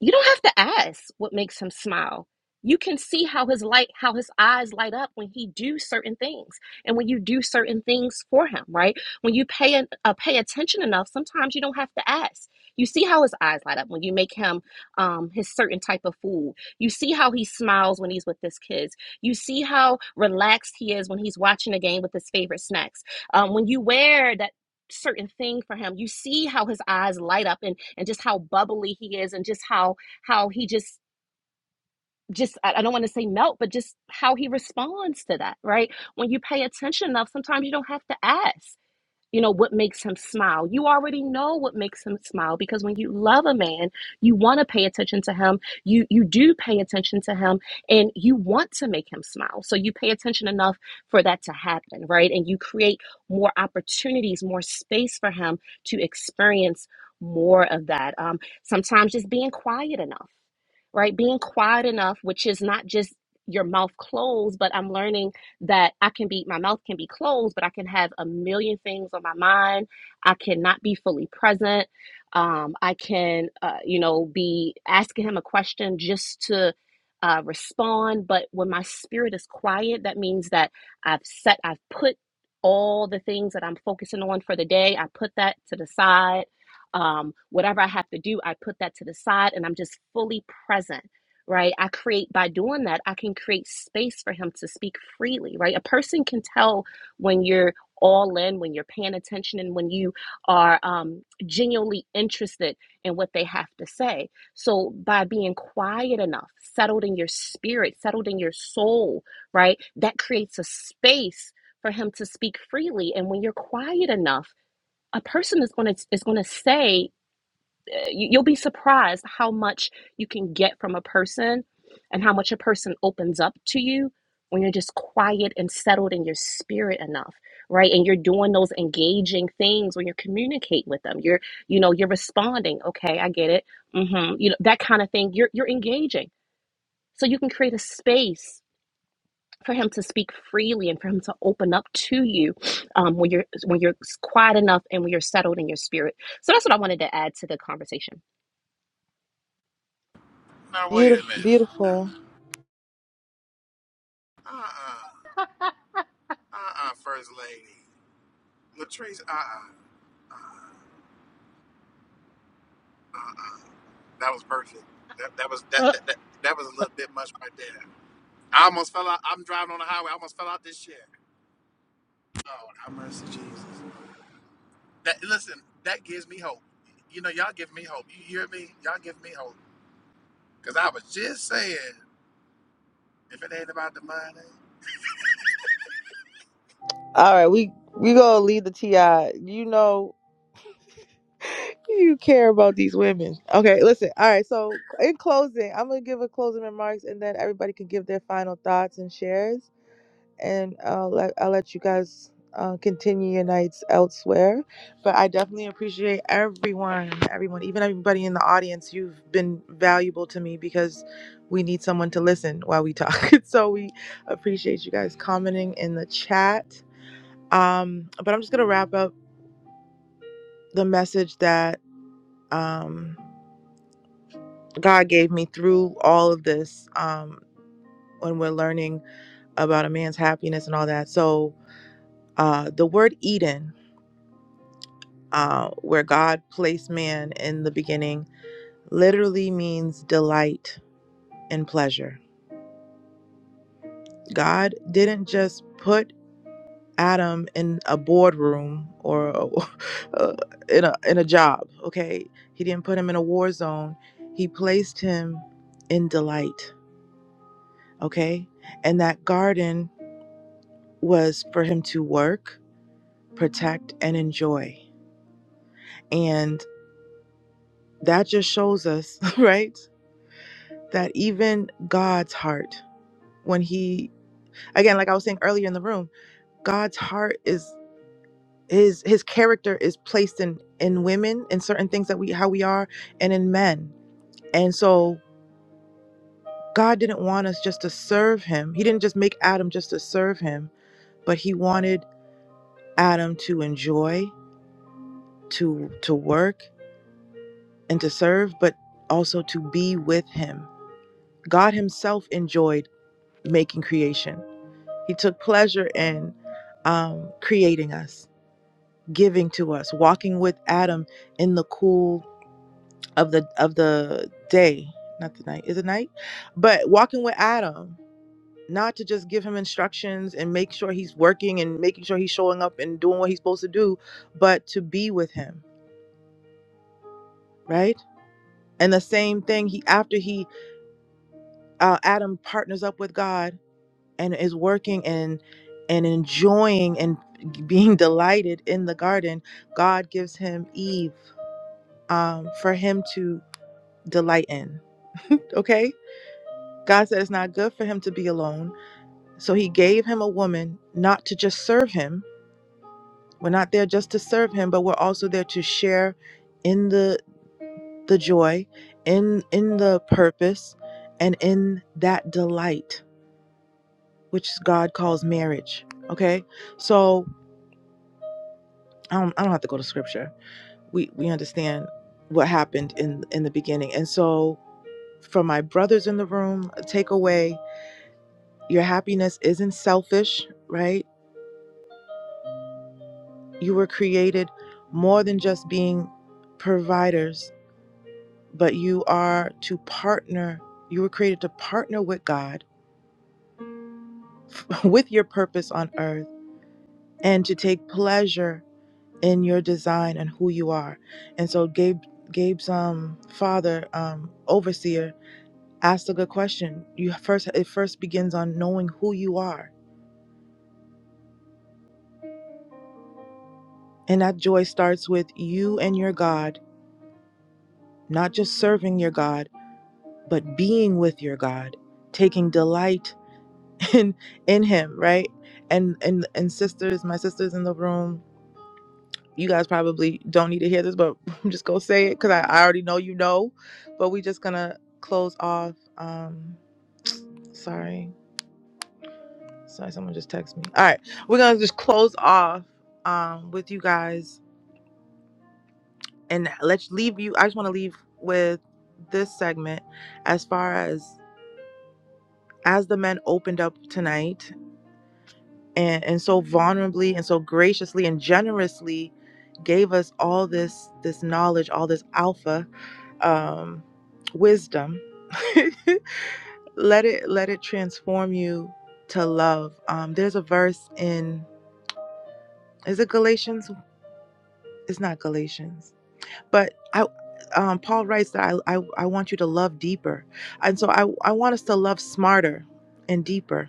Speaker 14: you don't have to ask what makes him smile you can see how his light how his eyes light up when he do certain things and when you do certain things for him right when you pay an, uh, pay attention enough sometimes you don't have to ask you see how his eyes light up when you make him um, his certain type of food you see how he smiles when he's with his kids you see how relaxed he is when he's watching a game with his favorite snacks um, when you wear that certain thing for him you see how his eyes light up and and just how bubbly he is and just how how he just just i I don't want to say melt but just how he responds to that right when you pay attention enough sometimes you don't have to ask you know what makes him smile you already know what makes him smile because when you love a man you want to pay attention to him you you do pay attention to him and you want to make him smile so you pay attention enough for that to happen right and you create more opportunities more space for him to experience more of that um, sometimes just being quiet enough right being quiet enough which is not just your mouth closed but i'm learning that I can be, my mouth can be closed, but I can have a million things on my mind. I cannot be fully present. Um, I can, uh, you know, be asking him a question just to uh, respond. But when my spirit is quiet, that means that I've set, I've put all the things that I'm focusing on for the day, I put that to the side. Um, whatever I have to do, I put that to the side and I'm just fully present right? I create by doing that, I can create space for him to speak freely, right? A person can tell when you're all in, when you're paying attention, and when you are um, genuinely interested in what they have to say. So, by being quiet enough, settled in your spirit, settled in your soul, right? That creates a space for him to speak freely. And when you're quiet enough, a person is going to is going to say you- will be surprised how much you can get from a person and how much a person opens up to you when you're just quiet and settled in your spirit enough right and you're doing those engaging things when you communicate with them you're you know you're responding okay i get it mm hmm you know that kind of thing you're you're engaging so you can create a space for him to speak freely and for him to open up to you um, when you're when you're quiet enough and when you're settled in your spirit so that's what i wanted to add to the conversation
Speaker 12: Now wait a
Speaker 1: Beautiful,
Speaker 12: minute.
Speaker 1: beautiful.
Speaker 12: Uh uh-uh, uh First Lady Latrice. Uh uh-uh, uh That was perfect. That, that was that, that that that was a little bit much right there. I almost fell out. I'm driving on the highway. I almost fell out this year. Oh, have mercy, Jesus. That listen, that gives me hope. You know, y'all give me hope. You hear me? Y'all give me hope. Because I was just saying, if it ain't about the money,
Speaker 1: All right, we we gonna leave the ti. You know you care about these women. Okay, listen. All right. So in closing, I'm gonna give a closing remarks, and then everybody can give their final thoughts and shares. and I'll let, I'll let you guys uh, continue your nights elsewhere. But I definitely appreciate everyone, everyone, even everybody in the audience. You've been valuable to me because we need someone to listen while we talk. so we appreciate you guys commenting in the chat. Um, but I'm just gonna wrap up the message that um, God gave me through all of this um, when we're learning about a man's happiness and all that. So uh, the word Eden. uh, where God placed man in the beginning, literally means delight and pleasure. God didn't just put Adam in a boardroom or a, uh, in a in a job. Okay, He didn't put him in a war zone. He placed him in delight. Okay, and that garden was for him to work, protect, and enjoy. And that just shows us, right, that even God's heart when he again like i was saying earlier in the room god's heart is his his character is placed in in women in certain things that we how we are and in men and so god didn't want us just to serve him he didn't just make adam just to serve him but he wanted adam to enjoy to to work and to serve but also to be with him god himself enjoyed making creation he took pleasure in um, creating us giving to us, walking with Adam in the cool of the of the day, not the night. Is it night? But walking with Adam, not to just give him instructions and make sure he's working and making sure he's showing up and doing what he's supposed to do, but to be with him, right? And the same thing he after he uh, Adam partners up with God and is working and and enjoying and being delighted in the garden, God gives him Eve um, for him to delight in. Okay? God said it's not good for him to be alone. So he gave him a woman not to just serve him. We're not there just to serve him, but we're also there to share in the the joy, in in the purpose, and in that delight which God calls marriage. Okay? So I don't, I don't have to go to scripture. We we understand what happened in in the beginning. And so for my brothers in the room, a takeaway Your happiness isn't selfish, right? You were created more than just being providers, but you are to partner. You were created to partner with God, with your purpose on earth, and to take pleasure in your design and who you are. And so Gabe Gabe's um father, um, overseer, asked a good question. You first it first begins on knowing who you are. And that joy starts with you and your God, not just serving your God, but being with your God, taking delight in in Him, right? And and and sisters, my sisters in the room, you guys probably don't need to hear this, but I'm just gonna say it because I, I already know you know. But we just gonna close off. Um, sorry, sorry, someone just texted me. All right, we're gonna just close off um with you guys and let's leave you. I just want to leave with this segment as far as as the men opened up tonight and, and so vulnerably and so graciously and generously gave us all this this knowledge all this alpha um wisdom let it let it transform you to love um there's a verse in is it galatians it's not galatians but i um, Paul writes that I, I, I want you to love deeper. And so I, I want us to love smarter and deeper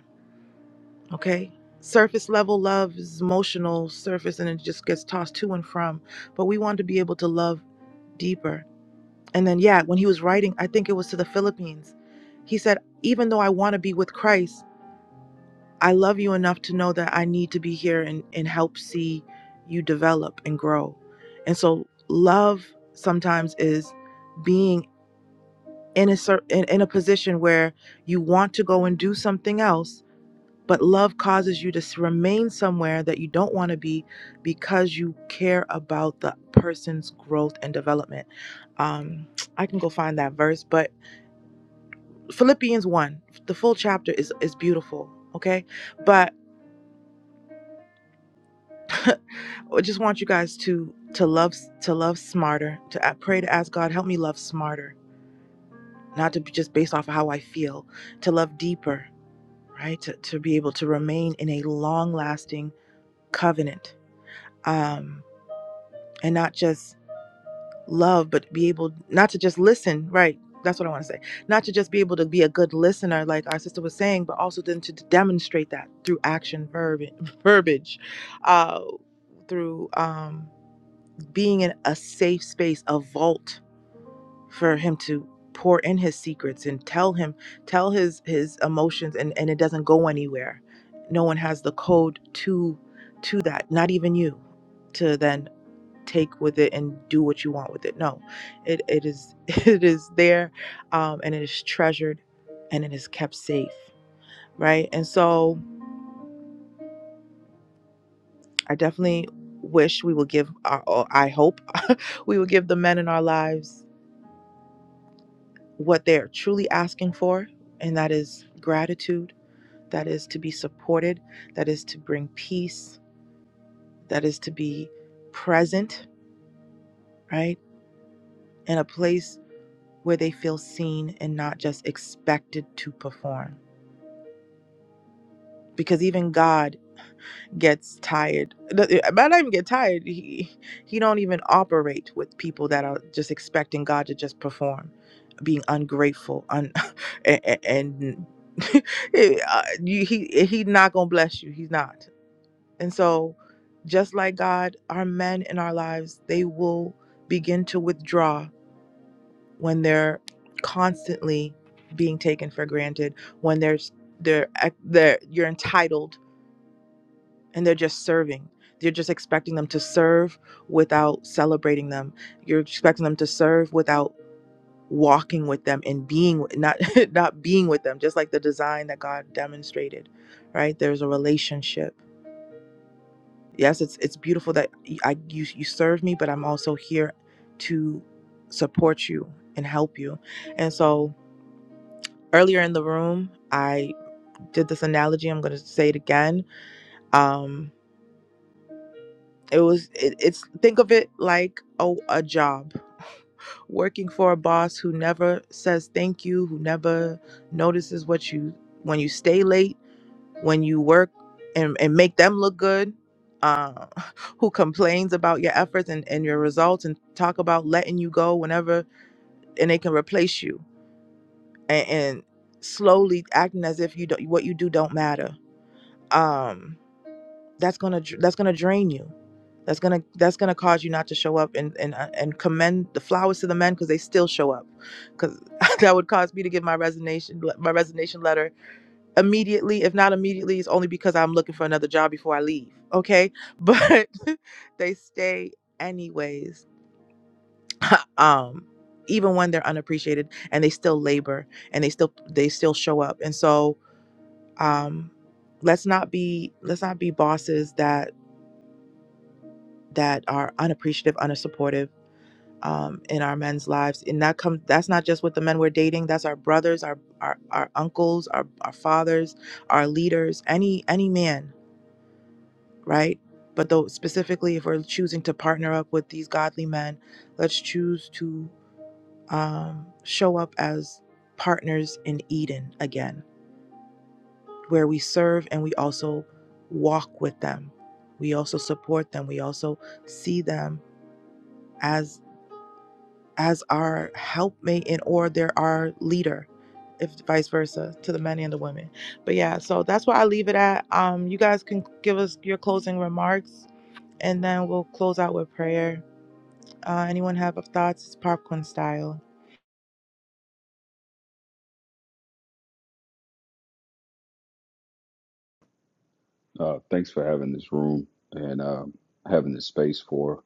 Speaker 1: Okay. Surface level love is emotional surface and it just gets tossed to and from. But we want to be able to love deeper. And then, yeah, when he was writing, I think it was to the Philippines, he said, Even though I want to be with Christ, I love you enough to know that I need to be here and, and help see you develop and grow. And so, love sometimes is being in a, cer- in, in a position where you want to go and do something else but love causes you to remain somewhere that you don't want to be because you care about the person's growth and development um i can go find that verse but philippians 1 the full chapter is is beautiful okay but i just want you guys to to love to love smarter to pray to ask god help me love smarter not to be just based off of how i feel to love deeper right to, to be able to remain in a long lasting covenant um and not just love but be able not to just listen right that's what i want to say not to just be able to be a good listener like our sister was saying but also then to demonstrate that through action verbi- verbiage uh through um being in a safe space a vault for him to pour in his secrets and tell him tell his his emotions and and it doesn't go anywhere no one has the code to to that not even you To then take with it and do what you want with it. No, it, it is it is there, um, and it is treasured, and it is kept safe, right? And so I definitely wish we will give. Our, or I hope we will give the men in our lives what they are truly asking for, and that is gratitude. That is to be supported. That is to bring peace. That is to be present, right, in a place where they feel seen and not just expected to perform because even God gets tired. Th- I might not even get tired. He he don't even operate with people that are just expecting God to just perform, being ungrateful, un, and, and eh, uh, you- he he not gonna bless you. He's not. And so, just like God, our men in our lives they will begin to withdraw when they're constantly being taken for granted. When there's they're eh, they're you're entitled and they're just serving. You're just expecting them to serve without celebrating them. You're expecting them to serve without walking with them and being not not being with them, just like the design that God demonstrated, right? There's a relationship. Yes, it's it's beautiful that y- I you you serve me, but I'm also here to support you and help you. And so earlier in the room, I did this analogy. I'm going to say it again. Um, It was it, it's think of it like oh a job. Working for a boss who never says thank you, who never notices what you when you stay late, when you work and, and make them look good, uh, who complains about your efforts and, and your results and talk about letting you go whenever and they can replace you and, and slowly acting as if you don't what you do don't matter. Um that's gonna dr- that's gonna drain you. That's gonna that's gonna cause you not to show up and and uh, and commend the flowers to the men because they still show up. Because that would cause me to give my resignation le- my resignation letter immediately. If not immediately, it's only because I'm looking for another job before I leave. Okay, but they stay anyways. um even when they're unappreciated and they still labor and they still they still show up and so um let's not be let's not be bosses that that are unappreciative, unsupportive um, in our men's lives. And that comes that's not just with the men we're dating. That's our brothers, our our, our uncles, our, our fathers, our leaders, any any man, right? But though specifically, if we're choosing to partner up with these godly men, let's choose to um, show up as partners in Eden again, where we serve and we also walk with them. We also support them. We also see them as. as our helpmate and or they're our leader if vice versa to the men and the women but yeah so that's where i leave it at um you guys can give us your closing remarks and then we'll close out with prayer uh anyone have thoughts it's popcorn style
Speaker 6: uh thanks for having this room and um having this space for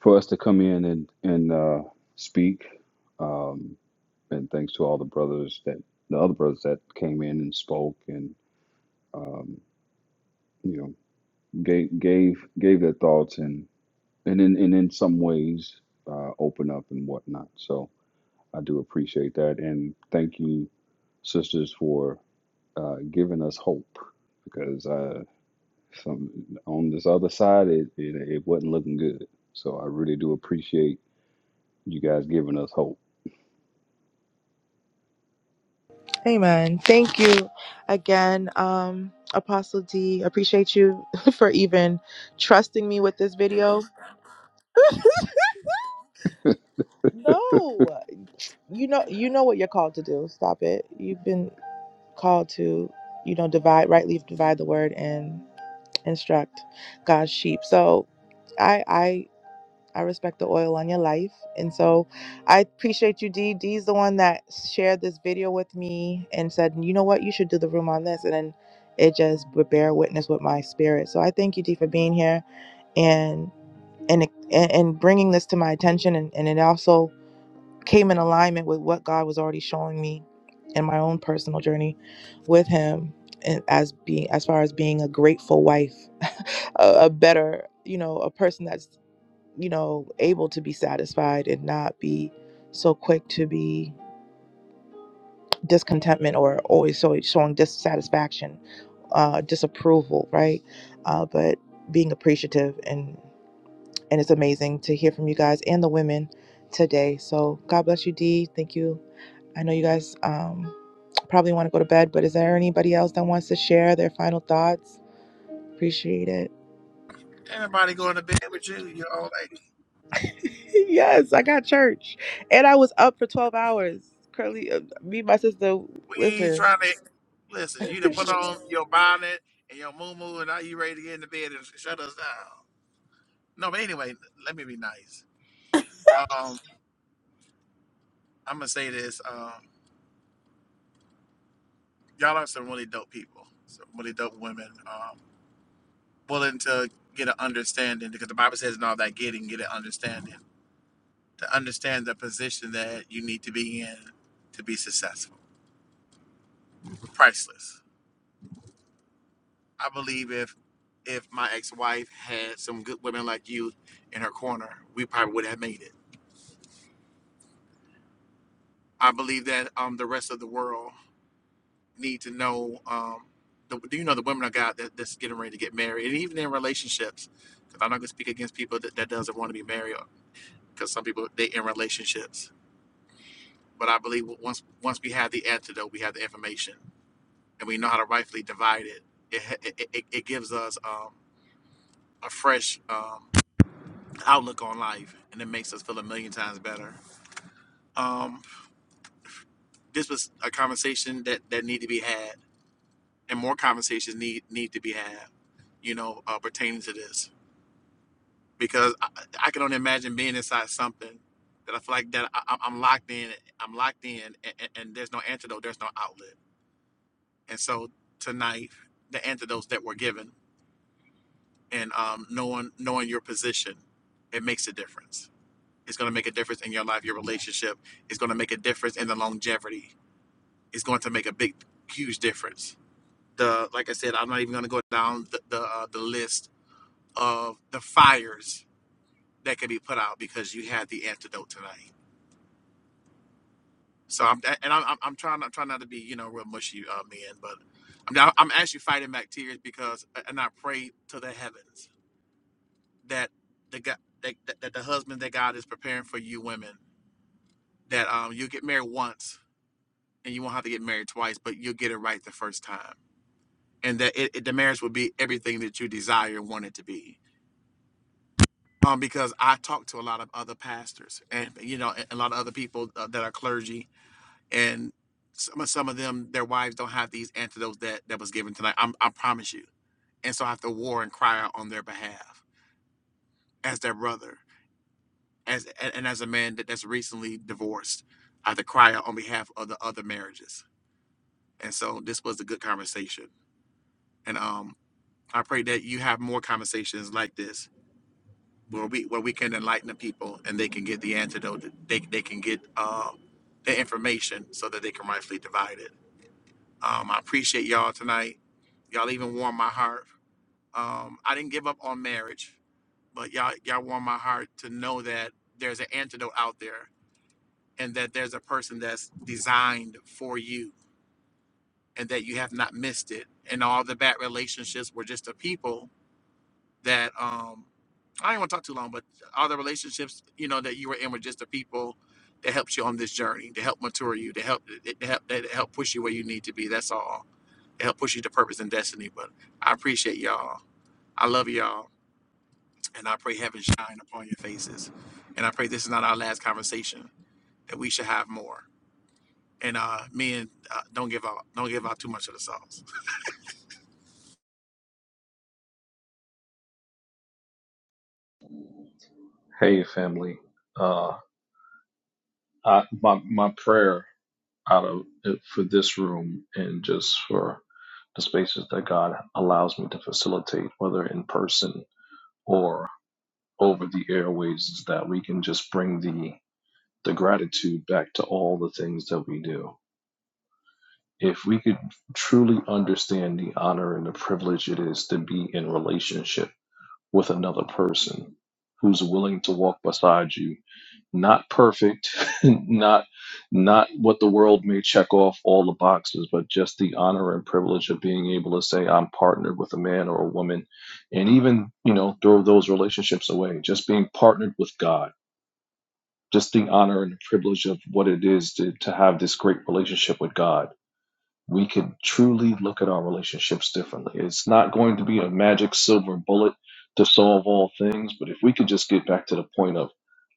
Speaker 6: for us to come in and and uh speak um and thanks to all the brothers that the other brothers that came in and spoke and um you know gave gave gave their thoughts and and in and in some ways uh, open up and whatnot. So I do appreciate that and thank you, sisters, for uh, giving us hope because uh, some on this other side it, it it wasn't looking good. So I really do appreciate you guys giving us hope.
Speaker 1: amen thank you again um apostle d appreciate you for even trusting me with this video no you know you know what you're called to do stop it you've been called to, you know, divide rightly divide the word and instruct God's sheep. So I I I respect the oil on your life. And so I appreciate you, Dee. Dee's the one that shared this video with me and said, you know what, you should do the room on this. And then it just would bear witness with my spirit. So I thank you, Dee, for being here and and and, and bringing this to my attention. And, and it also came in alignment with what God was already showing me in my own personal journey with Him, and as being as far as being a grateful wife, a, a better, you know, a person that's you know able to be satisfied and not be so quick to be discontentment or always so showing dissatisfaction, uh, disapproval, right? Uh, but being appreciative and and it's amazing to hear from you guys and the women today. So God bless you, Dee. Thank you I know you guys um, probably want to go to bed, but is there anybody else that wants to share their final thoughts? Appreciate it.
Speaker 12: ain't nobody going to bed with you, your old lady.
Speaker 1: yes, I got church, and I was up for twelve hours. Curly, uh, me, and my sister.
Speaker 12: We ain't
Speaker 1: Listen,
Speaker 12: trying to. Listen, you done
Speaker 1: is
Speaker 12: put on your bonnet and your moo and now you ready to get in the bed and shut us down. No, but anyway, let me be nice. Um, I'm going to say this. Um, y'all are some really dope people, some really dope women, um, willing to get an understanding because the Bible says in all that getting, get an understanding. To understand the position that you need to be in to be successful. Priceless I believe if if my ex-wife had some good women like you in her corner, we probably would have made it. I believe that um the rest of the world need to know um the, do you know the women of God that, that's getting ready to get married and even in relationships because I'm not going to speak against people that, that doesn't want to be married because some people they in relationships but I believe once once we have the antidote we have the information and we know how to rightfully divide it it it, it, it gives us um a fresh um outlook on life and it makes us feel a million times better. Um, this was a conversation that that need to be had and more conversations need need to be had, you know, uh, pertaining to this because I, I can only imagine being inside something that I feel like that I, I'm locked in, I'm locked in and, and, and there's no antidote, there's no outlet. And so tonight, the antidotes that were given and um, knowing knowing your position, it makes a difference It's going to make a difference in your life, your relationship. It's going to make a difference in the longevity. It's going to make a big, huge difference. The like I said, I'm not even going to go down the the, uh, the list of the fires that can be put out because you had the antidote tonight. So I'm and I'm I'm trying I'm trying not to be you know real mushy uh, man, but I'm I'm actually fighting back tears because uh, and I pray to the heavens that the God that, that that the husband that God is preparing for you women that um you get married once and you won't have to get married twice, but you'll get it right the first time, and that it, it, the marriage will be everything that you desire and want it to be. Um, because I talk to a lot of other pastors, and you know, a lot of other people uh, that are clergy, and some of- some of them, their wives don't have these antidotes that that was given tonight. I'm, I promise you, and so I have to war and cry out on their behalf as their brother, as and as a man that, that's recently divorced, I have to cry out on behalf of the other marriages. And so this was a good conversation, and um, I pray that you have more conversations like this where we where we can enlighten the people and they can get the antidote. They they can get uh, the information so that they can rightfully divide it. Um, I appreciate y'all tonight. Y'all even warmed my heart. Um, I didn't give up on marriage, but y'all y'all warmed my heart to know that there's an antidote out there and that there's a person that's designed for you and that you have not missed it. And all the bad relationships were just the people that um I don't want to talk too long, but all the relationships you know that you were in were just the people that helped you on this journey, to help mature you, to help to help that help push you where you need to be. That's all. To help push you to purpose and destiny. But I appreciate y'all. I love y'all, and I pray heaven shine upon your faces. And I pray this is not our last conversation. That we should have more. And uh, men uh, don't give out don't give out too much of the sauce.
Speaker 10: Hey family. Uh I, my my prayer out of for this room and just for the spaces that God allows me to facilitate, whether in person or over the airways, is that we can just bring the the gratitude back to all the things that we do. If we could truly understand the honor and the privilege it is to be in relationship with another person who's willing to walk beside you not perfect not not what the world may check off all the boxes but just the honor and privilege of being able to say i'm partnered with a man or a woman and even you know throw those relationships away just being partnered with god just the honor and privilege of what it is to, to have this great relationship with god we could truly look at our relationships differently. It's not going to be a magic silver bullet to solve all things, but if we could just get back to the point of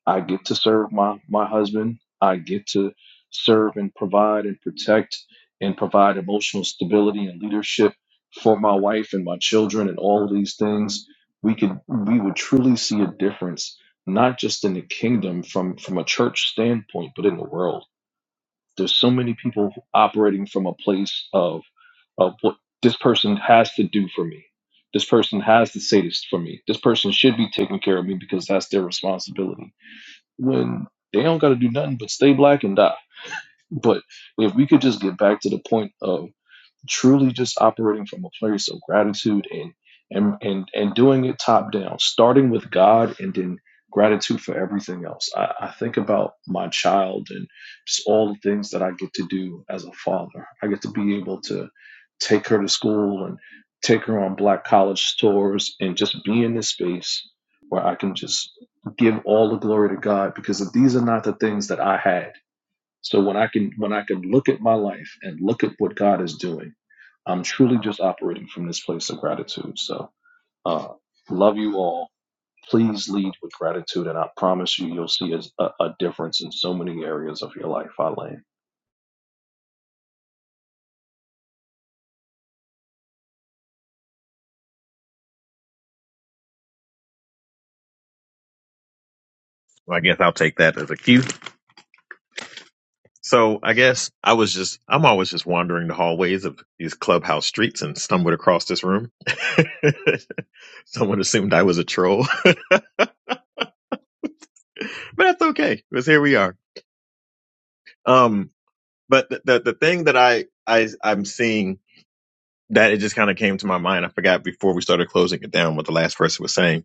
Speaker 10: I get to serve my my husband, I get to serve and provide and protect and provide emotional stability and leadership for my wife and my children and all of these things, we could we would truly see a difference not just in the kingdom from from a church standpoint, but in the world. There's so many people operating from a place of of what this person has to do for me. This person has to say this for me. This person should be taking care of me because that's their responsibility. When they don't got to do nothing but stay black and die. But if we could just get back to the point of truly just operating from a place of gratitude and and and and doing it top down, starting with God and then gratitude for everything else. I, I think about my child and just all the things that I get to do as a father. I get to be able to take her to school and take her on black college tours and just be in this space where I can just give all the glory to God because these are not the things that I had. So when I can when I can look at my life and look at what God is doing I'm truly just operating from this place of gratitude. So, uh, love you all. Please lead with gratitude, and I promise you, you'll see a, a difference in so many areas of your life. I land.
Speaker 11: I guess I'll take that as a cue. So I guess I was just I'm always just wandering the hallways of these clubhouse streets and stumbled across this room. Someone assumed I was a troll, but that's okay because here we are. Um, but the the, the thing that I I I'm seeing that it just kind of came to my mind. I forgot before we started closing it down what the last person was saying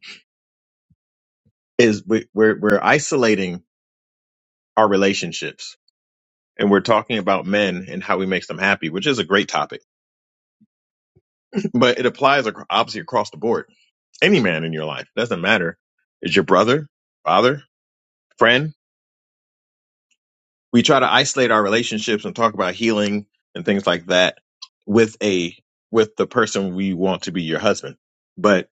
Speaker 11: is we, we're we're isolating our relationships and we're talking about men and how we make them happy, which is a great topic, but it applies ac- obviously across the board any man in your life. It doesn't matter. It's your brother, father, friend. We try to isolate our relationships and talk about healing and things like that with a with the person we want to be your husband. But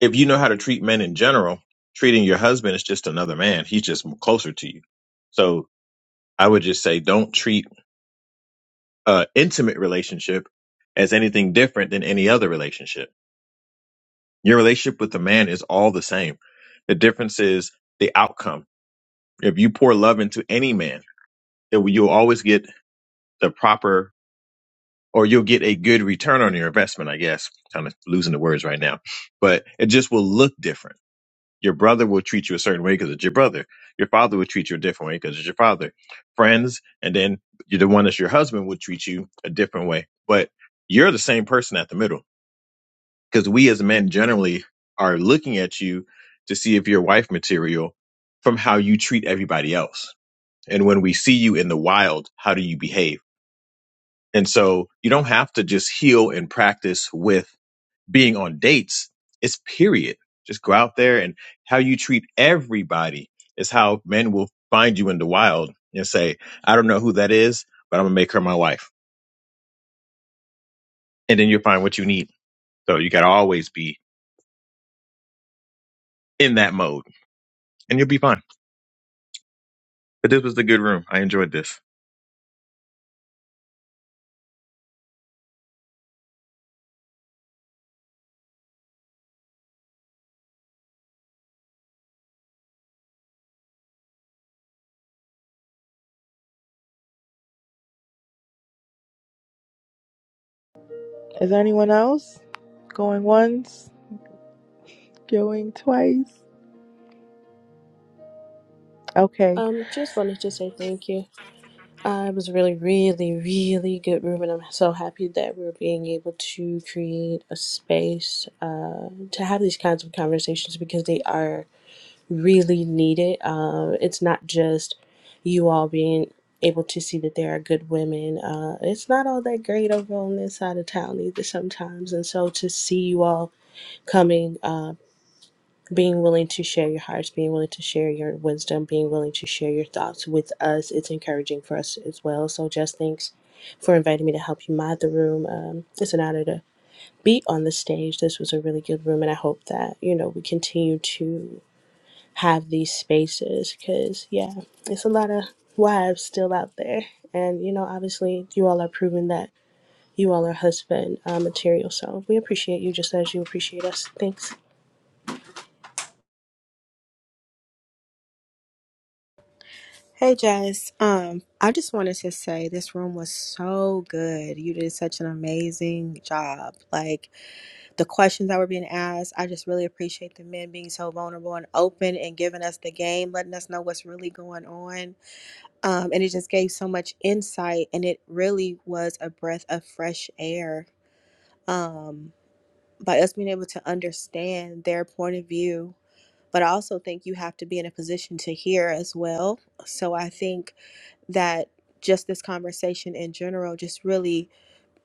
Speaker 11: if you know how to treat men in general, treating your husband is just another man. He's just closer to you. So I would just say don't treat uh intimate relationship as anything different than any other relationship. Your relationship with the man is all the same. The difference is the outcome If you pour love into any man, it, will- you'll always get the proper or you'll get a good return on your investment, I guess. Kind of losing the words right now, but it just will look different. Your brother will treat you a certain way because it's your brother. Your father will treat you a different way because it's your father. Friends, and then you're the one that's your husband will treat you a different way. But you're the same person at the middle because we as men generally are looking at you to see if you're wife material from how you treat everybody else And when we see you in the wild, how do you behave? And so you don't have to just heal and practice with being on dates. It's period. Just go out there and how you treat everybody is how men will find you in the wild and say, I don't know who that is, but I'm going to make her my wife. And then you'll find what you need. So you got to always be in that mode and you'll be fine. But this was the good room. I enjoyed this.
Speaker 1: there anyone else going once, going twice? Okay,
Speaker 2: Um, just wanted to say thank you. Uh, it was a really, really, really good room, and I'm so happy that we're being able to create a space uh, to have these kinds of conversations because they are really needed. Uh, it's not just you all being able to see that there are good women. Uh, it's not all that great over on this side of town either sometimes, and so to see you all coming. uh being willing to share your hearts, being willing to share your wisdom, being willing to share your thoughts with us. It's encouraging for us as well. So, just thanks for inviting me to help you mod the room. Um, it's an honor to be on the stage. This was a really good room, and I hope that you know we continue to have these spaces because yeah, it's a lot of wives still out there, and you know, obviously, you all are proving that you all are husband uh, material. So we appreciate you just as you appreciate us. Thanks.
Speaker 16: Hey Jess, um, I just wanted to say this room was so good. You did such an amazing job. Like the questions that were being asked, I just really appreciate the men being so vulnerable and open and giving us the game, letting us know what's really going on. Um, and it just gave so much insight, and it really was a breath of fresh air. Um, by us being able to understand their point of view but I also think you have to be in a position to hear as well. So I think that just this conversation in general just really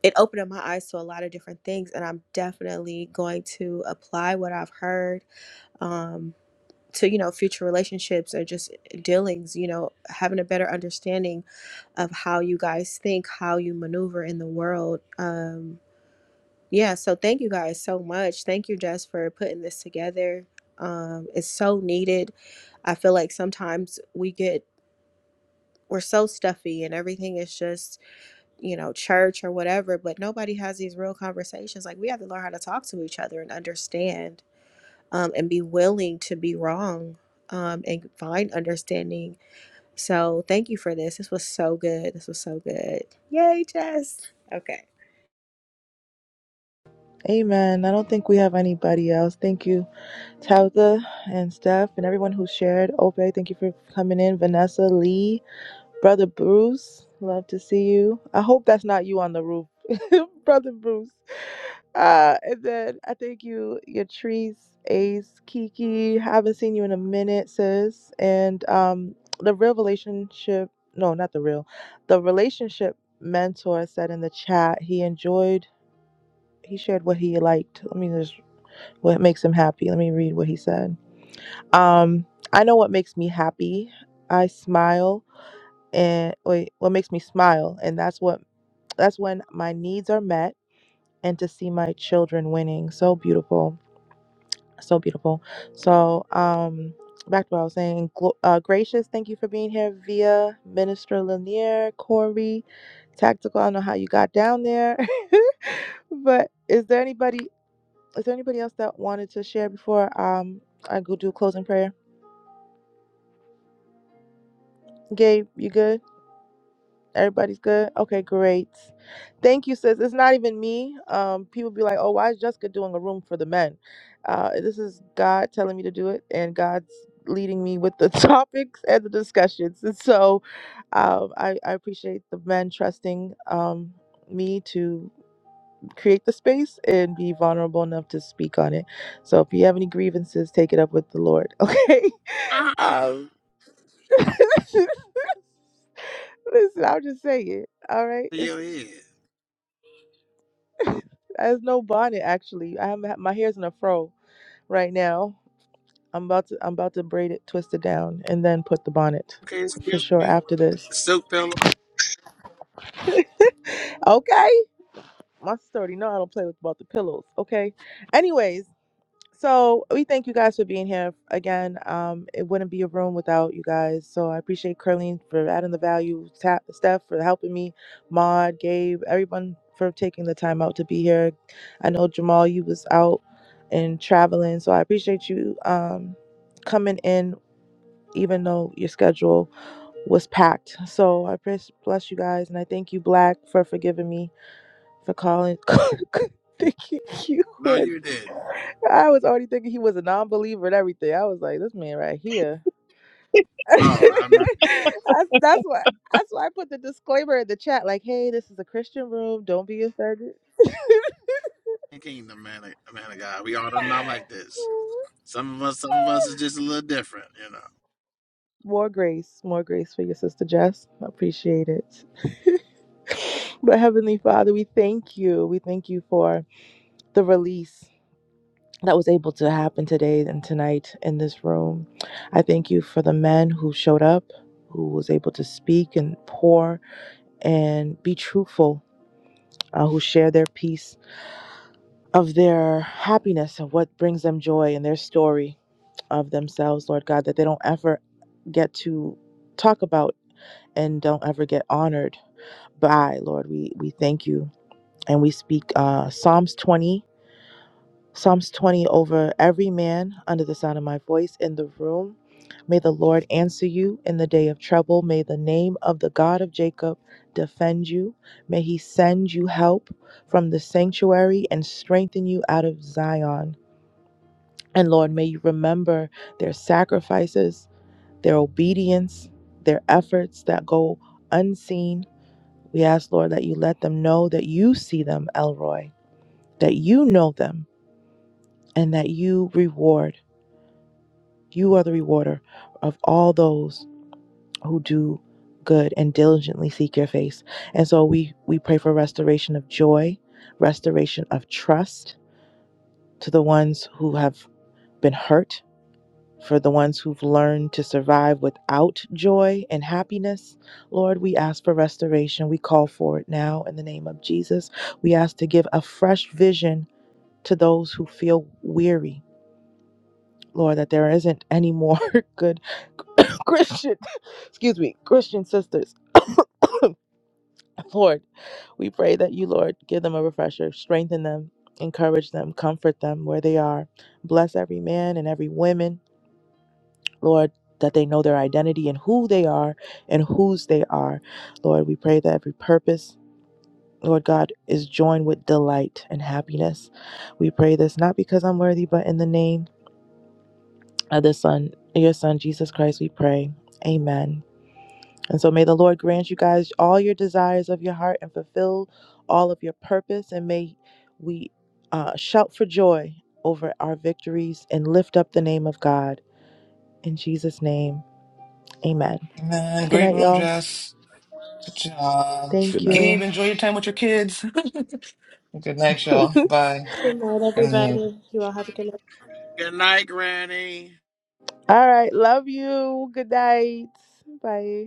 Speaker 16: it opened up my eyes to a lot of different things and i'm definitely going to apply what i've heard um, to you know future relationships or just dealings you know having a better understanding of how you guys think how you maneuver in the world um, yeah, so thank you guys so much. Thank you, Jess, for putting this together. Um, it's so needed. I feel like sometimes we get we're so stuffy and everything is just you know church or whatever, but nobody has these real conversations. Like we have to learn how to talk to each other and understand, um, and be willing to be wrong, um, and find understanding. So thank you for this. This was so good. This was so good. Yay, Jess. Okay.
Speaker 1: Amen. I don't think we have anybody else. Thank you, Tabitha and Steph, and everyone who shared. Ope, thank you for coming in. Vanessa, Lee, Brother Bruce, love to see you. I hope that's not you on the roof, Brother Bruce. Uh, and then I think you, Yatrice, Ace, Kiki, haven't seen you in a minute, sis. And um, the real relationship, no, not the real, the relationship mentor said in the chat he enjoyed, he shared what he liked. Let me just, what makes him happy. Let me read what he said. Um, I know what makes me happy. I smile and wait, what makes me smile, and that's what that's when my needs are met, and to see my children winning, so beautiful, so beautiful. So, um, back to what I was saying. Glo- uh, Gracious, thank you for being here, via Minister Lanier, Corey, Tactical. I don't know how you got down there, but is there anybody? Is there anybody else that wanted to share before um I go do closing prayer? Gabe, you good? Everybody's good? Okay, great. Thank you, sis. It's not even me. Um, people be like, oh, why is Jessica doing a room for the men? Uh, this is God telling me to do it, and God's leading me with the topics and the discussions. And so um, I, I appreciate the men trusting um, me to create the space and be vulnerable enough to speak on it. So if you have any grievances, take it up with the Lord, okay?
Speaker 12: Uh-uh.
Speaker 1: Um, Listen, I'm just saying. All right.
Speaker 12: To your head.
Speaker 1: It's There's no bonnet actually. I have my hair's in a fro right now. I'm about to I'm about to braid it, twist it down, and then put the bonnet
Speaker 12: Okay,
Speaker 1: for
Speaker 12: excuse
Speaker 1: sure
Speaker 12: me.
Speaker 1: after this.
Speaker 12: Silk pillow.
Speaker 1: okay. My sister already know I don't play with about the pillows. Okay. Anyways, So we thank you guys for being here again. Um, it wouldn't be a room without you guys. So I appreciate Curleen for adding the value, Ta- Steph for helping me, Maud, Gabe, everyone for taking the time out to be here. I know Jamal, you was out and traveling, so I appreciate you um, coming in even though your schedule was packed. So I pres- bless you guys, and I thank you, Black, for forgiving me for calling. thinking you
Speaker 12: No,
Speaker 1: were.
Speaker 12: you didn't.
Speaker 1: I was already thinking he was a non-believer and everything. I was like, this man right here. that's,
Speaker 12: Lord, I'm
Speaker 1: that's why. That's why I put the disclaimer in the chat, like, "Hey, this is a Christian room. Don't be offended."
Speaker 12: a kingdom man, of- man of God. We all are not like this. Some of us, some of us is just a little different, you know.
Speaker 1: More grace, more grace for your sister Jess. I appreciate it. But Heavenly Father, we thank you. We thank you for the release that was able to happen today and tonight in this room. I thank you for the men who showed up, who was able to speak and pour and be truthful, uh, who share their piece of their happiness, of what brings them joy and their story of themselves, Lord God, that they don't ever get to talk about and don't ever get honored by, Lord. We we thank you and we speak uh, Psalms 20 Psalms 20 over every man under the sound of my voice in the room. May the Lord answer you in the day of trouble. May the name of the God of Jacob defend you. May he send you help from the sanctuary and strengthen you out of Zion. And Lord, may you remember their sacrifices, their obedience, their efforts that go unseen. We ask, Lord, that you let them know that you see them, Elroy, that you know them, and that you reward. You are the rewarder of all those who do good and diligently seek your face. And so we, we pray for restoration of joy, restoration of trust to the ones who have been hurt, for the ones who've learned to survive without joy and happiness. Lord, we ask for restoration. We call for it now in the name of Jesus. We ask to give a fresh vision to those who feel weary. Lord, that there isn't any more good Christian, excuse me, Christian sisters. Lord, we pray that you, Lord, give them a refresher, strengthen them, encourage them, comfort them where they are. Bless every man and every woman, Lord, that they know their identity and who they are and whose they are. Lord, we pray that every purpose, Lord God, is joined with delight and happiness. We pray this not because I'm worthy, but in the name of the Son, your Son, Jesus Christ, we pray. Amen. And so may the Lord grant you guys all your desires of your heart and fulfill all of your purpose. And may we uh, shout for joy over our victories and lift up the name of God. In Jesus' name, amen.
Speaker 9: Man,
Speaker 1: Good
Speaker 9: great
Speaker 1: night,
Speaker 9: room,
Speaker 1: y'all.
Speaker 9: Jess. Good job.
Speaker 6: Good
Speaker 1: Thank
Speaker 6: night.
Speaker 9: Gabe,
Speaker 1: you.
Speaker 9: enjoy your time with your kids. Good night, y'all. Bye.
Speaker 2: Good night,
Speaker 9: Good night.
Speaker 2: everybody. You all have a good night.
Speaker 12: Good night, Granny.
Speaker 1: All right. Love you. Good night. Bye.